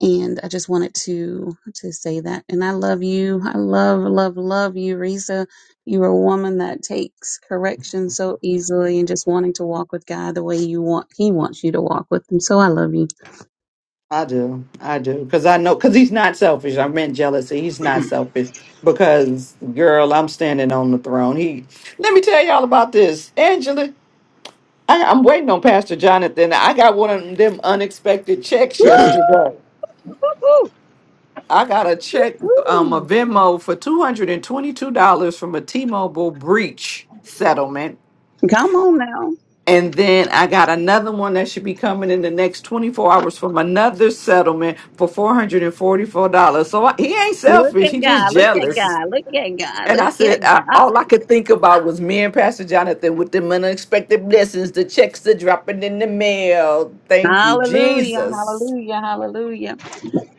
S9: And I just wanted to to say that. And I love you. I love love love you, Risa. You're a woman that takes correction so easily and just wanting to walk with God the way you want. He wants you to walk with him. So I love you.
S3: I do. I do. Because I know, because he's not selfish. I meant jealousy. He's not selfish. Because, girl, I'm standing on the throne. He, let me tell y'all about this. Angela I, I'm waiting on Pastor Jonathan. I got one of them unexpected checks yesterday.
S9: Woo! Woo!
S3: I got a check, um, a
S9: Woo!
S3: Venmo for two hundred and twenty-two dollars from a T-Mobile breach settlement,
S9: Woo! Come on now.
S3: and then I got another one that should be coming in the next twenty-four hours from another settlement for four hundred and forty-four dollars. So I, he ain't
S9: Look
S3: selfish;
S9: at
S3: he just
S9: God. Look at
S3: jealous.
S9: God. Look at God.
S3: And I
S9: Look at
S3: said, I,
S9: God.
S3: all I could think about was me and Pastor Jonathan with them unexpected blessings, the checks that dropping in the mail. Thank you,
S9: Hallelujah.
S3: Jesus.
S9: Hallelujah. Hallelujah.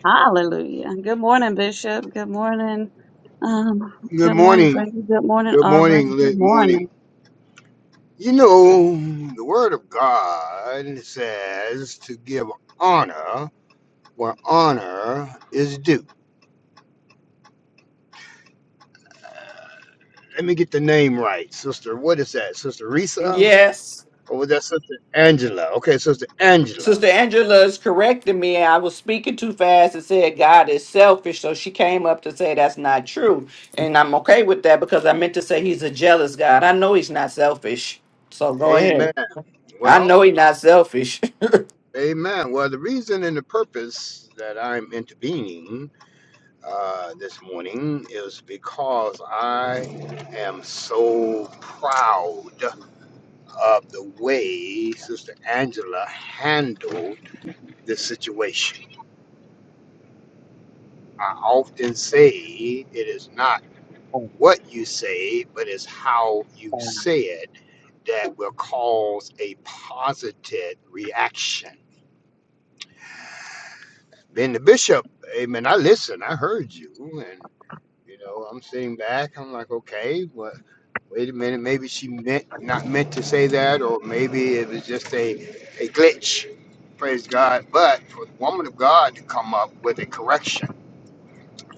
S9: Hallelujah. Good morning, Bishop. Good morning. Um,
S5: Good
S9: good morning,
S5: morning.
S9: Frankie. Good morning,
S5: Good
S9: Aubrey.
S5: morning.
S9: Good
S5: Good morning.
S9: morning.
S5: You know, the Word of God says to give honor where honor is due. Let me get the name right, Sister. What is that, Sister Risa?
S3: Yes.
S5: Or was that Sister Angela? Okay, Sister
S3: Sister
S5: Angela.
S3: Angela is correcting me. I was speaking too fast and said God is selfish. So she came up to say that's not true. And I'm okay with that because I meant to say he's a jealous God. I know he's not selfish. So go
S5: Amen.
S3: ahead. I
S5: Well,
S3: know he's not selfish.
S5: amen. Well, the reason and the purpose that I'm intervening uh, this morning is because I am so proud of the way Sister Angela handled the situation. I often say it is not what you say, but it's how you say it that will cause a positive reaction. Then the bishop, amen, I listened, I heard you, and. You know, I'm sitting back. I'm like, okay, well, wait a minute. Maybe she meant not meant to say that, or maybe it was just a a glitch. Praise God. But for the woman of God to come up with a correction,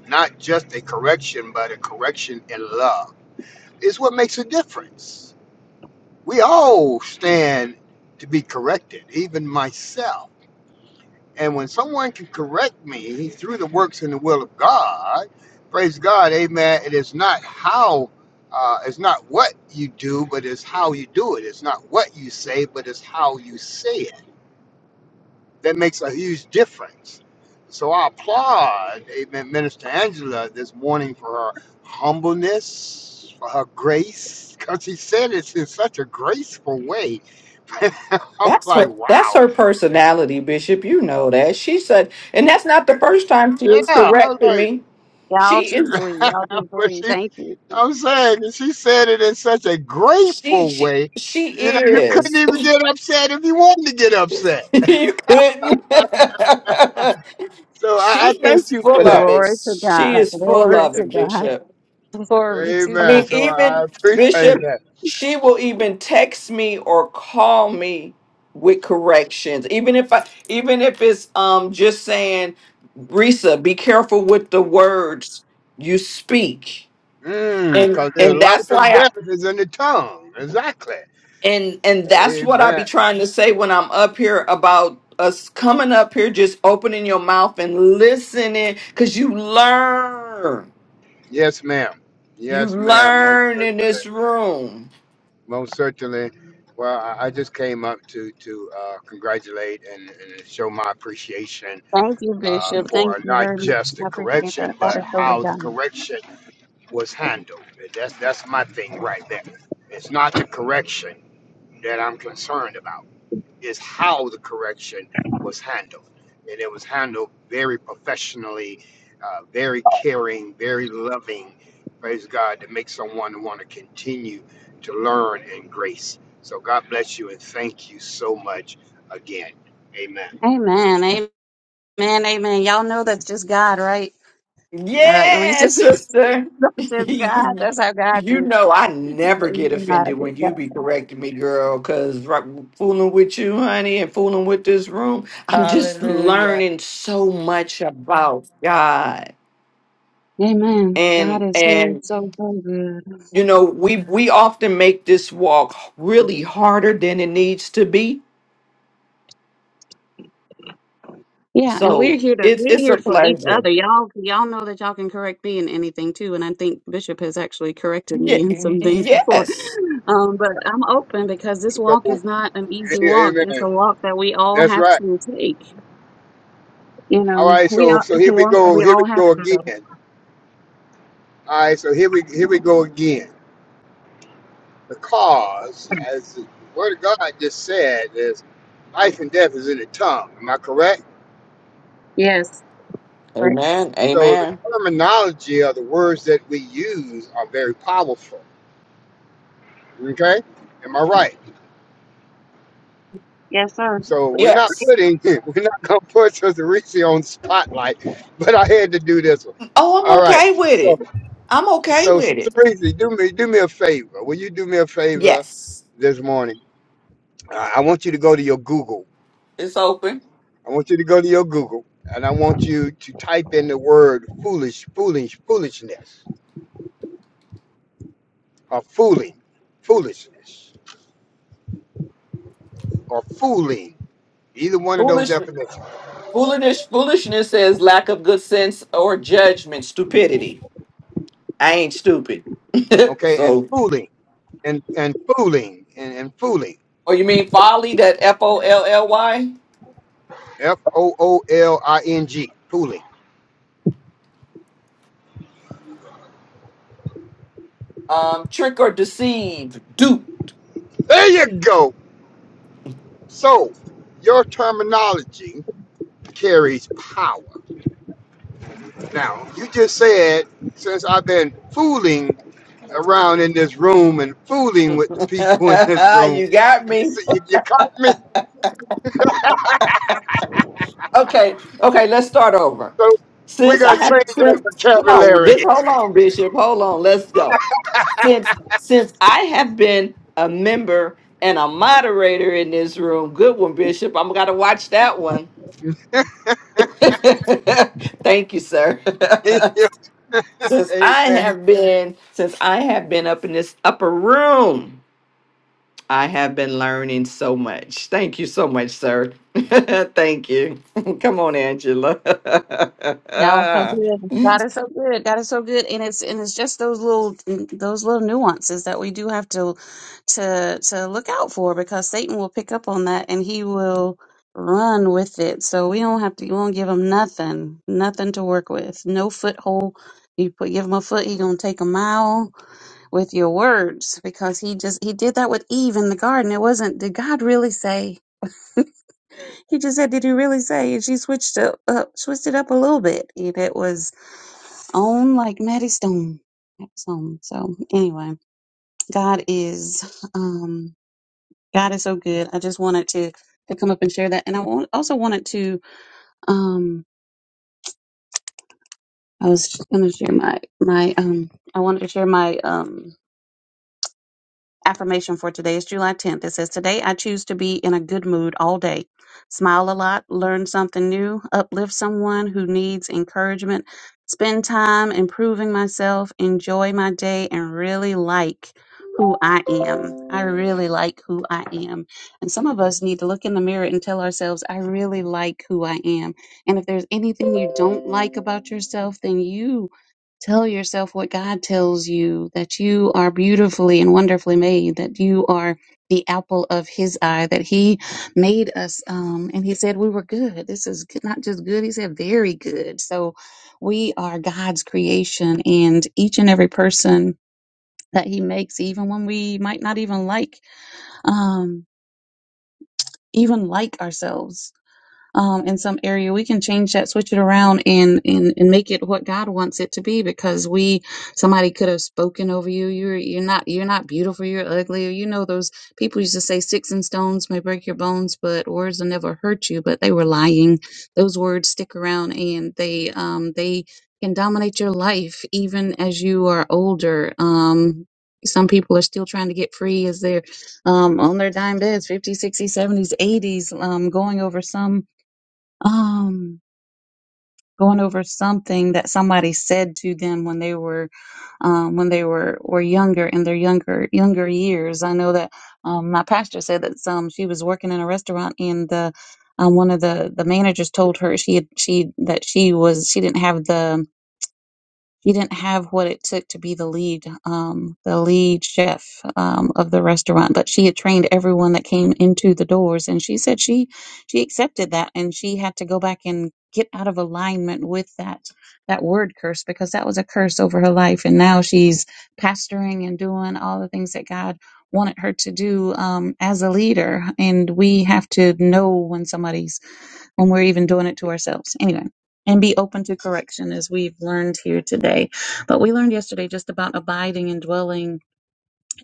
S5: not just a correction, but a correction in love, is what makes a difference. We all stand to be corrected, even myself and when someone can correct me through the works and the will of God, praise God, amen. It is not how, uh, it's not what you do, but it's how you do it. It's not what you say, but it's how you say it. That makes a huge difference. So I applaud, amen, Minister Angela this morning for her humbleness, for her grace, because she said it in such a graceful way. I'm
S3: That's
S5: like,
S3: her, that's
S5: wow.
S3: her personality, Bishop. You know that. She said, and that's not the first time she is
S5: Yeah, I was like,
S3: correcting me.
S9: Y'all
S3: She
S9: just
S3: is
S9: leave. Y'all just
S5: but
S9: leave.
S5: she,
S9: Thank you.
S5: I'm saying she said it in such a
S3: she
S5: grateful
S3: she
S5: way.
S3: she
S5: You know, you couldn't
S3: is.
S5: even get upset if you wanted to get upset.
S3: you couldn't.
S5: So I, I
S3: she
S5: thank
S3: is
S5: you for
S3: full of
S5: that.
S3: it.
S9: Glory to
S3: She
S9: God.
S3: is full
S9: Glory
S3: of
S9: to
S3: it,
S9: God.
S3: Bishop.
S9: Glory to
S3: I
S5: Amen.
S3: mean,
S9: God.
S5: So I
S3: even
S5: appreciate
S3: Bishop,
S5: that.
S3: she will even text me or call me with corrections. Even if I even if it's um just saying, Risa, be careful with the words you speak.
S5: Mm,
S3: And
S5: because there's
S3: and that's
S5: life and
S3: why I
S5: death is in the tongue. Exactly.
S3: and and that's what I be
S5: Amen.
S3: trying to say when I'm up here about us coming up here, just opening your mouth and listening, cause you learn.
S5: Yes, ma'am.
S3: You
S5: Yes, ma'am. Most
S3: learn in
S5: certainly.
S3: this room.
S5: Most certainly. Well, I, I just came up to to uh, congratulate and, and show my appreciation
S9: Thank you,
S5: uh,
S9: Bishop. Thank
S5: for
S9: you
S5: not
S9: very much.
S5: just the
S9: I appreciate that.
S5: correction,
S9: That
S5: but
S9: is over
S5: how the
S9: God.
S5: correction was handled. That's that's my thing right there. It's not the correction that I'm concerned about. It's how the correction was handled, and it was handled very professionally, uh, very caring, very loving. Praise God to make someone want to continue to learn in grace. So God bless you and thank you so much again. Amen.
S9: Amen. Amen. Amen. Y'all know that's just God, right? Uh,
S3: Yeah,
S9: Reese's
S3: sister.
S9: that's just God. That's how God
S3: you
S9: is.
S3: know I never
S9: That
S3: get
S9: is God.
S3: offended
S9: That's
S3: when you
S9: God.
S3: be correcting me, girl, because fooling with you, honey, and fooling with this room, I'm just
S6: Hallelujah.
S3: learning so much about God.
S9: Amen. God
S3: And
S9: is so,
S3: and
S9: so, so good.
S3: you know, we we often make this walk really harder than it needs to be.
S9: Yeah, and we're
S3: So
S9: here to
S3: it's
S9: we're
S3: it's
S9: here
S3: a
S9: for each
S3: pleasure.
S9: other. Y'all y'all know that y'all can correct me in anything too, and I think Bishop has actually corrected me in
S3: Ye-
S9: some things before.
S3: yes.
S9: Um, but I'm open because this walk
S5: So,
S9: is not an easy
S5: a-
S9: walk. It's
S5: amen.
S9: a walk that we all
S5: That's
S9: have
S5: right.
S9: to take. You
S5: All
S9: know,
S5: right,
S9: we
S5: so
S9: all
S5: so
S9: it's a
S5: here we
S9: walk that
S5: go.
S9: we
S5: Here we
S9: all have
S5: go
S9: to do.
S5: again. All right, so here we here we go again. Because as the word of God just said, is life and death is in the tongue. Am I correct?
S9: Yes, right.
S3: Amen.
S5: So the
S3: Amen.
S5: terminology of the words that we use are very powerful. Okay, am I right?
S9: Yes, sir.
S5: So we're not
S3: Yes.
S5: putting we're not gonna put Sister Reese on the spotlight, but I had to do this one.
S3: Oh, I'm
S5: All right,
S3: okay with
S5: so
S3: it. I'm okay
S5: so
S3: with
S5: Sister
S3: it.
S5: Reese, do me do me a favor. Will you do me a favor
S3: Yes.
S5: this morning? I I want you to go to your Google.
S3: It's open.
S5: I want you to go to your Google and I want you to type in the word foolish, foolish, foolishness, or fooling, foolishness, or fooling, either one of those
S3: Foolish,
S5: definitions.
S3: foolishness, foolishness says lack of good sense or judgment, stupidity. I ain't stupid.
S5: Okay, and
S3: so,
S5: fooling, and, and fooling, and, and fooling,
S3: or you mean folly? That F O L L Y.
S5: F O O L I N G, fooling.
S3: Um, trick or deceive, dupe.
S5: There you go. So, your terminology carries power. Now, you just said, since I've been fooling around in this room and fooling with the people in this room.
S3: you got
S5: You
S3: me.
S5: see, you, you caught me?
S3: Okay, okay, let's start over.
S5: So we're
S3: Since I
S5: going to
S3: have,
S5: change our
S3: since, come on,
S5: vocabulary.
S3: just hold on, Bishop, hold on, let's go. Since, since I have been a member and a moderator in this room, good one, Bishop, I'm gonna watch that one. Thank you, sir. since I
S5: Amen.
S3: have been, since I have been up in this upper room. I have been learning so much. Thank you so much, sir. Thank you. Come on, Angela.
S9: Y'all so good. God is so good. God is so good. And it's and it's just those little those little nuances that we do have to to to look out for because Satan will pick up on that and he will run with it. So we don't have to we won't give him nothing, nothing to work with. No foothold. You put give him a foot, he gonna take a mile with your words because he just he did that with Eve in the garden. It wasn't did God really say? He just said, "Did you really say?" And she switched up, uh, switched it up a little bit, and it was on like Maddie Stone. That was on. So anyway, God is, um, God is so good. I just wanted to to come up and share that, and I wa- also wanted to, um, I was going to share my my, um, I wanted to share my, um. Affirmation for today is July 10th. It says, Today I choose to be in a good mood all day, smile a lot, learn something new, uplift someone who needs encouragement, spend time improving myself, enjoy my day, and really like who I am. I really like who I am. And some of us need to look in the mirror and tell ourselves, I really like who I am. And if there's anything you don't like about yourself, then you Tell yourself what God tells you that you are beautifully and wonderfully made, that you are the apple of His eye, that He made us. Um, and He said we were good. This is good- not just good, He said very good. So we are God's creation, and each and every person that He makes, even when we might not even like, um, even like ourselves um, in some area, we can change that, switch it around, and, and and make it what God wants it to be. Because we, somebody could have spoken over you. You're you're not you're not beautiful. You're ugly. you know those people used to say sticks and stones may break your bones, but words will never hurt you. But they were lying. Those words stick around, and they um they can dominate your life even as you are older. Um. Some people are still trying to get free as they're um, on their dime beds, 50s, 60s, 70s, 80s, um, going over some um going over something that somebody said to them when they were um when they were were younger in their younger younger years i know that um my pastor said that some she was working in a restaurant and the um, one of the the managers told her she had she that she was she didn't have the he didn't have what it took to be the lead um, the lead chef um, of the restaurant but she had trained everyone that came into the doors and she said she she accepted that and she had to go back and get out of alignment with that that word curse because that was a curse over her life and now she's pastoring and doing all the things that god wanted her to do um, as a leader and we have to know when somebody's when we're even doing it to ourselves anyway and be open to correction as we've learned here today. But we learned yesterday just about abiding and dwelling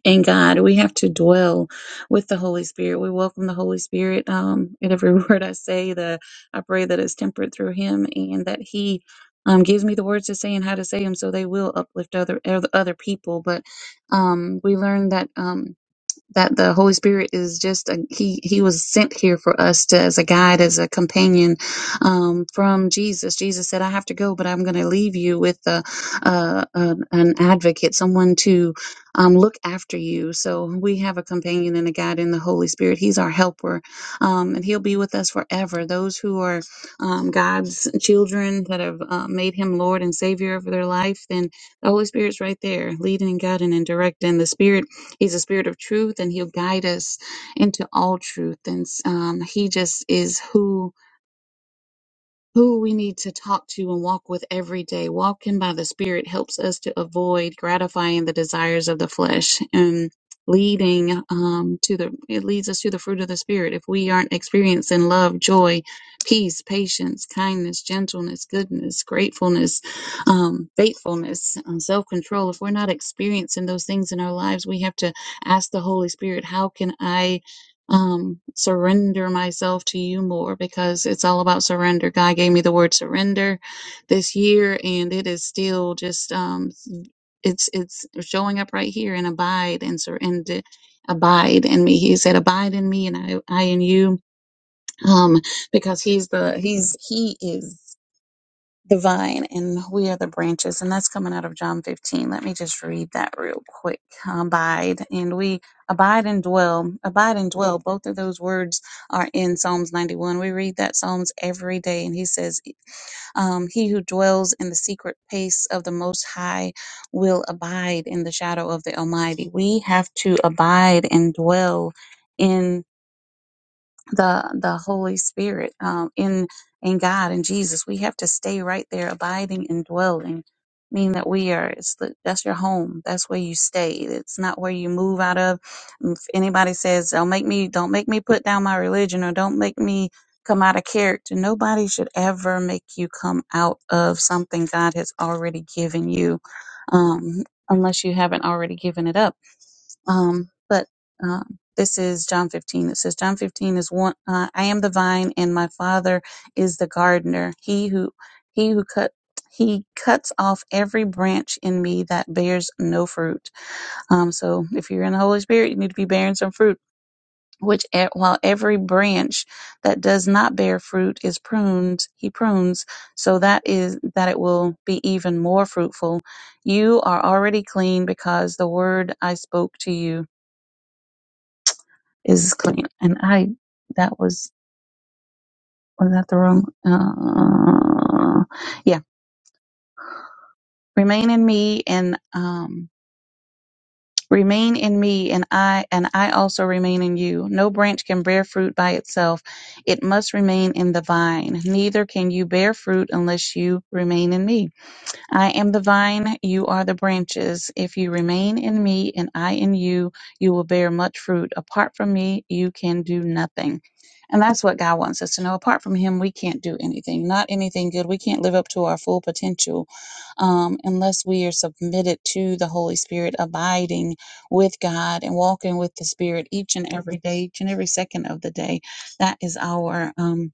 S9: in God. We have to dwell with the Holy Spirit. We welcome the Holy Spirit um, in every word I say. The I pray that it's tempered through Him and that He um, gives me the words to say and how to say them, so they will uplift other other other people. But um, we learned that. Um, that the Holy Spirit is just a, he he was sent here for us to as a guide, as a companion um, from Jesus. Jesus said, "I have to go, but I'm going to leave you with a, a, an an advocate, someone to um, look after you." So we have a companion and a guide in the Holy Spirit. He's our helper, um, and He'll be with us forever. Those who are um, God's children that have uh, made Him Lord and Savior of their life, then the Holy Spirit's right there, leading and guiding and directing. The Spirit He's a spirit of truth and he'll guide us into all truth. And um, he just is who who we need to talk to and walk with every day. Walking by the Spirit helps us to avoid gratifying the desires of the flesh and leading um, to the, it leads us to the fruit of the Spirit. If we aren't experiencing love, joy, peace, patience, kindness, gentleness, goodness, gratefulness, um, faithfulness, um, self control, if we're not experiencing those things in our lives, we have to ask the Holy Spirit, how can I? um, surrender myself to you more because it's all about surrender. God gave me the word surrender this year, and it is still just um, it's it's showing up right here and abide and surrender, abide in me. He said, "Abide in me, and I I in you," um, because he's the he's he is the vine and we are the branches and that's coming out of john 15 let me just read that real quick abide and we abide and dwell abide and dwell both of those words are in psalms 91 we read that psalms every day and he says um, he who dwells in the secret place of the most high will abide in the shadow of the almighty we have to abide and dwell the the Holy Spirit um, in in God and Jesus. We have to stay right there, abiding and dwelling, meaning that we are. It's the, that's your home. That's where you stay. It's not where you move out of. If anybody says, "Don't make me," don't make me put down my religion, or don't make me come out of character. Nobody should ever make you come out of something God has already given you, um, unless you haven't already given it up um, but um, this is John 15. It says, John 15 is one, uh, I am the vine and my father is the gardener. He who, he who cut, he cuts off every branch in me that bears no fruit. Um, so if you're in the Holy Spirit, you need to be bearing some fruit. Which, e- while every branch that does not bear fruit is pruned, he prunes, so that is that it will be even more fruitful. You are already clean because the word I spoke to you is clean. And I, that was, was that the wrong? Uh, yeah. Remain in me and, um, remain in me and I, and I also remain in you. No branch can bear fruit by itself. It must remain in the vine. Neither can you bear fruit unless you remain in me. I am the vine, you are the branches. If you remain in me and I in you, you will bear much fruit. Apart from me, you can do nothing. And that's what God wants us to know. Apart from Him, we can't do anything, not anything good. We can't live up to our full potential um, unless we are submitted to the Holy Spirit, abiding with God and walking with the Spirit each and every day, each and every second of the day. That is our. Um,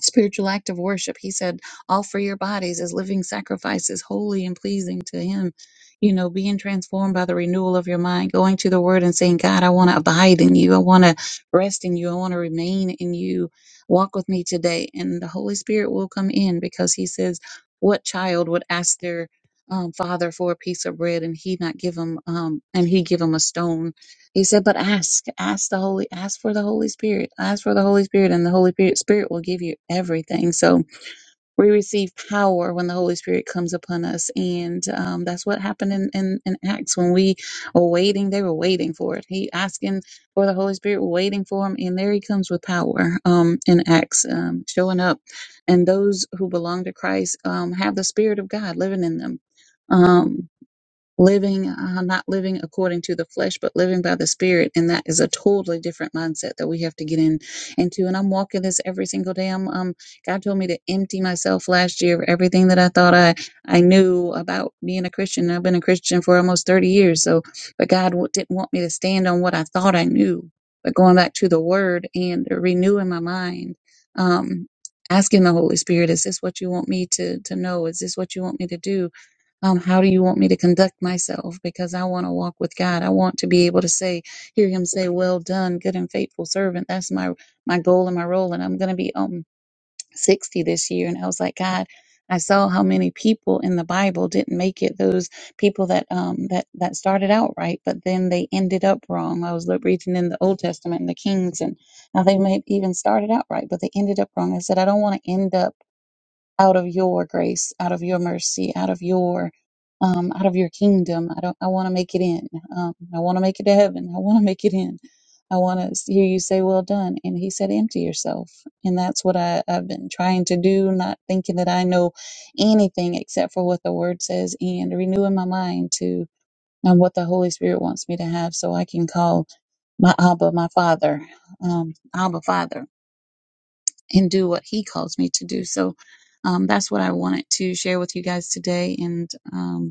S9: spiritual act of worship. He said, offer your bodies as living sacrifices, holy and pleasing to Him. You know, being transformed by the renewal of your mind, going to the Word and saying, God, I want to abide in you. I want to rest in you. I want to remain in you. Walk with me today. And the Holy Spirit will come in because He says, What child would ask their um, father for a piece of bread and he not give him um, and he give him a stone he said, but ask, ask the Holy, ask for the Holy Spirit, ask for the Holy Spirit, and the Holy Spirit, Spirit will give you everything. So we receive power when the Holy Spirit comes upon us. And um, that's what happened in, in, in Acts when we were waiting, they were waiting for it. He asking for the Holy Spirit, waiting for him. And there he comes with power um, in Acts, um, showing up. And those who belong to Christ um, have the Spirit of God living in them. Um, living uh, not living according to the flesh but living by the spirit and that is a totally different mindset that we have to get in into and i'm walking this every single day i'm um god told me to empty myself last year of everything that i thought i i knew about being a christian i've been a christian for almost 30 years so but god w- didn't want me to stand on what i thought i knew but going back to the word and renewing my mind um asking the holy spirit is this what you want me to to know is this what you want me to do um, how do you want me to conduct myself? Because I want to walk with God. I want to be able to say, hear Him say, "Well done, good and faithful servant." That's my my goal and my role. And I'm going to be um 60 this year. And I was like, God, I saw how many people in the Bible didn't make it. Those people that um that that started out right, but then they ended up wrong. I was look- reading in the Old Testament and the Kings, and now they may have even started out right, but they ended up wrong. I said, I don't want to end up out of your grace, out of your mercy, out of your um, out of your kingdom. I don't. I want to make it in. Um, I want to make it to heaven. I want to make it in. I want to hear you say, "Well done." And he said, "Empty yourself." And that's what I, I've been trying to do, not thinking that I know anything except for what the Word says, and renewing my mind to um, what the Holy Spirit wants me to have, so I can call my Abba, my Father, um, Abba Father and do what he calls me to do. So um, that's what I wanted to share with you guys today. And, um,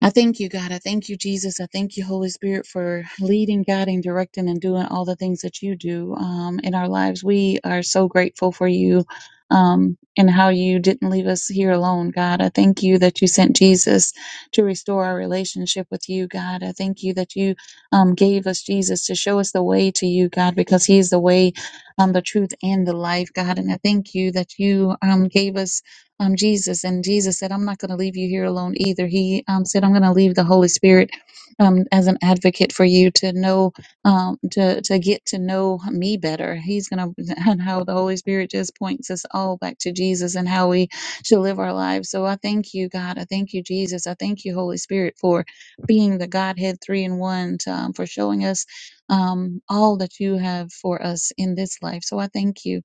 S9: I thank you, God. I thank you, Jesus. I thank you, Holy Spirit, for leading, guiding, directing, and doing all the things that you do um, in our lives. We are so grateful for you um, and how you didn't leave us here alone, God. I thank you that you sent Jesus to restore our relationship with you, God. I thank you that you um, gave us Jesus to show us the way to you, God, because He is the way, um, the truth, and the life, God. And I thank you that you um, gave us um, Jesus. And Jesus said, I'm not going to leave you here alone either. He um, said, I'm going to leave the Holy Spirit um, as an advocate for you to know, um, to, to get to know me better. He's going to, and how the Holy Spirit just points us all back to Jesus and how we should live our lives. So I thank you, God. I thank you, Jesus. I thank you, Holy Spirit, for being the Godhead three in one, to, um, for showing us um, all that you have for us in this life. So I thank you.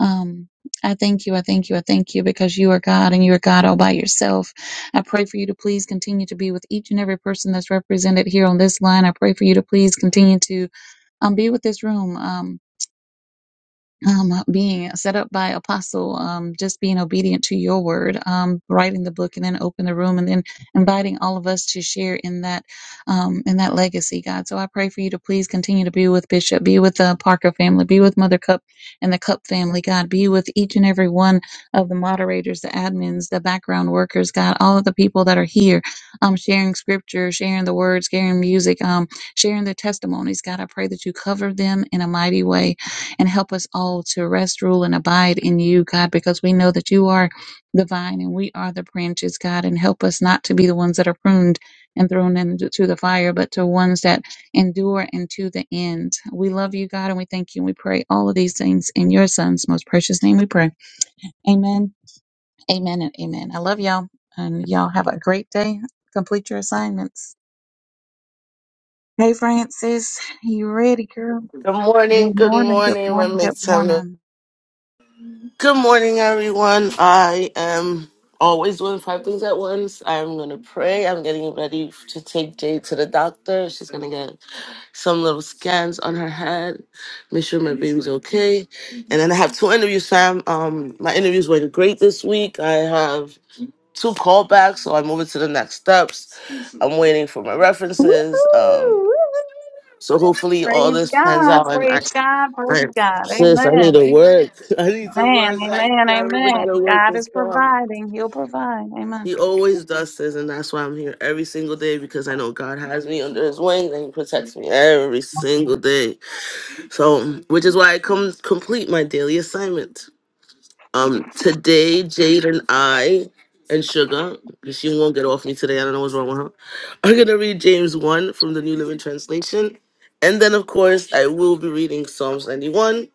S9: Um, I thank you. I thank you. I thank you because you are God and you are God all by yourself. I pray for you to please continue to be with each and every person that's represented here on this line. I pray for you to please continue to um, be with this room. Um, um, being set up by Apostle, um, just being obedient to your word, um, writing the book, and then open the room, and then inviting all of us to share in that um, in that legacy, God. So I pray for you to please continue to be with Bishop, be with the Parker family, be with Mother Cup and the Cup family, God. Be with each and every one of the moderators, the admins, the background workers, God. All of the people that are here, um, sharing scripture, sharing the words, sharing music, um, sharing their testimonies, God. I pray that you cover them in a mighty way and help us all to rest, rule, and abide in you, God, because we know that you are the vine and we are the branches, God, and help us not to be the ones that are pruned and thrown into the fire, but to ones that endure into the end. We love you, God, and we thank you, and we pray all of these things in your son's most precious name we pray. Amen, amen, and amen. I love y'all, and y'all have a great day. Complete your assignments. Hey, Francis, you ready, girl?
S8: good morning.
S9: Good
S8: Good
S9: morning, good
S8: morning. My
S9: morning, good
S8: make time to
S9: morning.
S8: Good morning, everyone. I am always doing five things at once. I'm going to pray. I'm getting ready to take Jay to the doctor. She's going to get some little scans on her head, make sure my baby's okay. And then I have two interviews, Sam. Um, my interviews went great this week. I have two callbacks, so I'm moving to the next steps. I'm waiting for my references. Um,
S9: Woohoo!
S8: so hopefully all
S9: Praise
S8: this plans
S9: God,
S8: out. and. I
S9: praise God,
S8: I,
S9: praise God.
S8: sis, I need
S9: Amen.
S8: to work. I need to
S9: Amen,
S8: work. Like,
S9: amen,
S8: I haven't been
S9: amen.
S8: out of work
S9: God
S8: this
S9: is
S8: long.
S9: providing. He'll provide. Amen.
S8: He always does this, and that's why I'm here every single day because I know God has me under His wing and He protects me every single day. So, which is why I come complete my daily assignment. Um, today, Jade and I and Sugar, because she won't get off me today. I don't know what's wrong with her. I'm gonna read James one from the New Living Translation, and then of course I will be reading Psalms 91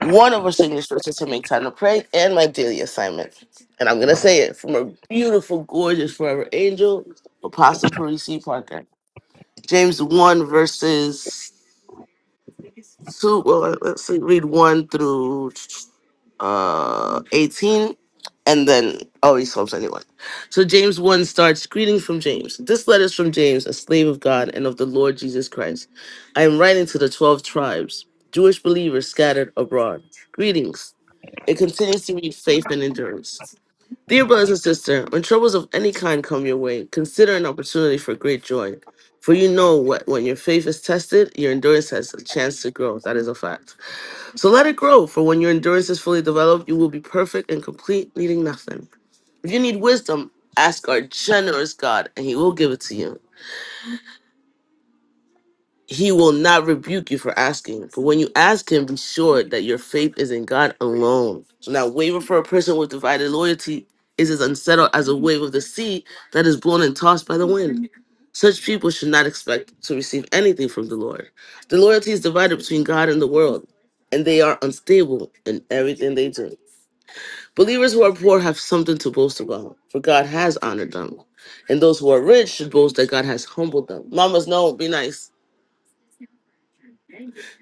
S8: one of our senior is to make time to pray and my daily assignment. And I'm gonna say it from a beautiful, gorgeous forever angel, Apostle Parisi Parker. James one verses two. Well, let's see, read one through uh eighteen, and then oh, he Psalms anyone. So James one starts greeting from James. This letter is from James, a slave of God and of the Lord Jesus Christ. I am writing to the twelve tribes, Jewish believers scattered abroad. Greetings. It continues to need faith and endurance. Dear brothers and sisters, when troubles of any kind come your way, consider an opportunity for great joy. For you know what when your faith is tested, your endurance has a chance to grow. That is a fact. So let it grow, for when your endurance is fully developed, you will be perfect and complete, needing nothing. If you need wisdom, ask our generous God, and he will give it to you. he will not rebuke you for asking. But when you ask him, be sure that your faith is in God alone. So Now, wavering for a person with divided loyalty is as unsettled as a wave of the sea that is blown and tossed by the wind. Such people should not expect to receive anything from the Lord. The loyalty is divided between God and the world, and they are unstable in everything they do. Believers who are poor have something to boast about, for God has honored them. And those who are rich should boast that God has humbled them. Mamas, no, be nice.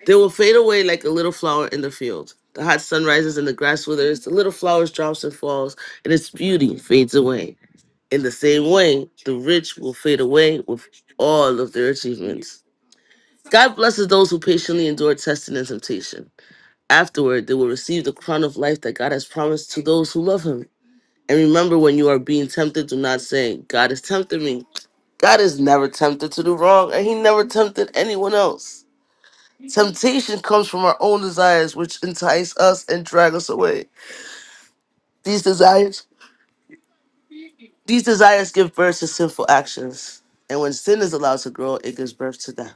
S8: They will fade away like a little flower in the field. The hot sun rises and the grass withers, the little flowers drops and falls, and its beauty fades away. In the same way, the rich will fade away with all of their achievements. God blesses those who patiently endure testing and temptation. Afterward, they will receive the crown of life that God has promised to those who love Him. And remember, when you are being tempted, do not say, God is tempting me. God is never tempted to do wrong, and He never tempted anyone else. Temptation comes from our own desires, which entice us and drag us away. These desires, these desires give birth to sinful actions, and when sin is allowed to grow, it gives birth to death.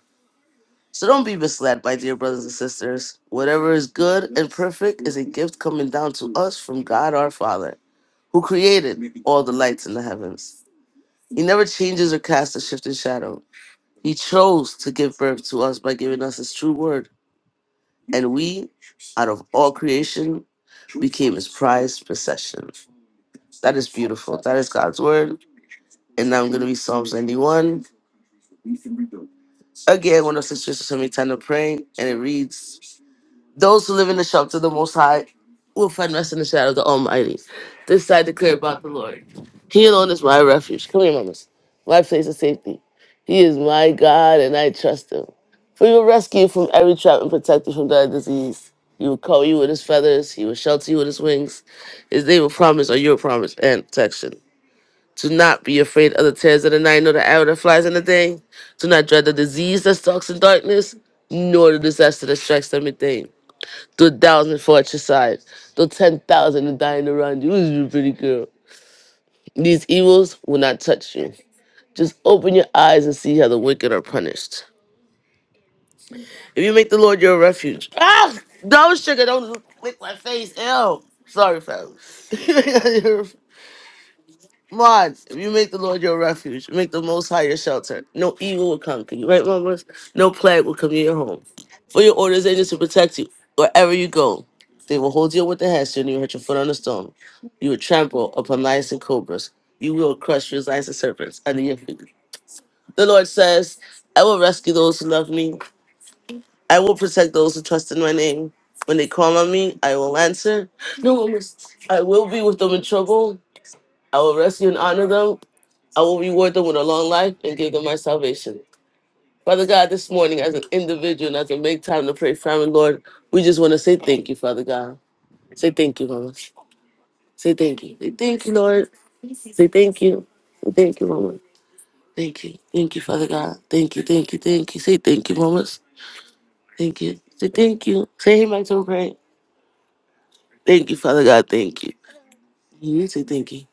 S8: So don't be misled, my dear brothers and sisters. Whatever is good and perfect is a gift coming down to us from God our Father, who created all the lights in the heavens. He never changes or casts a shifting shadow. He chose to give birth to us by giving us His true word and we, out of all creation, became his prized possession. That is beautiful. That is God's word. And now I'm going to read Psalms 91. Again, one of the sisters told me time to pray, and it reads those who live in the shelter of the Most High will find rest in the shadow of the Almighty. This I declare about the Lord. He alone is my refuge. Come here, mamas. My place of safety. He is my God, and I trust him. For he will rescue you from every trap and protect you from deadly disease. He will cover you with his feathers. He will shelter you with his wings. His name will promise or your promise and protection. Do not be afraid of the terrors of the night, nor the arrow that flies in the day. Do not dread the disease that stalks in darkness, nor the disaster that strikes them in midday the thousand for exercise, the ten thousand are dying around you. This is a pretty girl. These evils will not touch you. Just open your eyes and see how the wicked are punished. If you make the Lord your refuge, ah, don't sugar, don't lick my face. Ew. Sorry, fam. Mods, if you make the Lord your refuge, make the Most High your shelter. No evil will conquer you, right, mamas? No plague will come near your home. For your orders angels to protect you wherever you go. They will hold you with the hand, and you will hurt your foot on the stone. You will trample upon lions and cobras. You will crush your lions and serpents under your feet. The Lord says, I will rescue those who love me. I will protect those who trust in my name. When they call on me, I will answer. No, mamas, I will be with them in trouble. I will rescue and honor them. I will reward them with a long life and give them my salvation. Father God, this morning, as an individual and as a make time to pray, family, Lord, we just want to say thank you, Father God. Say thank you, Mama. Say thank you. Say thank you, Lord. Say thank you. Say thank you, Mama. Thank you. Thank you, Father God. Thank you, thank you, thank you. Say thank you, Mama. Thank you. Say thank you. Say hey, my tongue pray. Thank you, Father God. Thank you. You need to say thank you.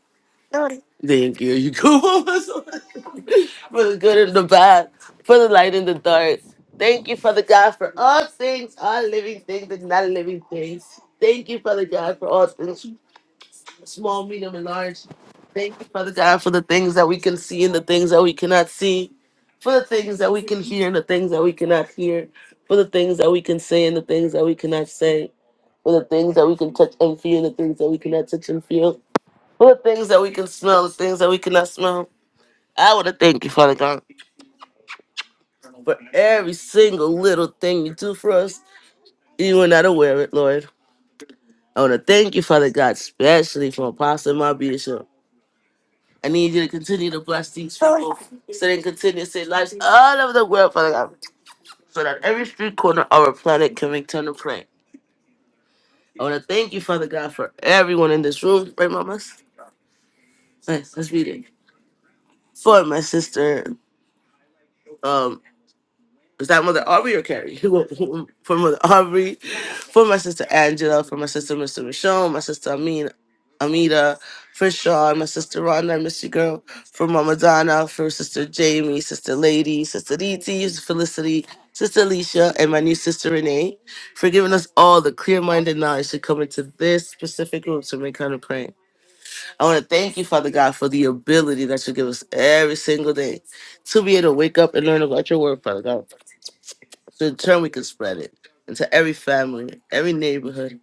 S8: Lord. Thank you. You go, Mama. for the good and the bad, for the light and the dark. Thank you, Father God, for all things, all living things and not living things. Thank you, Father God, for all things, small, medium, and large. Thank you, Father God, for the things that we can see and the things that we cannot see, for the things that we can hear and the things that we cannot hear, for the things that we can say and the things that we cannot say, for the things that we can touch and feel and the things that we cannot touch and feel, for the things that we can smell, the things that we cannot smell. I want to thank you, Father God. for every single little thing you do for us. You are not aware of it, Lord. I want to thank you, Father God, especially for Apostle and my bishop. I need you to continue to bless these people so they can continue to save lives all over the world, Father God, so that every street corner of our planet can return to pray. I want to thank you, Father God, for everyone in this room. Right, mamas? Nice. Let's read it. For my sister. um, Was that Mother Aubrey or Carrie? Who, who, for Mother Aubrey, for my sister Angela, for my sister Mr. Michonne, my sister Amin, Amita, for Sean, my sister Rhonda, I miss you, girl, for Mama Donna, for sister Jamie, sister Lady, sister DT, sister Felicity, sister Alicia, and my new sister Renee, for giving us all the clear minded knowledge to come into this specific room to make kind of praying. I want to thank you, Father God, for the ability that you give us every single day to be able to wake up and learn about your word, Father God. So in turn, we can spread it into every family, every neighborhood,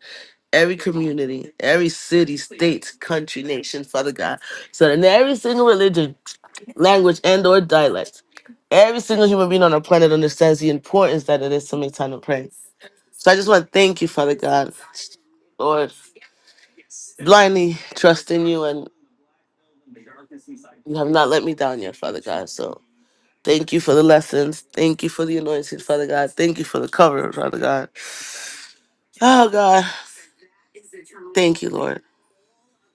S8: every community, every city, state, country, nation, Father God. So that in every single religion, language, and or dialect, every single human being on our planet understands the importance that it is to make time to pray. So I just want to thank you, Father God, Lord, blindly trust in you, and you have not let me down yet, Father God. So thank you for the lessons. Thank you for the anointing, Father God. Thank you for the cover, Father God. Oh, God. Thank you, Lord.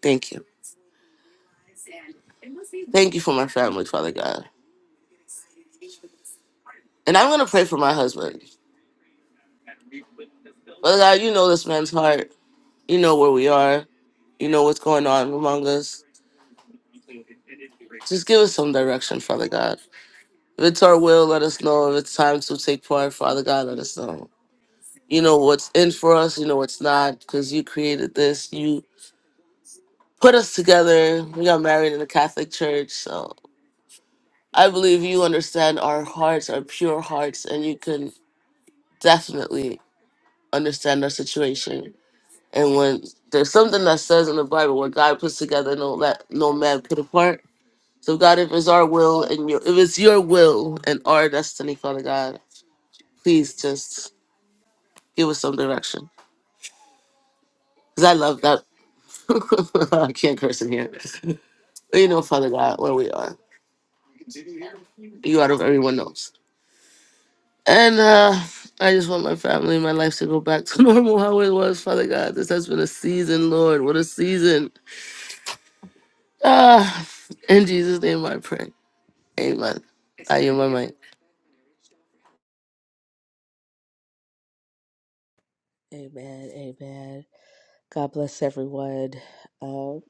S8: Thank you. Thank you for my family, Father God. And I'm going to pray for my husband. Father God, you know this man's heart. You know where we are. You know what's going on among us. Just give us some direction, Father God. If it's our will, let us know. If it's time to take part, Father God, let us know. You know what's in for us. You know what's not, because you created this. You put us together. We got married in the Catholic Church. So I believe you understand our hearts, our pure hearts, and you can definitely. understand our situation. And when there's something that says in the Bible, what God puts together, no let no man put apart. So God, if it's our will and your if it's your will and our destiny, Father God, please just give us some direction. Cause I love that. I can't curse in here. But you know, Father God, where we are. You out of everyone knows. And uh I just want my family and my life to go back to normal how it was, Father God. This has been a season, Lord. What a season. Ah, in Jesus' name I pray. Amen. I am my mind.
S10: Amen. Amen. God bless everyone. Um,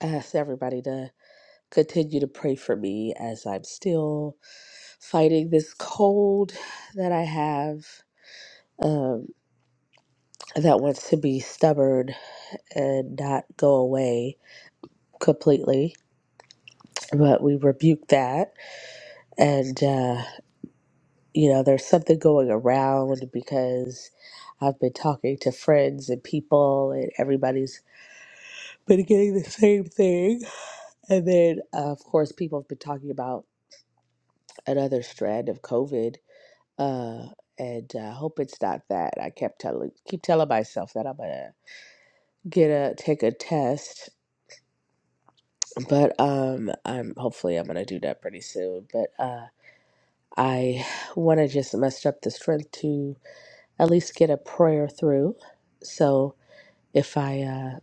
S10: I ask everybody to continue to pray for me as I'm still fighting this cold that I have um, that wants to be stubborn and not go away completely. But we rebuke that. And, uh, you know, there's something going around because I've been talking to friends and people, and everybody's been getting the same thing And then, uh, of course, people have been talking about another strand of COVID, uh, and I uh, hope it's not that. I kept telling, keep telling myself that I'm gonna get a take a test, but um, I'm hopefully I'm gonna do that pretty soon. But uh, I want to just muster up the strength to at least get a prayer through. So if I uh,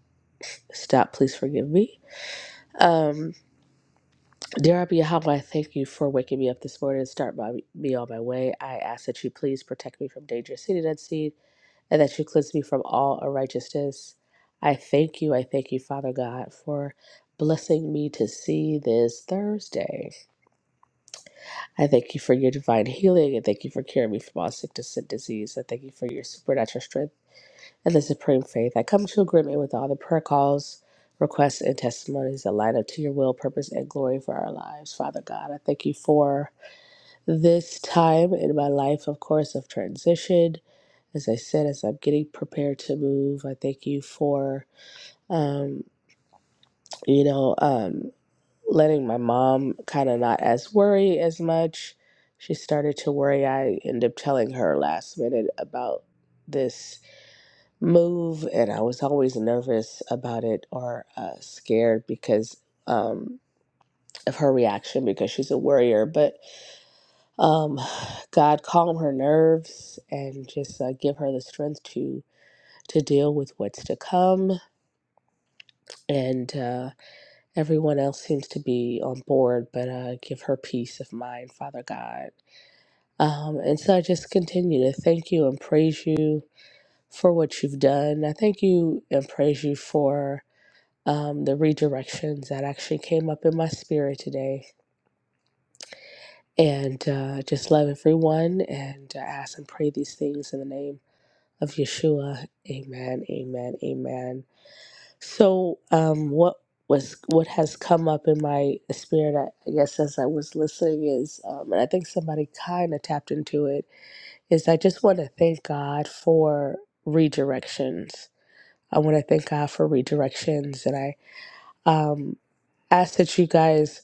S10: stop, please forgive me. Um, Dear Abby Yahweh, I thank you for waking me up this morning and start my, me on my way. I ask that you please protect me from danger seen and unseen, and that you cleanse me from all unrighteousness. I thank you, I thank you, Father God, for blessing me to see this Thursday. I thank you for your divine healing, and thank you for curing me from all sickness and disease. I thank you for your supernatural strength and the supreme faith. I come to agreement with all the prayer calls requests and testimonies that line up to your will, purpose, and glory for our lives. Father God, I thank you for this time in my life, of course, of transition. As I said, as I'm getting prepared to move, I thank you for, um, you know, um, letting my mom kind of not as worry as much. She started to worry. I ended up telling her last minute about this move, and I was always nervous about it or uh, scared because um, of her reaction because she's a worrier. But um, God calm her nerves and just uh, give her the strength to to deal with what's to come. And uh, everyone else seems to be on board, but uh, give her peace of mind, Father God. Um, and so I just continue to thank you and praise you for what you've done. I thank you and praise you for um, the redirections that actually came up in my spirit today. And uh, just love everyone and uh, ask and pray these things in the name of Yeshua. Amen. Amen. Amen. So, um, what was what has come up in my spirit, I I guess, as I was listening is, um, and I think somebody kind of tapped into it, is I just want to thank God for redirections. I want to thank God for redirections, and I um, ask that you guys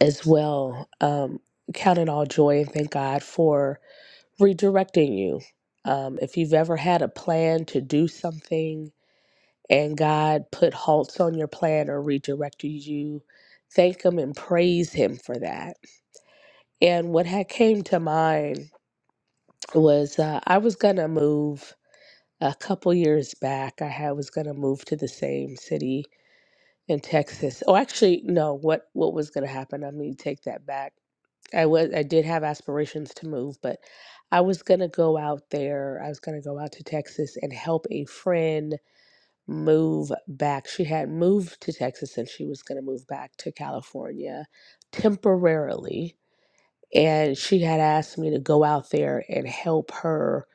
S10: as well um, count it all joy and thank God for redirecting you. Um, if you've ever had a plan to do something and God put halts on your plan or redirected you, thank Him and praise Him for that. And what had came to mind was uh, I was gonna move a couple years back. I had, was gonna move to the same city in Texas. Oh, actually, no. What what was gonna happen? I mean, take that back. I was I did have aspirations to move, but I was gonna go out there. I was gonna go out to Texas and help a friend move back. She had moved to Texas and she was going to move back to California temporarily. And she had asked me to go out there and help her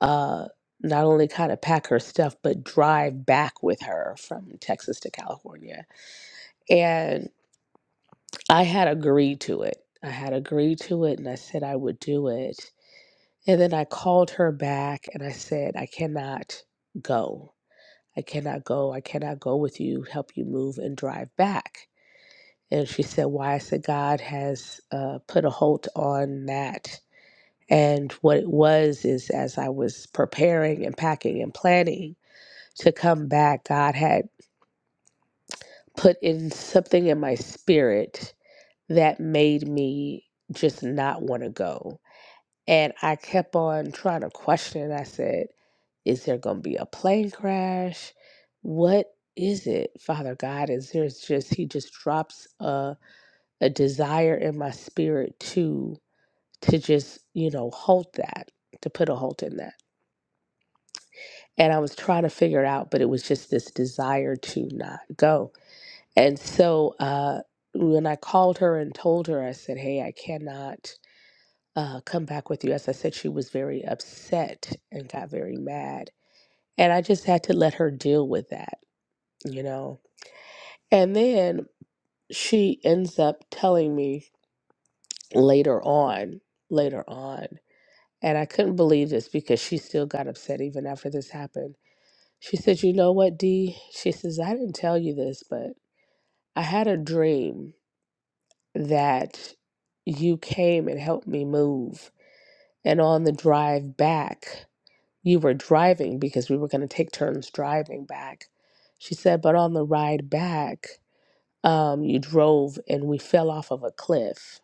S10: uh, not only kind of pack her stuff, but drive back with her from Texas to California. And I had agreed to it. I had agreed to it and I said I would do it. And then I called her back and I said, I cannot go. I cannot go. I cannot go with you. Help you move and drive back. And she said, Why? I said, God has uh, put a halt on that. And what it was is as I was preparing and packing and planning to come back, God had put in something in my spirit that made me just not want to go And I kept on trying to question. it. I said, Is there going to be a plane crash? What is it, Father God? Is there's just, He just drops a, a desire in my spirit to, to just, you know, halt that, to put a halt in that. And I was trying to figure it out, but it was just this desire to not go. And so, uh, when I called her and told her, I said, Hey, I cannot uh, come back with you. As I said, she was very upset and got very mad. And I just had to let her deal with that, you know? And then she ends up telling me later on, later on, and I couldn't believe this because she still got upset even after this happened. She said, You know what, Dee? She says, I didn't tell you this, but I had a dream that you came and helped me move. And on the drive back, You were driving because we were going to take turns driving back. She said, but on the ride back, um, you drove and we fell off of a cliff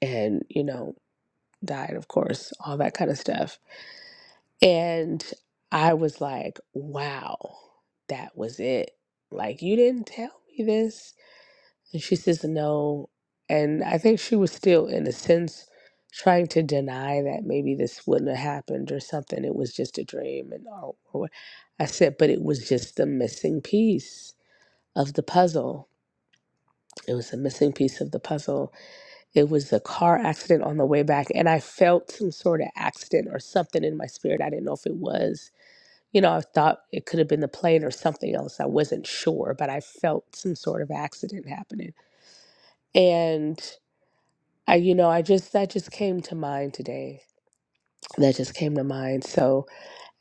S10: and, you know, died, of course, all that kind of stuff. And I was like, wow, that was it. Like, you didn't tell me this. And she says no. And I think she was still, in a sense, trying to deny that maybe this wouldn't have happened or something. It was just a dream. And all. or what- I said, but it was just the missing piece of the puzzle. It was a missing piece of the puzzle. It was a car accident on the way back. And I felt some sort of accident or something in my spirit. I didn't know if it was. You know, I thought it could have been the plane or something else. I wasn't sure, but I felt some sort of accident happening. And I, you know, I just that just came to mind today. That just came to mind. So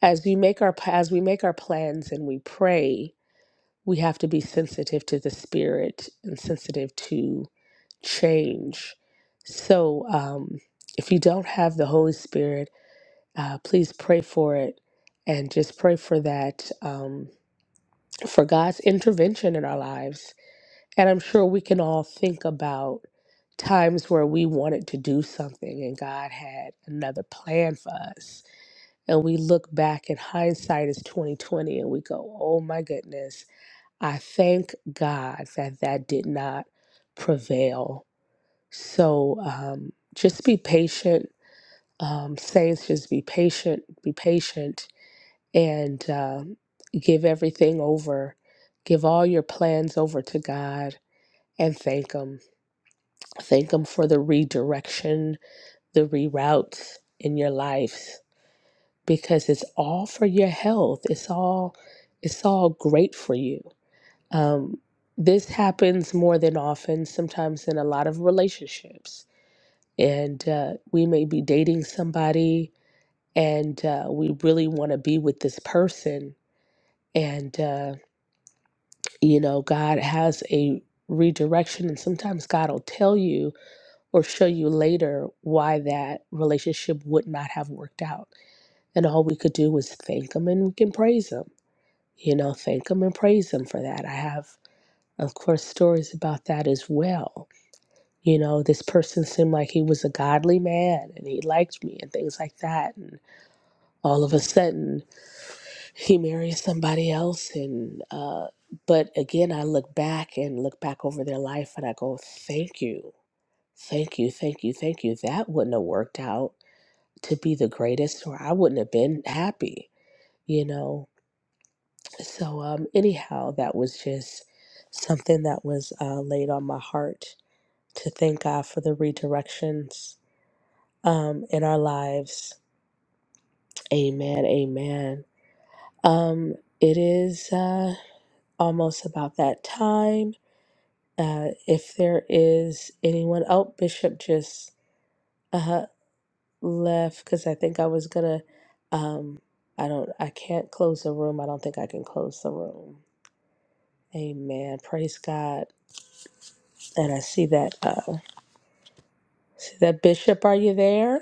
S10: as we make our as we make our plans and we pray, we have to be sensitive to the spirit and sensitive to change. So um, if you don't have the Holy Spirit, uh, please pray for it and just pray for that um, for God's intervention in our lives and I'm sure we can all think about times where we wanted to do something and God had another plan for us. And we look back in hindsight as 2020 and we go, oh my goodness, I thank God that that did not prevail. So um, just be patient. Um, saints, just be patient, be patient, and um, give everything over. Give all your plans over to God and thank Him Thank Him for the redirection, the reroutes in your lives, because it's all for your health. It's all, it's all great for you. Um, this happens more than often, sometimes in a lot of relationships, and uh, we may be dating somebody, and uh, we really want to be with this person, and uh, you know, God has a redirection, and sometimes God will tell you or show you later why that relationship would not have worked out. And all we could do was thank him and we can praise him. You know, thank him and praise him for that. I have, of course, stories about that as well. You know, this person seemed like he was a godly man and he liked me and things like that. And all of a sudden, he marries somebody else. And, uh, but again, I look back and look back over their life and I go, thank you, thank you, thank you, thank you. That wouldn't have worked out to be the greatest or I wouldn't have been happy, you know. So um anyhow, that was just something that was uh, laid on my heart to thank God for the redirections um in our lives. Amen. Amen. Um it is uh almost about that time. Uh if there is anyone oh Bishop just uh, left because I think I was gonna. Um, I don't. I can't close the room. I don't think I can close the room. Amen. Praise God. And I see that. Uh, see that bishop. Are you there?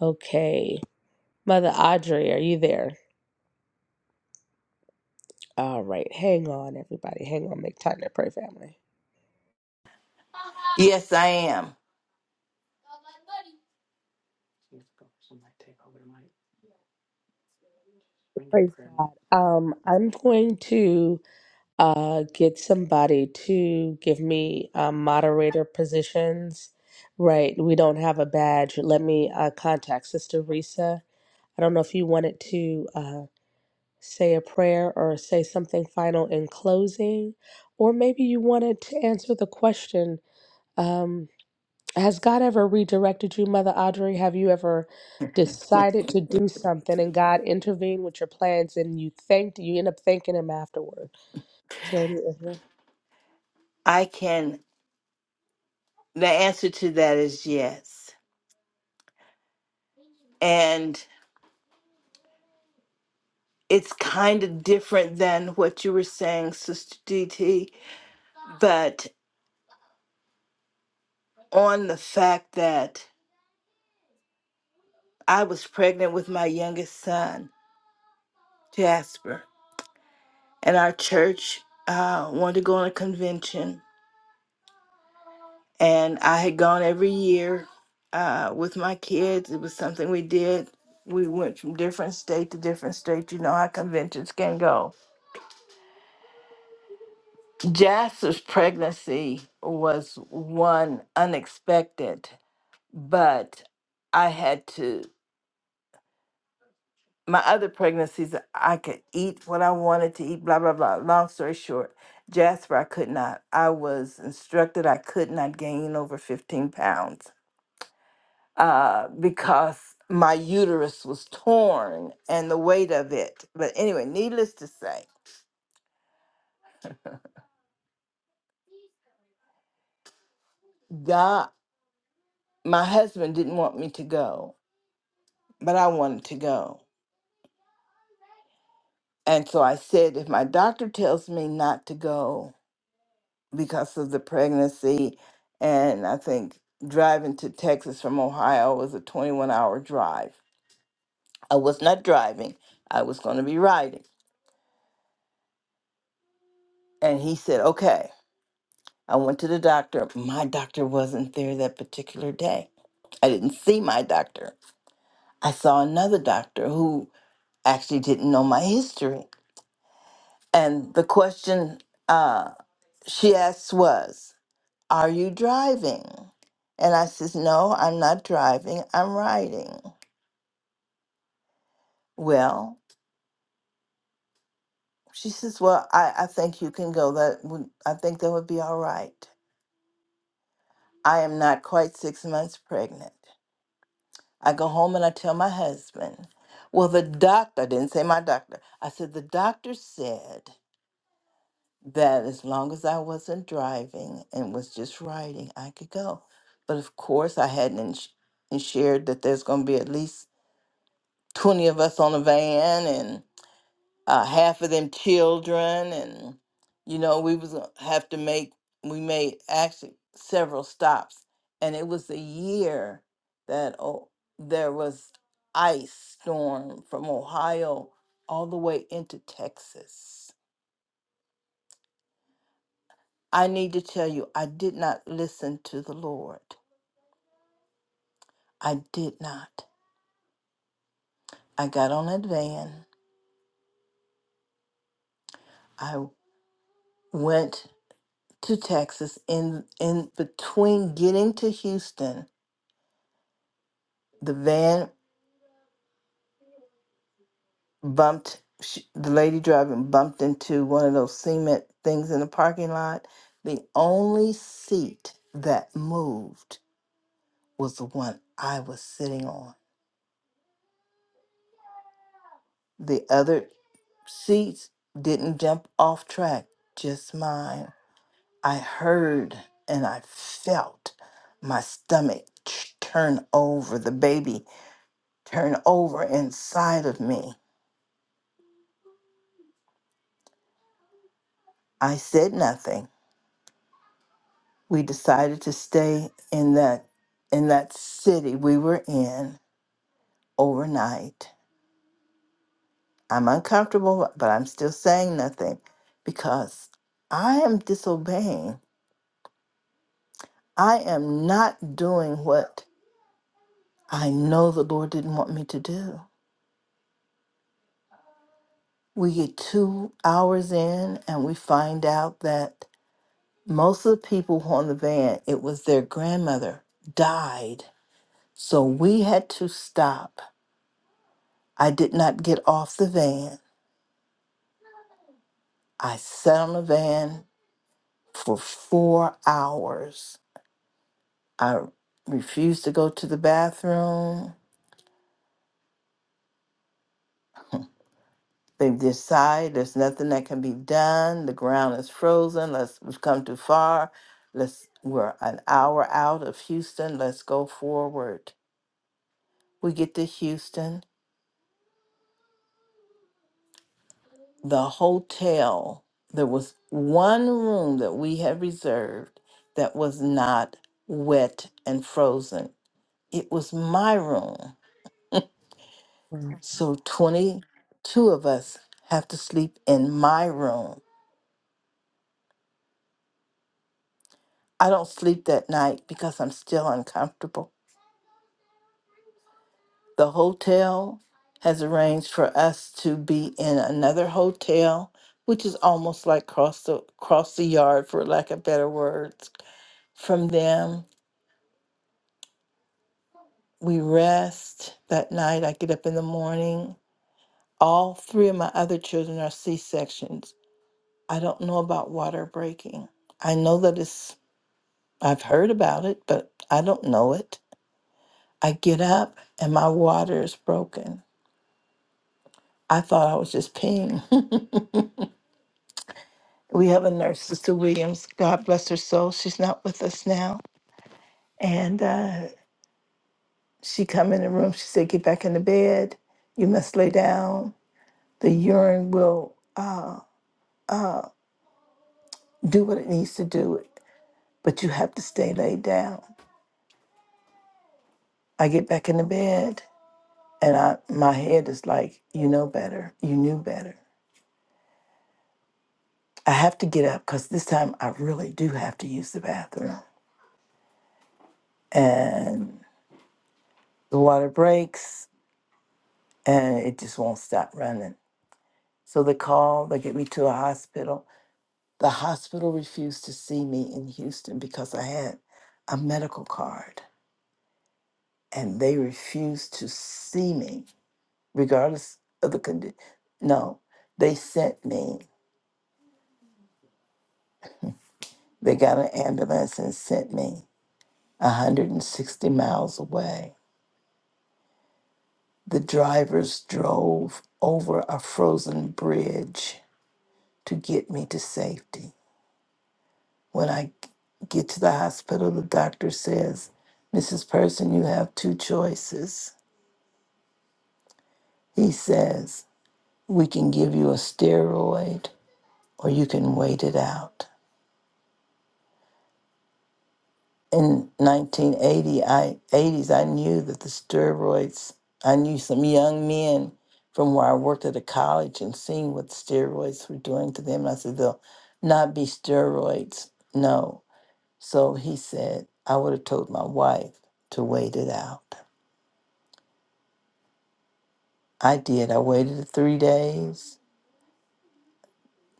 S10: Okay, Mother Audrey, are you there? All right. Hang on, everybody. Hang on. Make time to pray, family.
S6: Yes, I am.
S10: Praise God. Um, I'm going to. uh, get somebody to give me uh, moderator positions. Right, we don't have a badge. Let me uh, contact Sister Risa. I don't know if you wanted to uh, say a prayer or say something final in closing, or maybe you wanted to answer the question um, Has God ever redirected you, Mother Audrey? Have you ever decided to do something and God intervened with your plans and you thanked, you end up thanking Him afterward? So,
S6: I can. The answer to that is yes. And it's kind of different than what you were saying, Sister DT, but on the fact that I was pregnant with my youngest son, Jasper, and our church uh, wanted to go on a convention and I had gone every year uh, with my kids. It was something we did. We went from different state to different state. You know how conventions can go. Jasper's pregnancy was one unexpected, but I had to. My other pregnancies, I could eat what I wanted to eat, blah, blah, blah. Long story short, Jasper, I could not. I was instructed I could not gain over 15 pounds uh, because my uterus was torn and the weight of it. But anyway, needless to say, God, my husband didn't want me to go, but I wanted to go. And so I said, if my doctor tells me not to go because of the pregnancy, and I think driving to Texas from Ohio was a 21 hour drive, I was not driving, I was going to be riding. And he said, okay. I went to the doctor. My doctor wasn't there that particular day. I didn't see my doctor. I saw another doctor who actually didn't know my history. And the question uh, she asked was, Are you driving? And I says, No, I'm not driving, I'm riding. Well, she says, Well, I, I think you can go. That would I think that would be all right. I am not quite six months pregnant. I go home and I tell my husband, Well, the doctor I didn't say my doctor. I said, the doctor said that as long as I wasn't driving and was just riding, I could go. But of course, I hadn't ins- ensured that there's going to be at least 20 of us on a van and uh, half of them children. And, you know, we was gonna have to make, we made actually several stops. And it was a year that oh, there was ice storm from Ohio all the way into Texas I need to tell you, I did not listen to the Lord. I did not. I got on that van. I went to Texas. In in between getting to Houston, the van bumped. sh the lady driving bumped into one of those cement things in the parking lot. The only seat that moved was the one I was sitting on. The other seats didn't jump off track, just mine. I heard and I felt my stomach ch- turn over, the baby turn over inside of me. I said nothing. We decided to stay in that in that city we were in overnight. I'm uncomfortable, but I'm still saying nothing because I am disobeying. I am not doing what I know the Lord didn't want me to do. we get two hours in and we find out that most of the people who were on the van, it was their grandmother, died. So we had to stop. I did not get off the van. I sat on the van for four hours. I refused to go to the bathroom. They decide there's nothing that can be done. The ground is frozen. Let's we've come too far. Let's we're an hour out of Houston. Let's go forward We get to Houston. The hotel, there was one room that we had reserved that was not wet and frozen. It was my room.
S10: yeah.
S6: So 22 of us have to sleep in my room. I don't sleep that night because I'm still uncomfortable. The hotel has arranged for us to be in another hotel, which is almost like cross the cross the yard for lack of better words From them, we rest that night. I get up in the morning. All three of my other children are C sections. I don't know about water breaking. I know that it's, I've heard about it, but I don't know it. I get up and my water is broken. I thought I was just peeing. we have a nurse, Sister Williams. God bless her soul. She's not with us now. And uh, she come in the room. She said, "Get back in the bed. You must lay down." The urine will uh, do what it needs to do, but you have to stay laid down. I get back in the bed and I my head is like, you know better, you knew better. I have to get up because this time I really do have to use the bathroom. And the water breaks and it just won't stop running. So they call, they get me to a hospital. The hospital refused to see me in Houston because I had a medical card and they refused to see me regardless of the condition. No, they sent me. They got an ambulance and sent me 160 miles away. The drivers drove over a frozen bridge to get me to safety. When I g- get to the hospital, the doctor says, Mrs. Person, you have two choices. He says, We can give you a steroid or you can wait it out. in 1980 I 80s I knew that the steroids I knew some young men from where I worked at a college and seeing what steroids were doing to them. I said they'll not be steroids. No. So he said I would have told my wife to wait it out. I did. I waited three days.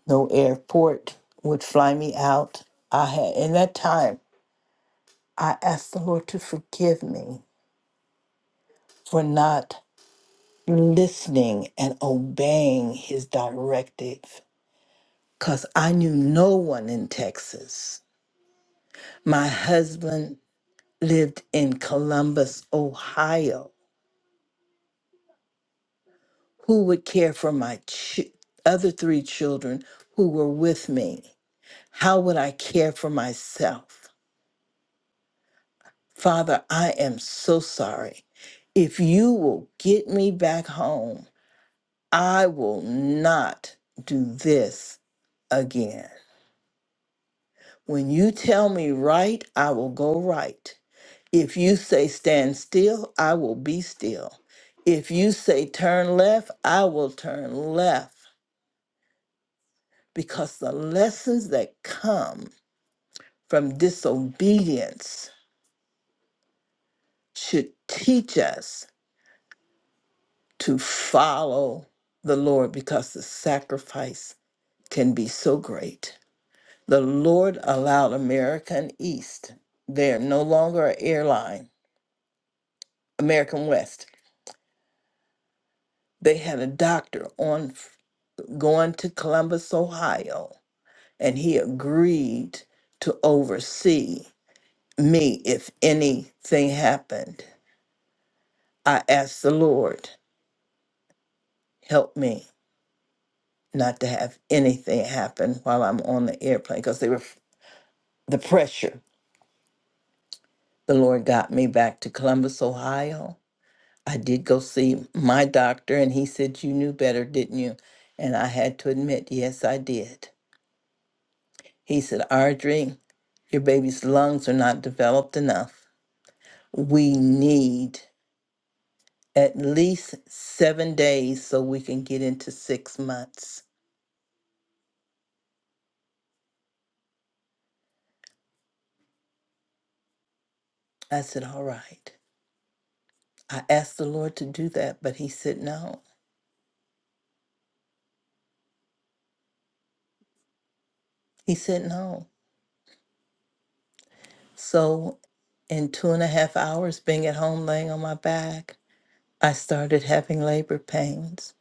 S6: No airport would fly me out. I had in that time I asked the Lord to forgive me for not listening and obeying his directive because I knew no one in Texas. My husband lived in Columbus, Ohio. Who would care for my ch- other three children who were with me? How would I care for myself? Father, I am so sorry. If you will get me back home, I will not do this again. When you tell me right, I will go right. If you say stand still, I will be still. If you say turn left, I will turn left. Because the lessons that come from disobedience should teach us to follow the Lord because the sacrifice can be so great. The Lord allowed American East, they're no longer an airline, American West They had a doctor on f- going to Columbus, Ohio, and he agreed to oversee me if anything happened. I asked the Lord, help me not to have anything happen while I'm on the airplane because they were f- the pressure. The Lord got me back to Columbus, Ohio. I did go see my doctor, and he said, You knew better, didn't you? And I had to admit, yes, I did. He said, Audrey, your baby's lungs are not developed enough. We need at least seven days so we can get into six months. I said, All right. I asked the Lord to do that, but He said, No. He said, No. So, in two and a half hours, being at home laying on my back, I started having labor pains.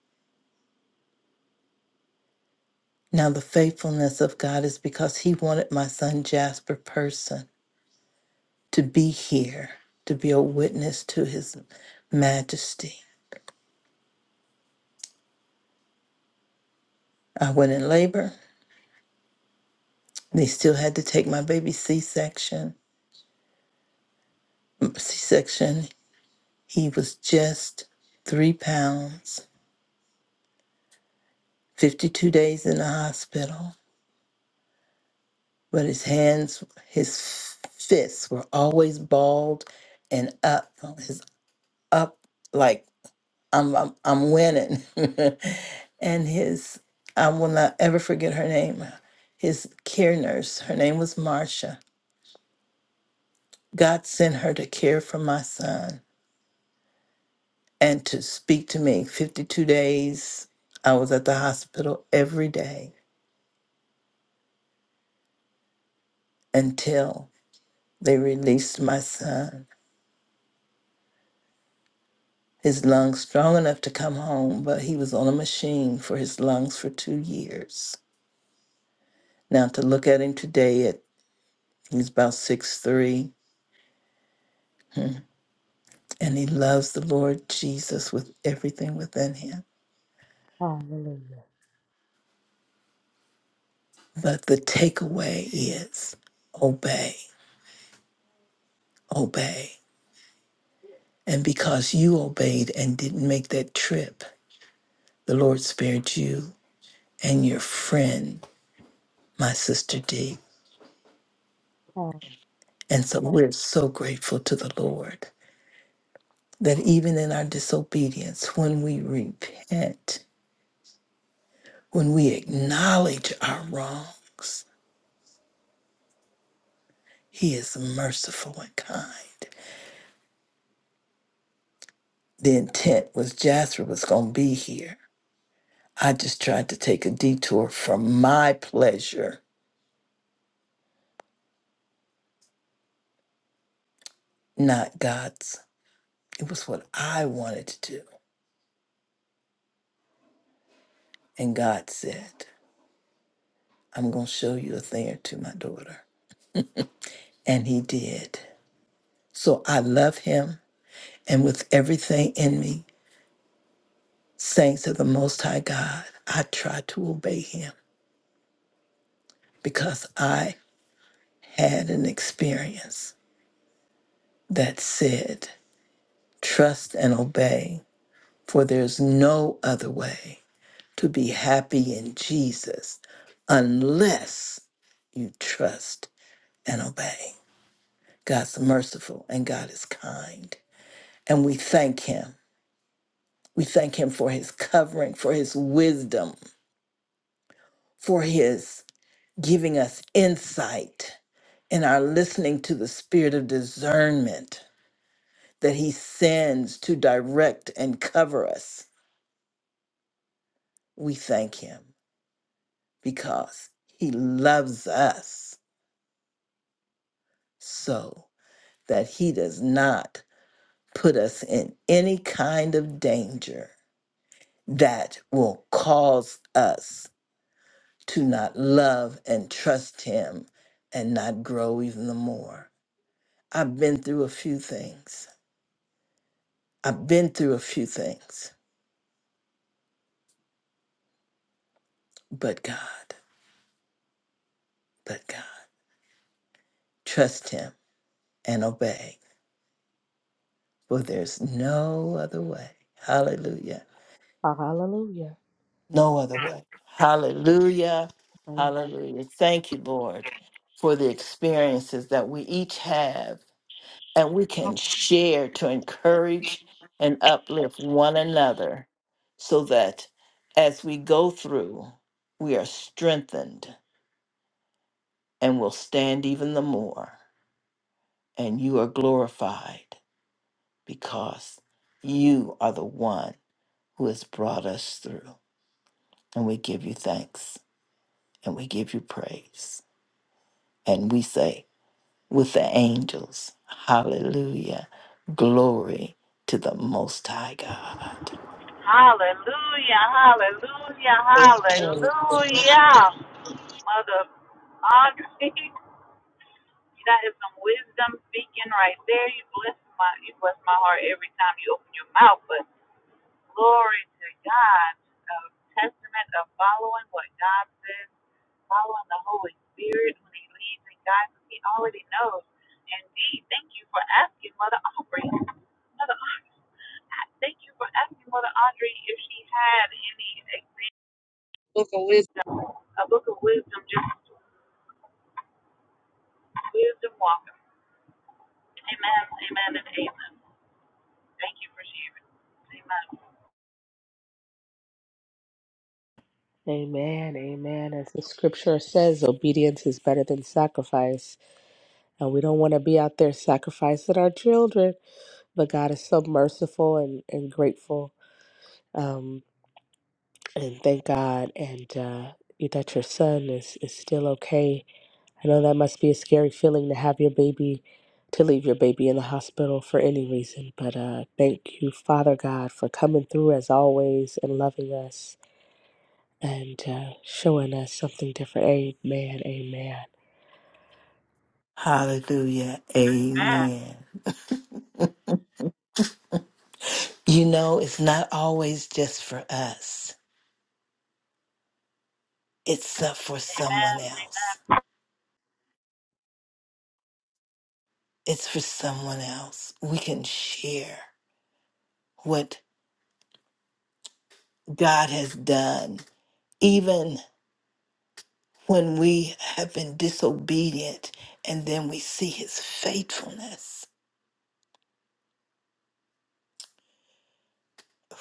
S6: Now, the faithfulness of God is because He wanted my son Jasper Person. to be here, to be a witness to His Majesty. I went in labor. They still had to take my baby C section. C section, he was just three pounds, 52 days in the hospital, but his hands, his fists were always balled and up, his up. like. I'm I'm, I'm winning. and his I will not ever forget her name. His care nurse, her name was Marcia. God sent her to care for my son and to speak to me. 52 days I was at the hospital every day until they released my son. His lungs strong enough to come home, but he was on a machine for his lungs for two years. Now to look at him today at he's about six-three. and he loves the Lord Jesus with everything within him.
S10: Hallelujah.
S6: But the takeaway is obey, obey. And because you obeyed and didn't make that trip, the Lord spared you and your friend, my sister D.
S10: Oh,
S6: And so we're so grateful to the Lord that even in our disobedience, when we repent, when we acknowledge our wrongs, He is merciful and kind the intent was Jasper was going to be here. I just tried to take a detour for my pleasure, not God's. It was what I wanted to do. And God said, I'm going to show you a thing or two, my daughter. And He did. So I love Him. And with everything in me, saints of the Most High God, I try to obey Him because I had an experience that said, trust and obey For there's no other way to be happy in Jesus unless you trust and obey. God's merciful and God is kind. And we thank Him. We thank Him for His covering, for His wisdom, for His giving us insight in our listening to the spirit of discernment that He sends to direct and cover us. We thank Him because He loves us so that he does not put us in any kind of danger that will cause us to not love and trust him and not grow even the more. I've been through a few things. I've been through a few things, but God, but God, trust him and obey, for there's no other way. Hallelujah.
S10: Hallelujah.
S6: No other way. Hallelujah. Hallelujah. Thank you, Lord, for the experiences that we each have and we can share to encourage and uplift one another so that as we go through, we are strengthened and will stand even the more. And you are glorified because you are the one who has brought us through. And we give you thanks and we give you praise. And we say, with the angels, hallelujah, glory to the Most High God.
S10: Amen. Amen. Amen. As the scripture says, obedience is better than sacrifice. And we don't want to be out there sacrificing our children, but God is so merciful and, and grateful. Um, and thank God. And uh, that your son is, is still okay I know that must be a scary feeling to have your baby, to leave your baby in the hospital for any reason, but uh, thank you, Father God, for coming through as always and loving us and uh, showing us something different. Amen, amen.
S6: Hallelujah, amen. You know, it's not always just for us, it's uh, for someone else. It's for someone else. We can share what God has done, even when we have been disobedient and then we see his faithfulness.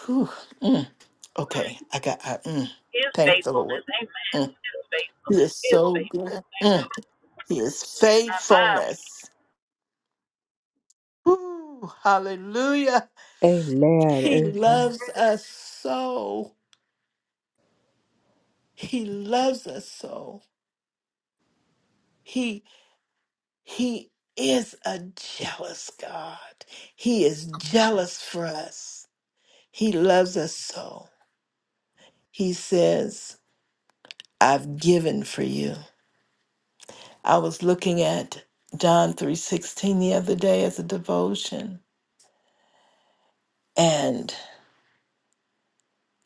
S6: Whew. mm. Okay, I got. I, mm, thank the Lord. Mm, he is so good. Mm, his faithfulness. Woo, hallelujah. He
S10: Amen, amen,
S6: loves us so. He loves us so. He he is a jealous God. He is jealous for us. He loves us so. He says, "I've given for you." I was looking at John 3:16 the other day as a devotion And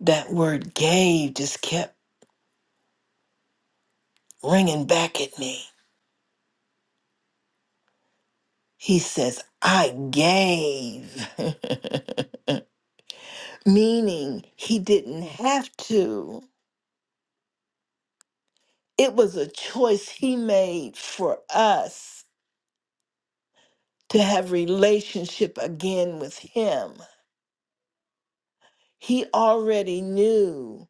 S6: that word gave just kept ringing back at me. He says, I gave, meaning he didn't have to. It was a choice he made for us to have relationship again with him. He already knew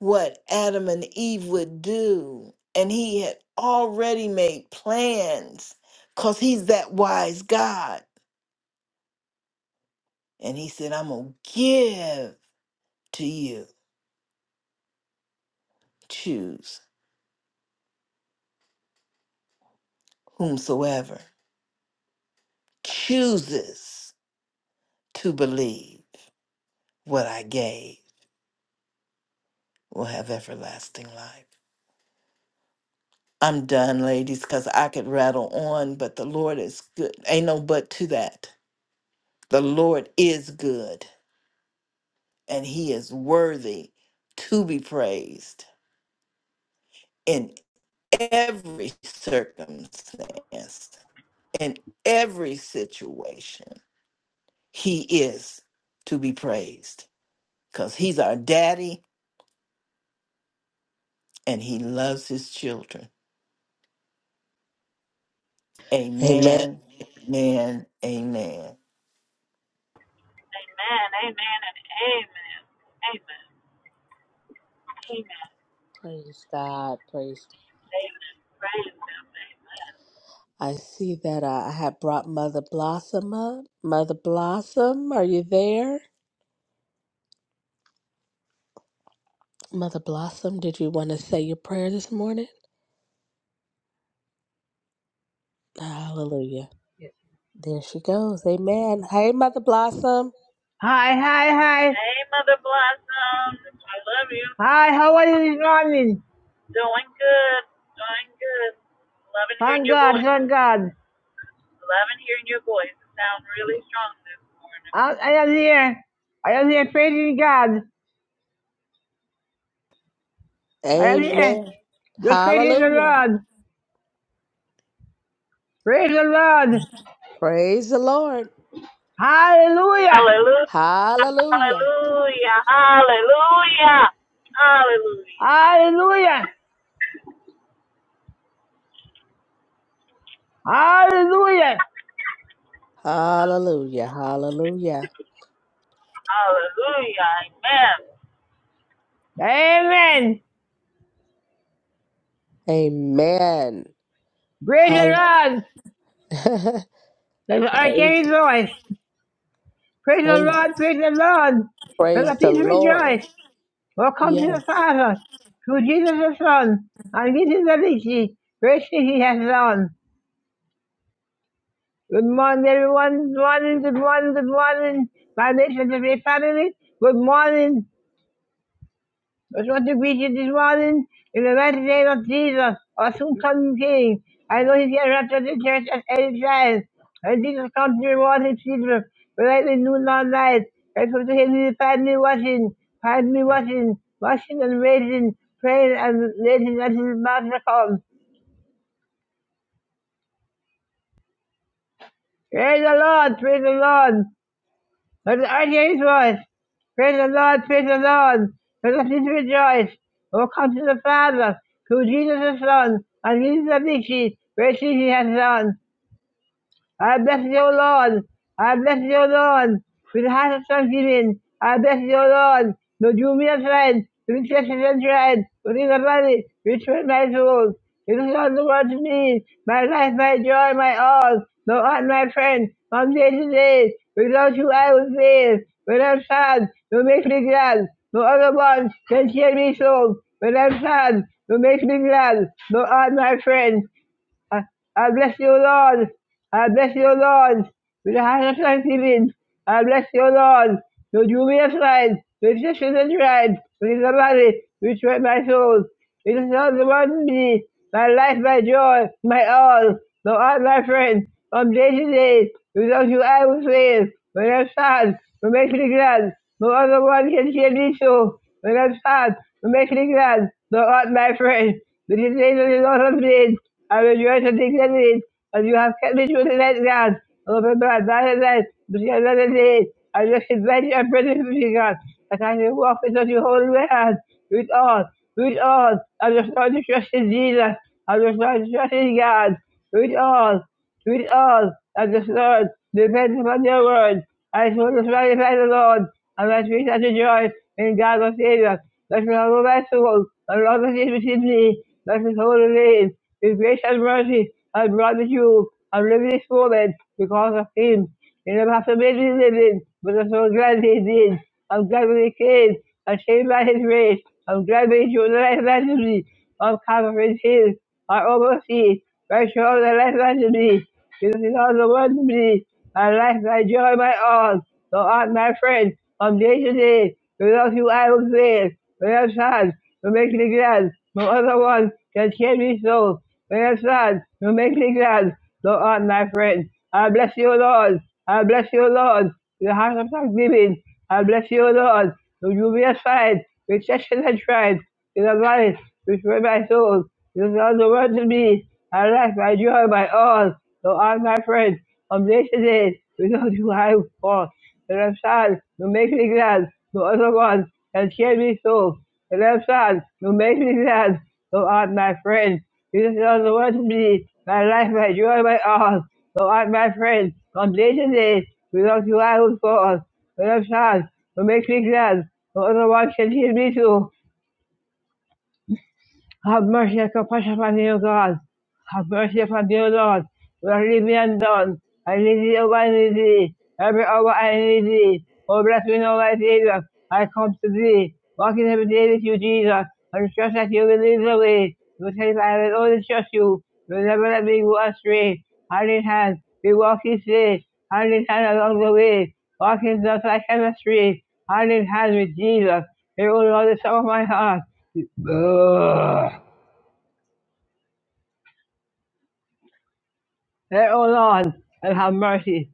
S6: what Adam and Eve would do, and he had already made plans because he's that wise God And he said, I'm going to give to you. Choose whomsoever chooses to believe what I gave will have everlasting life. I'm done, ladies, because I could rattle on, but the Lord is good. Ain't no but to that. The Lord is good, and he is worthy to be praised in every circumstance, in every situation. He is to be praised because He's our daddy and He loves His children.
S10: amen.
S6: Amen, amen, amen.
S10: Praise God, praise God. I see that uh, I have brought Mother Blossom up. Mother Blossom, are you there? Mother Blossom, did you want to say your prayer this morning? Hallelujah.
S11: Yes.
S10: There she goes. Amen. Hey, Mother Blossom.
S11: Hi, hi, hi. Hi, how are you this morning? Thank God, thank God. I, I am here. I am here praising God. I am here.
S10: Amen.
S11: Just praising the
S10: Hallelujah.
S11: Lord. Praise the Lord.
S10: Praise the Lord.
S11: Hallelujah.
S10: Hallelujah.
S11: Hallelujah. Hallelujah.
S10: Hallelujah. Hallelujah.
S11: Amen.
S10: Amen.
S11: Praise the
S10: Hall-
S11: Lord. There's an
S10: praise,
S11: archangel voice. Praise the
S10: praise,
S11: Lord. Praise the Lord. Let
S10: praise
S11: the
S10: the
S11: people
S10: Lord.
S11: rejoice. Welcome to
S10: Yes.
S11: the Father, through Jesus the Son, and this is the victory, great thing he has done. Good morning, everyone. Good morning, good morning, good morning. My nation, my family, good morning. That's what the preacher this morning in the mighty name of Jesus, our soon coming King. I know he's here after the church at any time. And Jesus comes to reward his children, whether they noon or night. I come to him, he find me watching, find me watching, watching and waiting, praying and waiting until his master comes. Praise the Lord, praise the Lord. Let our James voice. Praise the Lord, praise the Lord. Let us rejoice. Oh, come to the Father, through Jesus the Son, and Jesus the Victory, where he has done. I bless you, O Lord. I bless you, O Lord. With the heart of thanksgiving, I bless you, O Lord. Lord, you me a friend. You will take a friend. You will a body. You will my soul. It is all the world to me. My life, my joy, my all. Thou art my friend. From day to day. Without you, I would fail. When I'm sad, you make me glad. No other one can cheer me so. When I'm sad, you make me glad. Thou art my friend. I, I bless you, Lord. I bless you, Lord. With a heart of thanksgiving, I bless you, Lord. Your jubilant right, your sufficient right, which is the body, which is my soul. It is all the one to me, my life, my joy, my all. Thou art my friend, from day to day. Without you, I will fail. When I'm sad, you make me glad. No other one can hear me so. When I'm sad, you make me glad. Thou art my friend. This is the day that the Lord of days. I will rejoice and be glad in it, and you have kept me through the night God. O remember I died at night, but you another day. I just invite you and pray for you, God, that I may walk into your holy hand. Do it all, do it all. I just want to trust in Jesus. I just want to trust in God. Do it all. Read all as the Lord depends upon your word. I shall just magnify the Lord, and my spirit shall rejoice in God my Savior. Let me humble my soul, and all the things within me. Let me hold the name. His grace and mercy has brought me through. I'm living this moment because of Him. You never have to make me living, but I'm so glad He did. I'm glad when He came, and saved by His grace. I'm glad when He showed the life back to me. I'm covered with His, I oversee, right show the life back to me. Jesus is all the world to me, my life, my joy, my all. Thou art my friend from day to day. Without you I will fail. When I'm sad, you make me glad. No other one can cheer me so. When I'm sad, you make me glad. Thou art my friend. I bless you, Lord. I bless you, Lord. The heart of thanksgiving. I bless you, Lord. You give me a sign. Rejection and tried. Jesus which restore my soul. Jesus Christ, the word to me. My life, my joy, my all. So all my friends, from day to day, without you I fall. The am sad you make me glad. No other one can cheer me so. The am sad you make me glad. So art my friend. Jesus Christ, the word to me. My life, my joy, my all. So art my friend. From day to day, without you I would fall. The left side, you make me glad. No other one can hear me too. Have mercy and compassion upon me, O God. Have mercy upon me, O Lord. Do not leave me undone. I need thee, O God, I need thee. Every hour I need thee. O bless me, O my Savior. I come to thee. Walk in every day with you, Jesus. I trust that you will lead the way. You say, I will only trust you. You will never let me go astray. Hand in hand, we walk each day. Hand in hand along the way. Walking just like chemistry. Hand in hand with Jesus. Here, O Lord, the song of my heart. Let, O Lord, and have mercy.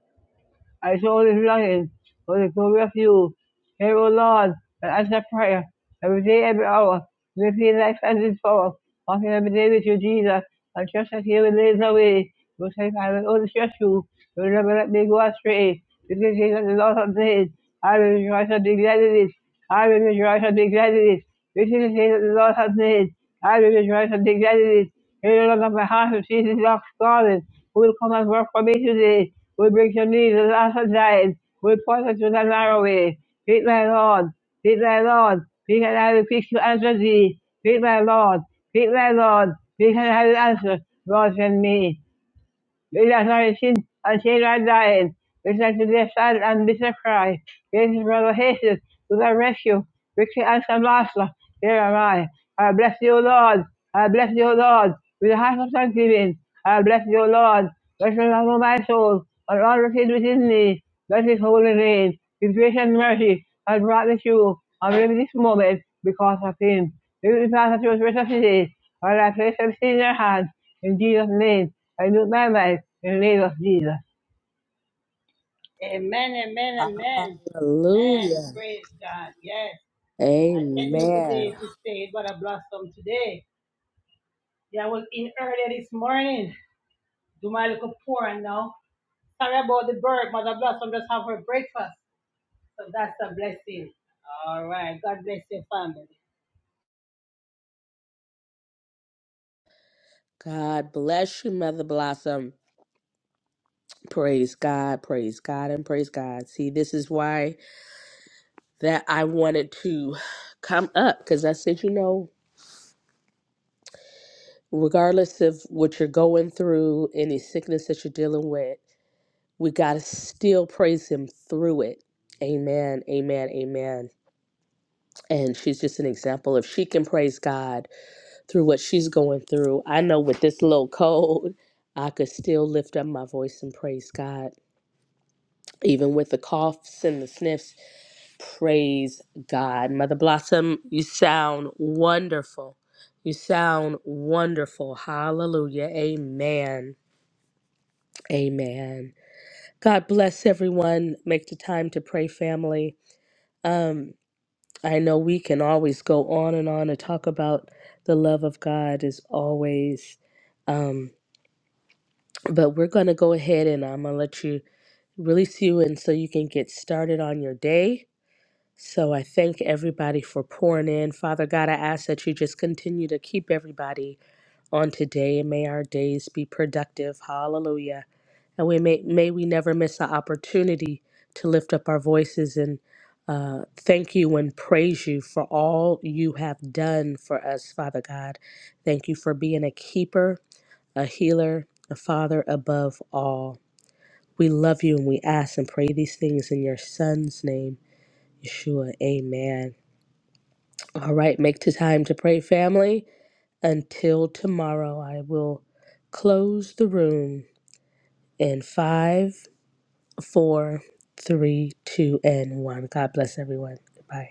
S11: I soul is longing for the glory of you. Hear, O Lord, and answer prayer. Every day, every hour, we feel life and its power. Walking every day with you, Jesus, and trust that He will lead the way. Most high I will overstress you. You will never let me go astray. Because he is the Lord of days. I will rejoice and be glad in it. I will rejoice and be glad in it. This is the day the Lord has made. I will rejoice and be glad in it. Here the Lord of my heart who sees his ox garden, who will come and work for me today, who will bring some needs and ask and died, who will point us to the narrow way. Feed my Lord, feed my Lord, we can I will preach to answer thee. Feed my Lord, feed my Lord, we can I will answer, Lord send me. Jesus Christ, and he that died, return to their sad and bitter cry. Jesus, brother, hasten to thy rescue. Victory and some master, here am I. I bless you, Lord. I bless you, Lord, with a heart of thanksgiving. I bless you, Lord. Bless the Lord, O my soul, and all that is within me. Bless his holy name. His grace and mercy has brought me through, and live this moment because of him. Live the path that was written today, while I place everything in your hands. In Jesus' name, I do my life in the name of Jesus.
S10: Hallelujah. Amen. God bless you, Mother Blossom. Praise God. Praise God. And praise God. See, this is why. that I wanted to come up because I said, you know, regardless of what you're going through, any sickness that you're dealing with, we got to still praise Him through it. Amen, amen, amen. And she's just an example. If she can praise God through what she's going through, I know with this little cold, I could still lift up my voice and praise God even with the coughs and the sniffs. Praise God. Mother Blossom, you sound wonderful. You sound wonderful. Hallelujah. Amen. Amen. God bless everyone. Make the time to pray, family. Um, I know we can always go on and on and talk about the love of God as always. Um, but we're going to go ahead and I'm going to let you release you and so you can get started on your day So I thank everybody for pouring in. Father God, I ask that you just continue to keep everybody on today and may our days be productive. Hallelujah. And we may, may we never miss an opportunity to lift up our voices and uh, thank you and praise you for all you have done for us, Father God. Thank you for being a keeper, a healer, a father above all. We love you and we ask and pray these things in your son's name, Yeshua. Amen. All right, make the time to pray, family. Until tomorrow, I will close the room in five, four, three, two, and one. God bless everyone. Goodbye.